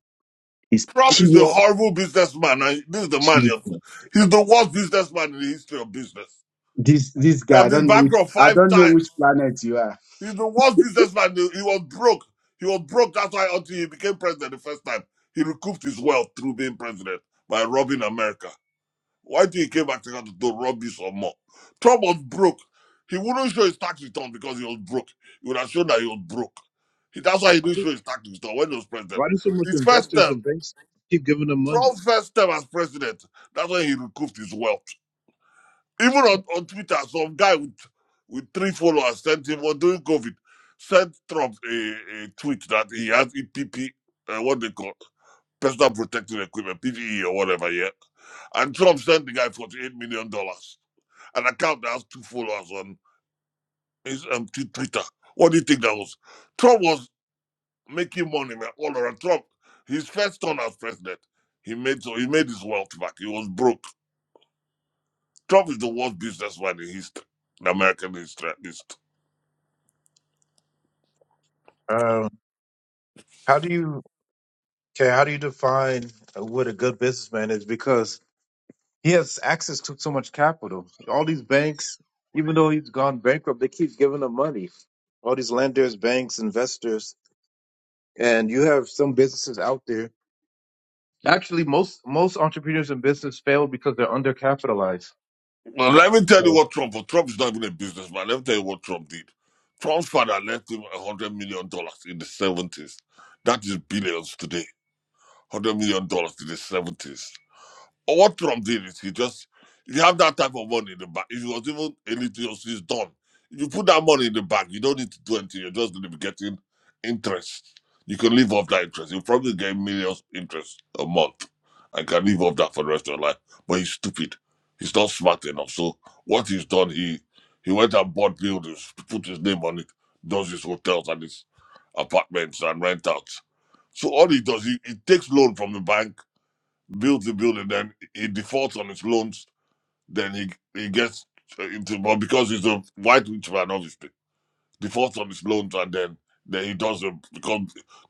It's Trump is a pure horrible businessman. And this is the man. You're- cheating. He's the worst businessman in the history of business. This this He has guy, I been don't know which bankrupt I five don't know which times. planet you are. He's the worst businessman. He was broke. He was broke. That's why until he became president the first time, he recouped his wealth through being president by robbing America. Why did he came back to Ghana to do rubbish or more? Trump was broke. He wouldn't show his tax return because he was broke. He would have shown that he was broke. He- that's why he Why didn't do show his tax return when he was president. why do so much His first investors term, and banks keep giving them money? Trump's first term as president, that's when he recouped his wealth. Even on, on Twitter, some guy with with three followers sent him or during COVID, sent Trump a, a tweet that he has EPP, uh, what they call personal protective equipment, PPE or whatever, yeah. And Trump sent the guy forty-eight million dollars, an account that has two followers on his um, t- Twitter. What do you think that was? Trump was making money man, all around. Trump, his first turn as president, he made so he made his wealth back. He was broke. Trump is the worst businessman in history, in American history. at least. Um, how do you okay? How do you define uh, what a good businessman is? Because He has access to so much capital. All these banks, even though he's gone bankrupt, they keep giving him money. All these lenders, banks, investors, and you have some businesses out there. Actually, most most entrepreneurs in business fail because they're undercapitalized. Well, let me tell you what Trump for Trump's not even a businessman. Let me tell you what Trump did. Trump's father left him one hundred million dollars in the seventies. That is billions today. one Hundred million dollars in the seventies. What Trump did is he just if you have that type of money in the bank, if it was even a little it's done. You put that money in the bank, you don't need to do anything, you're just gonna be getting interest. You can live off that interest. You probably get millions interest a month and can live off that for the rest of your life. But he's stupid. He's not smart enough. So what he's done, he he went and bought buildings, put his name on it, does his hotels and his apartments and rent out. So all he does, he, he takes loan from the bank builds the building, then he defaults on his loans, then he he gets uh, into well because he's a white rich man, obviously defaults on his loans, and then then he does a because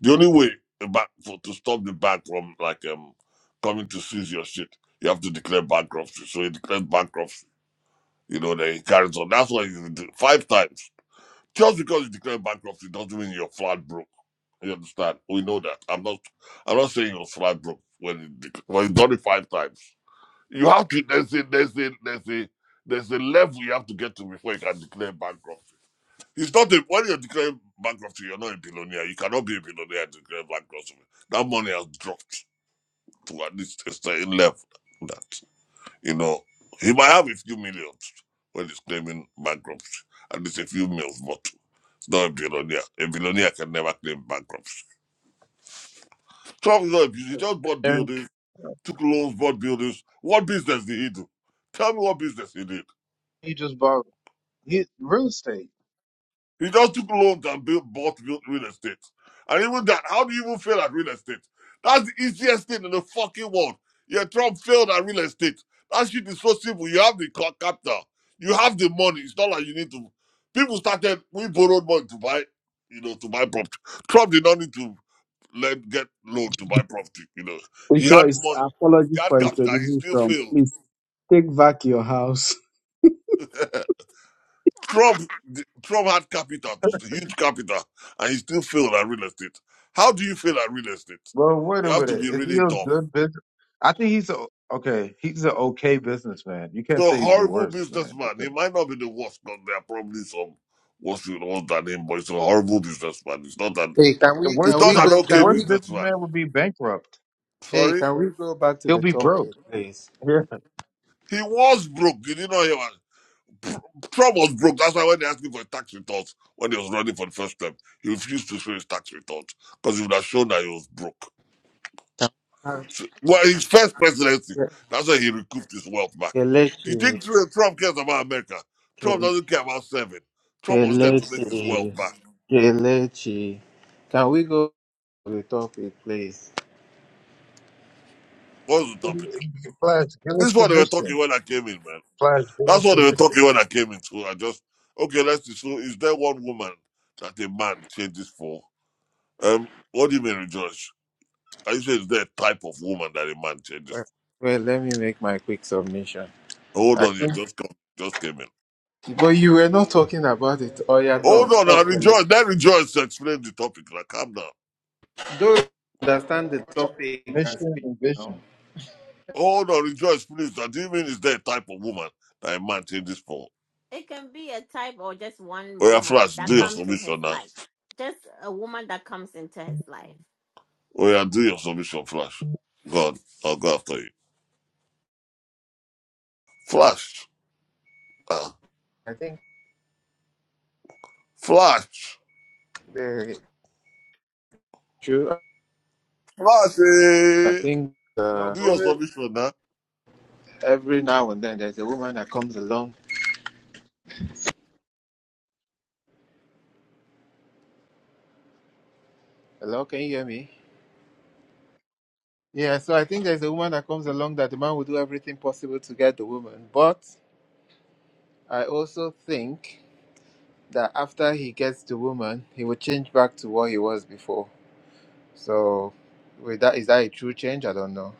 the only way a bank for to stop the bank from like um coming to seize your shit, you have to declare bankruptcy. So he declared bankruptcy. You know, then he carries on. That's why he did five times. Just because you declare bankruptcy doesn't mean you're flat broke. You understand? We know that. I'm not. I'm not saying you're flat broke when you dec- when you done it five times. You have to. There's a there's a there's a there's a level you have to get to before you can declare bankruptcy. It's not a, when you're declaring bankruptcy, you're not a billionaire. You cannot be a billionaire and declare bankruptcy. That money has dropped to at least a certain level. That you know, he might have a few millions when he's claiming bankruptcy, at least a few mils, but it's not a billionaire. A billionaire can never claim bankruptcy. Trump is not a billionaire. He just bought They're buildings, took loans, bought buildings. What business did he do? Tell me what business he did. he just bought he real estate. He just took loans and built, bought built real estate. And even that, how do you even fail at real estate? That's the easiest thing in the fucking world. Yeah, Trump failed at real estate. That shit is so simple. You have the capital, you have the money. It's not like you need to. People started, we borrowed money to buy, you know, to buy property. Trump did not need to let get loan to buy property, you know. He had Rejoice, money, he apologies had for capital, he introducing still from. failed. Please take back your house. Trump, Trump had capital, huge capital, and he still failed at real estate. How do you fail at real estate? Well, wait You a have to minute. be Is he really a dumb. good business? I think he's a okay. He's an okay businessman. You can't He's a say he's the horrible worst man businessman. He because might not be the worst, but there are probably some worse with all than him. But he's a horrible businessman. He's not an, Hey, can the we worst he's can not we the, an go the okay can worst we businessman. businessman would be bankrupt. hey Sorry, can we go back to He'll the be broke. topic, please? Yeah. he was broke. Did you know he was? Pr- Trump was broke. That's why when they asked him for his tax returns when he was running for the first time, he refused to show his tax returns because he would have shown that he was broke. Can- uh, Well, his first presidency. Ke- That's why he recouped his wealth back. Do you Kelechi, think Tr- Trump cares about America? Trump Ke- doesn't care about serving. Trump was there to make his wealth Kelechi, back. Kelechi. Can we go to the topic, please? What was the topic? Flash, give This us is the what they were talking mission. when I came in, man. Flash, give That's us what the they were talking mission. when I came in. So I just okay. Let's see. So is there one woman that a man changes for? Um, what do you mean, Rejoice? Are you saying is there a type of woman that a man changes? Well, well, let me make my quick submission. For? Hold I, on, you just come, just came in. but you were not talking about it. Oh yeah, Hold talk, on, now talk, rejoice. Kelechi. Then rejoice to explain the topic. Now calm down. Those who understand the We're talking topic and mission speak. and No, vision. Hold on, rejoice, please. That even is there a type of woman that a man changes for. It can be a type or just one Oh yeah, woman Flash, that do your comes in his submission now. life. Just a woman that comes into his life. Oh yeah, do your submission, Flash. God, I'll go after you. Flash. Ah, I think Flash. the true. Flash. I eh? think No, uh, Do go your ahead. submission now. every now and then there's a woman that comes along Hello, can you hear me? Yeah, so I think there's a woman that comes along that the man will do everything possible to get the woman. But I also think that after he gets the woman, he will change back to what he was before. So, with that, is that a true change? I don't know.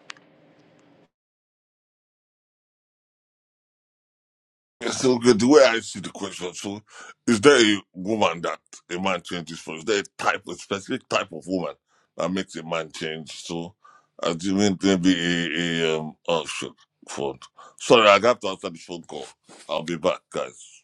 So okay, the way I see the question, so is there a woman that a man changes for? Is there a type, a specific type of woman that makes a man change? So I do mean maybe a, a um oh shit, phone. Sorry, I have to answer this phone call. I'll be back, guys.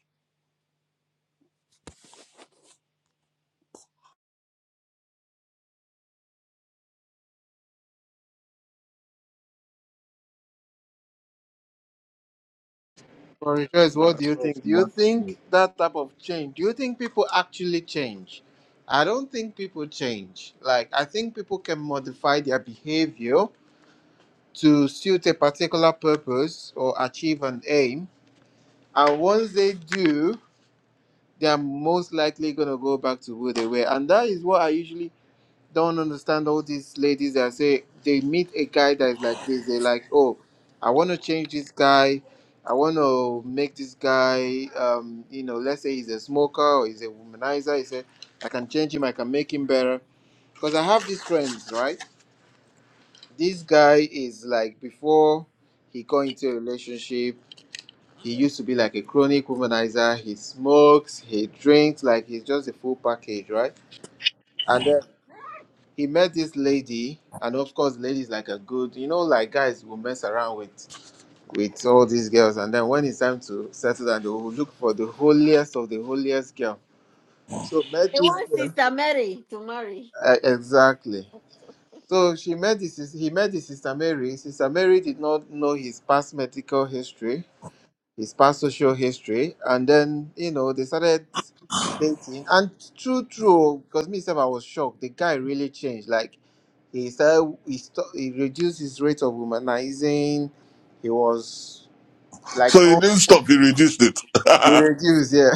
For rejoice, I what do don't you know if think? Do you you want to. think that type of change? Do you think people actually change? I don't think people change. Like, I think people can modify their behavior to suit a particular purpose or achieve an aim And once they do, they are most likely gonna go back to who they were. And that is what I usually don't understand all these ladies that say they meet a guy that is like this, they're like, Oh, I wanna change this guy, I wanna make this guy um, you know, let's say he's a smoker or he's a womanizer, he said, I can change him, I can make him better. Because I have these friends, right? This guy is like before he got into a relationship he used to be like a chronic womanizer. He smokes, he drinks, like he's just a full package, right? And then he met this lady, and of course, the lady's like a good, you know, like guys will mess around with with all these girls, and then when it's time to settle down, they will look for the holiest of the holiest girl. So met He this wants girl. Sister Mary to marry. Uh, exactly. So she met this. He met the sister Mary. Sister Mary did not know his past medical history his past social history, and then you know they started dating. And true, true, because me myself I was shocked. The guy really changed. Like he started, he, st- he reduced his rate of womanizing. He was like So he oh, didn't stop, he reduced it. he reduced, yeah.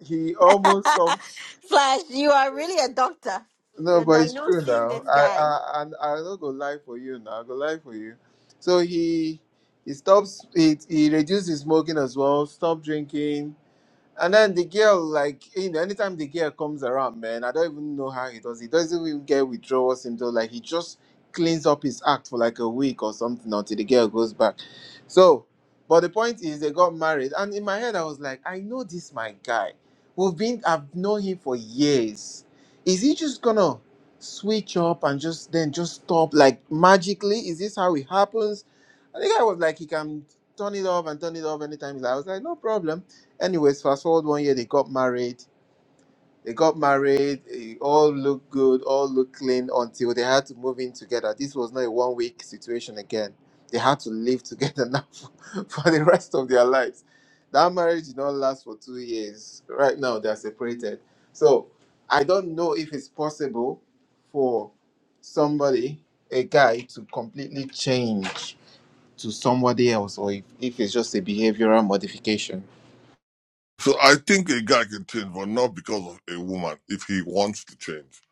he almost stopped. Flash, you are really a doctor. No, You're but it's true diagnosing now. this I guy. I and I, don't go lie for you now. I go lie for you. So he he stops. He he reduced his smoking as well. Stopped drinking And then the girl, like, you know, anytime the girl comes around, man, I don't even know how he does. He doesn't even get withdrawal symptoms. Like, he just cleans up his act for like a week or something until the girl goes back. So, but the point is, they got married. And in my head, I was like, I know this, my guy. We've been, I've known him for years. Is he just gonna switch up and just then just stop? Like, magically, is this how it happens? And the guy was like, he can turn it off and turn it off anytime. I was like, no problem Anyways, fast forward one year, they got married. They got married, eh, all looked good, all looked clean until they had to move in together. This was not a one week situation again. They had to live together now for, for the rest of their lives. That marriage did not last for two years. Right now, they're separated. So I don't know if it's possible for somebody, a guy, to completely change to somebody else or if, if it's just a behavioral modification. so I think a guy can change, but not because of a woman if he wants to change.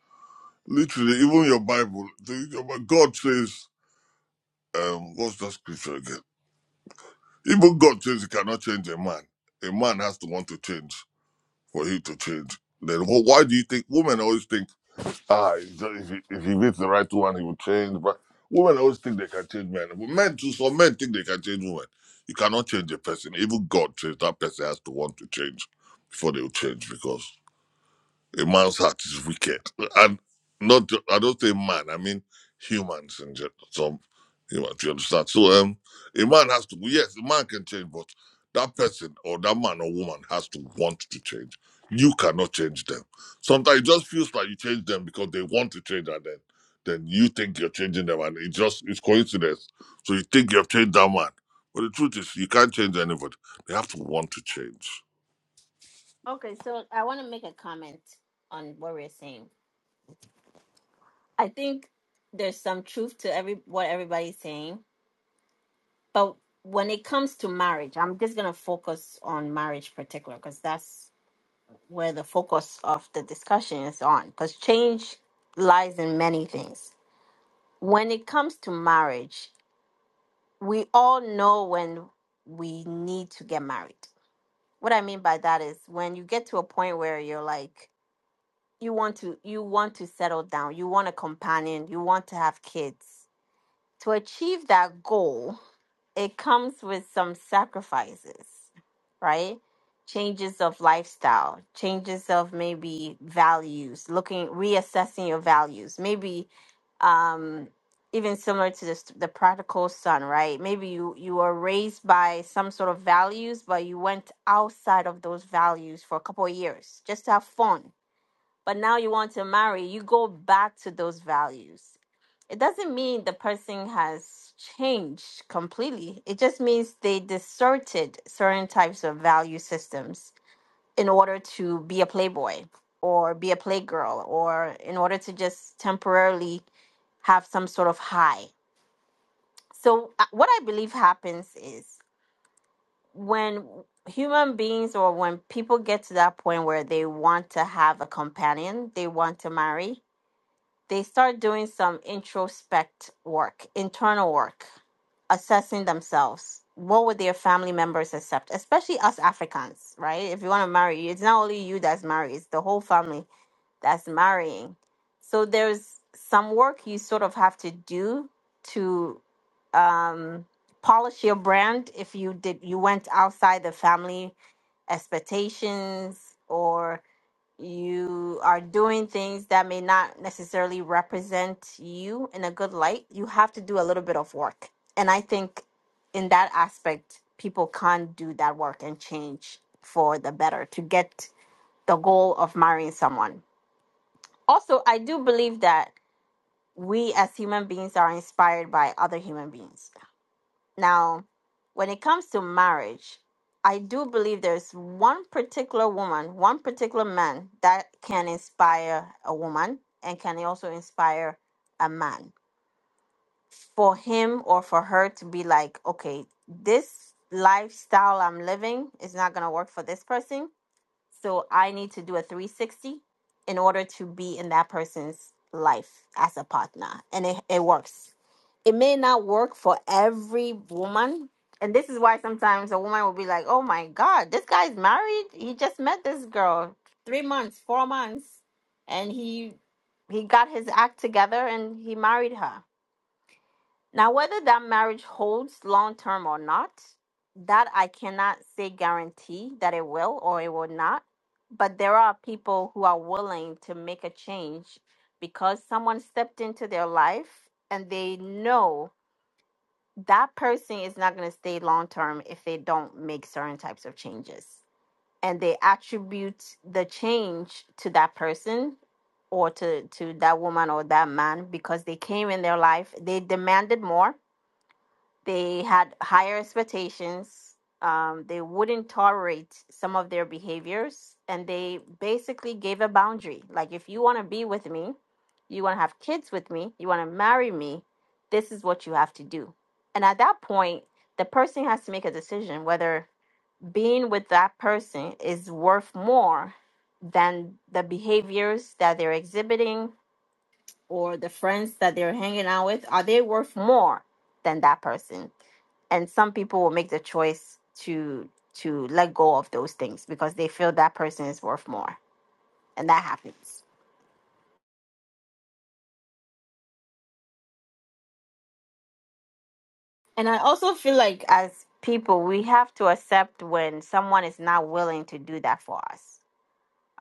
Literally, even your Bible, the- your- God says, um, what's that scripture again? Even God says he cannot change a man. A man has to want to change for him to change. Then wh- why do you think women always think, ah, if if he, if he meets the right one, he will change? But women always think they can change men. But men too, some men think they can change women. You cannot change a person. Even God says that person has to want to change before they will change because a man's heart is wicked, and not I don't say man. I mean humans in general. Some humans, you understand? So um, a man has to. Yes, a man can change, but that person or that man or woman has to want to change. You cannot change them. Sometimes it just feels like you change them because they want to change, and then then you think you're changing them, and it just it's coincidence. So you think you have changed that man, but the truth is you can't change anybody. They have to want to change. Okay, so I want to make a comment on what we're saying. I think there's some truth to every what everybody's saying, but when it comes to marriage, I'm just gonna focus on marriage particular because that's where the focus of the discussion is on because change lies in many things. When it comes to marriage, we all know when we need to get married. What I mean by that is when you get to a point where you're like you want to you want to settle down, you want a companion, you want to have kids. To achieve that goal, it comes with some sacrifices, right? Changes of lifestyle, changes of maybe values, looking, reassessing your values. Maybe um, even similar to this, the prodigal son, right? Maybe you, you were raised by some sort of values, but you went outside of those values for a couple of years just to have fun. But now you want to marry, you go back to those values it doesn't mean the person has changed completely. It just means they distorted certain types of value systems in order to be a playboy or be a playgirl or in order to just temporarily have some sort of high. So, uh, what I believe happens is when human beings or when people get to that point where they want to have a companion, they want to marry, they start doing some introspect work, internal work, assessing themselves. What would their family members accept, especially us Africans, right? If you want to marry, it's not only you that's married, it's the whole family that's marrying. So there's some work you sort of have to do to um, polish your brand if you did you went outside the family expectations or you are doing things that may not necessarily represent you in a good light, you have to do a little bit of work. And I think in that aspect, people can't do that work and change for the better to get the goal of marrying someone. Also, I do believe that we as human beings are inspired by other human beings. Now, when it comes to marriage, I do believe there's one particular woman, one particular man that can inspire a woman and can also inspire a man for him or for her to be like, okay, this lifestyle I'm living is not going to work for this person. So I need to do a 360 in order to be in that person's life as a partner. And it, it works. It may not work for every woman. And this is why sometimes a woman will be like, oh my God, this guy's married. He just met this girl three months, four months. And he he got his act together and he married her now, whether that marriage holds long term or not, that I cannot say guarantee that it will or it will not. But there are people who are willing to make a change because someone stepped into their life and they know that person is not going to stay long term if they don't make certain types of changes. And they attribute the change to that person or to, to that woman or that man because they came in their life, they demanded more they had higher expectations. Um, they wouldn't tolerate some of their behaviors. And they basically gave a boundary. Like, if you want to be with me, you want to have kids with me, you want to marry me, this is what you have to do. And at that point, the person has to make a decision whether being with that person is worth more than the behaviors that they're exhibiting or the friends that they're hanging out with. Are they worth more than that person? and some people will make the choice to to let go of those things because they feel that person is worth more and that happens and i also feel like as people we have to accept when someone is not willing to do that for us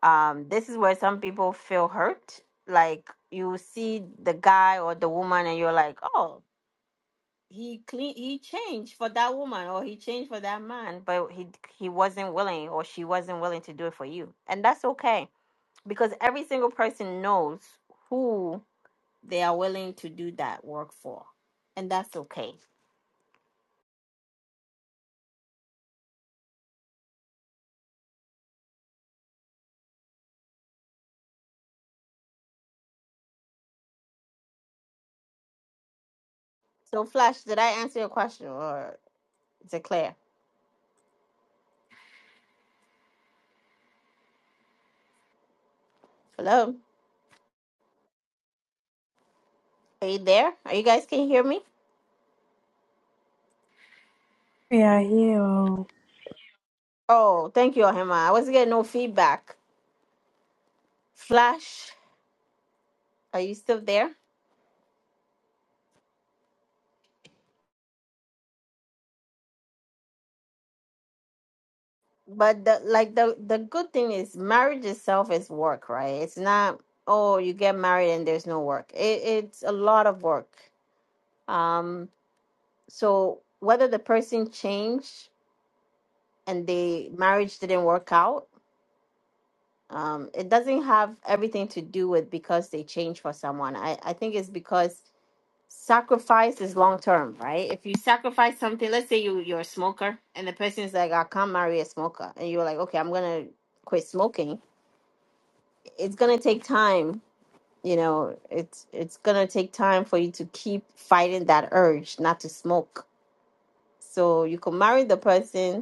um this is where some people feel hurt like you see the guy or the woman and you're like oh he clean he changed for that woman or he changed for that man but he he wasn't willing or she wasn't willing to do it for you and that's okay because every single person knows who they are willing to do that work for, and that's okay. So, Flash, did I answer your question or is it clear? Hello, are you there? Are you guys can you hear me? We are here. oh. Oh, thank you, Ohima. I wasn't getting no feedback. Flash, are you still there? But the like the the good thing is marriage itself is work, right? It's not oh you get married and there's no work. It, it's a lot of work. Um, so whether the person changed and the marriage didn't work out um it doesn't have everything to do with because they change for someone i i think it's because sacrifice is long term right if you sacrifice something let's say you you're a smoker and the person is like i can't marry a smoker and you're like okay i'm gonna quit smoking it's gonna take time you know it's it's gonna take time for you to keep fighting that urge not to smoke so you could marry the person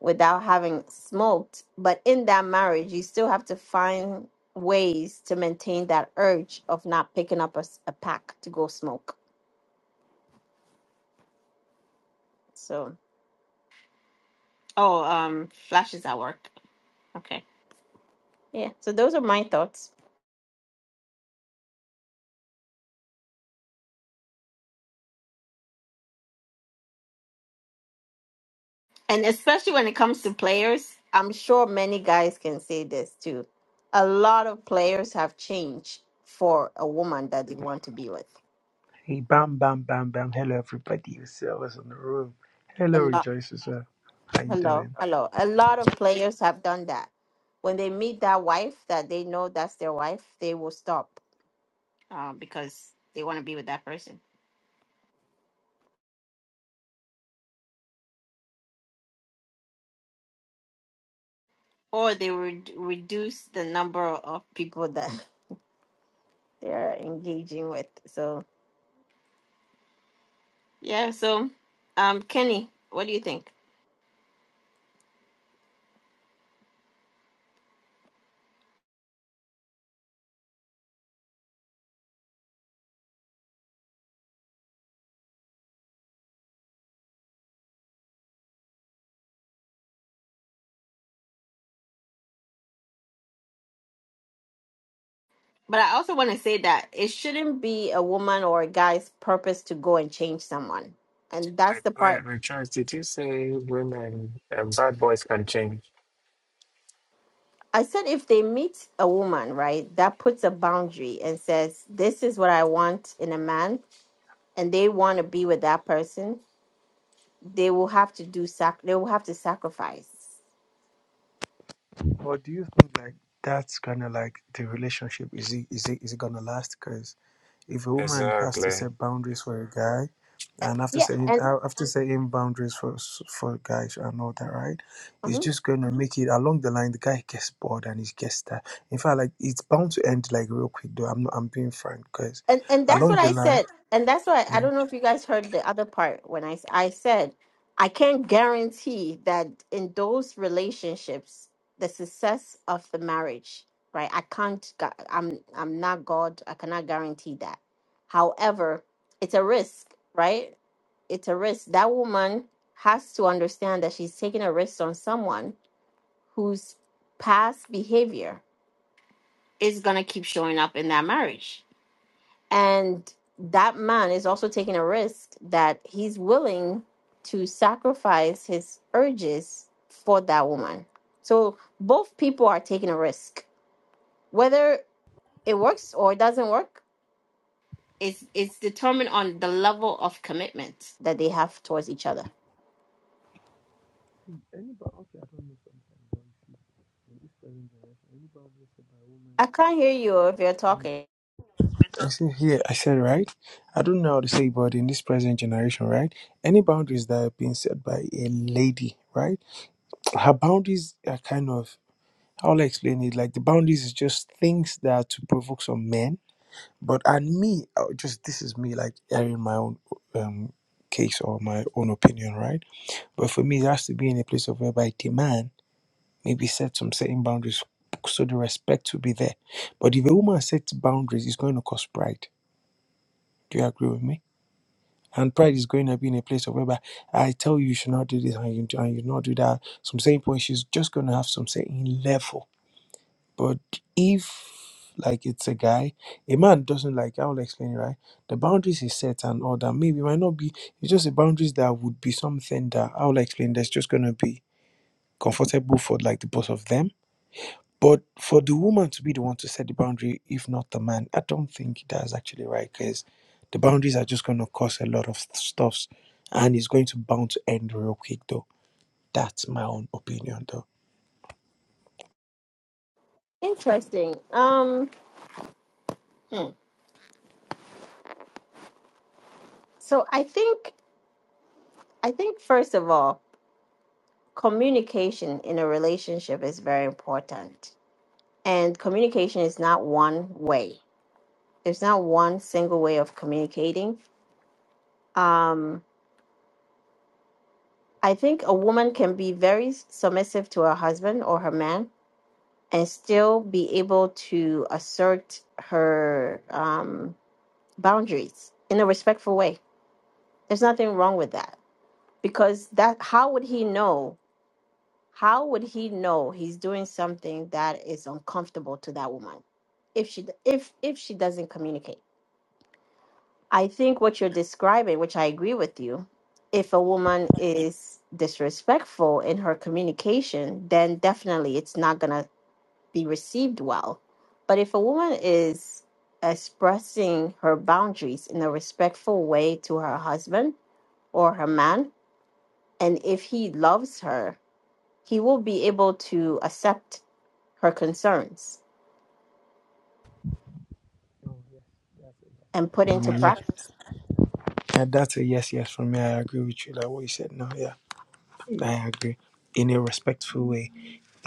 without having smoked. But in that marriage, you still have to find ways to maintain that urge of not picking up a, s- a pack to go smoke. So, oh, um, flashes at work. Okay. Yeah. So those are my thoughts. And especially when it comes to players, I'm sure many guys can say this too. A lot of players have changed for a woman that they want to be with. Hey, bam, bam, bam, bam. Hello, everybody. You see, I was in the room. Hello, A lot. Rejoice as well. How you Hello, doing? hello. A lot of players have done that. When they meet that wife that they know that's their wife, they will stop uh, because they want to be with that person, or they would reduce the number of people that they're engaging with. So yeah, so um, Kenny, what do you think? But I also want to say that it shouldn't be a woman or a guy's purpose to go and change someone, and that's Wait, the part. wait, wait, Charles, did you say women and bad boys can change? I said if they meet a woman, right, that puts a boundary and says, This is what I want in a man, and they want to be with that person, they will have to do sac they will have to sacrifice. Well, do you think like that's kind of like the relationship? Is it is it is it gonna last? Because if a woman has to Exactly. set boundaries for a guy, and after Yeah. setting And uh, after setting boundaries for s- for guys and all that, right? mhm. It's just gonna make it along the line. The guy gets bored and he gets that. In fact, like it's bound to end like real quick. Though I'm not, I'm being frank because and and that's along what the I line. said, and that's why I yeah. don't know if you guys heard the other part when I s- I said I can't guarantee that in those relationships the success of the marriage, right? I can't. gu- I'm I'm not God. I cannot guarantee that. However, it's a risk, right? It's a risk. That woman has to understand that she's taking a risk on someone whose past behavior is gonna keep showing up in that marriage and that man is also taking a risk that he's willing to sacrifice his urges for that woman. So both people are taking a risk. Whether it works or it doesn't work, it's it's determined on the level of commitment that they have towards each other. Anybody, okay, I don't know. I can't hear you if you're talking. I said, yeah, I said, right? I don't know how to say, but in this present generation, right? Any boundaries that are being set by a lady, right? Her boundaries are kind of, how will I explain it? Like the boundaries is just things that are to provoke some men. But and me, I would just this is me, like airing my own um, case or my own opinion, right? But for me, it has to be in a place of whereby the man maybe set some certain boundaries, so the respect will be there. But if a woman sets boundaries, it's going to cause pride. Do you agree with me? And pride is going to be in a place of whereby I tell you you should not do this and you and you not do that. Some certain point she's just going to have some certain level. But if like it's a guy, a man doesn't like I will explain it, right. The boundaries is set and all that. Maybe it might not be. It's just the boundaries that would be something that I will explain. That's just going to be comfortable for like the both of them but for the woman to be the one to set the boundary, if not the man, I don't think that's actually right because the boundaries are just going to cause a lot of stuffs and it's going to bound to end real quick though. That's my own opinion though. Interesting. Um hmm. so I think I think first of all, communication in a relationship is very important And communication is not one way. There's not one single way of communicating. Um, I think a woman can be very submissive to her husband or her man and still be able to assert her um, boundaries in a respectful way. There's nothing wrong with that because that how would he know? How would he know he's doing something that is uncomfortable to that woman if she if if she doesn't communicate? I think what you're describing, which I agree with you, if a woman is disrespectful in her communication, then definitely it's not going to be received well. But if a woman is expressing her boundaries in a respectful way to her husband or her man, and if he loves her, he will be able to accept her concerns and put into Mm, yeah. practice. yeah, that's a yes, yes from me. I agree with you. Like what you said now, yeah. I agree. In a respectful way.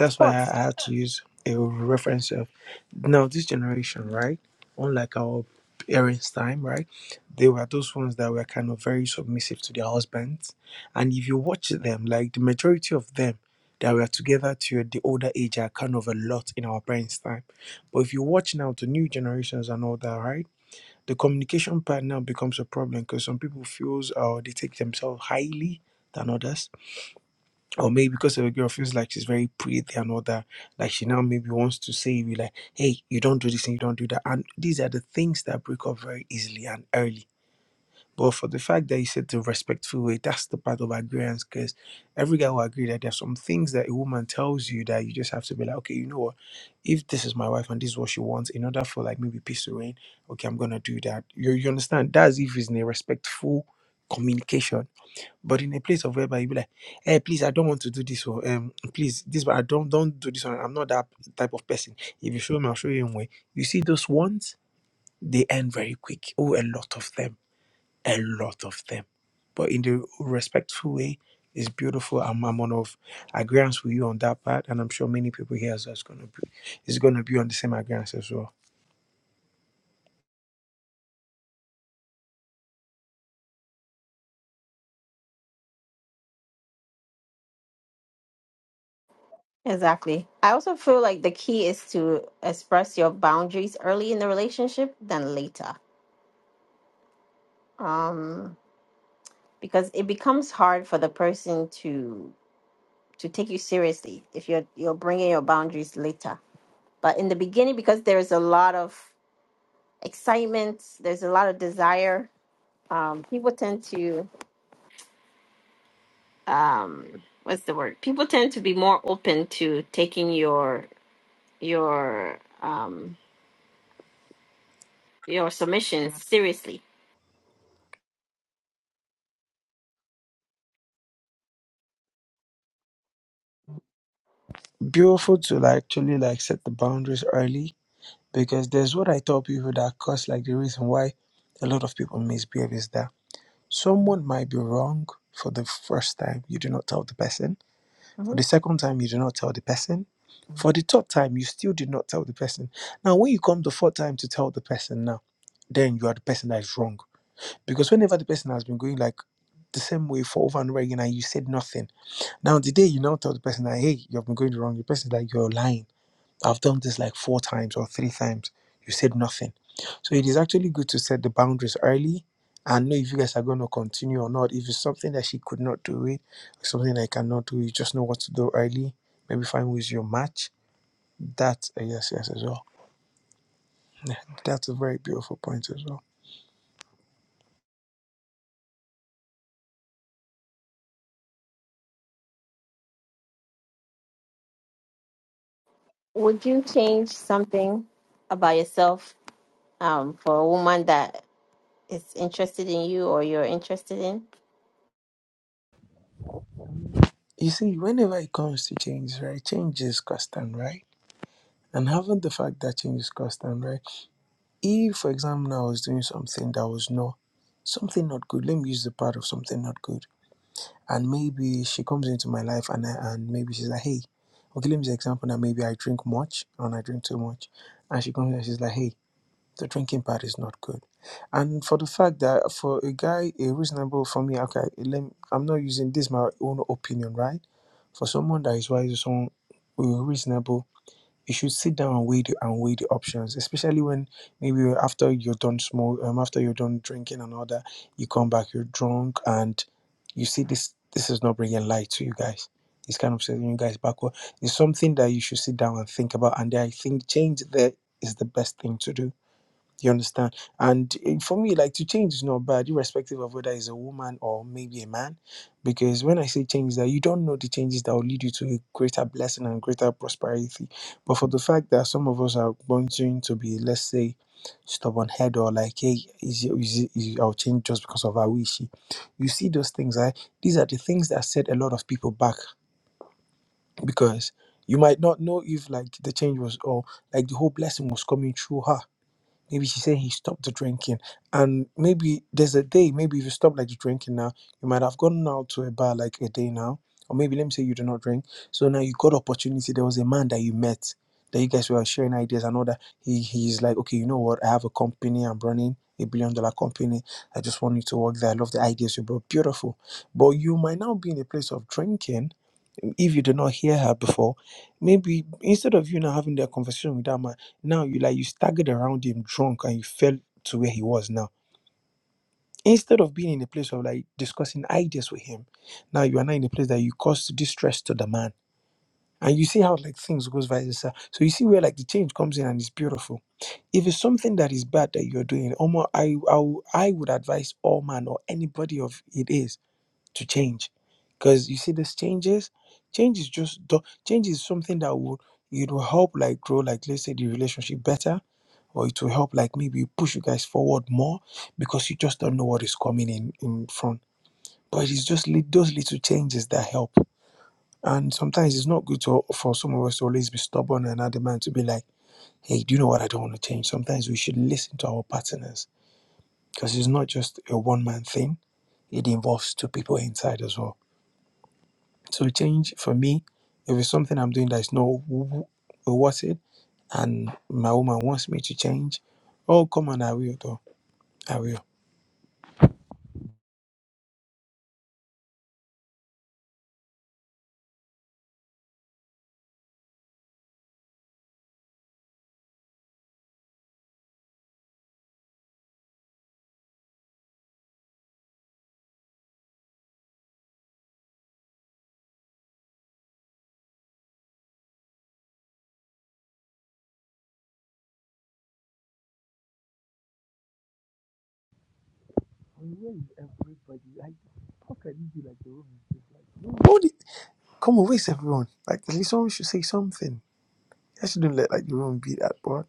Of why I course. I had to use a reference of now this generation, right? Unlike our parents' time, right? They were those ones that were kind of very submissive to their husbands. And if you watch them, like the majority of them that were together to the older age are kind of a lot in our parents' time. But if you watch now the new generations and all that, right? The communication part now becomes a problem because some people feels uh, they take themselves highly than others or maybe because of a girl feels like she's very pretty and all that, like she now maybe wants to say you like, hey, you don't do this and you don't do that. And these are the things that break up very easily and early. But for the fact that you said the respectful way, that's the part of agreeance because every guy will agree that there are some things that a woman tells you that you just have to be like, okay, you know what? If this is my wife and this is what she wants, in order for like maybe peace to reign, okay, I'm gonna do that. You, you understand? That's if it's in a respectful communication but in a place of whereby you be like, hey, please, I don't want to do this. Or um, please, this, but I don't don't do this one. I'm not that type of person. If you show me, I'll show you in way. You see those ones, they end very quick. Oh, a lot of them. A lot of them. But in the respectful way, it's beautiful. I'm, I'm one of agreements with you on that part. And I'm sure many people here as well is gonna be is gonna be on the same agreements as well. Exactly. I also feel like the key is to express your boundaries early in the relationship than later. Um, because it becomes hard for the person to to take you seriously if you're you're bringing your boundaries later. But in the beginning, because there is a lot of excitement, there's a lot of desire. Um, people tend to um, what's the word? People tend to be more open to taking your your um, your submissions seriously Beautiful to like actually like set the boundaries early Because there's what I tell people that cause like the reason why a lot of people misbehave is that someone might be wrong for the first time, you do not tell the person. For the Mhm. second time, you do not tell the person. For the third time, you still did not tell the person. Now, when you come the fourth time to tell the person now, then you are the person that is wrong. Because whenever the person has been going like the same way for over and over again and you said nothing. Now the day you now tell the person that hey, you've been going wrong, the person is like you're lying I've done this like four times or three times. You said nothing. So it is actually good to set the boundaries early and know if you guys are going to continue or not. If it's something that she could not do it, or something I cannot do, you just know what to do early. Maybe find who is your match. That's a yes, yes as well. That's a very beautiful point as well. Would you change something about yourself um, for a woman that is interested in you or you're interested in? You see, whenever it comes to change, right? Change is constant, right? And having the fact that change is constant, right? If, for example, I was doing something that was not something not good, let me use the part of something not good and maybe she comes into my life and I, and maybe she's like, hey, okay, let me just example now. Maybe I drink much and I drink too much, and she comes and she's like, hey, the drinking part is not good, and for the fact that for a guy, a reasonable for me, okay, let me, I'm not using this my own opinion, right? For someone that is wise, someone reasonable you should sit down and weigh the, and weigh the options, especially when maybe you're- after you're done smoke, um, after you're done drinking and all that, you come back, you're drunk, and you see this. This is not bringing light to you guys. It's kind of setting you guys backward. It's something that you should sit down and think about, and I think change there is the best thing to do you understand? And eh, for me, like to change is not bad, irrespective of whether it's a woman or maybe a man. Because when I say change, that you don't know the changes that will lead you to a greater blessing and greater prosperity. But for the fact that some of us are wanting to be, let's say, stubborn head or like, hey, is, is, is I'll change just because of how is wishy. You see those things, right? These are the things that set a lot of people back because you might not know if like the change was or like the whole blessing was coming through her Maybe she said he stopped the drinking. And maybe there's a day, maybe if you stop like the drinking now, you might have gone out to a bar like a day now. Or maybe let me say you do not drink. So now you got opportunity. There was a man that you met that you guys were sharing ideas and all that. He he's like, okay, you know what? I have a company, I'm running a billion dollar company. I just want you to work there. I love the ideas you brought. Beautiful. But you might now be in a place of drinking if you did not hear her before, maybe instead of you now having that conversation with that man, now you like you staggered around him drunk and you fell to where he was now. Instead of being in a place of like discussing ideas with him, now you are now in a place that you caused distress to the man. And you see how like things goes vice versa. So you see where like the change comes in and it's beautiful. If it's something that is bad that you're doing, Omar, I, I, I would advise all man or anybody of it is to change because you see this changes change is just do- change is something that would it will help like grow like let's say the relationship better or it will help like maybe push you guys forward more because you just don't know what is coming in in front but it's just li- those little changes that help and sometimes it's not good to, for some of us to always be stubborn and adamant to be like hey do you know what i don't want to change sometimes we should listen to our partners because it's not just a one-man thing it involves two people inside as well So change for me, if it's something I'm doing that is not w- w- uh, worth it, and my woman wants me to change, oh come on, I will though. I will. Where is everybody? Like, how can it be like the room is just like no What did- come on, where's everyone? Like at least someone should say something. I shouldn't let like the room be that.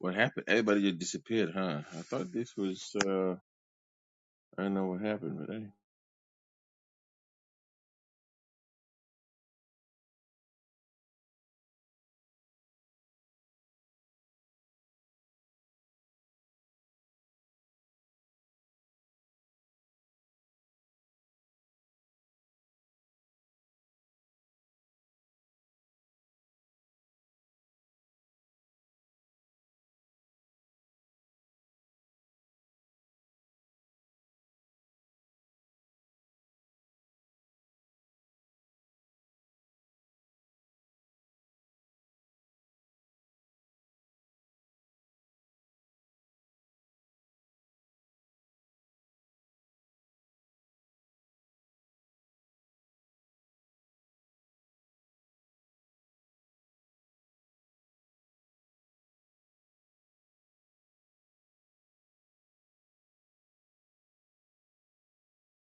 What happened? Everybody just disappeared, huh? I thought this was, uh, I don't know what happened today.